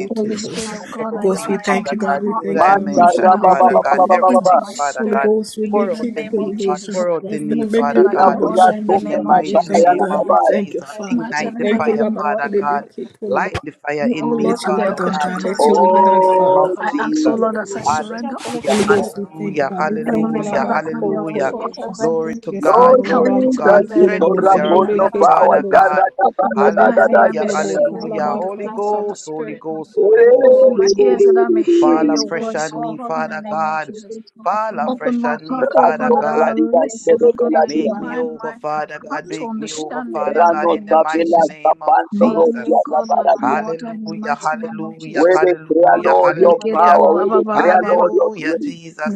[SPEAKER 3] Let
[SPEAKER 15] Holy
[SPEAKER 3] this
[SPEAKER 15] Spirit
[SPEAKER 3] one
[SPEAKER 6] new
[SPEAKER 15] of God,
[SPEAKER 3] from
[SPEAKER 15] I
[SPEAKER 4] Ghost,
[SPEAKER 3] our
[SPEAKER 6] everything,
[SPEAKER 4] we
[SPEAKER 15] invite you
[SPEAKER 4] thank
[SPEAKER 15] into
[SPEAKER 6] Father
[SPEAKER 4] you,
[SPEAKER 3] Father,
[SPEAKER 15] my
[SPEAKER 4] God.
[SPEAKER 6] God,
[SPEAKER 4] We
[SPEAKER 15] heart,
[SPEAKER 6] new
[SPEAKER 4] thank you,
[SPEAKER 3] the Savior,
[SPEAKER 15] into
[SPEAKER 6] dimension,
[SPEAKER 15] my
[SPEAKER 3] and
[SPEAKER 6] Father
[SPEAKER 15] home,
[SPEAKER 4] Alabashilibeke
[SPEAKER 6] God,
[SPEAKER 3] the
[SPEAKER 1] Manda
[SPEAKER 4] Kulabota.
[SPEAKER 3] Lord,
[SPEAKER 15] into
[SPEAKER 6] everything,
[SPEAKER 15] my
[SPEAKER 3] the
[SPEAKER 6] Father
[SPEAKER 4] Holy
[SPEAKER 15] spirit,
[SPEAKER 6] God,
[SPEAKER 3] Master,
[SPEAKER 4] Ghost, we
[SPEAKER 6] pour
[SPEAKER 15] in
[SPEAKER 3] creating
[SPEAKER 4] make
[SPEAKER 15] the
[SPEAKER 6] out
[SPEAKER 4] it
[SPEAKER 6] in
[SPEAKER 15] name
[SPEAKER 6] me,
[SPEAKER 15] of
[SPEAKER 6] Lord,
[SPEAKER 15] Jesus.
[SPEAKER 4] Kulabosha.
[SPEAKER 6] pour out in me,
[SPEAKER 15] Move
[SPEAKER 3] the universe, the
[SPEAKER 15] me
[SPEAKER 6] Father
[SPEAKER 4] Rasadabeke
[SPEAKER 15] like
[SPEAKER 1] Ila
[SPEAKER 3] Deliverer,
[SPEAKER 6] God,
[SPEAKER 15] no
[SPEAKER 3] as we
[SPEAKER 15] other
[SPEAKER 4] Kulabosha.
[SPEAKER 15] in
[SPEAKER 3] have
[SPEAKER 15] the
[SPEAKER 6] in
[SPEAKER 1] pratumbe
[SPEAKER 6] the
[SPEAKER 15] name
[SPEAKER 3] many
[SPEAKER 15] of
[SPEAKER 4] God, we
[SPEAKER 3] eyes,
[SPEAKER 6] mighty
[SPEAKER 15] Jesus.
[SPEAKER 4] thank
[SPEAKER 1] makaya
[SPEAKER 4] you,
[SPEAKER 3] not
[SPEAKER 6] name
[SPEAKER 1] la
[SPEAKER 4] God.
[SPEAKER 6] of
[SPEAKER 4] We
[SPEAKER 3] from
[SPEAKER 1] gabaya.
[SPEAKER 4] thank
[SPEAKER 3] the
[SPEAKER 4] you,
[SPEAKER 6] Jesus,
[SPEAKER 3] presence
[SPEAKER 4] Father.
[SPEAKER 15] Mighty
[SPEAKER 3] of
[SPEAKER 4] We
[SPEAKER 15] and
[SPEAKER 6] ignite the
[SPEAKER 15] ever
[SPEAKER 4] thank you,
[SPEAKER 3] God.
[SPEAKER 6] fire,
[SPEAKER 15] living God,
[SPEAKER 6] Father
[SPEAKER 3] Bring the
[SPEAKER 6] God.
[SPEAKER 4] Alabashilibeke
[SPEAKER 3] witness
[SPEAKER 6] Light
[SPEAKER 4] Kulabosha.
[SPEAKER 6] the fire
[SPEAKER 15] you,
[SPEAKER 3] now
[SPEAKER 15] O
[SPEAKER 6] in
[SPEAKER 4] Let
[SPEAKER 6] me,
[SPEAKER 15] Lord,
[SPEAKER 3] that
[SPEAKER 15] are
[SPEAKER 4] your
[SPEAKER 15] the
[SPEAKER 4] will
[SPEAKER 3] we
[SPEAKER 4] be
[SPEAKER 6] Father
[SPEAKER 3] love
[SPEAKER 4] done,
[SPEAKER 3] and
[SPEAKER 6] God,
[SPEAKER 4] God.
[SPEAKER 6] in
[SPEAKER 15] orchestrator
[SPEAKER 4] Let
[SPEAKER 15] of
[SPEAKER 6] the
[SPEAKER 3] speak
[SPEAKER 4] your
[SPEAKER 15] my
[SPEAKER 4] will
[SPEAKER 3] of
[SPEAKER 4] be
[SPEAKER 15] life.
[SPEAKER 3] the
[SPEAKER 4] done,
[SPEAKER 6] mighty name
[SPEAKER 1] Oh
[SPEAKER 6] of
[SPEAKER 4] Father.
[SPEAKER 15] I
[SPEAKER 3] Lord.
[SPEAKER 15] ask, O
[SPEAKER 6] Jesus.
[SPEAKER 4] Alabaku
[SPEAKER 1] Jesus,
[SPEAKER 15] Lord, as I
[SPEAKER 4] Kulabosha.
[SPEAKER 3] Connect your
[SPEAKER 15] surrender all
[SPEAKER 6] Hallelujah,
[SPEAKER 4] Holy
[SPEAKER 15] to
[SPEAKER 3] presence.
[SPEAKER 15] you.
[SPEAKER 4] Ghost, we
[SPEAKER 3] come
[SPEAKER 4] thank you,
[SPEAKER 6] hallelujah,
[SPEAKER 4] God. We
[SPEAKER 3] between you,
[SPEAKER 4] thank
[SPEAKER 15] Heavenly
[SPEAKER 4] you,
[SPEAKER 3] my
[SPEAKER 6] hallelujah,
[SPEAKER 15] Father, have
[SPEAKER 4] Alabaku
[SPEAKER 15] your
[SPEAKER 6] hallelujah.
[SPEAKER 15] rightful
[SPEAKER 3] Let us
[SPEAKER 4] Kulabosha.
[SPEAKER 15] course.
[SPEAKER 3] enter
[SPEAKER 6] Glory to
[SPEAKER 3] the
[SPEAKER 4] Yes, God,
[SPEAKER 6] God,
[SPEAKER 1] Lord
[SPEAKER 3] kingdom
[SPEAKER 15] Help
[SPEAKER 6] glory
[SPEAKER 15] me
[SPEAKER 6] to
[SPEAKER 15] to be
[SPEAKER 1] Jesus,
[SPEAKER 4] Alabaku
[SPEAKER 3] we
[SPEAKER 6] God.
[SPEAKER 3] to
[SPEAKER 1] you
[SPEAKER 15] led,
[SPEAKER 3] be
[SPEAKER 6] Strengthen
[SPEAKER 15] help
[SPEAKER 6] me
[SPEAKER 15] me
[SPEAKER 1] tora
[SPEAKER 15] to
[SPEAKER 4] Kulabosha.
[SPEAKER 15] be
[SPEAKER 6] where
[SPEAKER 3] doing
[SPEAKER 6] I'm
[SPEAKER 3] as
[SPEAKER 1] kono
[SPEAKER 6] weak,
[SPEAKER 3] far
[SPEAKER 4] Hilibeke
[SPEAKER 15] directed.
[SPEAKER 1] power,
[SPEAKER 3] as
[SPEAKER 6] Father
[SPEAKER 3] we
[SPEAKER 4] Kulabosha.
[SPEAKER 1] yara
[SPEAKER 6] God.
[SPEAKER 15] Open
[SPEAKER 1] gabaya
[SPEAKER 15] my
[SPEAKER 1] da da da.
[SPEAKER 15] eyes that
[SPEAKER 3] can.
[SPEAKER 1] da.
[SPEAKER 4] Rebeke
[SPEAKER 15] I
[SPEAKER 6] Hallelujah,
[SPEAKER 15] may
[SPEAKER 3] Holy
[SPEAKER 15] see,
[SPEAKER 4] Kulabosha.
[SPEAKER 15] O
[SPEAKER 6] hallelujah.
[SPEAKER 15] God,
[SPEAKER 3] Spirit,
[SPEAKER 15] the
[SPEAKER 4] Halabaka
[SPEAKER 6] Holy
[SPEAKER 3] God,
[SPEAKER 15] things of
[SPEAKER 4] Talaba.
[SPEAKER 15] the
[SPEAKER 6] Ghost, Holy
[SPEAKER 3] we
[SPEAKER 15] Spirit.
[SPEAKER 3] thank
[SPEAKER 6] Ghost,
[SPEAKER 3] you for
[SPEAKER 6] Holy Ghost,
[SPEAKER 15] Open
[SPEAKER 3] Holy
[SPEAKER 6] Holy
[SPEAKER 15] my ears
[SPEAKER 3] Spirit,
[SPEAKER 6] Ghost.
[SPEAKER 15] that I may hear
[SPEAKER 6] Fall
[SPEAKER 3] Holy
[SPEAKER 15] your
[SPEAKER 6] afresh
[SPEAKER 3] Spirit,
[SPEAKER 15] voice,
[SPEAKER 6] on
[SPEAKER 15] O
[SPEAKER 6] me,
[SPEAKER 3] all.
[SPEAKER 15] God, in the
[SPEAKER 6] Father
[SPEAKER 3] Holy
[SPEAKER 15] name of
[SPEAKER 6] God.
[SPEAKER 3] Spirit,
[SPEAKER 15] Jesus.
[SPEAKER 3] it's
[SPEAKER 6] Fall
[SPEAKER 3] my life.
[SPEAKER 15] Open
[SPEAKER 6] afresh
[SPEAKER 15] my
[SPEAKER 6] on me,
[SPEAKER 15] heart,
[SPEAKER 3] for
[SPEAKER 15] O
[SPEAKER 6] Father
[SPEAKER 15] God,
[SPEAKER 3] being
[SPEAKER 15] that
[SPEAKER 3] here.
[SPEAKER 15] I
[SPEAKER 1] Sopra
[SPEAKER 15] may
[SPEAKER 6] God.
[SPEAKER 1] di gaste
[SPEAKER 3] for
[SPEAKER 15] listen, O
[SPEAKER 3] being
[SPEAKER 1] de
[SPEAKER 15] God.
[SPEAKER 1] la
[SPEAKER 15] I
[SPEAKER 3] in
[SPEAKER 1] dia,
[SPEAKER 6] Make
[SPEAKER 3] my
[SPEAKER 6] me
[SPEAKER 3] life.
[SPEAKER 15] incline
[SPEAKER 6] over,
[SPEAKER 15] my
[SPEAKER 6] Father
[SPEAKER 3] for
[SPEAKER 15] heart
[SPEAKER 6] God.
[SPEAKER 15] to
[SPEAKER 6] Make me over,
[SPEAKER 15] understanding
[SPEAKER 6] Father
[SPEAKER 15] in the
[SPEAKER 6] God,
[SPEAKER 1] rano
[SPEAKER 6] in
[SPEAKER 15] name
[SPEAKER 6] the
[SPEAKER 15] of
[SPEAKER 3] being
[SPEAKER 6] mighty
[SPEAKER 1] sabela
[SPEAKER 15] Jesus.
[SPEAKER 3] here.
[SPEAKER 6] name of
[SPEAKER 1] sapanto
[SPEAKER 3] All
[SPEAKER 15] Move
[SPEAKER 3] the
[SPEAKER 15] me,
[SPEAKER 3] other
[SPEAKER 15] O
[SPEAKER 1] rosia
[SPEAKER 6] Jesus.
[SPEAKER 1] la
[SPEAKER 15] God,
[SPEAKER 3] words of
[SPEAKER 15] like
[SPEAKER 3] my
[SPEAKER 1] paradia.
[SPEAKER 15] no
[SPEAKER 3] mouth, the
[SPEAKER 15] other in the
[SPEAKER 6] Hallelujah,
[SPEAKER 3] wisdom of
[SPEAKER 15] mighty
[SPEAKER 3] my,
[SPEAKER 15] name of
[SPEAKER 6] hallelujah,
[SPEAKER 1] We
[SPEAKER 15] Jesus.
[SPEAKER 1] they
[SPEAKER 3] all
[SPEAKER 1] create
[SPEAKER 3] the
[SPEAKER 6] hallelujah,
[SPEAKER 1] Lord
[SPEAKER 3] other
[SPEAKER 1] your
[SPEAKER 3] words of
[SPEAKER 6] hallelujah.
[SPEAKER 3] my
[SPEAKER 1] power,
[SPEAKER 15] Legerebo
[SPEAKER 1] We
[SPEAKER 3] mouth,
[SPEAKER 1] they
[SPEAKER 15] baba
[SPEAKER 3] the
[SPEAKER 15] baba
[SPEAKER 3] wisdom
[SPEAKER 1] create
[SPEAKER 3] of my mouth.
[SPEAKER 15] baba.
[SPEAKER 1] Lord your
[SPEAKER 6] Hallelujah,
[SPEAKER 1] grace,
[SPEAKER 6] Jesus,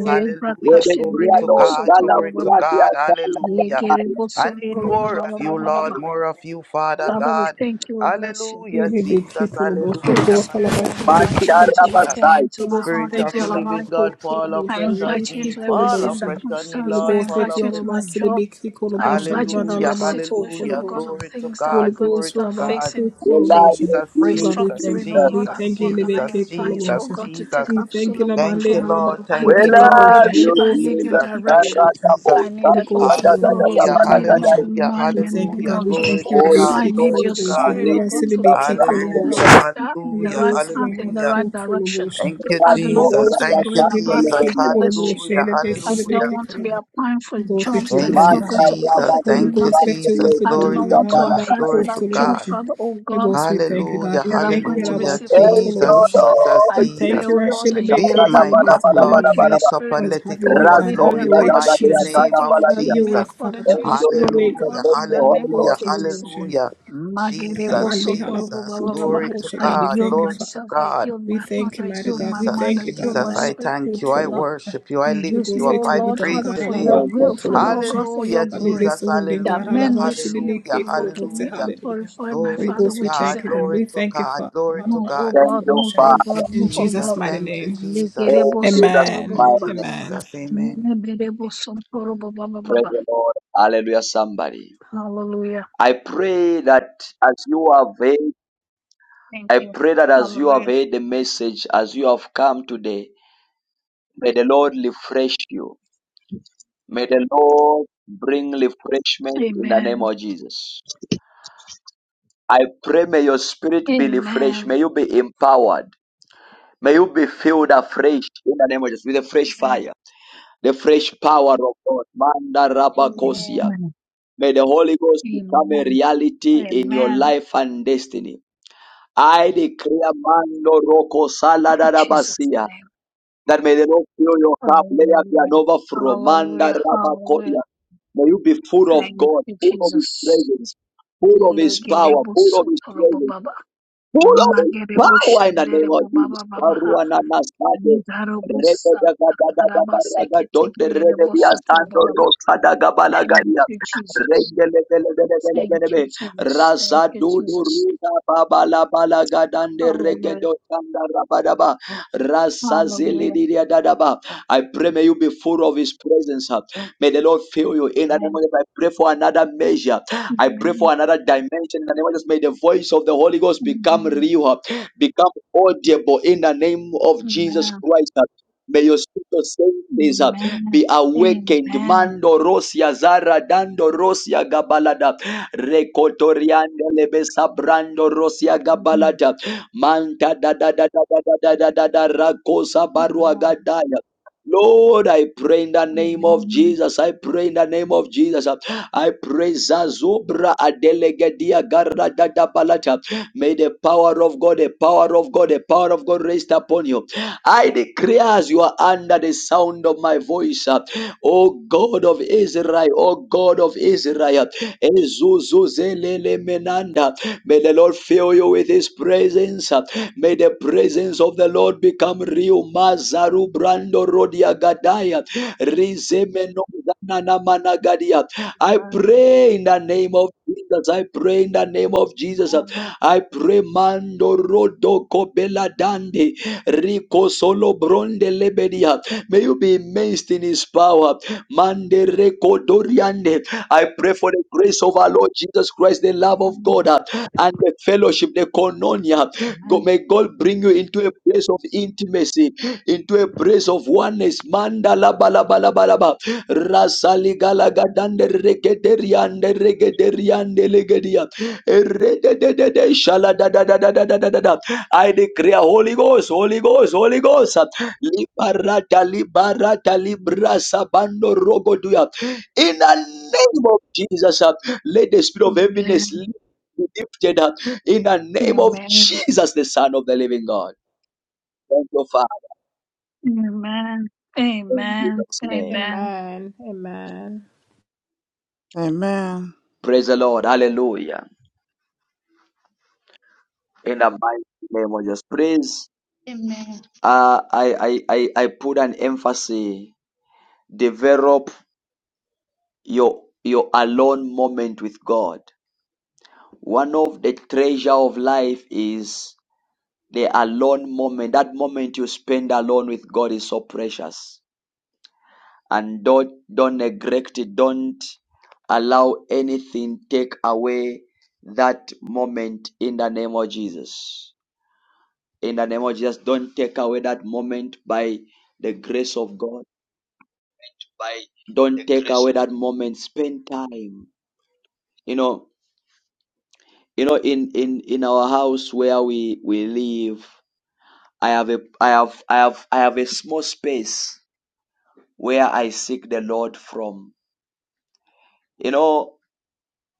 [SPEAKER 1] We
[SPEAKER 6] hallelujah.
[SPEAKER 1] they
[SPEAKER 6] Glory
[SPEAKER 1] create
[SPEAKER 6] to
[SPEAKER 15] shenderebo
[SPEAKER 1] Lord
[SPEAKER 6] God,
[SPEAKER 1] Gala
[SPEAKER 15] sotorobo
[SPEAKER 6] glory to
[SPEAKER 15] baba.
[SPEAKER 1] Gracia
[SPEAKER 6] God,
[SPEAKER 1] Sala,
[SPEAKER 6] hallelujah.
[SPEAKER 15] Legerebo
[SPEAKER 6] I need
[SPEAKER 15] sotorobo
[SPEAKER 6] more of
[SPEAKER 15] baba
[SPEAKER 6] you,
[SPEAKER 15] baba baba.
[SPEAKER 6] Lord, more of you, Father
[SPEAKER 15] Father, we
[SPEAKER 6] God.
[SPEAKER 15] thank you, we bless you.
[SPEAKER 6] Hallelujah, Jesus,
[SPEAKER 4] Yerebekitulobos,
[SPEAKER 15] Holy
[SPEAKER 6] hallelujah,
[SPEAKER 4] Lobos,
[SPEAKER 15] Spirit,
[SPEAKER 4] Alabas,
[SPEAKER 15] I
[SPEAKER 6] hallelujah,
[SPEAKER 15] invite you into
[SPEAKER 1] Mantara
[SPEAKER 15] my
[SPEAKER 4] Yerebekitulobos.
[SPEAKER 6] hallelujah.
[SPEAKER 15] home,
[SPEAKER 1] Basai,
[SPEAKER 15] into my
[SPEAKER 4] Lobos, we
[SPEAKER 15] heart,
[SPEAKER 6] Spirit
[SPEAKER 4] thank
[SPEAKER 15] into
[SPEAKER 6] of
[SPEAKER 4] you,
[SPEAKER 6] the
[SPEAKER 15] my
[SPEAKER 4] Alabas,
[SPEAKER 6] living
[SPEAKER 15] life.
[SPEAKER 4] for
[SPEAKER 6] God, fall
[SPEAKER 4] Tulobos,
[SPEAKER 15] I
[SPEAKER 6] afresh on
[SPEAKER 15] invite you
[SPEAKER 6] me.
[SPEAKER 15] into
[SPEAKER 6] Fall
[SPEAKER 15] everything that
[SPEAKER 6] afresh
[SPEAKER 4] Yerebekitulobos.
[SPEAKER 6] on me,
[SPEAKER 4] Holy
[SPEAKER 15] concerns me.
[SPEAKER 6] Lord.
[SPEAKER 15] I
[SPEAKER 4] Ghost,
[SPEAKER 6] Fall
[SPEAKER 4] let
[SPEAKER 15] invite
[SPEAKER 4] you
[SPEAKER 15] you
[SPEAKER 6] afresh
[SPEAKER 15] into my
[SPEAKER 6] on
[SPEAKER 4] Alabas,
[SPEAKER 6] me.
[SPEAKER 15] job. I
[SPEAKER 4] Yerebekitulobos,
[SPEAKER 15] invite you
[SPEAKER 4] Alabas,
[SPEAKER 15] into the
[SPEAKER 6] Hallelujah,
[SPEAKER 4] Alabas,
[SPEAKER 15] situation,
[SPEAKER 6] hallelujah.
[SPEAKER 15] oh God,
[SPEAKER 4] Tulobos.
[SPEAKER 15] of
[SPEAKER 6] Glory to
[SPEAKER 15] things that
[SPEAKER 4] Holy
[SPEAKER 15] we're
[SPEAKER 6] God,
[SPEAKER 15] going to
[SPEAKER 6] glory
[SPEAKER 4] Ghost,
[SPEAKER 6] to
[SPEAKER 15] start
[SPEAKER 4] Rabba,
[SPEAKER 6] God.
[SPEAKER 15] facing
[SPEAKER 1] Ela
[SPEAKER 4] Kulobos.
[SPEAKER 6] Jesus,
[SPEAKER 4] Oh God, we
[SPEAKER 6] Jesus,
[SPEAKER 4] thank
[SPEAKER 15] restructuring,
[SPEAKER 4] you,
[SPEAKER 1] Jesus.
[SPEAKER 15] oh
[SPEAKER 4] God, we
[SPEAKER 15] God, at
[SPEAKER 6] Jesus,
[SPEAKER 4] thank you,
[SPEAKER 15] work. And I
[SPEAKER 6] Jesus,
[SPEAKER 15] invite you, oh
[SPEAKER 6] Jesus,
[SPEAKER 4] Yerebekitulobos.
[SPEAKER 15] God, to take
[SPEAKER 6] Jesus.
[SPEAKER 4] We thank you,
[SPEAKER 15] absolute
[SPEAKER 6] Thank
[SPEAKER 4] Labande,
[SPEAKER 6] you,
[SPEAKER 15] control.
[SPEAKER 6] Lord.
[SPEAKER 4] Alabas,
[SPEAKER 15] I
[SPEAKER 1] We
[SPEAKER 6] Thank you,
[SPEAKER 15] need your
[SPEAKER 6] Lord.
[SPEAKER 4] Tulobos.
[SPEAKER 1] love
[SPEAKER 6] Thank
[SPEAKER 4] Holy
[SPEAKER 1] you,
[SPEAKER 15] leadership.
[SPEAKER 6] you,
[SPEAKER 15] I
[SPEAKER 4] Ghost,
[SPEAKER 15] need your
[SPEAKER 1] Jesus.
[SPEAKER 6] Jesus. Thank
[SPEAKER 15] direction.
[SPEAKER 6] you,
[SPEAKER 4] Yerebekitulobos.
[SPEAKER 6] Jesus.
[SPEAKER 15] I need
[SPEAKER 4] Holy
[SPEAKER 15] an
[SPEAKER 4] Ghost,
[SPEAKER 15] open
[SPEAKER 4] Alabas,
[SPEAKER 15] doors.
[SPEAKER 6] Hallelujah,
[SPEAKER 15] I need an
[SPEAKER 4] Tulobos.
[SPEAKER 15] open
[SPEAKER 6] hallelujah,
[SPEAKER 15] mind in
[SPEAKER 4] We
[SPEAKER 15] the
[SPEAKER 4] thank you,
[SPEAKER 15] name
[SPEAKER 6] hallelujah.
[SPEAKER 4] God.
[SPEAKER 15] of
[SPEAKER 4] We
[SPEAKER 15] Jesus.
[SPEAKER 6] Glory
[SPEAKER 4] thank you,
[SPEAKER 6] to
[SPEAKER 1] Holy
[SPEAKER 6] God,
[SPEAKER 15] I
[SPEAKER 4] Rebeki
[SPEAKER 15] need
[SPEAKER 6] glory
[SPEAKER 1] Ghost,
[SPEAKER 15] your
[SPEAKER 6] to
[SPEAKER 4] Kolobosha.
[SPEAKER 1] and
[SPEAKER 6] God.
[SPEAKER 15] spirit,
[SPEAKER 1] lead
[SPEAKER 15] oh
[SPEAKER 1] to
[SPEAKER 15] God, to
[SPEAKER 4] Alabasibiki
[SPEAKER 15] lead me in the
[SPEAKER 1] Sabrantele,
[SPEAKER 6] Hallelujah,
[SPEAKER 15] right
[SPEAKER 4] Kolobosha.
[SPEAKER 15] da- in
[SPEAKER 4] Holy
[SPEAKER 15] the
[SPEAKER 6] hallelujah,
[SPEAKER 15] right
[SPEAKER 4] Ghost,
[SPEAKER 15] path, in the
[SPEAKER 6] hallelujah.
[SPEAKER 15] right
[SPEAKER 4] Alabaku
[SPEAKER 15] direction.
[SPEAKER 4] Kolobosha.
[SPEAKER 6] Thank you,
[SPEAKER 15] I do
[SPEAKER 1] Rasko,
[SPEAKER 4] Holy
[SPEAKER 15] not want
[SPEAKER 6] Jesus.
[SPEAKER 15] to
[SPEAKER 4] Ghost,
[SPEAKER 15] be
[SPEAKER 6] Thank you,
[SPEAKER 15] going about
[SPEAKER 1] Rakasatele,
[SPEAKER 15] like
[SPEAKER 6] Jesus.
[SPEAKER 4] Rashibiki
[SPEAKER 15] headless
[SPEAKER 4] Kolobosha.
[SPEAKER 15] chicken.
[SPEAKER 6] Hallelujah.
[SPEAKER 15] I do not
[SPEAKER 6] Hallelujah.
[SPEAKER 4] Alabasibiki
[SPEAKER 15] want to be
[SPEAKER 4] Kolobosha.
[SPEAKER 15] applying for
[SPEAKER 4] Holy Ghost, let
[SPEAKER 15] jobs
[SPEAKER 4] your will be
[SPEAKER 15] that is
[SPEAKER 6] Thank
[SPEAKER 4] done,
[SPEAKER 6] you,
[SPEAKER 15] not going
[SPEAKER 1] Manda,
[SPEAKER 4] God.
[SPEAKER 15] to
[SPEAKER 6] Jesus.
[SPEAKER 15] profit me
[SPEAKER 4] Holy
[SPEAKER 1] Rabasi,
[SPEAKER 6] Thank you,
[SPEAKER 4] Ghost,
[SPEAKER 15] nothing.
[SPEAKER 4] let your will
[SPEAKER 1] Sabrantele,
[SPEAKER 6] Jesus.
[SPEAKER 4] be
[SPEAKER 15] I do
[SPEAKER 4] done,
[SPEAKER 6] Glory
[SPEAKER 15] not
[SPEAKER 1] Sibida,
[SPEAKER 4] God.
[SPEAKER 6] to
[SPEAKER 15] want to
[SPEAKER 6] God.
[SPEAKER 1] Banada,
[SPEAKER 15] apply for
[SPEAKER 6] Glory
[SPEAKER 4] Alabaku
[SPEAKER 15] that
[SPEAKER 6] to
[SPEAKER 15] job,
[SPEAKER 6] God.
[SPEAKER 4] Kolobosha.
[SPEAKER 15] Father, oh
[SPEAKER 4] Holy
[SPEAKER 15] God
[SPEAKER 4] Ghost, we thank you, God.
[SPEAKER 6] Hallelujah.
[SPEAKER 4] We
[SPEAKER 15] that I'm
[SPEAKER 4] thank
[SPEAKER 15] going
[SPEAKER 4] you,
[SPEAKER 15] to
[SPEAKER 6] Hallelujah.
[SPEAKER 15] receive
[SPEAKER 4] Alabaku
[SPEAKER 15] closed
[SPEAKER 6] Jesus,
[SPEAKER 15] doors.
[SPEAKER 1] Ejodo,
[SPEAKER 4] Kolobosha.
[SPEAKER 6] Jesus,
[SPEAKER 15] I
[SPEAKER 4] We
[SPEAKER 15] pray,
[SPEAKER 4] thank you,
[SPEAKER 6] Jesus.
[SPEAKER 15] oh
[SPEAKER 1] Sibida,
[SPEAKER 15] Lord, that you will
[SPEAKER 6] Fill
[SPEAKER 4] Rashibiki
[SPEAKER 1] Karada,
[SPEAKER 15] lead
[SPEAKER 6] my
[SPEAKER 15] me
[SPEAKER 1] Bada,
[SPEAKER 6] cup,
[SPEAKER 4] Kolobosha.
[SPEAKER 1] Bada,
[SPEAKER 15] according
[SPEAKER 6] Lord.
[SPEAKER 1] Bada,
[SPEAKER 15] to
[SPEAKER 4] Hallelujah.
[SPEAKER 6] Fill
[SPEAKER 15] your
[SPEAKER 1] Bada, Bada,
[SPEAKER 6] it up
[SPEAKER 15] spirit.
[SPEAKER 6] and
[SPEAKER 4] Lord,
[SPEAKER 6] let
[SPEAKER 4] have
[SPEAKER 6] it
[SPEAKER 4] your
[SPEAKER 15] You
[SPEAKER 4] way,
[SPEAKER 15] will
[SPEAKER 4] God.
[SPEAKER 15] lead
[SPEAKER 1] Rasko,
[SPEAKER 6] overflow
[SPEAKER 15] me
[SPEAKER 4] Have
[SPEAKER 6] in
[SPEAKER 4] your
[SPEAKER 6] the
[SPEAKER 4] way,
[SPEAKER 15] according to
[SPEAKER 6] mighty
[SPEAKER 15] your
[SPEAKER 1] Rakasatele,
[SPEAKER 4] Jesus.
[SPEAKER 6] name
[SPEAKER 15] spirit.
[SPEAKER 1] Kada,
[SPEAKER 15] You
[SPEAKER 6] of
[SPEAKER 15] will
[SPEAKER 4] Have
[SPEAKER 1] Baladia,
[SPEAKER 15] lead
[SPEAKER 4] your
[SPEAKER 15] me
[SPEAKER 4] way,
[SPEAKER 6] Jesus.
[SPEAKER 15] according
[SPEAKER 4] Father.
[SPEAKER 15] to your
[SPEAKER 4] Have
[SPEAKER 1] Ejo,
[SPEAKER 4] your
[SPEAKER 15] spirit,
[SPEAKER 4] way,
[SPEAKER 1] Jesus,
[SPEAKER 15] oh
[SPEAKER 1] thank
[SPEAKER 4] God.
[SPEAKER 6] Hallelujah.
[SPEAKER 15] God, in
[SPEAKER 1] you,
[SPEAKER 15] the name
[SPEAKER 1] Holy
[SPEAKER 15] of
[SPEAKER 6] Hallelujah.
[SPEAKER 1] Ghost,
[SPEAKER 15] Jesus.
[SPEAKER 4] Alabakutuloboshi.
[SPEAKER 6] Hallelujah. Jesus,
[SPEAKER 4] Amande
[SPEAKER 6] Jesus.
[SPEAKER 15] Magerebosokorobobababa.
[SPEAKER 6] Glory to
[SPEAKER 4] alabakutuloboshi.
[SPEAKER 15] I
[SPEAKER 4] God, we
[SPEAKER 6] God.
[SPEAKER 15] yield
[SPEAKER 4] thank you,
[SPEAKER 6] Glory
[SPEAKER 4] Father.
[SPEAKER 6] to
[SPEAKER 15] myself, I
[SPEAKER 6] God.
[SPEAKER 15] yield
[SPEAKER 4] We
[SPEAKER 15] my heart,
[SPEAKER 4] thank you,
[SPEAKER 15] I
[SPEAKER 4] mighty
[SPEAKER 15] yield
[SPEAKER 4] God.
[SPEAKER 15] my
[SPEAKER 4] We
[SPEAKER 15] mind,
[SPEAKER 6] Jesus,
[SPEAKER 4] thank
[SPEAKER 15] I
[SPEAKER 4] you, God.
[SPEAKER 15] yield my
[SPEAKER 6] Jesus, I
[SPEAKER 15] spirit to
[SPEAKER 6] thank you.
[SPEAKER 15] you,
[SPEAKER 6] I
[SPEAKER 15] God.
[SPEAKER 4] Alabakutuloboshi.
[SPEAKER 6] worship you. I
[SPEAKER 15] You
[SPEAKER 4] Holy
[SPEAKER 6] lift
[SPEAKER 15] use
[SPEAKER 6] you
[SPEAKER 4] Ghost,
[SPEAKER 15] me, O
[SPEAKER 6] up.
[SPEAKER 4] let will
[SPEAKER 6] I
[SPEAKER 4] be
[SPEAKER 15] Lord,
[SPEAKER 4] done,
[SPEAKER 15] Father,
[SPEAKER 6] praise
[SPEAKER 4] God.
[SPEAKER 6] your
[SPEAKER 15] for
[SPEAKER 6] name.
[SPEAKER 15] your
[SPEAKER 1] thank you,
[SPEAKER 15] will,
[SPEAKER 1] Jesus.
[SPEAKER 15] Father, O
[SPEAKER 4] Alabakutuloboshi.
[SPEAKER 15] God, for your
[SPEAKER 6] Hallelujah,
[SPEAKER 4] God, we
[SPEAKER 15] glory,
[SPEAKER 4] bless
[SPEAKER 6] Jesus.
[SPEAKER 4] the whole name,
[SPEAKER 15] that
[SPEAKER 4] God.
[SPEAKER 6] Hallelujah.
[SPEAKER 15] men may see your
[SPEAKER 6] Hallelujah.
[SPEAKER 15] good work in
[SPEAKER 4] Alabashidikituloboshi.
[SPEAKER 15] me
[SPEAKER 6] Hallelujah.
[SPEAKER 15] and
[SPEAKER 4] Hallelujah.
[SPEAKER 15] glorify my
[SPEAKER 4] Holy
[SPEAKER 6] Glory
[SPEAKER 15] Father
[SPEAKER 6] to
[SPEAKER 4] Ghost, we
[SPEAKER 15] which is
[SPEAKER 6] God.
[SPEAKER 4] thank
[SPEAKER 15] in
[SPEAKER 4] you, God.
[SPEAKER 15] heaven.
[SPEAKER 6] Glory
[SPEAKER 4] We
[SPEAKER 6] to
[SPEAKER 4] thank you,
[SPEAKER 6] God.
[SPEAKER 4] Father.
[SPEAKER 6] Glory to
[SPEAKER 15] Move, oh
[SPEAKER 6] God.
[SPEAKER 1] Thank
[SPEAKER 15] God,
[SPEAKER 1] you,
[SPEAKER 15] move,
[SPEAKER 4] Alabakutuloboshi.
[SPEAKER 15] oh
[SPEAKER 1] Father,
[SPEAKER 6] Thank you,
[SPEAKER 15] God,
[SPEAKER 4] In
[SPEAKER 15] move, oh
[SPEAKER 4] Jesus'
[SPEAKER 6] Jesus.
[SPEAKER 15] God.
[SPEAKER 4] mighty
[SPEAKER 6] Thank you,
[SPEAKER 4] name.
[SPEAKER 6] Jesus.
[SPEAKER 1] in
[SPEAKER 15] Legerebo
[SPEAKER 1] Jesus'
[SPEAKER 15] sotorobo
[SPEAKER 4] Amen.
[SPEAKER 6] Thank
[SPEAKER 1] mighty
[SPEAKER 15] baba.
[SPEAKER 6] you,
[SPEAKER 1] name.
[SPEAKER 4] Amen.
[SPEAKER 6] Jesus. Amen.
[SPEAKER 15] Neberebo sotorobo baba
[SPEAKER 1] Praise
[SPEAKER 15] baba.
[SPEAKER 1] the Lord. Hallelujah, somebody.
[SPEAKER 15] Hallelujah.
[SPEAKER 1] I pray that as you have heard,
[SPEAKER 15] Thank
[SPEAKER 1] I
[SPEAKER 15] you.
[SPEAKER 1] pray that as you have
[SPEAKER 15] Hallelujah.
[SPEAKER 1] heard the message, as you have come today, may the Lord refresh you. May the Lord bring refreshment in the name
[SPEAKER 15] Amen.
[SPEAKER 1] of Jesus. I pray may your spirit be refreshed.
[SPEAKER 15] Amen.
[SPEAKER 1] May you be empowered. May you be filled afresh in the name of Jesus with the fresh
[SPEAKER 15] Amen.
[SPEAKER 1] fire, the fresh power of God. Manda
[SPEAKER 3] Amen.
[SPEAKER 1] Rabakosia. May the Holy Ghost become a
[SPEAKER 15] Amen.
[SPEAKER 1] reality in your
[SPEAKER 15] Amen.
[SPEAKER 1] life and destiny. I declare Mando Roko
[SPEAKER 15] In Jesus'
[SPEAKER 1] Saladarabasia
[SPEAKER 15] name.
[SPEAKER 1] that may the Lord fill your cup, let it be an
[SPEAKER 15] Hallelujah.
[SPEAKER 1] overflow. Manda
[SPEAKER 15] Hallelujah. Hallelujah.
[SPEAKER 1] Rabakodia. May you be full of
[SPEAKER 15] Thank
[SPEAKER 1] God,
[SPEAKER 15] you,
[SPEAKER 1] full of His
[SPEAKER 15] Jesus.
[SPEAKER 1] presence, full of His power,
[SPEAKER 15] Legerebo
[SPEAKER 1] full of His
[SPEAKER 15] sotorobo
[SPEAKER 1] presence
[SPEAKER 15] baba.
[SPEAKER 1] full
[SPEAKER 15] Magerebo
[SPEAKER 1] power in the name of
[SPEAKER 15] shanderebo
[SPEAKER 1] Jesus.
[SPEAKER 15] baba baba.
[SPEAKER 1] Aruana Masade. Rebe da ga da da da ba ra ga don de rebe bia sando
[SPEAKER 15] Nidarobosakakaramaseketekelelebosotorobobaba.
[SPEAKER 1] rosa da ga ba la ga
[SPEAKER 15] Thank
[SPEAKER 1] ya.
[SPEAKER 15] you, Jesus.
[SPEAKER 1] Rege le be le be le be le be
[SPEAKER 15] Thank
[SPEAKER 1] le
[SPEAKER 15] you,
[SPEAKER 1] be.
[SPEAKER 15] Jesus. Thank
[SPEAKER 1] Rasa
[SPEAKER 15] you,
[SPEAKER 1] du du
[SPEAKER 15] Jesus.
[SPEAKER 1] ru da ba ba la ba la ga dan de rege
[SPEAKER 15] Hallelujah.
[SPEAKER 1] do sanda ra ba da ba. Rasa zili
[SPEAKER 15] Hallelujah.
[SPEAKER 1] di dia da da ba. I pray may you be full of his presence. May the Lord fill you in the name
[SPEAKER 15] Amen.
[SPEAKER 1] of Jesus. I pray for another measure. I pray for
[SPEAKER 15] Amen.
[SPEAKER 1] another dimension in the name of Jesus. May the voice of the Holy Ghost become real, become audible in the name of Jesus
[SPEAKER 15] Amen.
[SPEAKER 1] Christ. May your spiritual senses uh,
[SPEAKER 15] Amen.
[SPEAKER 1] be
[SPEAKER 15] Amen.
[SPEAKER 1] awakened. Mando Rosia Zara Dando Rosia Gabalada Recotorianda Lebesa Brando Rosia Gabalada Manta da da da da da da da da da da Rakosa
[SPEAKER 15] Amen.
[SPEAKER 1] Baruagadaya Lord, I pray in the name of
[SPEAKER 15] Amen. Amen. Amen.
[SPEAKER 1] Jesus. I pray in the name of Jesus. I pray Zazobra Adelegedia Garra Dada Balata. May the power of God, the power of God, the power of God rest upon you. I declare as you are under the sound of my voice, uh, O God of Israel, O God of Israel, Ezuzuzelele Menanda. May the Lord fill you with his presence. uh, May the presence of the Lord become real. Mazaru Brando Rodia Gadaya. Rizemeno Zanana Managadia. I pray in the name of Jesus. I pray in the name of Jesus. I pray mando rodo kobela dande rico solo bronde lebedia. May you be immersed in his power. Mande reko doriande. I pray for the grace of our Lord Jesus Christ, the love of God, uh, and the fellowship, the koinonia. Go- May God bring you into a place of intimacy, into a place of oneness. Manda la ba ba ba ba. la la la ba. Rasaligalagandande regederiande regederiande legedia. Eredededede shaladadadadadadadada. I declare Holy Ghost, Holy Ghost, Holy Ghost. Liberata, liberata, librasa, bando, rogoduya. In the name of Jesus, uh, let the spirit of heaviness be lifted up. In the
[SPEAKER 15] Amen. Amen. Amen. Amen. Amen.
[SPEAKER 1] name of Jesus, the Son of the Living God. Thank you, Father.
[SPEAKER 15] Amen. Amen. Amen.
[SPEAKER 1] In
[SPEAKER 15] Amen.
[SPEAKER 1] Jesus' name.
[SPEAKER 15] Amen.
[SPEAKER 4] Amen. Amen.
[SPEAKER 6] Amen.
[SPEAKER 1] Praise the Lord. Hallelujah. In the mighty name of Jesus. Please,
[SPEAKER 3] Amen.
[SPEAKER 1] uh, I, I, I, I put an emphasis. Develop your your alone moment with God. One of the treasure of life is the alone moment. That moment you spend alone with God is so precious. And don't don't neglect it. Don't allow anything take away that moment in the name of Jesus. in the name of Jesus. Don't take away that moment by the grace of God.
[SPEAKER 16] by the
[SPEAKER 1] Don't take
[SPEAKER 16] grace
[SPEAKER 1] away
[SPEAKER 16] of God.
[SPEAKER 1] that moment. Spend time. You know, you know, in in in our house where we we live, I have a I have I have I have a small space where I seek the Lord from. You know,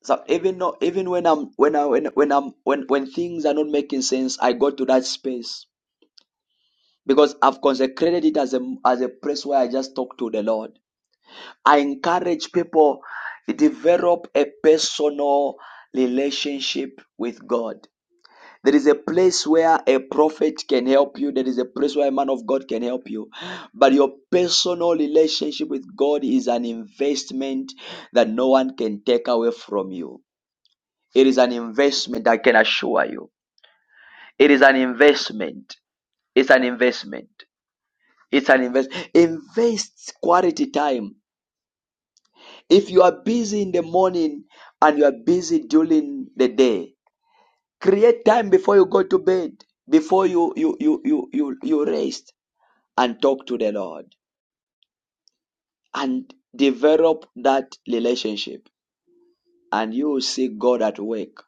[SPEAKER 1] so even though, even when I'm when I when when I'm when when things are not making sense, I go to that space because I've consecrated it as a as a place where I just talk to the Lord. I encourage people to develop a personal relationship with God. There is a place where a prophet can help you. There is a place where a man of God can help you. But your personal relationship with God is an investment that no one can take away from you. It is an investment, I can assure you. It is an investment. It's an investment. It's an invest. Invest quality time If you are busy in the morning and you are busy during the day, create time before you go to bed, before you you you you you, you rest and talk to the Lord and develop that relationship and you will see God at work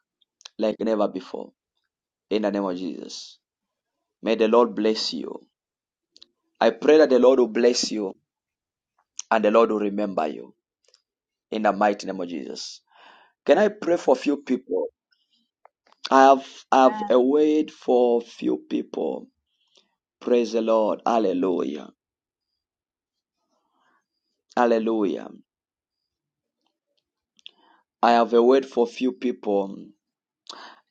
[SPEAKER 1] like never before. In the name of Jesus. May the Lord bless you. I pray that the Lord will bless you and the Lord will remember you in the mighty name of Jesus. Can I pray for a few people? I've I've
[SPEAKER 15] Amen.
[SPEAKER 1] a word for few people. Praise the Lord. Hallelujah. Hallelujah. I have a word for few people.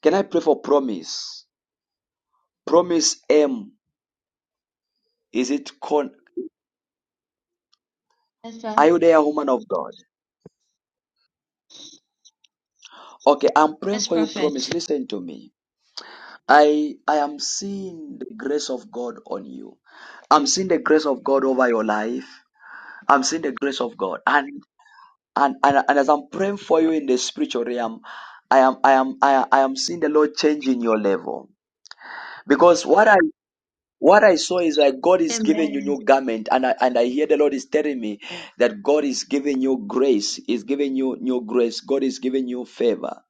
[SPEAKER 1] Can I pray for promise? Promise M. Is it con
[SPEAKER 3] That's right.
[SPEAKER 1] are you there, woman of God? Okay, I'm praying
[SPEAKER 3] That's
[SPEAKER 1] for you,
[SPEAKER 3] prophet.
[SPEAKER 1] promise. Listen to me. I I am seeing the grace of God on you. I'm seeing the grace of God over your life. I'm seeing the grace of God. And and, and and as I'm praying for you in the spiritual realm, I am I am I am, I am seeing the Lord changing your level because what I what I saw is like God is giving you
[SPEAKER 3] Amen.
[SPEAKER 1] new garment, and I and I hear the Lord is telling me that God is giving you grace, is giving you new grace, God is giving you favor,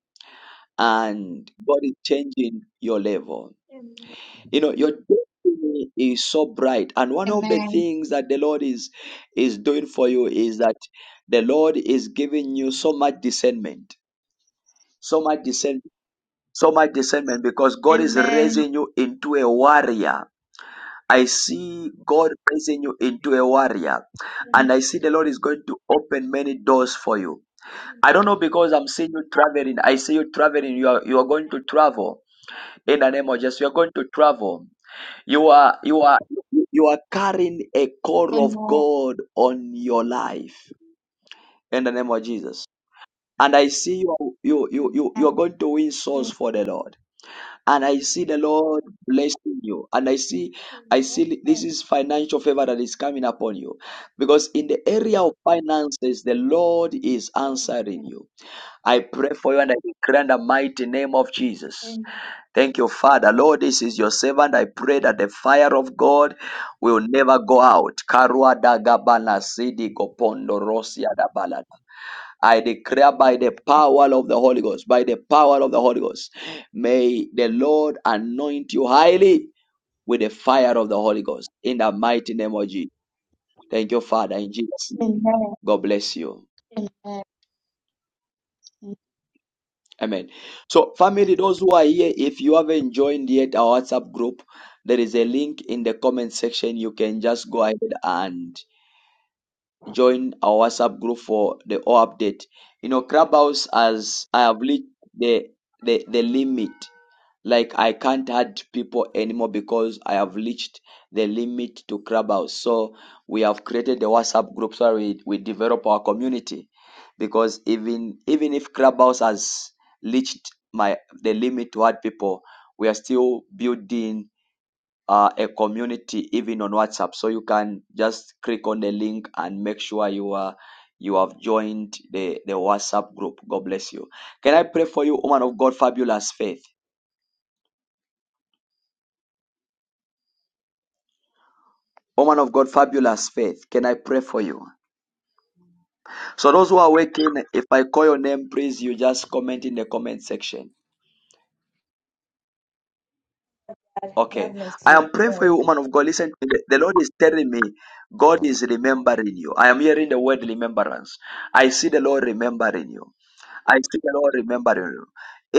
[SPEAKER 1] and God is changing your level.
[SPEAKER 3] Amen.
[SPEAKER 1] You know your destiny is so bright, and one of the
[SPEAKER 3] Amen.
[SPEAKER 1] things that the Lord is is doing for you is that the Lord is giving you so much discernment so much discernment, so much discernment because God is
[SPEAKER 3] Amen.
[SPEAKER 1] raising you into a warrior. I see God raising you into a warrior, and I see the Lord is going to open many doors for you. I don't know because I'm seeing you traveling. I see you traveling. You are you are going to travel in the name of Jesus. You are going to travel. You are you are you are carrying a core of
[SPEAKER 3] Amen. Amen.
[SPEAKER 1] God on your life in the name of Jesus. And I see you you you you you are going to win souls for the Lord. and I see the Lord blessing you. And I see, I see this is financial favor that is coming upon you. Because in the area of finances, the Lord is answering you. I pray for you and I declare in the mighty name of Jesus. Thank you, Father. Lord, this is your servant. I pray that the fire of God will never go out. Karua dagabana sidi gopondo rosia I declare by the power of the Holy Ghost, by the power of the Holy Ghost, may the Lord anoint you highly with the fire of the Holy Ghost in the mighty name of Jesus. Thank you, Father, in Jesus' name. God bless you. Amen. So, family,
[SPEAKER 3] Amen.
[SPEAKER 1] those who are here, if you haven't joined yet our WhatsApp group, there is a link in the comment section. You can just go ahead and. join our WhatsApp group for the all update. You know, Clubhouse as I have reached the, the the limit. Like I can't add people anymore because I have reached the limit to Clubhouse. So we have created the WhatsApp group so we, we develop our community. Because even even if Clubhouse has reached my the limit to add people, we are still building uh, a community even on WhatsApp. So you can just click on the link and make sure you are you have joined the, the WhatsApp group. God bless you. Can I pray for you, woman of God, fabulous faith? Woman of God, fabulous faith. Can I pray for you? So those who are waking, if I call your name, please you just comment in the comment section.
[SPEAKER 13] God
[SPEAKER 1] Okay.
[SPEAKER 13] bless
[SPEAKER 1] I
[SPEAKER 13] you.
[SPEAKER 1] am praying for you,
[SPEAKER 13] Sorry.
[SPEAKER 1] woman of God. Listen, to the, the Lord is telling me God is remembering you. I am hearing the word remembrance. I see the Lord remembering you. I see the Lord remembering you.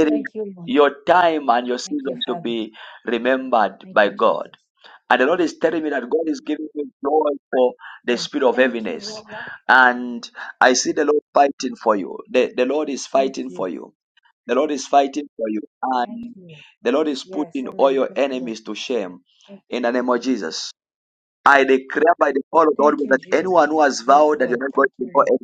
[SPEAKER 1] It is
[SPEAKER 13] Thank you, Lord.
[SPEAKER 1] your time and your
[SPEAKER 13] Thank you,
[SPEAKER 1] season to
[SPEAKER 13] Father.
[SPEAKER 1] be remembered
[SPEAKER 13] Thank
[SPEAKER 1] by
[SPEAKER 13] you,
[SPEAKER 1] God.
[SPEAKER 13] Jesus.
[SPEAKER 1] And the Lord is telling me that God is giving me joy for the
[SPEAKER 13] Amen.
[SPEAKER 1] spirit of
[SPEAKER 13] Thank you,
[SPEAKER 1] heaviness.
[SPEAKER 13] Lord.
[SPEAKER 1] And I see the Lord fighting for you. The, the Lord is
[SPEAKER 13] Thank
[SPEAKER 1] fighting
[SPEAKER 13] you.
[SPEAKER 1] for you. The Lord is fighting for you.
[SPEAKER 13] Thank
[SPEAKER 1] And
[SPEAKER 13] you. Lord.
[SPEAKER 1] the Lord is
[SPEAKER 13] Yes,
[SPEAKER 1] putting all
[SPEAKER 13] amen.
[SPEAKER 1] your
[SPEAKER 13] Thank you, Lord.
[SPEAKER 1] enemies to shame
[SPEAKER 13] Thank
[SPEAKER 1] in the name of Jesus. I declare by the power of God
[SPEAKER 13] thank you,
[SPEAKER 1] that
[SPEAKER 13] Jesus.
[SPEAKER 1] anyone who has
[SPEAKER 13] Yes,
[SPEAKER 1] vowed that you're
[SPEAKER 13] Lord.
[SPEAKER 1] not going
[SPEAKER 13] Thank
[SPEAKER 1] to
[SPEAKER 13] you,
[SPEAKER 1] go
[SPEAKER 13] Lord.
[SPEAKER 1] anywhere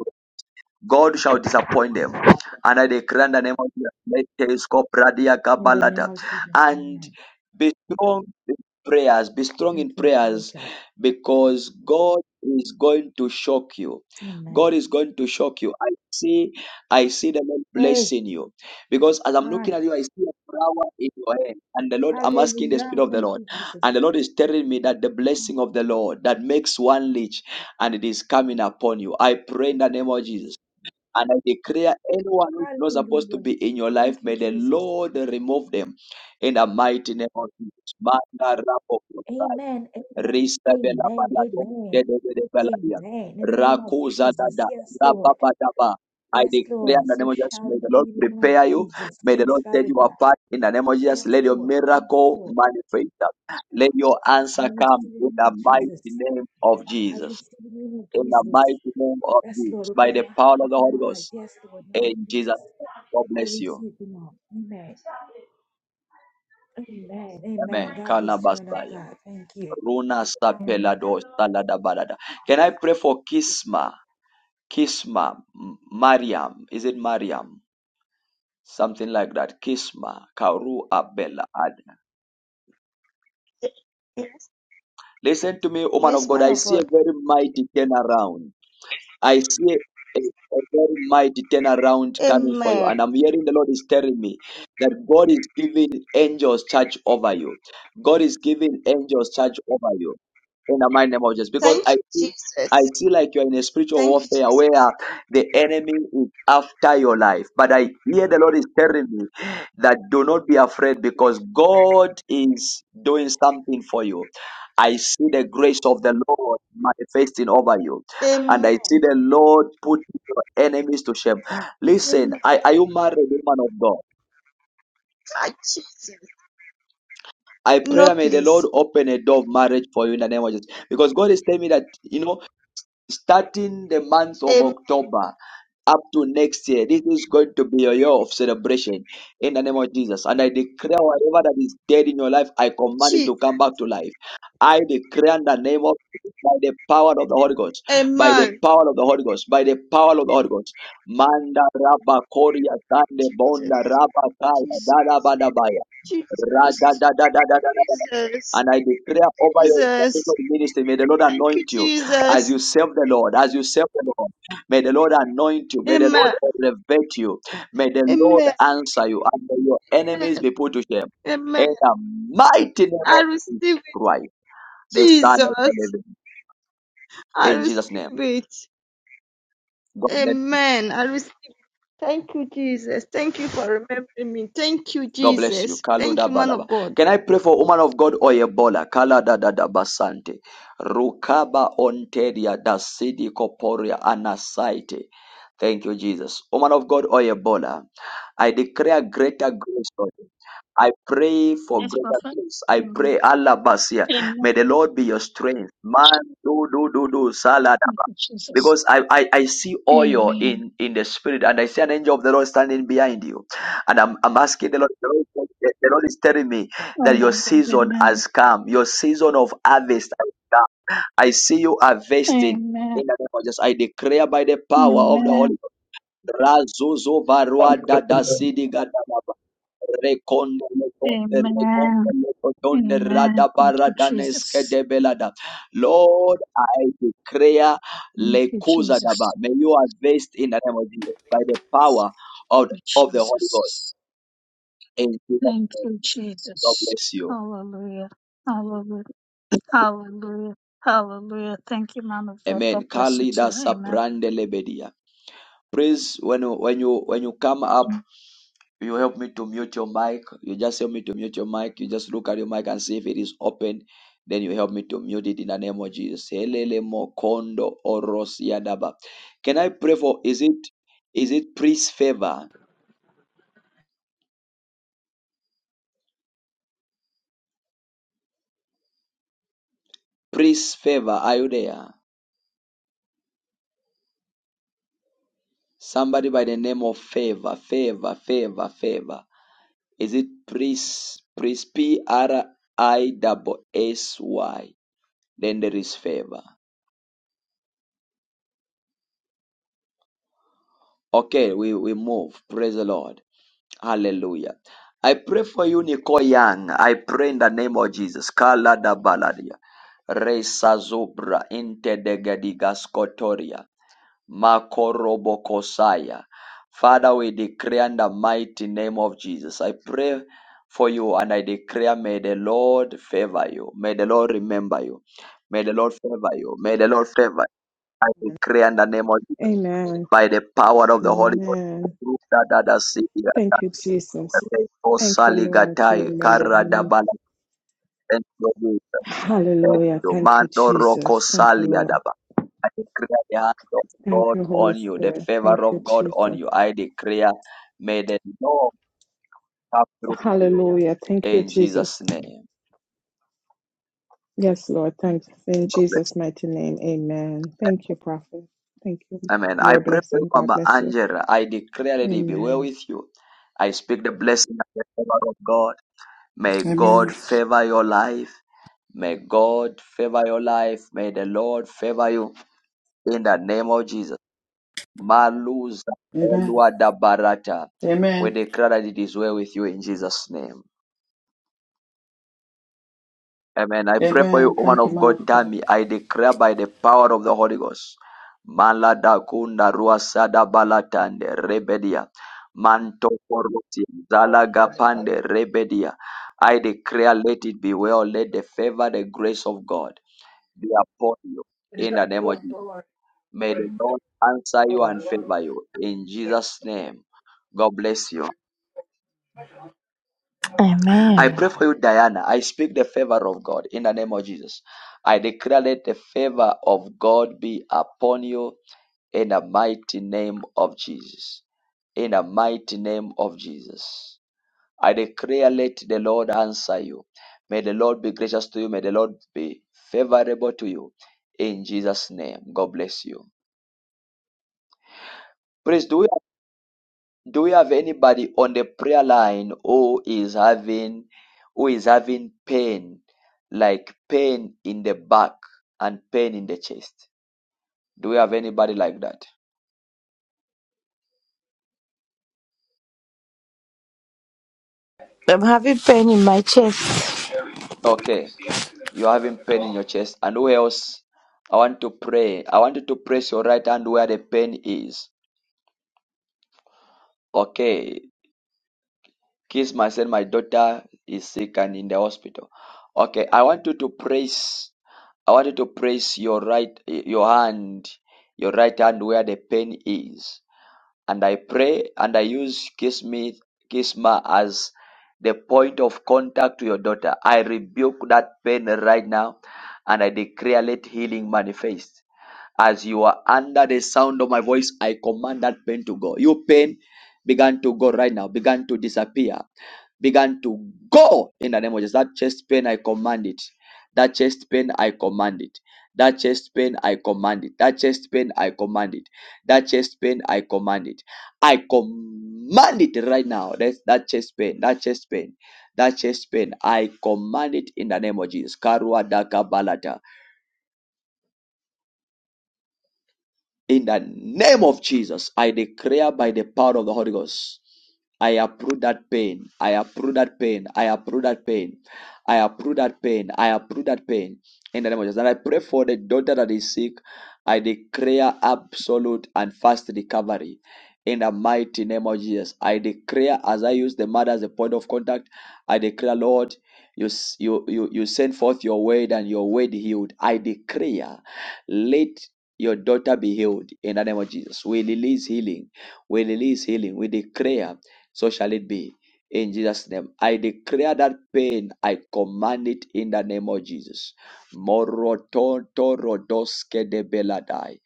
[SPEAKER 1] God shall disappoint them. And I declare in the name of Jesus, let this go, Bradia
[SPEAKER 13] In the name of Jesus,
[SPEAKER 1] and
[SPEAKER 13] amen.
[SPEAKER 1] be strong in prayers, be strong
[SPEAKER 13] Thank
[SPEAKER 1] in
[SPEAKER 13] you, Father
[SPEAKER 1] prayers
[SPEAKER 13] God.
[SPEAKER 1] because God is going to shock you.
[SPEAKER 13] Amen.
[SPEAKER 1] God is going to shock you. I see, I see the Lord
[SPEAKER 13] Hey,
[SPEAKER 1] blessing you because as I'm
[SPEAKER 13] all
[SPEAKER 1] looking
[SPEAKER 13] right.
[SPEAKER 1] at you, I see a flower in your hand, and the Lord, I'm asking the
[SPEAKER 13] Hallelujah.
[SPEAKER 1] Spirit of the
[SPEAKER 13] Thank
[SPEAKER 1] Lord,
[SPEAKER 13] you, Jesus.
[SPEAKER 1] and the Lord is telling me that the blessing of the Lord that makes one rich and it is coming upon you. I pray in the name of Jesus and I declare anyone who's not supposed to
[SPEAKER 13] Hallelujah.
[SPEAKER 1] be in your life,
[SPEAKER 13] Thank
[SPEAKER 1] may
[SPEAKER 13] you,
[SPEAKER 1] the
[SPEAKER 13] Jesus.
[SPEAKER 1] Lord remove them in the mighty name of Jesus. Manda rabo kosai,
[SPEAKER 13] Amen. Amen.
[SPEAKER 1] rista vela
[SPEAKER 13] Amen.
[SPEAKER 1] balado,
[SPEAKER 13] Amen.
[SPEAKER 1] dede dede beladia,
[SPEAKER 13] Amen. In the name of
[SPEAKER 1] rakuza
[SPEAKER 13] Jesus.
[SPEAKER 1] dada,
[SPEAKER 13] Yes, Lord.
[SPEAKER 1] rababa daba. I
[SPEAKER 13] Yes,
[SPEAKER 1] declare
[SPEAKER 13] Lord.
[SPEAKER 1] in the
[SPEAKER 13] So
[SPEAKER 1] name of Jesus,
[SPEAKER 13] shall
[SPEAKER 1] may the
[SPEAKER 13] it be
[SPEAKER 1] Lord
[SPEAKER 13] in the name of
[SPEAKER 1] prepare you.
[SPEAKER 13] Jesus.
[SPEAKER 1] May the
[SPEAKER 13] Yes,
[SPEAKER 1] Lord set
[SPEAKER 13] Father
[SPEAKER 1] you
[SPEAKER 13] God.
[SPEAKER 1] apart in the name of Jesus.
[SPEAKER 13] Yes,
[SPEAKER 1] Let your
[SPEAKER 13] Lord. Yes,
[SPEAKER 1] miracle
[SPEAKER 13] Lord.
[SPEAKER 1] manifest. Let your
[SPEAKER 13] I
[SPEAKER 1] answer
[SPEAKER 13] receive
[SPEAKER 1] come
[SPEAKER 13] in the
[SPEAKER 1] in
[SPEAKER 13] name
[SPEAKER 1] the
[SPEAKER 13] of
[SPEAKER 1] mighty
[SPEAKER 13] Jesus.
[SPEAKER 1] name of
[SPEAKER 13] I
[SPEAKER 1] Jesus.
[SPEAKER 13] receive in the name of
[SPEAKER 1] In the
[SPEAKER 13] Jesus.
[SPEAKER 1] mighty name of
[SPEAKER 13] Yes, Lord.
[SPEAKER 1] Jesus, by
[SPEAKER 13] Open
[SPEAKER 1] the
[SPEAKER 13] my
[SPEAKER 1] power
[SPEAKER 13] heart,
[SPEAKER 1] of the
[SPEAKER 13] open
[SPEAKER 1] Holy
[SPEAKER 13] my eyes.
[SPEAKER 1] Ghost.
[SPEAKER 13] Yes, Lord. In the name
[SPEAKER 1] In
[SPEAKER 13] of
[SPEAKER 1] Jesus,
[SPEAKER 13] Jesus.
[SPEAKER 1] God
[SPEAKER 13] I
[SPEAKER 1] bless you.
[SPEAKER 13] receive it now. Amen. Amen. Amen.
[SPEAKER 1] Amen.
[SPEAKER 13] God bless you, man of
[SPEAKER 1] Kalabasaya.
[SPEAKER 13] God. Thank you.
[SPEAKER 1] Runa
[SPEAKER 13] Thank
[SPEAKER 1] sapelado salada balada. Can I pray for
[SPEAKER 13] you, Father.
[SPEAKER 1] Kisma? Kisma. M- Mariam. Is it Mariam? Something like that. Kisma. Karu Abela. Ad.
[SPEAKER 17] Yes.
[SPEAKER 1] Listen to me, woman of
[SPEAKER 17] Yes,
[SPEAKER 1] God.
[SPEAKER 17] man
[SPEAKER 1] I
[SPEAKER 17] of
[SPEAKER 1] see a
[SPEAKER 17] God.
[SPEAKER 1] very mighty turnaround. I see a, a very mighty turnaround coming for you.
[SPEAKER 17] Amen.
[SPEAKER 1] And I'm hearing the Lord is telling me that God is giving angels charge over you. God is giving angels charge over you in the mighty name of Jesus. Because
[SPEAKER 17] Thank
[SPEAKER 1] I
[SPEAKER 17] you,
[SPEAKER 1] see, I
[SPEAKER 17] Jesus.
[SPEAKER 1] see like you're in a spiritual
[SPEAKER 17] Thank you,
[SPEAKER 1] warfare where
[SPEAKER 17] Jesus.
[SPEAKER 1] the enemy is after your life. But I hear the Lord is telling me that do not be afraid because God is doing something for you. I see the grace of the Lord manifesting over you and I
[SPEAKER 17] Amen.
[SPEAKER 1] see the Lord put your enemies to shame. Listen,
[SPEAKER 17] Amen.
[SPEAKER 1] I, are you married, woman of God?
[SPEAKER 17] Ah, Jesus.
[SPEAKER 1] I
[SPEAKER 17] No,
[SPEAKER 1] pray may the Lord
[SPEAKER 17] please.
[SPEAKER 1] open a door of marriage for you in the name of Jesus. Because God is telling me that, you know, starting the month of
[SPEAKER 17] Amen.
[SPEAKER 1] October. up to next year. This is going to be a year of celebration in the name of Jesus. And I declare whatever that is dead in your life, I command it
[SPEAKER 17] Jesus.
[SPEAKER 1] to come back to life. I declare in the name of Jesus, by the power of the Holy Ghost, by the
[SPEAKER 17] Amen.
[SPEAKER 1] power of the Holy Ghost, by the power of the Holy Ghost. Manda raba koria tande
[SPEAKER 17] Jesus.
[SPEAKER 1] bonda raba kaya
[SPEAKER 17] Jesus.
[SPEAKER 1] da da ba da baya. Ra da da da da da da da.
[SPEAKER 17] Jesus.
[SPEAKER 1] And I declare over your
[SPEAKER 17] Jesus.
[SPEAKER 1] intercessory ministry, may the Lord
[SPEAKER 17] Thank you,
[SPEAKER 1] anoint you as
[SPEAKER 17] Jesus.
[SPEAKER 1] you serve the Lord, as you serve the Lord. May the Lord anoint you. May the Lord
[SPEAKER 17] Amen.
[SPEAKER 1] elevate you. May the Lord
[SPEAKER 17] Amen.
[SPEAKER 1] answer you. And may your enemies
[SPEAKER 17] Amen.
[SPEAKER 1] be put to shame.
[SPEAKER 17] Amen.
[SPEAKER 1] In the mighty name
[SPEAKER 17] I
[SPEAKER 1] of Jesus
[SPEAKER 17] receive it,
[SPEAKER 1] Christ, the Son of the
[SPEAKER 17] Jesus.
[SPEAKER 1] Living.
[SPEAKER 17] I
[SPEAKER 1] In Jesus' name.
[SPEAKER 17] receive it.
[SPEAKER 1] God bless you.
[SPEAKER 17] Amen. I receive. Thank you, Jesus. Thank you for remembering me. Thank you,
[SPEAKER 1] God bless you.
[SPEAKER 17] Jesus. Thank
[SPEAKER 1] Kaluda
[SPEAKER 17] you, man
[SPEAKER 1] balaba.
[SPEAKER 17] of God.
[SPEAKER 1] Can I pray for woman of God or Ebola? Kala da da da basante. Rukaba onteria da sidi koporia anasaite. Thank you, Jesus. Woman of God, Oyebola, I declare greater grace on you. I pray for
[SPEAKER 15] Yes,
[SPEAKER 1] greater
[SPEAKER 15] Prophet.
[SPEAKER 1] grace. I
[SPEAKER 15] Amen.
[SPEAKER 1] pray, Allah Basia. May
[SPEAKER 15] Amen.
[SPEAKER 1] the Lord be your strength. Man, do, do, do, do,
[SPEAKER 15] Thank
[SPEAKER 1] saladaba.
[SPEAKER 15] you, Jesus.
[SPEAKER 1] Because I, I, I see oil
[SPEAKER 15] Amen.
[SPEAKER 1] in, in the spirit, and I see an angel of the Lord standing behind you. And I'm, I'm asking the Lord, the Lord, the Lord is telling me
[SPEAKER 15] Oh
[SPEAKER 1] that your
[SPEAKER 15] my God.
[SPEAKER 1] season
[SPEAKER 15] Amen.
[SPEAKER 1] has come, your season of harvest has come. I see you harvesting
[SPEAKER 15] Amen.
[SPEAKER 1] in the name of Jesus. I declare by the power of the Holy
[SPEAKER 15] Amen.
[SPEAKER 1] Ghost. Razuzo varua dada sidi gadaba. Rekonde lekonde
[SPEAKER 15] Amen.
[SPEAKER 1] rekonde lekonde rada
[SPEAKER 15] Amen. Thank you,
[SPEAKER 1] baradaneske
[SPEAKER 15] Jesus.
[SPEAKER 1] de belada. Lord, I declare
[SPEAKER 15] Thank you,
[SPEAKER 1] lekuza daba.
[SPEAKER 15] Jesus.
[SPEAKER 1] May you harvest in the name of Jesus by the power of,
[SPEAKER 15] Thank you,
[SPEAKER 1] of the Holy Ghost.
[SPEAKER 15] Jesus.
[SPEAKER 1] In Jesus'
[SPEAKER 15] Thank
[SPEAKER 1] name,
[SPEAKER 15] you,
[SPEAKER 1] God
[SPEAKER 15] Jesus.
[SPEAKER 1] bless you.
[SPEAKER 15] Hallelujah. Hallelujah. Hallelujah. Hallelujah. Thank you, man of God. God
[SPEAKER 1] Amen.
[SPEAKER 15] bless you
[SPEAKER 1] Kali
[SPEAKER 15] too.
[SPEAKER 1] da
[SPEAKER 15] Amen.
[SPEAKER 1] saprande lebedia. Please, when you when you when you come up. You help me to mute your mic. You just help me to mute your mic. You just look at your mic and see if it is open. Then you help me to mute it in the name of Jesus. Helele mokondo orosiadaba. Can I pray for? Is it is it priest favor? Priest favor. Are you there? Somebody by the name of favor, favor, favor, favor. Is it priest priest P R I S S Y. Then there is favor. Okay, we, we move. Praise the Lord. Hallelujah. I pray for you, Nicole Young. I pray in the name of Jesus. Kala da baladia. Resa zobra inte de gadigas kotoria. Makorobo kosaya. Father, we declare in the mighty name of Jesus. I pray for you and I declare, may the Lord favor you. May the Lord remember you. May the Lord favor you. May the Lord favor you. I declare in the name of Jesus
[SPEAKER 18] Amen.
[SPEAKER 1] by the power of the Holy Ghost.
[SPEAKER 18] Amen. Thank you, Jesus. Thank you, Lord, to
[SPEAKER 1] Kosaligatai,
[SPEAKER 18] remember me.
[SPEAKER 1] Karadabala, thank you, Lord. Thank
[SPEAKER 18] Hallelujah.
[SPEAKER 1] you.
[SPEAKER 18] Thank you,
[SPEAKER 1] Mando Roko
[SPEAKER 18] Jesus. Thank you, Lord.
[SPEAKER 1] Saliadaba. I declare the hand of
[SPEAKER 18] Thank
[SPEAKER 1] God
[SPEAKER 18] you, Holy
[SPEAKER 1] on you, the
[SPEAKER 18] Spirit. Thank
[SPEAKER 1] favor
[SPEAKER 18] you,
[SPEAKER 1] of God on
[SPEAKER 18] Jesus.
[SPEAKER 1] you. I declare, may the Lord come through for you.
[SPEAKER 18] Hallelujah. Thank you,
[SPEAKER 1] In
[SPEAKER 18] Jesus.
[SPEAKER 1] Jesus' name.
[SPEAKER 18] Yes, Lord. Thanks. In
[SPEAKER 1] God bless.
[SPEAKER 18] Jesus' mighty name. Amen. Thank you, Prophet. Thank you.
[SPEAKER 1] Amen. I
[SPEAKER 18] More
[SPEAKER 1] pray for you,
[SPEAKER 18] blessing. God
[SPEAKER 1] Mama
[SPEAKER 18] bless you.
[SPEAKER 1] Angela. I declare, Lady, be well
[SPEAKER 18] Amen.
[SPEAKER 1] with you. I speak the blessing of the favor of God. May God
[SPEAKER 6] Amen.
[SPEAKER 1] favor your life. May God favor your life. May the Lord favor you in the name of Jesus. Maluza
[SPEAKER 6] Amen.
[SPEAKER 1] Olwadabarata. We
[SPEAKER 6] Amen.
[SPEAKER 1] declare that it is well with you in Jesus' name. Amen. I pray for you,
[SPEAKER 6] Amen.
[SPEAKER 1] woman
[SPEAKER 6] Thank you,
[SPEAKER 1] of
[SPEAKER 6] man
[SPEAKER 1] God,
[SPEAKER 6] of God.
[SPEAKER 1] Tammy. I declare by the power of the Holy Ghost. Malada kunda ruasada balatande rebedia. Manto koroti zalaga pande rebedia. I declare, let it be well. Let the favor, the grace of God be upon you. In the name of Jesus. May the Lord answer you and favor you. In Jesus' name. God bless you. I
[SPEAKER 19] Amen.
[SPEAKER 1] pray for you, Diana. I speak the favor of God in the name of Jesus. I declare that the favor of God be upon you in the mighty name of Jesus. In the mighty name of Jesus. I declare let the Lord answer you. May the Lord be gracious to you. May the Lord be favorable to you. In Jesus' name. God bless you. Please do Do we have anybody on the prayer line who is having who is having pain, like pain in the back and pain in the chest? Do we have anybody like that?
[SPEAKER 19] I'm having pain in my chest.
[SPEAKER 1] Okay, you're having pain in your chest, and who else? I want to pray. I want you to press your right hand where the pain is. Okay, Kisma said, My daughter is sick and in the hospital. Okay, I want you to praise. I want you to praise your right, your hand, your right hand where the pain is. And I pray and I use kiss me, Kisma as the point of contact to your daughter. I rebuke that pain right now and I declare let healing manifest. As you are under the sound of my voice, I command that pain to go. Your pain began to go right now, began to disappear began to go in the name of Jesus. That chest pain, I command it. That chest pain, I command it. That chest pain, I command it. That chest pain, I command it. That chest pain, I command it. I command it right now. That's that chest pain, that chest pain, that chest pain. I command it in the name of Jesus. Karua daka balata. In the name of Jesus, I declare by the power of the Holy Ghost. I approve that pain. I approve that pain. I approve that pain. I approve that pain. I approve that pain. In the name of Jesus. And I pray for the daughter that is sick. I declare absolute and fast recovery. In the mighty name of Jesus. I declare as I use the mother as a point of contact. I declare, Lord, you, you, you, you send forth your word and your word healed. I declare. let your daughter be healed in the name of Jesus. We release healing. We release healing. We declare, so shall it be. In Jesus' name, I declare that pain, I command it in the name of Jesus. Morotonto rodoske de beladai.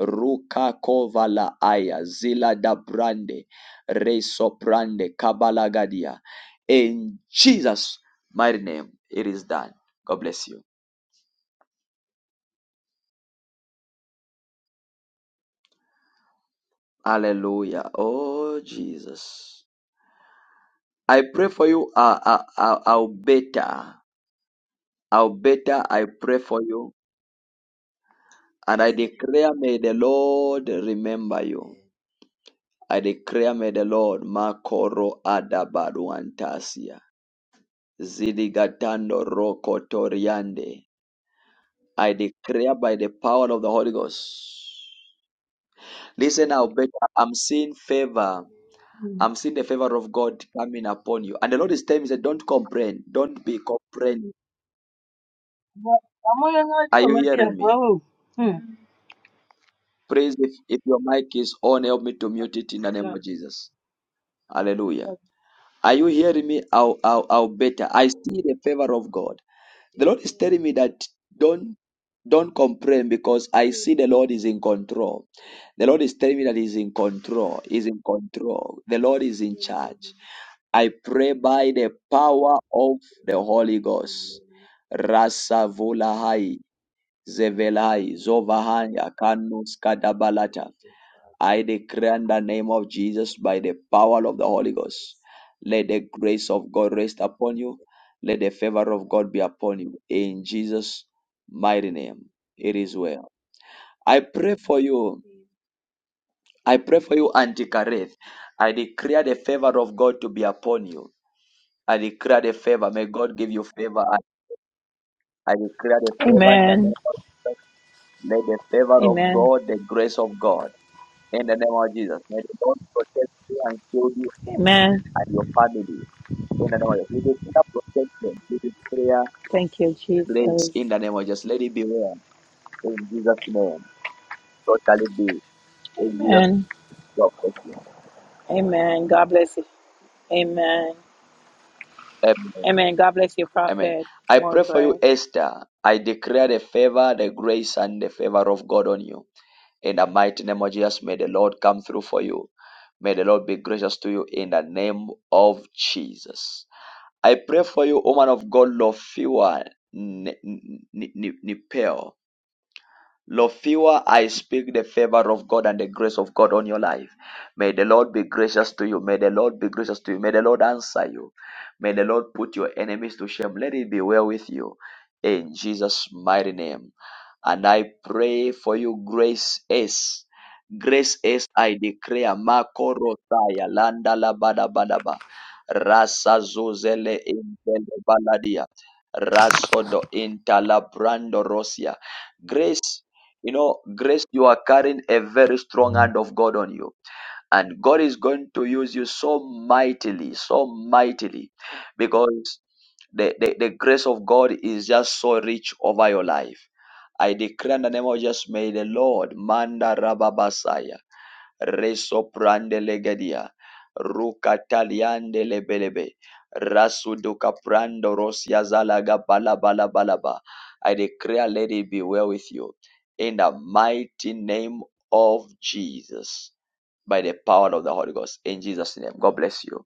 [SPEAKER 1] Ruka kovala aya, zila da brande, reso brande, kabalagadia. In Jesus' mighty name, it is done. God bless you. Hallelujah. Oh, Jesus. I pray for you. Uh, uh, uh, I'll better. I'll better. I pray for you. And I
[SPEAKER 16] Yes, Lord.
[SPEAKER 1] declare, may the Lord remember you.
[SPEAKER 16] Amen.
[SPEAKER 1] I declare, may the Lord makoro adabaruantasia. Zidigatando rokotoriande. I declare by the power of the
[SPEAKER 16] Amen.
[SPEAKER 1] Holy Ghost. Listen now, better. I'm seeing favor.
[SPEAKER 16] Amen.
[SPEAKER 20] Mm.
[SPEAKER 1] I'm seeing the favor of God coming upon you. And the Lord is telling me, he said, don't complain. Don't be complaining.
[SPEAKER 20] But I'm gonna do
[SPEAKER 1] Are you
[SPEAKER 20] my
[SPEAKER 1] hearing
[SPEAKER 20] dear.
[SPEAKER 1] me?
[SPEAKER 20] Oh, hmm.
[SPEAKER 1] Please, if, if your mic is on, help me to mute it in the name of Jesus. Hallelujah. Are you hearing me? How how how better. I see the favor of God. The Lord is
[SPEAKER 16] Amen.
[SPEAKER 1] telling me that don't don't complain because I see the
[SPEAKER 16] Amen.
[SPEAKER 1] Lord is in control. The Lord is telling me that He's in control. He's in control. The Lord is in charge.
[SPEAKER 16] Amen.
[SPEAKER 1] I pray by the power of the Holy Ghost.
[SPEAKER 16] Amen.
[SPEAKER 1] Rasavulahai, Zevelai,
[SPEAKER 16] Thank you,
[SPEAKER 1] Zovahaya, Kanus, Kadabalata.
[SPEAKER 16] Father
[SPEAKER 1] I declare in the name of Jesus by the power of the Holy
[SPEAKER 16] Jesus.
[SPEAKER 1] Ghost. Let the grace of God rest upon you. Let the favor of God be upon you. In Jesus' mighty name, it is well. I pray for you. I pray for you,
[SPEAKER 16] Thank
[SPEAKER 1] Auntie
[SPEAKER 16] you,
[SPEAKER 1] Kareth.
[SPEAKER 16] Father.
[SPEAKER 1] I declare the favor of God to be upon you. I declare the favor. May God give you favor. I, I declare the favor in the
[SPEAKER 21] Amen.
[SPEAKER 1] name of Jesus. Let the favor of
[SPEAKER 21] Amen.
[SPEAKER 1] God, the grace of God, in the name of Jesus. May the Lord protect you and shield you
[SPEAKER 21] Amen.
[SPEAKER 1] and your family. In the name of Jesus. We declare protection. We declare
[SPEAKER 21] Thank you,
[SPEAKER 1] grace.
[SPEAKER 21] Jesus.
[SPEAKER 1] In the name of Jesus. Let it be well. In Jesus' name. So shall it be. In Jesus'
[SPEAKER 21] Amen.
[SPEAKER 1] protection.
[SPEAKER 21] Amen. God bless you. Amen.
[SPEAKER 1] Amen.
[SPEAKER 21] Amen. God bless you,
[SPEAKER 1] Amen.
[SPEAKER 21] Prophet.
[SPEAKER 1] I
[SPEAKER 21] More
[SPEAKER 1] pray for you,
[SPEAKER 21] grace.
[SPEAKER 1] Esther. I declare the favor, the grace, and the favor of God on you. In the mighty name of Jesus, may the Lord come through for you. May the Lord be gracious to you in the name of Jesus. I pray for you, woman of God, Lofua Nipel. Lofiwa, I speak the favor of God and the grace of God on your life. May the Lord be gracious to you. May the Lord be gracious to you. May the Lord answer you. May the Lord put your enemies to shame. Let it be well with you. In Jesus' mighty name. And I pray for you, Grace S. Grace S, I declare, makorotaya Rotaya, Landa la Bada Badaba, Rasa Zuzele in Baladia, Rasodo Intala Brando Rosia. Grace you know, Grace, you are carrying a very strong hand of God on you. And God is going to use you so mightily, so mightily, because the, the, the grace of God is just so rich over your life. I declare in the name of Jesus, may the Lord, Manda Rababasaya resoprande legedia rukataliande lebelebe rasuduka prando rosiazalaga balaba. i declare let it be well with you in the mighty name of jesus by the power of the holy ghost in jesus name god bless you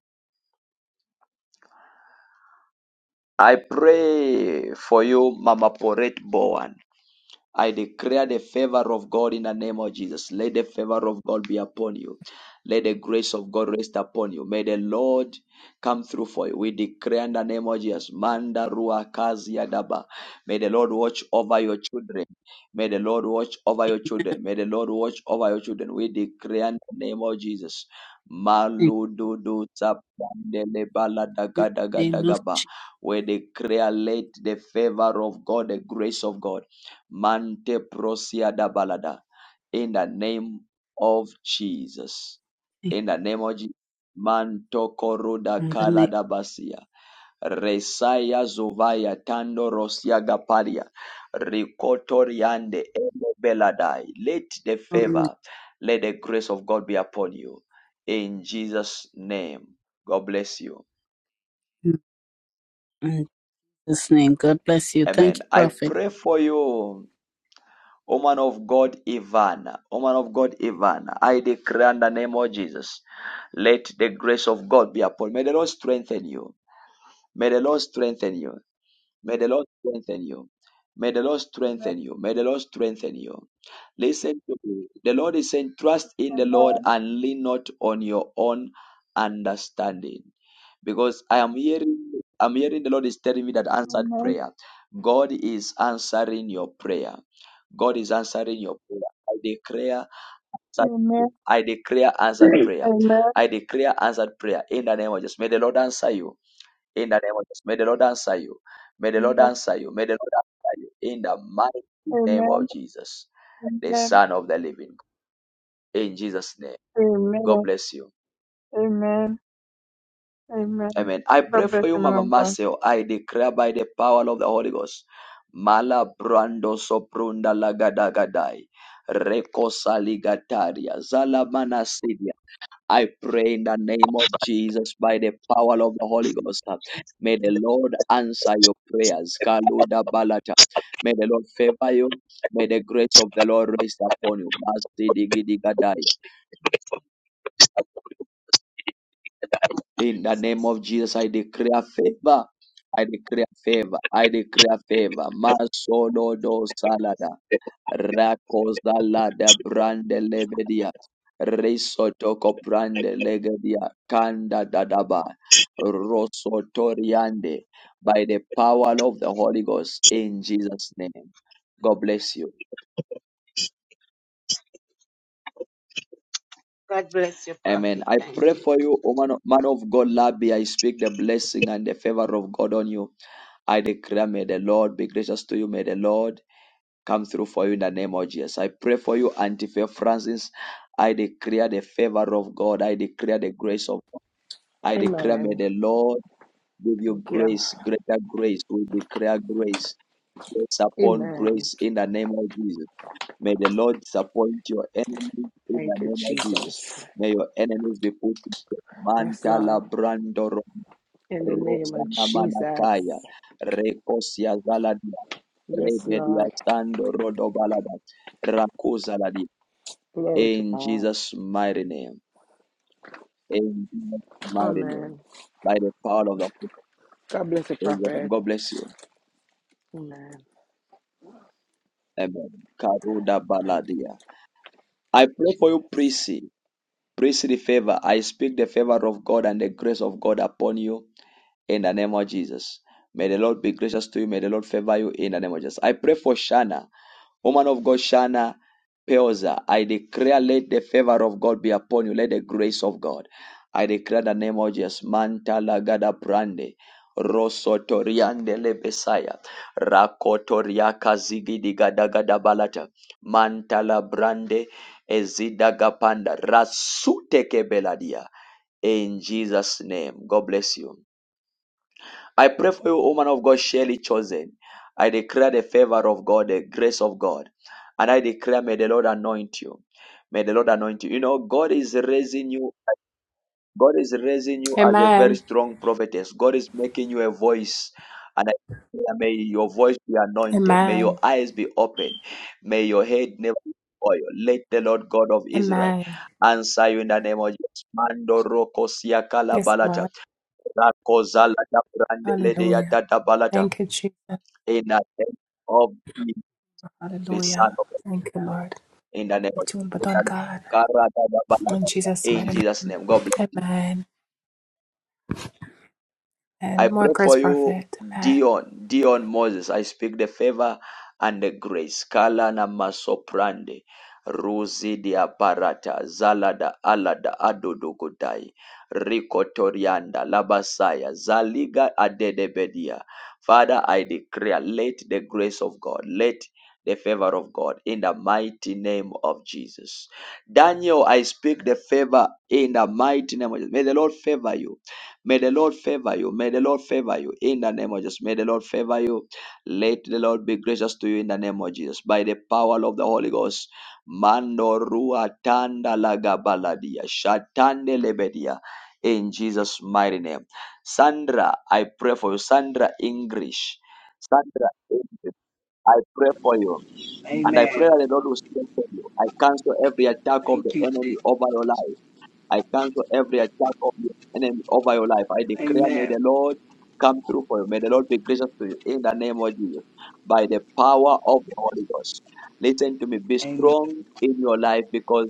[SPEAKER 1] i pray for you mama poret bowen I declare the favor of God in the name of Jesus. Let the favor of God be upon you. Let the grace of God rest upon you. May the Lord come through for you. We declare in the name of Jesus. Manda rua kazi yadaba. May the Lord watch over your children. May the Lord watch over your children. May the Lord watch over your children. We declare in the name of Jesus.
[SPEAKER 22] Thank
[SPEAKER 1] Malududu zapandele
[SPEAKER 22] you in the name of
[SPEAKER 1] baladagadagadaga.
[SPEAKER 22] Jesus.
[SPEAKER 1] We declare let the favor of God, the grace of God. Mante prosia da balada. In the name of Jesus. In the name of Jesus. Manto koruda
[SPEAKER 22] In the
[SPEAKER 1] kala
[SPEAKER 22] name
[SPEAKER 1] da basia. Resaya zuvaya tando rosia gapalia. Rikotoriande elo beladai. Let the
[SPEAKER 22] of
[SPEAKER 1] favor, let the grace of God be upon you. In Jesus' name. God bless you.
[SPEAKER 22] Jesus' name. God bless you. Thank
[SPEAKER 1] Amen.
[SPEAKER 22] you,
[SPEAKER 1] I
[SPEAKER 22] Prophet.
[SPEAKER 1] pray for you. O man of God, Ivan. O man of God, Ivan. I declare in the name of Jesus. Let the grace of God be upon. you. May the Lord strengthen you. May the Lord strengthen you. May the Lord strengthen you. May the Lord
[SPEAKER 23] Amen.
[SPEAKER 1] strengthen you. May the Lord strengthen you. Listen to me. The Lord is saying, trust in the Lord
[SPEAKER 23] Amen.
[SPEAKER 1] and lean not on your own understanding. Because I am hearing, I'm hearing the Lord is telling me that answered
[SPEAKER 23] Amen.
[SPEAKER 1] prayer. God is answering your prayer. God is answering your prayer.
[SPEAKER 23] Amen.
[SPEAKER 1] I declare answered prayer.
[SPEAKER 23] Amen.
[SPEAKER 1] I declare answered prayer. I declare answered prayer in the name of Jesus. May the Lord answer you. In the name of Jesus. May the Lord answer you. May the Lord answer you. May the Lord answer you. In the mighty name of
[SPEAKER 23] Amen.
[SPEAKER 1] Jesus, the
[SPEAKER 23] Amen.
[SPEAKER 1] Son of the Living. God. In Jesus' name. God
[SPEAKER 23] Amen.
[SPEAKER 1] bless you.
[SPEAKER 23] Amen. Amen.
[SPEAKER 1] Amen. I pray
[SPEAKER 23] God bless
[SPEAKER 1] for you,
[SPEAKER 23] you, man
[SPEAKER 1] Mama
[SPEAKER 23] of God.
[SPEAKER 1] Marcel. I declare by the power of the Holy Ghost. Mala brando soprunda lagadagadai. Recosaligatarias, I pray in the name of Jesus by the power of the Holy Ghost. uh, May the Lord answer your prayers. Kaluda balata. May the Lord favor you. May the grace of the Lord rest upon you. Masti digi diga dai. In the name of
[SPEAKER 24] Jesus.
[SPEAKER 1] Jesus, I declare favor. I declare favor. I declare favor. Masodo do salada. Rakozalada brande lebedia. Risotoko brande legedia. Kanda dadaba. Rosotoriande by the power of the Holy Ghost in Jesus' name. God bless you.
[SPEAKER 24] God bless you,
[SPEAKER 1] Amen.
[SPEAKER 24] Prophet.
[SPEAKER 1] I
[SPEAKER 24] Thank you.
[SPEAKER 1] pray for you, O man of, man of God, Labi. I speak the blessing and the favor of God on you. I declare, may the Lord be gracious to you. May the Lord come through for you in the name of Jesus. I pray for you, Antifa Francis. I declare the favor of God. I declare the grace of God. I declare, may
[SPEAKER 9] Amen.
[SPEAKER 1] the Lord give you
[SPEAKER 9] Thank you.
[SPEAKER 1] grace, greater grace. We declare grace grace upon
[SPEAKER 9] Amen.
[SPEAKER 1] grace in the name of Jesus. May the Lord disappoint your enemies in the
[SPEAKER 9] Thank you,
[SPEAKER 1] name of Jesus.
[SPEAKER 9] Jesus.
[SPEAKER 1] May your enemies be put to death.
[SPEAKER 9] Yes, Lord.
[SPEAKER 1] Mantala brando
[SPEAKER 9] In the name of
[SPEAKER 1] rosana
[SPEAKER 9] Jesus.
[SPEAKER 1] manakaya. Rekosia zaladia.
[SPEAKER 9] Yes,
[SPEAKER 1] Rebedia
[SPEAKER 9] Lord.
[SPEAKER 1] sando rodobalada. Rakuzaladia.
[SPEAKER 9] Glory to
[SPEAKER 1] In
[SPEAKER 9] God.
[SPEAKER 1] Jesus' mighty name. In Jesus' mighty name.
[SPEAKER 9] Amen.
[SPEAKER 1] By the power of the Holy
[SPEAKER 9] God bless the
[SPEAKER 1] Spirit.
[SPEAKER 9] prophet.
[SPEAKER 1] God bless you.
[SPEAKER 9] Amen.
[SPEAKER 1] Amen. Karuda baladia. I
[SPEAKER 9] Thank you,
[SPEAKER 1] pray for you,
[SPEAKER 9] Jesus.
[SPEAKER 1] Prissy. priestly favor. I speak the favor of God and the grace of God upon you in the name of Jesus. May the Lord be gracious to you. May the Lord favor you in the name of Jesus. I pray for Shana. Woman of God, Shana Peoza, I declare, let the favor of God be upon you. Let the grace of God. I declare the name of Jesus. Manta lagada brande. Rosotoriande lebesaya. Rakotoriaka zigidi gadagada balata. Manta la brande. Ezidagapanda. Rasute kebeladia. In Jesus' name. God bless you. I pray for you, woman of God, surely chosen. I declare the favor of God, the grace of God. And I declare, may the Lord anoint you. May the Lord anoint you. You know, God is raising you. God is raising you as a very
[SPEAKER 4] Amen.
[SPEAKER 1] strong prophetess. God is making you a voice. And I declare, may your voice be anointed. May your
[SPEAKER 4] Amen.
[SPEAKER 1] eyes be open. May your head never be oil. Let the Lord God of Israel
[SPEAKER 4] Amen.
[SPEAKER 1] answer you in the name of Jesus. Mando roko siakala
[SPEAKER 4] Yes,
[SPEAKER 1] balata.
[SPEAKER 4] Lord.
[SPEAKER 1] Rakozala da brandele de ya
[SPEAKER 4] Hallelujah.
[SPEAKER 1] da balata.
[SPEAKER 4] Thank you, Jesus.
[SPEAKER 1] In the name of Jesus, the Son
[SPEAKER 4] Hallelujah.
[SPEAKER 1] of God.
[SPEAKER 4] Thank you, Lord.
[SPEAKER 1] In the name
[SPEAKER 4] We
[SPEAKER 1] of
[SPEAKER 4] tune,
[SPEAKER 1] Jesus.
[SPEAKER 4] but
[SPEAKER 1] in
[SPEAKER 4] on
[SPEAKER 1] the name- of
[SPEAKER 4] God.
[SPEAKER 1] da da
[SPEAKER 4] In
[SPEAKER 1] balata.
[SPEAKER 4] Jesus'
[SPEAKER 1] In
[SPEAKER 4] mighty name.
[SPEAKER 1] Jesus' name. God bless. you.
[SPEAKER 4] Amen.
[SPEAKER 1] I
[SPEAKER 4] And more
[SPEAKER 1] pray for
[SPEAKER 4] grace,
[SPEAKER 1] you,
[SPEAKER 4] prophet. Amen.
[SPEAKER 1] Dion, Dion Moses. I speak the favor and the grace. Kala na masoprande. Ruzi di aparata. Zalada alada adodogodai. Rikotorianda labasaya. Zaliga adedebedia. Father, I declare, let the grace of God, let the favor of God in the mighty name of Jesus. Daniel, I speak the favor in the mighty name of Jesus. May the Lord favor you. May the Lord favor you. May the Lord favor you in the name of Jesus. May the Lord favor you. Let the Lord be gracious to you in the name of Jesus. By the power of the Holy Ghost. Mando rua tanda laga baladia. Shatande lebedia. In Jesus' mighty name. Sandra, I pray for you. Sandra English. Sandra English, I pray for you. And I pray
[SPEAKER 25] Amen.
[SPEAKER 1] that the Lord will strengthen you. I cancel every attack of the
[SPEAKER 25] Thank you,
[SPEAKER 1] enemy
[SPEAKER 25] Jesus.
[SPEAKER 1] over your life. I cancel every attack of the enemy over your life. I declare, may
[SPEAKER 25] Amen.
[SPEAKER 1] the Lord come through for you. May the Lord be gracious to you in the name of Jesus by the power of the Holy Ghost. Listen to me. Be
[SPEAKER 25] Amen.
[SPEAKER 1] strong in your life because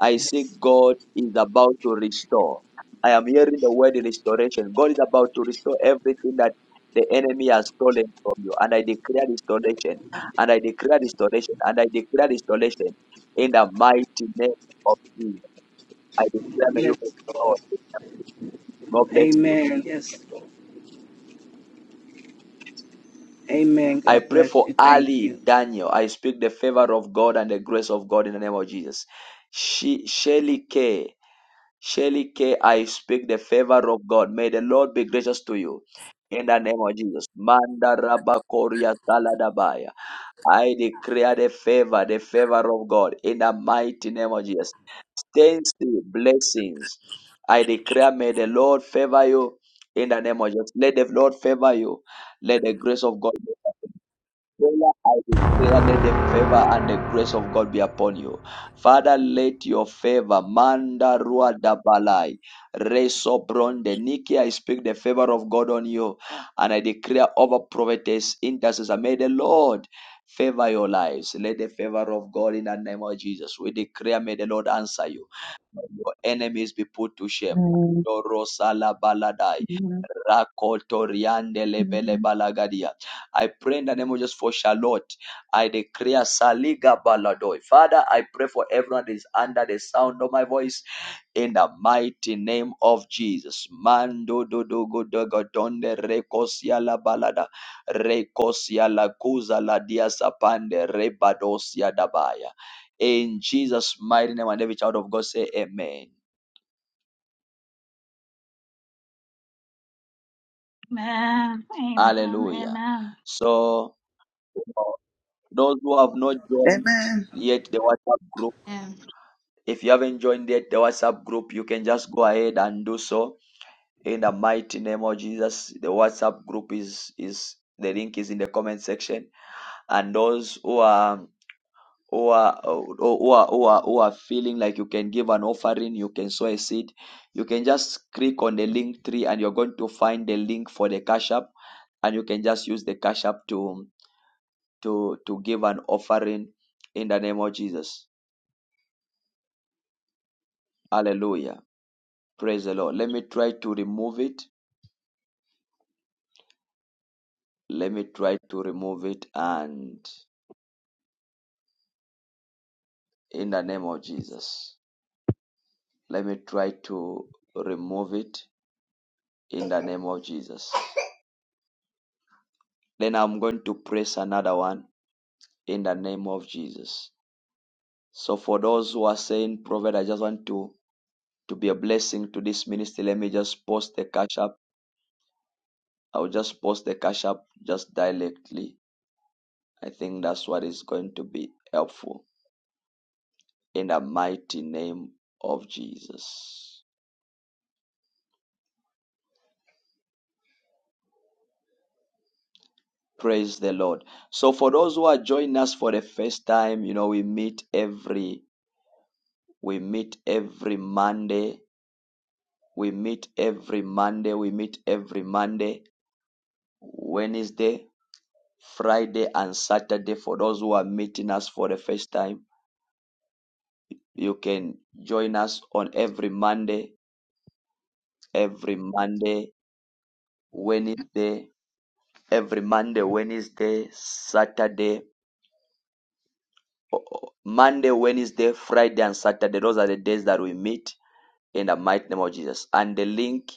[SPEAKER 1] I see
[SPEAKER 25] Yes.
[SPEAKER 1] God is about to restore. I am hearing the word restoration. God is about to restore everything that the enemy has stolen from you. And I declare restoration. And I declare restoration. And I declare restoration in the mighty name of Jesus. I declare may you
[SPEAKER 25] Yes,
[SPEAKER 1] be
[SPEAKER 25] Lord.
[SPEAKER 1] restored. God bless you.
[SPEAKER 25] Amen. Yes. Amen.
[SPEAKER 1] I
[SPEAKER 25] God
[SPEAKER 1] pray
[SPEAKER 25] bless
[SPEAKER 1] for
[SPEAKER 25] you. Thank
[SPEAKER 1] Ali
[SPEAKER 25] you.
[SPEAKER 1] Daniel. I speak the favor of God and the grace of God in the name of Jesus. She Shelly K. Shelly K. I speak the favor of God. May the Lord be gracious to you. In the name of Jesus. Manda rabakoria taladabaya. I declare the favor, the favor of God in the mighty name of Jesus. Stains the blessings. I declare, may the Lord favor you in the name of Jesus. Let the Lord favor you. Let the grace of God Father, I will pray, let the favor and the grace of God be upon you. Father, let your favor, Manda Rua Dabalai, Reso Bronde, I speak the favor of God on you, and I declare over prophetess, intercessor, may the Lord favor your lives. Let the favor of God in the name of Jesus, we declare, may the Lord answer you. May your enemies be put to shame.
[SPEAKER 26] Amen.
[SPEAKER 1] Doro Sala Baladai.
[SPEAKER 26] Amen.
[SPEAKER 1] Rakotoriande
[SPEAKER 26] Amen.
[SPEAKER 1] lebele balagadia. I pray in the name of Jesus for Charlotte. I declare Saliga Baladoi. Father, I pray for everyone that is under the sound of my voice in the mighty name of Jesus. Mando do do go do go donde recosia la balada. Recosia la cuza la dia sapande rebadosia dabaya. In Jesus' mighty name, and every child of God say amen.
[SPEAKER 15] Amen. Amen.
[SPEAKER 1] Hallelujah.
[SPEAKER 15] Amen.
[SPEAKER 1] So Those who have not joined
[SPEAKER 6] Amen.
[SPEAKER 1] yet the WhatsApp group, if you haven't joined yet the WhatsApp group, you can just go ahead and do so in the mighty name of Jesus. The WhatsApp group is is the link is in the comment section, and those who are who are, who are who are who are feeling like you can give an offering, you can sow a seed, you can just click on the link tree, and you're going to find the link for the cash app, and you can just use the cash app to to to give an offering in the name of Jesus. Hallelujah. Praise the Lord. Let me try to remove it. Let me try to remove it. And in the name of Jesus, let me try to remove it in the name of Jesus. Then I'm going to press another one in the name of Jesus. So for those who are saying, Prophet, I just want to, to be a blessing to this ministry, let me just post the cash app. I'll just post the cash app just directly. I think that's what is going to be helpful. in the mighty name of Jesus. Praise the Lord. So for those who are joining us for the first time, you know, we meet every we meet every Monday. We meet every Monday. We meet every Monday, Wednesday, Friday, and Saturday. For those who are meeting us for the first time, you can join us on every Monday, every Monday, Wednesday, every Monday, Wednesday, Saturday, Monday, Wednesday, Friday, and Saturday. Those are the days that we meet in the mighty name of Jesus. And the link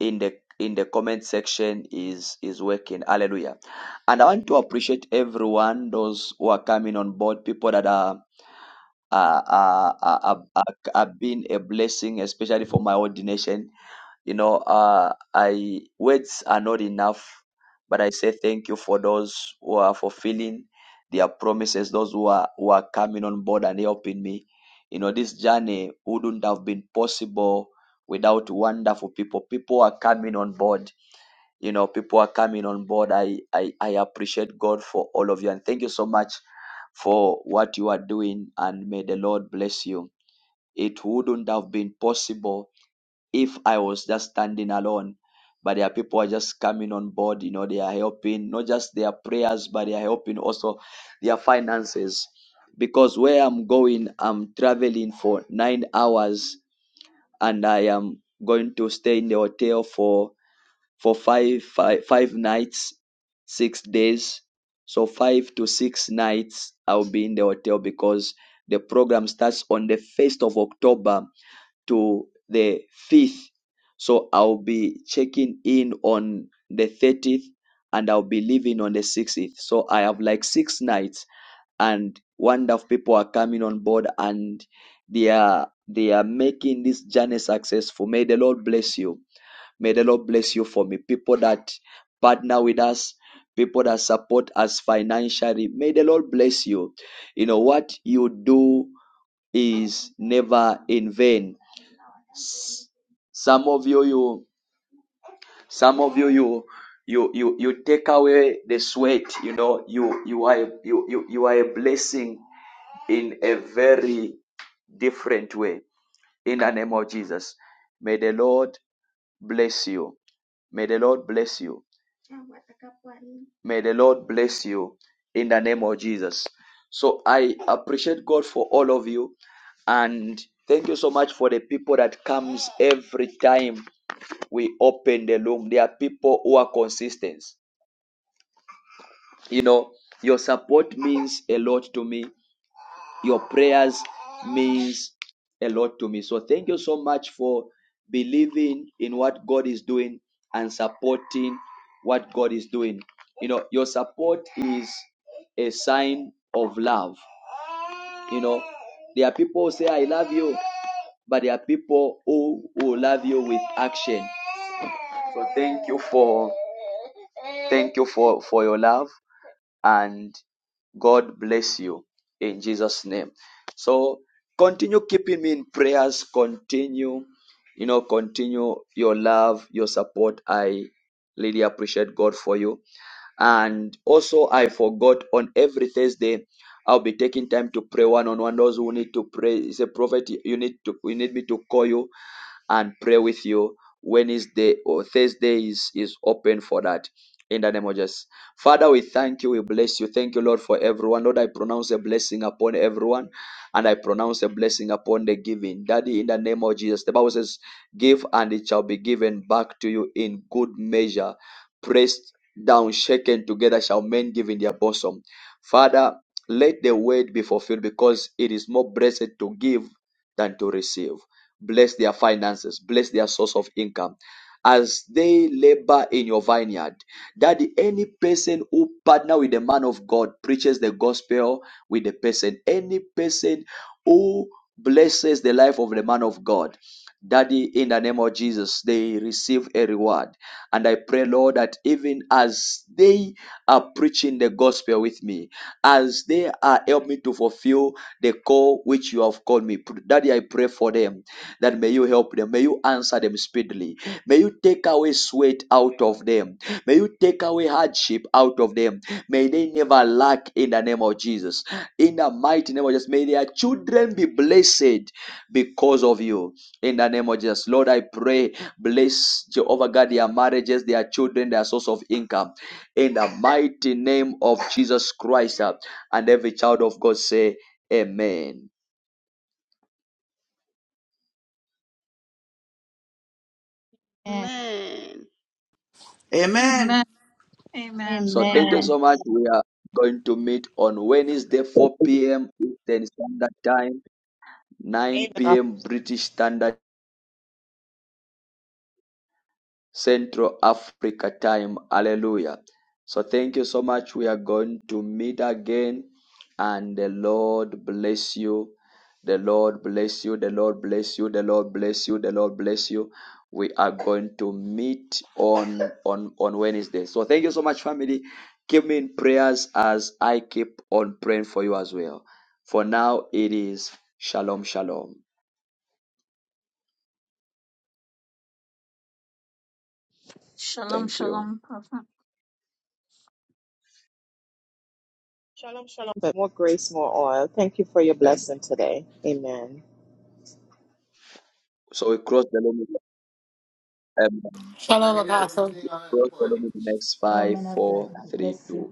[SPEAKER 1] in the in the comment section is is working. Hallelujah. And I want to appreciate everyone, those who are coming on board, people that are are are, are, are, are are being a blessing, especially for my ordination. You know, uh, I words are not enough, but I say thank you for those who are fulfilling their promises, those who are who are coming on board and helping me. You know, this journey wouldn't have been possible without wonderful people. People are coming on board. You know, people are coming on board. I I, I appreciate God for all of you and thank you so much for what you are doing and may the Lord bless you. It wouldn't have been possible if I was just standing alone. But there are people who are just coming on board, you know, they are helping not just their prayers, but they are helping also their finances. Because where I'm going, I'm traveling for nine hours and I am going to stay in the hotel for for five five, five nights, six days. So five to six nights I'll be in the hotel because the program starts on the first of October to the 5th. So I'll be checking in on the 30th and I'll be leaving on the 60th. So I have like six nights and wonderful people are coming on board and they are they are making this journey successful. May the Lord bless you. May the Lord bless you for me. People that partner with us, people that support us financially. May the Lord bless you. You know what you do is never in vain some of you, you, some of you, you, you, you, you take away the sweat. You know, you, you are, a- you, you, you are a blessing in a very different way. In the name of Jesus, may the Lord bless you. May the Lord bless you. May the Lord bless you in the name of Jesus. So I appreciate God for all of you and thank you so much for the people that comes every time we open the room. There are people who are consistent. You know, your support means a lot to me. Your prayers means a lot to me. So thank you so much for believing in what God is doing and supporting what God is doing. You know, your support is a sign of love. You know, there are people who say I love you, but there are people who who love you with action. So thank you for Thank you for, for your love and God bless you in Jesus' name. So continue keeping me in prayers. Continue, you know, continue your love, your support. I really appreciate God for you. And also, I forgot on every Thursday, I'll be taking time to pray one on one. Those who need to pray, it's a prophet. You need to, you need me to call you and pray with you. Wednesday or Thursday is, is open for that. In the name of Jesus. Father, we thank you. We bless you. Thank you, Lord, for everyone. Lord, I pronounce a blessing upon everyone and I pronounce a blessing upon the giving. Daddy, in the name of Jesus, the Bible says, Give and it shall be given back to you in good measure. Pressed down, shaken together, shall men give in their bosom. Father, let the word be fulfilled because it is more blessed to give than to receive. Bless their finances. Bless their source of income. As they labor in your vineyard, that any person who partner with the man of God preaches the gospel with the person, any person who blesses the life of the man of God, Daddy, in the name of Jesus, they receive a reward. And I pray, Lord, that even as they are preaching the gospel with me, as they are helping me to fulfill the call which you have called me, Daddy, I pray for them that may you help them. May you answer them speedily. May you take away sweat out of them. May you take away hardship out of them. May they never lack in the name of Jesus. In the mighty name of Jesus, may their children be blessed because of you. In the name of Jesus, Lord, I pray, bless Jehovah God, their marriages, their children, their source of income. In the mighty name of Jesus Christ, uh, and every child of God say, Amen.
[SPEAKER 3] Amen.
[SPEAKER 17] Amen.
[SPEAKER 6] Amen.
[SPEAKER 15] Amen. Amen.
[SPEAKER 1] So thank you
[SPEAKER 3] Amen.
[SPEAKER 1] so much. We
[SPEAKER 15] Amen.
[SPEAKER 1] are going to meet on Wednesday, 4 p.m. Eastern Standard Time, 9
[SPEAKER 18] Amen.
[SPEAKER 1] p.m. British Standard. Central Africa time. Hallelujah. So thank you so much. We are going to meet again and the Lord bless you. The Lord bless you. The Lord bless you. The Lord bless you. The Lord bless you. We are going to meet on on on Wednesday. So thank you so much, family. Keep me in prayers as I keep on praying for you as well. For now, it is shalom, shalom.
[SPEAKER 15] Shalom,
[SPEAKER 1] Thank you.
[SPEAKER 15] shalom, Prophet.
[SPEAKER 18] Shalom, shalom, but more grace, more oil. Thank you for your
[SPEAKER 1] Um,
[SPEAKER 18] blessing today. Amen.
[SPEAKER 1] so we cross the limit. Um,
[SPEAKER 5] Shalom, Apostle.
[SPEAKER 1] We'll Follow me. the next
[SPEAKER 13] Hello,
[SPEAKER 1] five,
[SPEAKER 13] man of God.
[SPEAKER 1] four,
[SPEAKER 13] God
[SPEAKER 1] three,
[SPEAKER 13] bless
[SPEAKER 1] two,
[SPEAKER 13] you.
[SPEAKER 1] one.